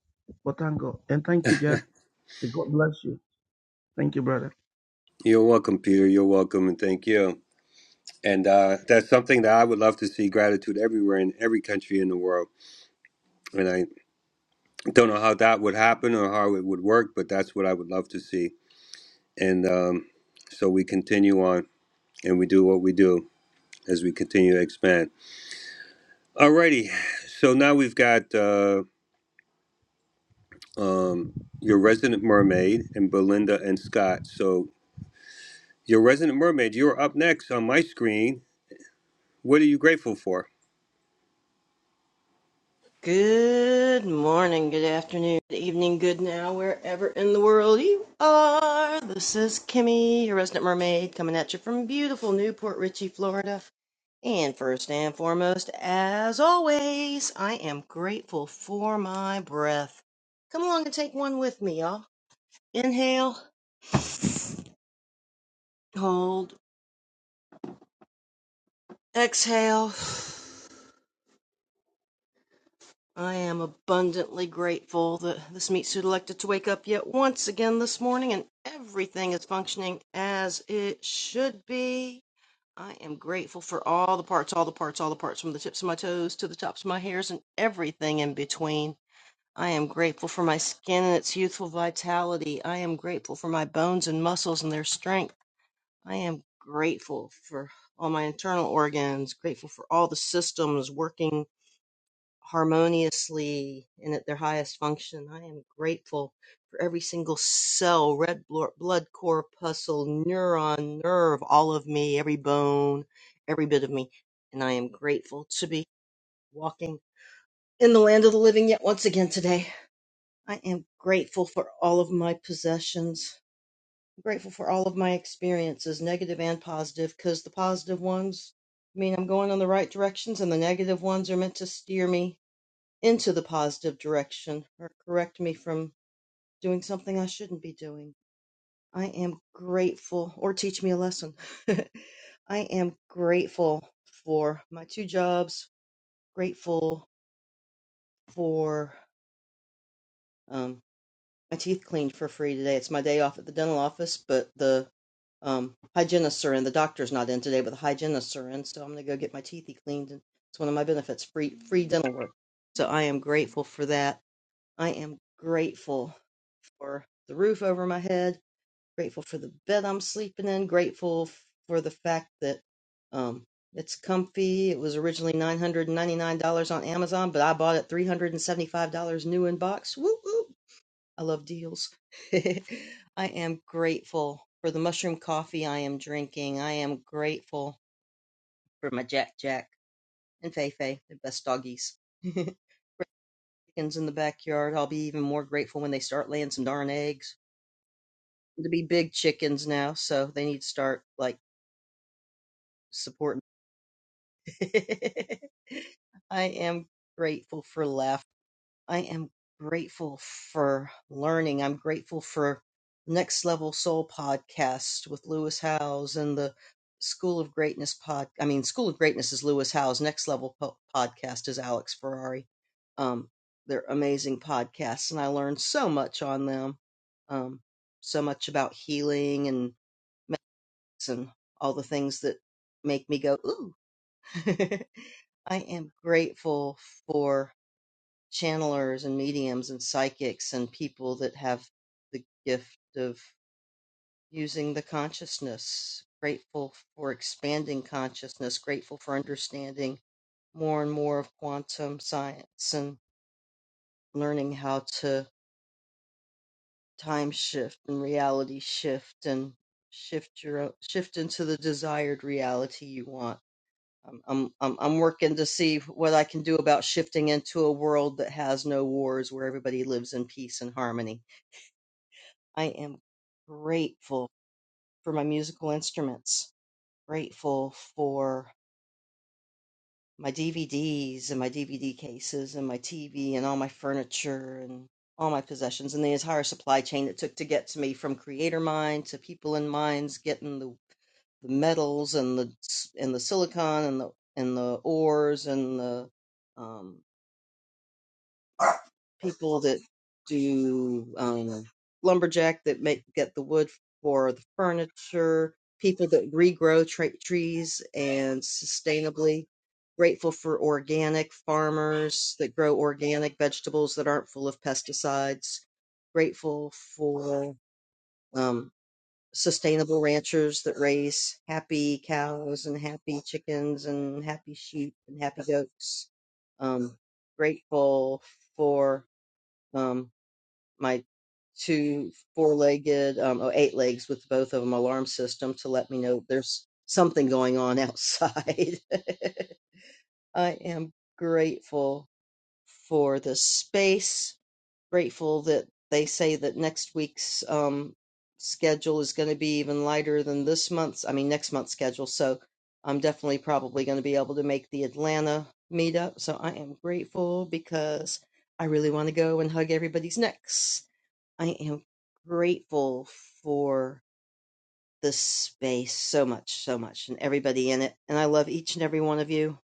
Speaker 26: but thank God. And thank you, God. May God bless you. Thank you, brother.
Speaker 17: You're welcome, Peter. You're welcome, and thank you. And uh, that's something that I would love to see gratitude everywhere in every country in the world. And I. Don't know how that would happen or how it would work, but that's what I would love to see. And um, so we continue on and we do what we do as we continue to expand. Alrighty, so now we've got uh, um, your resident mermaid and Belinda and Scott. So, your resident mermaid, you're up next on my screen. What are you grateful for?
Speaker 27: Good morning, good afternoon, good evening, good now, wherever in the world you are. This is Kimmy, your resident mermaid, coming at you from beautiful Newport Richey, Florida. And first and foremost, as always, I am grateful for my breath. Come along and take one with me, y'all. Inhale, hold, exhale. I am abundantly grateful that this meat suit elected to wake up yet once again this morning and everything is functioning as it should be. I am grateful for all the parts, all the parts, all the parts, from the tips of my toes to the tops of my hairs and everything in between. I am grateful for my skin and its youthful vitality. I am grateful for my bones and muscles and their strength. I am grateful for all my internal organs, grateful for all the systems working harmoniously and at their highest function. I am grateful for every single cell, red blo- blood corpuscle, neuron, nerve, all of me, every bone, every bit of me. And I am grateful to be walking in the land of the living yet once again today. I am grateful for all of my possessions. I'm grateful for all of my experiences, negative and positive, because the positive ones mean I'm going in the right directions and the negative ones are meant to steer me into the positive direction or correct me from doing something I shouldn't be doing. I am grateful, or teach me a lesson. I am grateful for my two jobs, grateful for um, my teeth cleaned for free today. It's my day off at the dental office, but the um, hygienists are in. The doctor's not in today, but the hygienists are in, so I'm going to go get my teethy cleaned. And it's one of my benefits free, free dental work. So I am grateful for that. I am grateful for the roof over my head, grateful for the bed I'm sleeping in, grateful for the fact that um, it's comfy. It was originally $999 on Amazon, but I bought it $375 new in box. Whoop, whoop. I love deals. I am grateful for the mushroom coffee I am drinking. I am grateful for my Jack Jack and Fei Fei, the best doggies. Chickens in the backyard. I'll be even more grateful when they start laying some darn eggs. to be big chickens now, so they need to start like supporting. I am grateful for laugh. I am grateful for learning. I'm grateful for Next Level Soul podcast with Lewis Howes and the School of Greatness pod. I mean, School of Greatness is Lewis Howes. Next Level po- podcast is Alex Ferrari. Um, they're amazing podcasts, and I learned so much on them. Um, so much about healing and and all the things that make me go, ooh. I am grateful for channelers and mediums and psychics and people that have the gift of using the consciousness. Grateful for expanding consciousness, grateful for understanding more and more of quantum science and learning how to time shift and reality shift and shift your o- shift into the desired reality you want I'm, I'm I'm I'm working to see what I can do about shifting into a world that has no wars, where everybody lives in peace and harmony. I am grateful for my musical instruments, grateful for my DVDs and my DVD cases and my TV and all my furniture and all my possessions and the entire supply chain it took to get to me from creator mine to people in mines getting the the metals and the and the silicon and the and the ores and the um, people that do um, lumberjack that make get the wood for the furniture, people that regrow tra- trees and sustainably. Grateful for organic farmers that grow organic vegetables that aren't full of pesticides. Grateful for um, sustainable ranchers that raise happy cows and happy chickens and happy sheep and happy goats. Um, grateful for um, my two four-legged, um, oh, eight legs with both of them alarm system to let me know there's something going on outside. I am grateful for the space. Grateful that they say that next week's um, schedule is going to be even lighter than this month's. I mean, next month's schedule. So I'm definitely probably going to be able to make the Atlanta meetup. So I am grateful because I really want to go and hug everybody's necks. I am grateful for this space so much, so much, and everybody in it. And I love each and every one of you.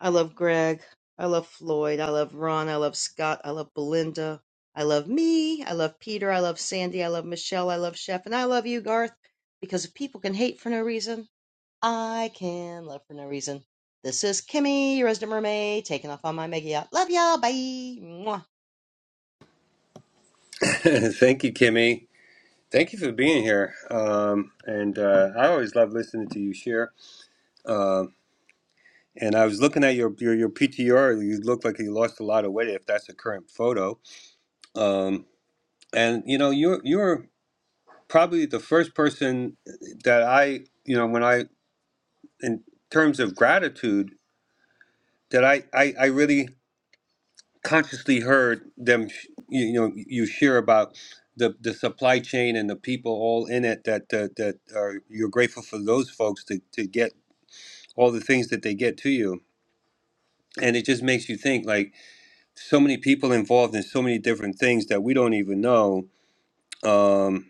Speaker 27: I love Greg. I love Floyd. I love Ron. I love Scott. I love Belinda. I love me. I love Peter. I love Sandy. I love Michelle. I love Chef. And I love you, Garth, because if people can hate for no reason, I can love for no reason. This is Kimmy, your resident mermaid, taking off on my mega yacht. Love y'all. Bye. Mwah.
Speaker 17: Thank you, Kimmy. Thank you for being here. Um, and uh, I always love listening to you share. Um, And I was looking at your your, your PTR. You look like you lost a lot of weight. If that's a current photo, um, and you know you're you're probably the first person that I you know when I in terms of gratitude that I I, I really consciously heard them sh- you, you know you share about the the supply chain and the people all in it that that, that are you're grateful for those folks to to get all the things that they get to you, and it just makes you think like so many people involved in so many different things that we don't even know um,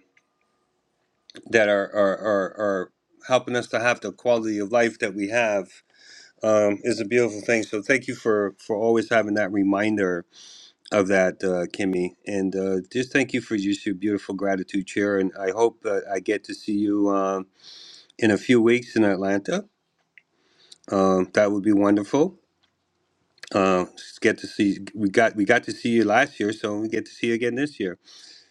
Speaker 17: that are, are, are, are helping us to have the quality of life that we have um, is a beautiful thing. So thank you for, for always having that reminder of that, uh, Kimmy. And uh, just thank you for just your beautiful gratitude chair. And I hope that I get to see you um, in a few weeks in Atlanta. Um, that would be wonderful. Uh, get to see we got we got to see you last year, so we get to see you again this year.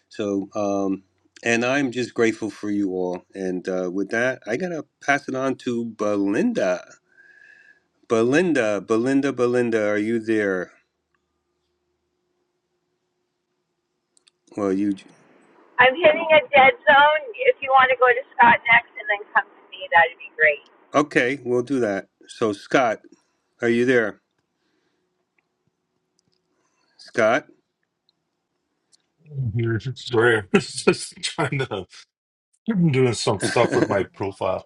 Speaker 17: So, um, and I'm just grateful for you all. And uh, with that, I gotta pass it on to Belinda. Belinda, Belinda, Belinda, are you there? Well, you
Speaker 28: I'm hitting a dead zone. If you want to go to Scott next and then come to me, that'd be great.
Speaker 17: okay? We'll do that. So, Scott, are you there? Scott.
Speaker 29: You're just rare. just trying to. I've been doing some stuff with my profile.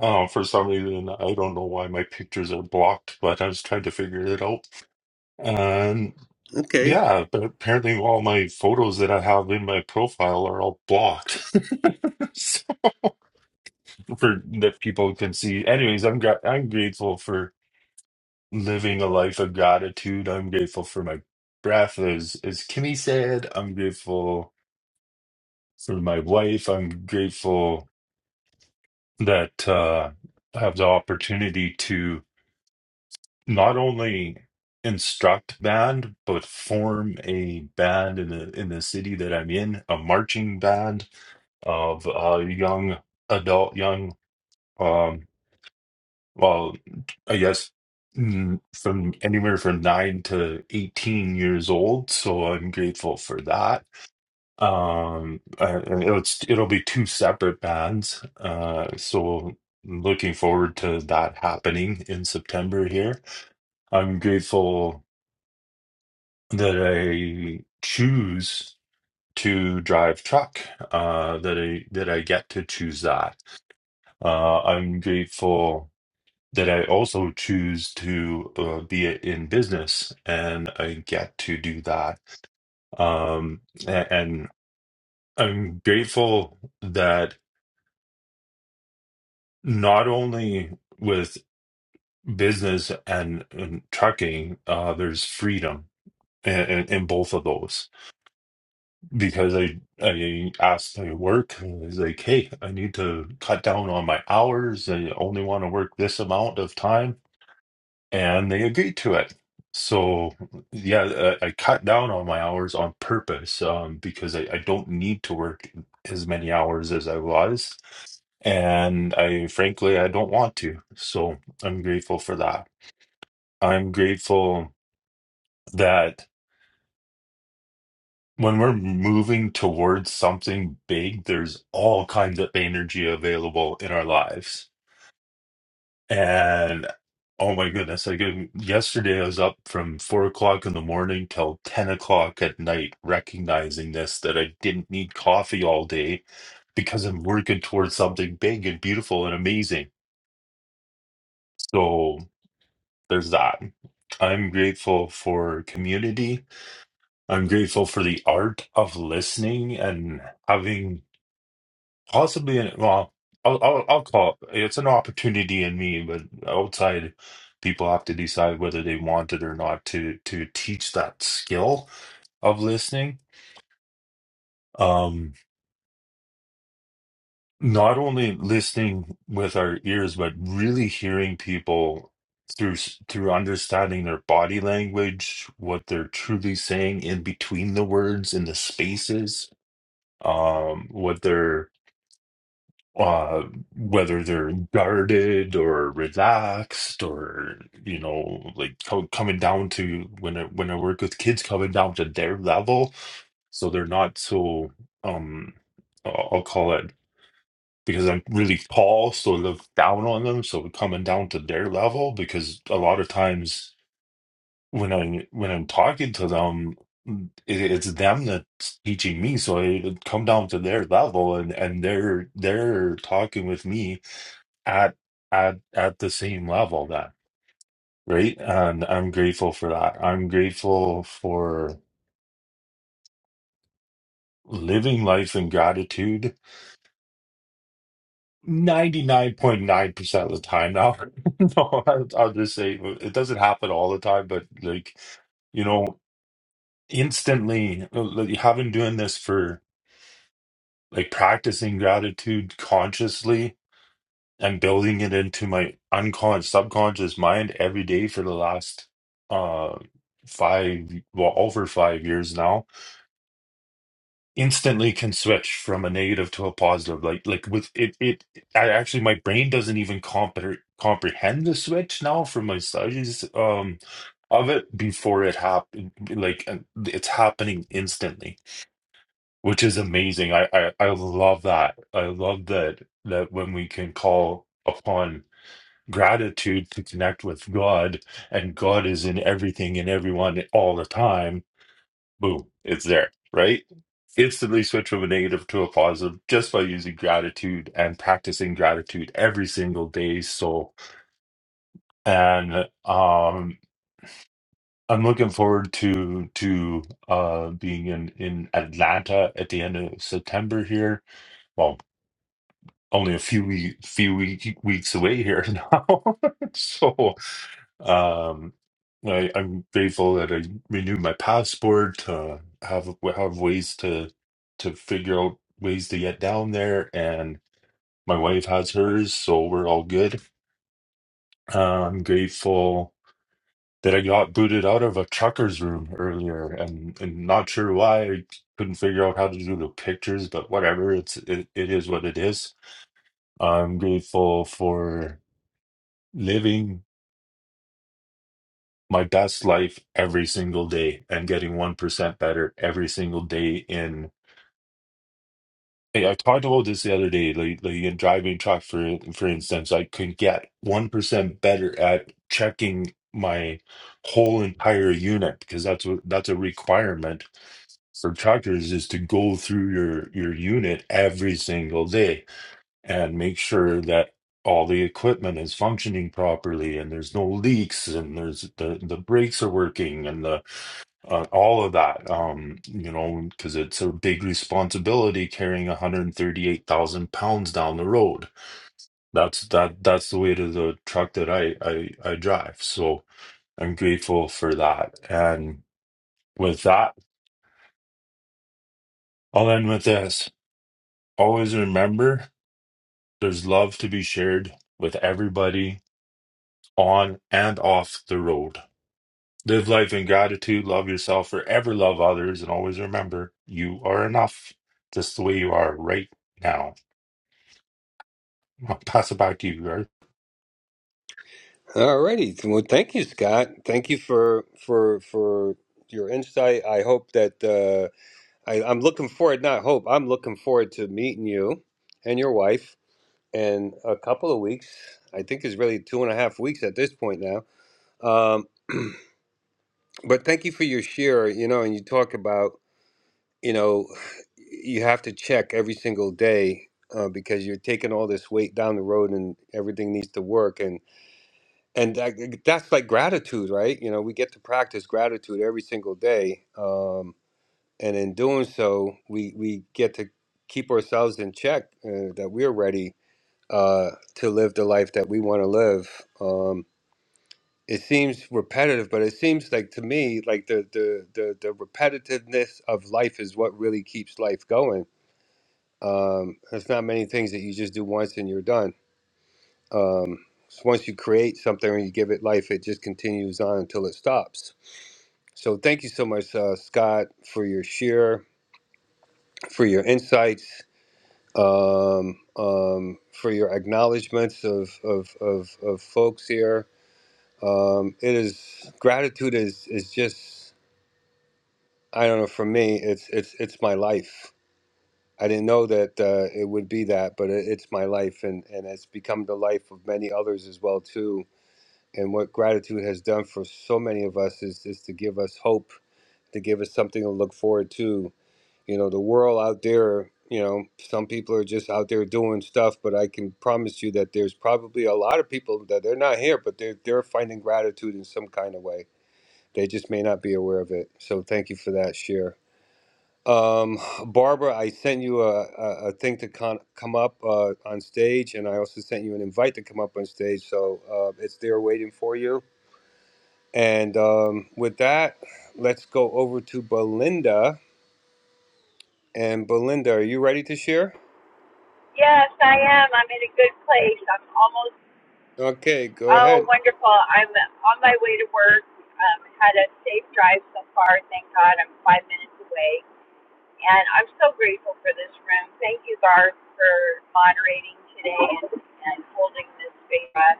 Speaker 29: Um, for some reason, I don't know why my pictures are blocked, but I was trying to figure it out. And
Speaker 17: okay.
Speaker 29: yeah, but apparently all my photos that I have in my profile are all blocked, so, for that people can see. Anyways, I'm gra- I'm grateful for living a life of gratitude. I'm grateful for my breath, as as Kimmy said. I'm grateful for my wife. I'm grateful that uh, have the opportunity to not only instruct band but form a band in the in the city that I'm in, a marching band of uh, young adult, young um, well, I guess mm, from anywhere from nine to eighteen years old. So I'm grateful for that Um, uh, and it's it'll be two separate bands. Uh, so looking forward to that happening in September here. I'm grateful that I choose to drive truck. Uh, that I that I get to choose that. Uh, I'm grateful that I also choose to uh, be in business and I get to do that. Um, a- and I'm grateful that. not only with business and, and trucking, uh, there's freedom in, in, in both of those because I I asked my work and I was like, hey, I need to cut down on my hours. I only want to work this amount of time and they agreed to it. So yeah, I, I cut down on my hours on purpose um, because I, I don't need to work as many hours as I was, and I frankly I don't want to. So I'm grateful for that. I'm grateful that when we're moving towards something big, there's all kinds of energy available in our lives And oh my goodness, I gave yesterday I was up from four o'clock in the morning till ten o'clock at night, recognizing this that I didn't need coffee all day because I'm working towards something big and beautiful and amazing. So there's that. I'm grateful for community. I'm grateful for the art of listening and having Possibly, in, well, I'll, I'll I'll call it. It's an opportunity in me, but outside, people have to decide whether they want it or not to to teach that skill of listening. Um, not only listening with our ears, but really hearing people through s- through understanding their body language, what they're truly saying in between the words, in the spaces, um, what they're uh, whether they're guarded or relaxed or you know like co- coming down to when I, when I work with kids coming down to their level so they're not so um I'll I'll call it because I'm really tall so I look down on them so coming down to their level because a lot of times when I when I'm talking to them it, it's them that's teaching me so I come down to their level and and they're they're talking with me at at at the same level then right and i'm grateful for that i'm grateful for living life in gratitude 99.9% of the time now no I'll, I'll just say it doesn't happen all the time but like you know instantly like, having doing this for like practicing gratitude consciously I'm building it into my unconscious, subconscious mind every day for the last uh five, well, over five years now. Instantly can switch from a negative to a positive. Like, like with it, it. I actually, my brain doesn't even compre comprehend the switch now from my studies um of it before it happened. Like, uh, it's happening instantly, which is amazing. I, I, I love that. I love that that when we can call upon gratitude to connect with God, and God is in everything and everyone all the time, boom, it's there, right? Instantly switch from a negative to a positive just by using gratitude and practicing gratitude every single day. So, and um, I'm looking forward to to uh, being in in Atlanta at the end of September here. Well, only a few week, few week, weeks away here now. so Um, I, I'm grateful that I renewed my passport. Uh, have have ways to to figure out ways to get down there, and my wife has hers, so we're all good. Uh, I'm grateful that I got booted out of a trucker's room earlier, and and not sure why. I couldn't figure out how to do the pictures, but whatever. It's it, it is what it is. I'm grateful for living my best life every single day and getting 1% better every single day in Hey, I talked about this the other day, like, like in driving truck, for for instance, I could get 1% better at checking my whole entire unit because that's what that's a requirement for truckers is to go through your your unit every single day and make sure that all the equipment is functioning properly and there's no leaks and there's the the brakes are working and the uh, all of that, um, you know, because it's a big responsibility carrying 138,000 pounds down the road. That's that that's the weight of the truck that I, I I drive. So I'm grateful for that. And with that, I'll end with this. Always remember there's love to be shared with everybody on and off the road. Live life in gratitude, love yourself, forever love others, and always remember you are enough just the way you are right now. I'll pass you, Greg.
Speaker 17: Alrighty. Well, thank you, Scott. Thank you for for for your insight. I hope that uh, I, I'm looking forward. Not hope. I'm looking forward to meeting you and your wife in a couple of weeks. I think it's really two and a half weeks at this point now. Um, but thank you for your share. You know, and you talk about you know you have to check every single day uh, because you're taking all this weight down the road and everything needs to work and and that, that's like gratitude, right? You know, we get to practice gratitude every single day, um, and in doing so, we we get to keep ourselves in check uh, that we're ready uh, to live the life that we want to live. Um, it seems repetitive, but it seems like to me, like the the the, the repetitiveness of life is what really keeps life going. Um, there's not many things that you just do once and you're done. Um, so once you create something and you give it life, it just continues on until it stops. So thank you so much, uh, Scott, for your share, for your insights um, um, for your acknowledgments of, of, of, of folks here Um, it is gratitude is is just I don't know for me it's it's it's my life. I didn't know that uh, it would be that, but it, it's my life, and and it's become the life of many others as well too. And what gratitude has done for so many of us is is to give us hope, to give us something to look forward to. You know, the world out there. You know, some people are just out there doing stuff, but I can promise you that there's probably a lot of people that they're not here, but they're they're finding gratitude in some kind of way They just may not be aware of it. So thank you for that share. Um, Barbara, I sent you a, a, a thing to con- come up uh, on stage, and I also sent you an invite to come up on stage. So uh, it's there waiting for you. And um, with that, let's go over to Belinda. And Belinda, are you ready to share?
Speaker 28: Yes, I am. I'm in a good place. I'm almost,
Speaker 17: Okay, go
Speaker 28: oh,
Speaker 17: ahead.
Speaker 28: wonderful. I'm on my way to work. Um, had a safe drive so far. Thank God I'm five minutes away. And I'm so grateful for this room. Thank you, Garth, for moderating today and, and holding this space. for us.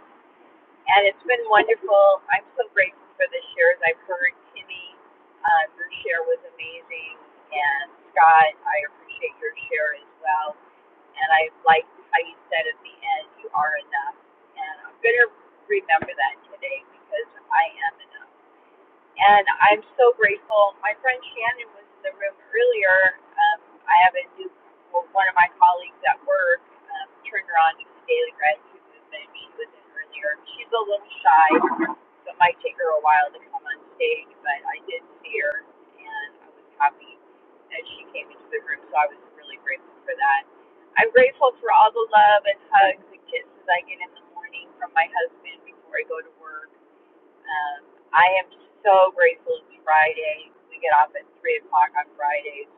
Speaker 28: and it's been wonderful. I'm so grateful for the shares I've heard. Kimmy, uh, your share was amazing, and Scott, I appreciate your share as well. And I like how you said at the end, "You are enough," and I'm gonna remember that today because I am enough and I'm so grateful. My friend Shannon was in the room earlier. Um, I have a new well, one of my colleagues at work um, turned her on to the daily gratitude movement. She was in earlier. She's a little shy, so it might take her a while to come on stage. But I did see her, and I was happy that she came into the room. So I was really grateful for that. I'm grateful for all the love and hugs and kisses I get in the morning from my husband before I go to work um, I am so grateful it's Friday. We get off at 3 o'clock on Fridays.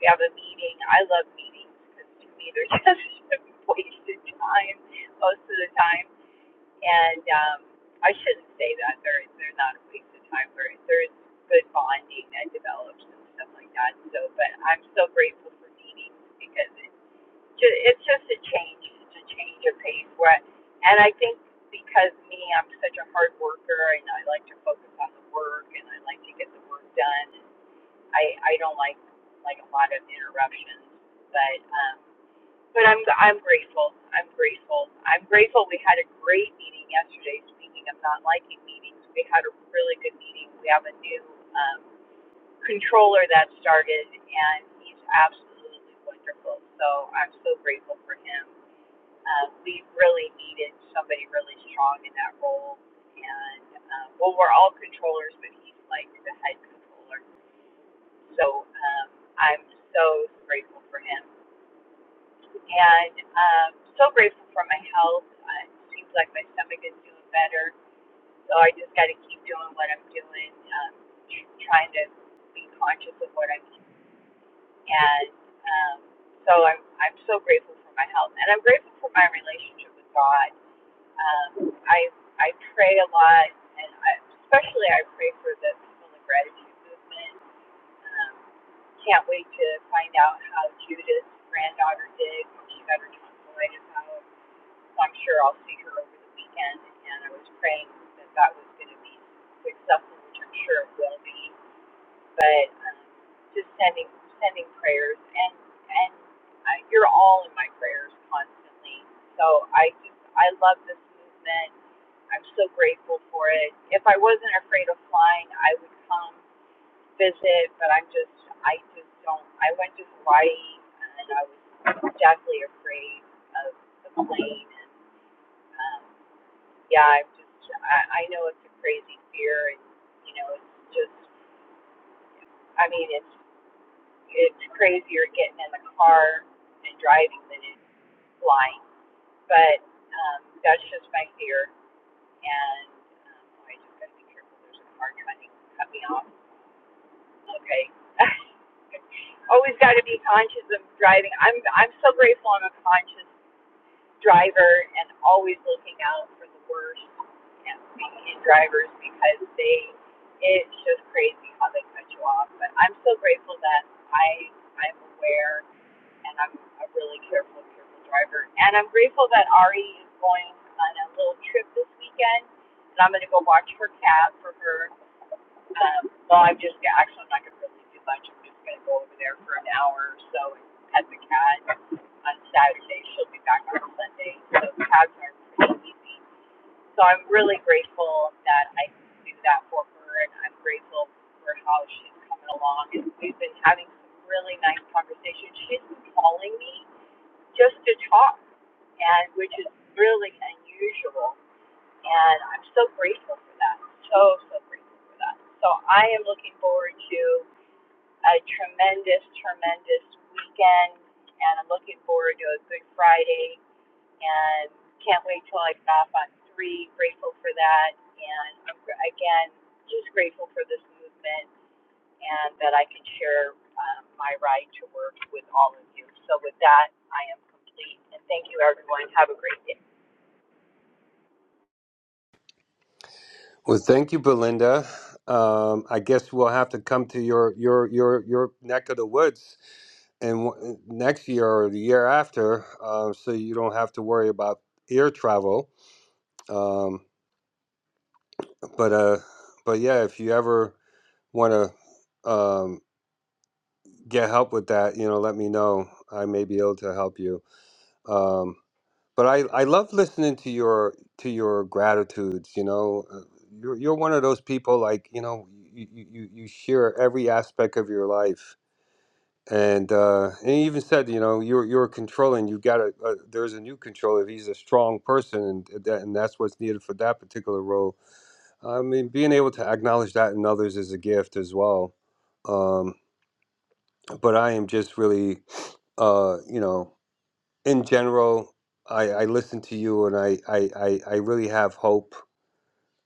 Speaker 28: We have a meeting. I love meetings because to me they're just wasted time most of the time. And um, I shouldn't say that. They're, they're not a waste of time. There- There's good bonding that develops and stuff like that. So, But I'm so grateful for meetings because it ju- it's just a change. It's a change of pace. Where, I- and I think because me, I'm such a hard worker, and I like to focus on the work, and I like to get the work done. I I don't like like a lot of interruptions, but um, but I'm I'm grateful. I'm grateful. I'm grateful. We had a great meeting yesterday. Speaking of not liking meetings, we had a really good meeting. We have a new um, controller that started, and he's absolutely wonderful. So I'm so grateful for him um, we really needed somebody really strong in that role. And um, well, we're all controllers, but he's like the head controller. So um, I'm so grateful for him, and um, so grateful for my health. Uh, It seems like my stomach is doing better, so I just got to keep doing what I'm doing, um, trying to be conscious of what I'm eating. And um, so I'm I'm so grateful for my health, and I'm grateful for my relationship with God Um, I I pray a lot, and I, especially I pray for the people in the gratitude movement. Um, can't wait to find out how Judith's granddaughter did when she got her tonsillitis out. So I'm sure I'll see her over the weekend, and I was praying that that was going to be successful, which I'm sure it will be. But um, just sending sending prayers, and and I, you're all in my prayers constantly. So I just I love this movement. I'm so grateful for it. If I wasn't afraid of flying, I would come visit, but I'm just, I just don't. I went to Hawaii and I was deathly afraid of the plane. And um, yeah, I'm just, I, I know it's a crazy fear, and you know, it's just, I mean, it's it's crazier getting in the car and driving than it is flying, but um, that's just my fear, and um, I just gotta be careful. There's a car trying to cut me off. Okay. Always got to be conscious of driving. I'm I'm so grateful I'm a conscious driver and always looking out for the worst and in drivers because they it's just crazy how they cut you off. But I'm so grateful that I I'm aware and I'm a really careful careful driver. And I'm grateful that Ari is going on a little trip this weekend and I'm going to go watch her cat for her um, well, I'm just yeah, actually I'm not going to really do much. I'm just going to go over there for an hour or so and pet the cat. On Saturday, she'll be back on Sunday, so the cats are pretty easy. So I'm really grateful that I can do that for her, and I'm grateful for how she's coming along. And we've been having some really nice conversations. She's been calling me just to talk, and which is really unusual and I'm so grateful for that. So so grateful for that. So I am looking forward to a tremendous, tremendous weekend, and I'm looking forward to a Good Friday, and can't wait till I get off on three. Grateful for that, and I'm, again, just grateful for this movement and that I can share um, my ride to work with all of you. So with that, I am complete, and thank you, everyone. Have a great day.
Speaker 17: Well, thank you, Belinda. Um, I guess we'll have to come to your your your your neck of the woods and w- next year or the year after, um, so you don't have to worry about air travel. Um, but uh, but yeah, if you ever want to um, get help with that, you know, let me know. I may be able to help you. Um, but I, I love listening to your to your gratitudes. You know, Uh, you're you're one of those people like you know you you, you you share every aspect of your life and uh, and he even said, you know, you're you're controlling. You got to. Uh, there's a new controller. He's a strong person, and that, and that's what's needed for that particular role. I mean, being able to acknowledge that in others is a gift as well. Um, but I am just really, uh, you know, in general, I, I listen to you, and I I I, I really have hope.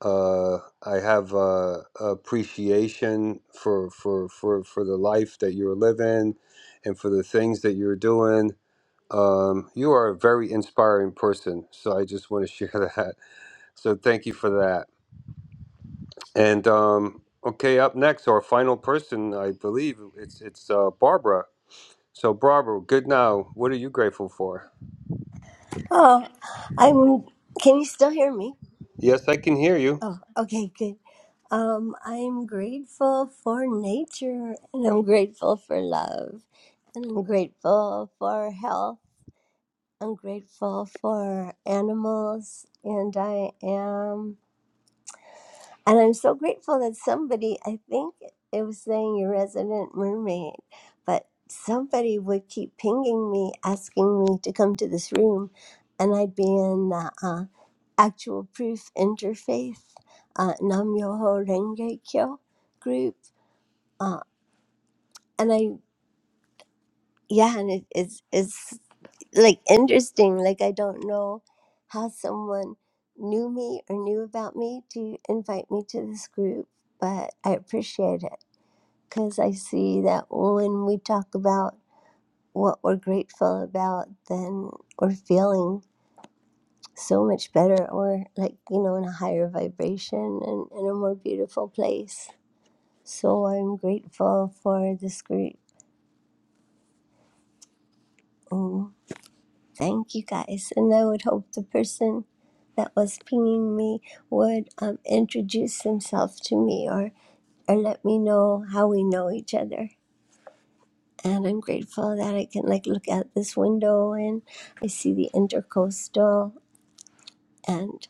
Speaker 17: Uh, I have uh, appreciation for for for for the life that you're living, and for the things that you're doing Um, you are a very inspiring person, so I just want to share that. So thank you for that. And um, okay, up next, our final person, I believe it's it's uh, Barbara. So Barbara, good now. What are you grateful for?
Speaker 30: Oh, I'm. Can you still hear me?
Speaker 17: Yes, I can hear you.
Speaker 30: Oh, okay, good. Um, I'm grateful for nature, and I'm grateful for love, and I'm grateful for health. I'm grateful for animals, and I am, and I'm so grateful that somebody. I think it was saying your resident mermaid, but somebody would keep pinging me, asking me to come to this room, and I'd be in. Uh, Actual Proof Interfaith, uh, Nam Yoho Renge Kyo group. Uh, and I, yeah, and it, it's, it's like interesting. Like, I don't know how someone knew me or knew about me to invite me to this group, but I appreciate it because I see that when we talk about what we're grateful about, then we're feeling so much better or like, you know, in a higher vibration and in a more beautiful place So I'm grateful for this group. And thank you guys. And I would hope the person that was pinging me would um, introduce himself to me or, or let me know how we know each other. And I'm grateful that I can like look out this window and I see the intercoastal and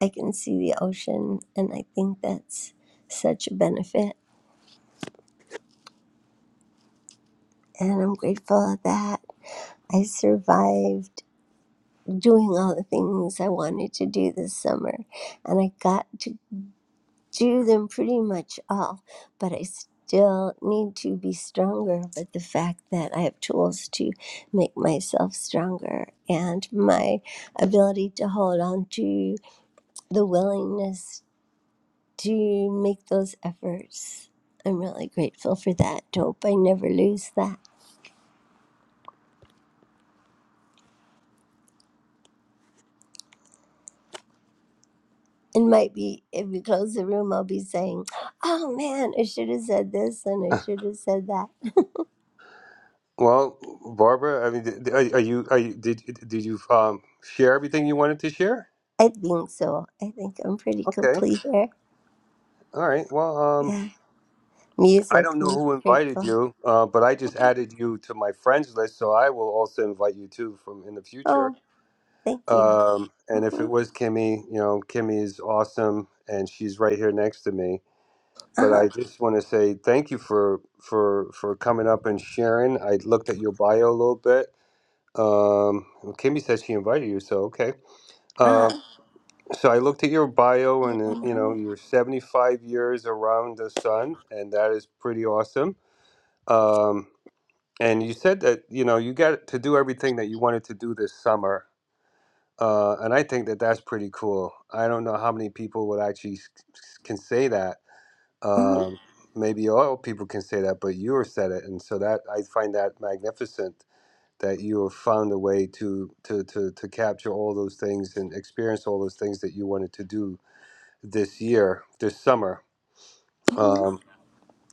Speaker 30: I can see the ocean. And I think that's such a benefit. And I'm grateful that I survived doing all the things I wanted to do this summer. And I got to do them pretty much all, but I still need to be stronger. But the fact that I have tools to make myself stronger and my ability to hold on to the willingness to make those efforts, I'm really grateful for that. Hope I never lose that. It might be if we close the room, I'll be saying, oh man, I should have said this and I should have said that.
Speaker 17: Well, Barbara, I mean, d- d- are, are you are you did did you um share everything you wanted to share?
Speaker 30: I think so. I think I'm pretty
Speaker 17: Okay,
Speaker 30: complete here.
Speaker 17: all right. Well, um,
Speaker 30: Yeah.
Speaker 17: I
Speaker 30: Music,
Speaker 17: don't know
Speaker 30: I'm
Speaker 17: who invited
Speaker 30: grateful.
Speaker 17: you, uh, but I just added you to my friends list, so I will also invite you too from in the future.
Speaker 30: Oh, thank you.
Speaker 17: Um, and if
Speaker 30: Mm-hmm.
Speaker 17: it was Kimmy, you know, Kimmy is awesome, and she's right here next to me. But
Speaker 30: Uh-huh.
Speaker 17: I just want to say thank you for for for coming up and sharing. I looked at your bio a little bit. Um, well, Kimmy said she invited you, so okay.
Speaker 30: Uh-huh.
Speaker 17: Um, so I looked at your bio, and uh, you know,
Speaker 30: Mm-hmm.
Speaker 17: you're 75 years around the sun, and that is pretty awesome. Um, and you said that you know you got to do everything that you wanted to do this summer, Uh, and I think that that's pretty cool. I don't know how many people would actually s- s- can say that. Um, maybe all people can say that, but you said it, and so that I find that magnificent that you have found a way to to to to capture all those things and experience all those things that you wanted to do this year, this summer.
Speaker 30: Mm-hmm.
Speaker 17: Um,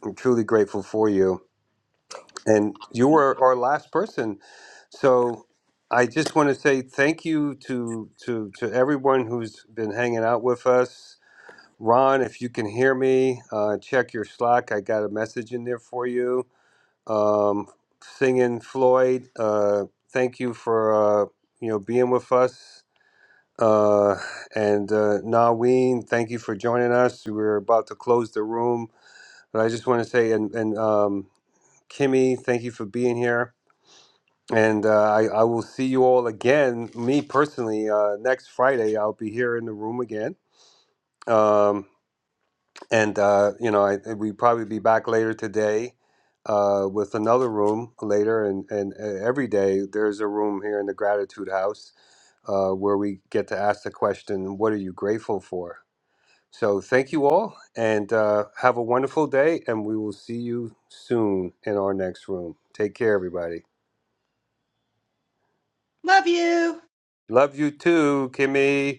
Speaker 17: I'm truly grateful for you. and you were our last person. So I just want to say thank you to to to everyone who's been hanging out with us. Ron, if you can hear me, uh, check your Slack. I got a message in there for you. Um, singing Floyd, uh, thank you for uh, you know being with us. Uh, and uh, Naween, thank you for joining us. We're about to close the room, but I just want to say, and and um, Kimmy, thank you for being here and uh, I, I will see you all again. Me personally, uh, next Friday, I'll be here in the room again. Um, and, uh, you know, I, we probably be back later today uh, with another room later. And, and uh, every day, there's a room here in the Gratitude House uh, where we get to ask the question, What are you grateful for? So thank you all and uh, have a wonderful day. And we will see you soon in our next room. Take care, everybody.
Speaker 27: Love you.
Speaker 17: Love you too, Kimmy.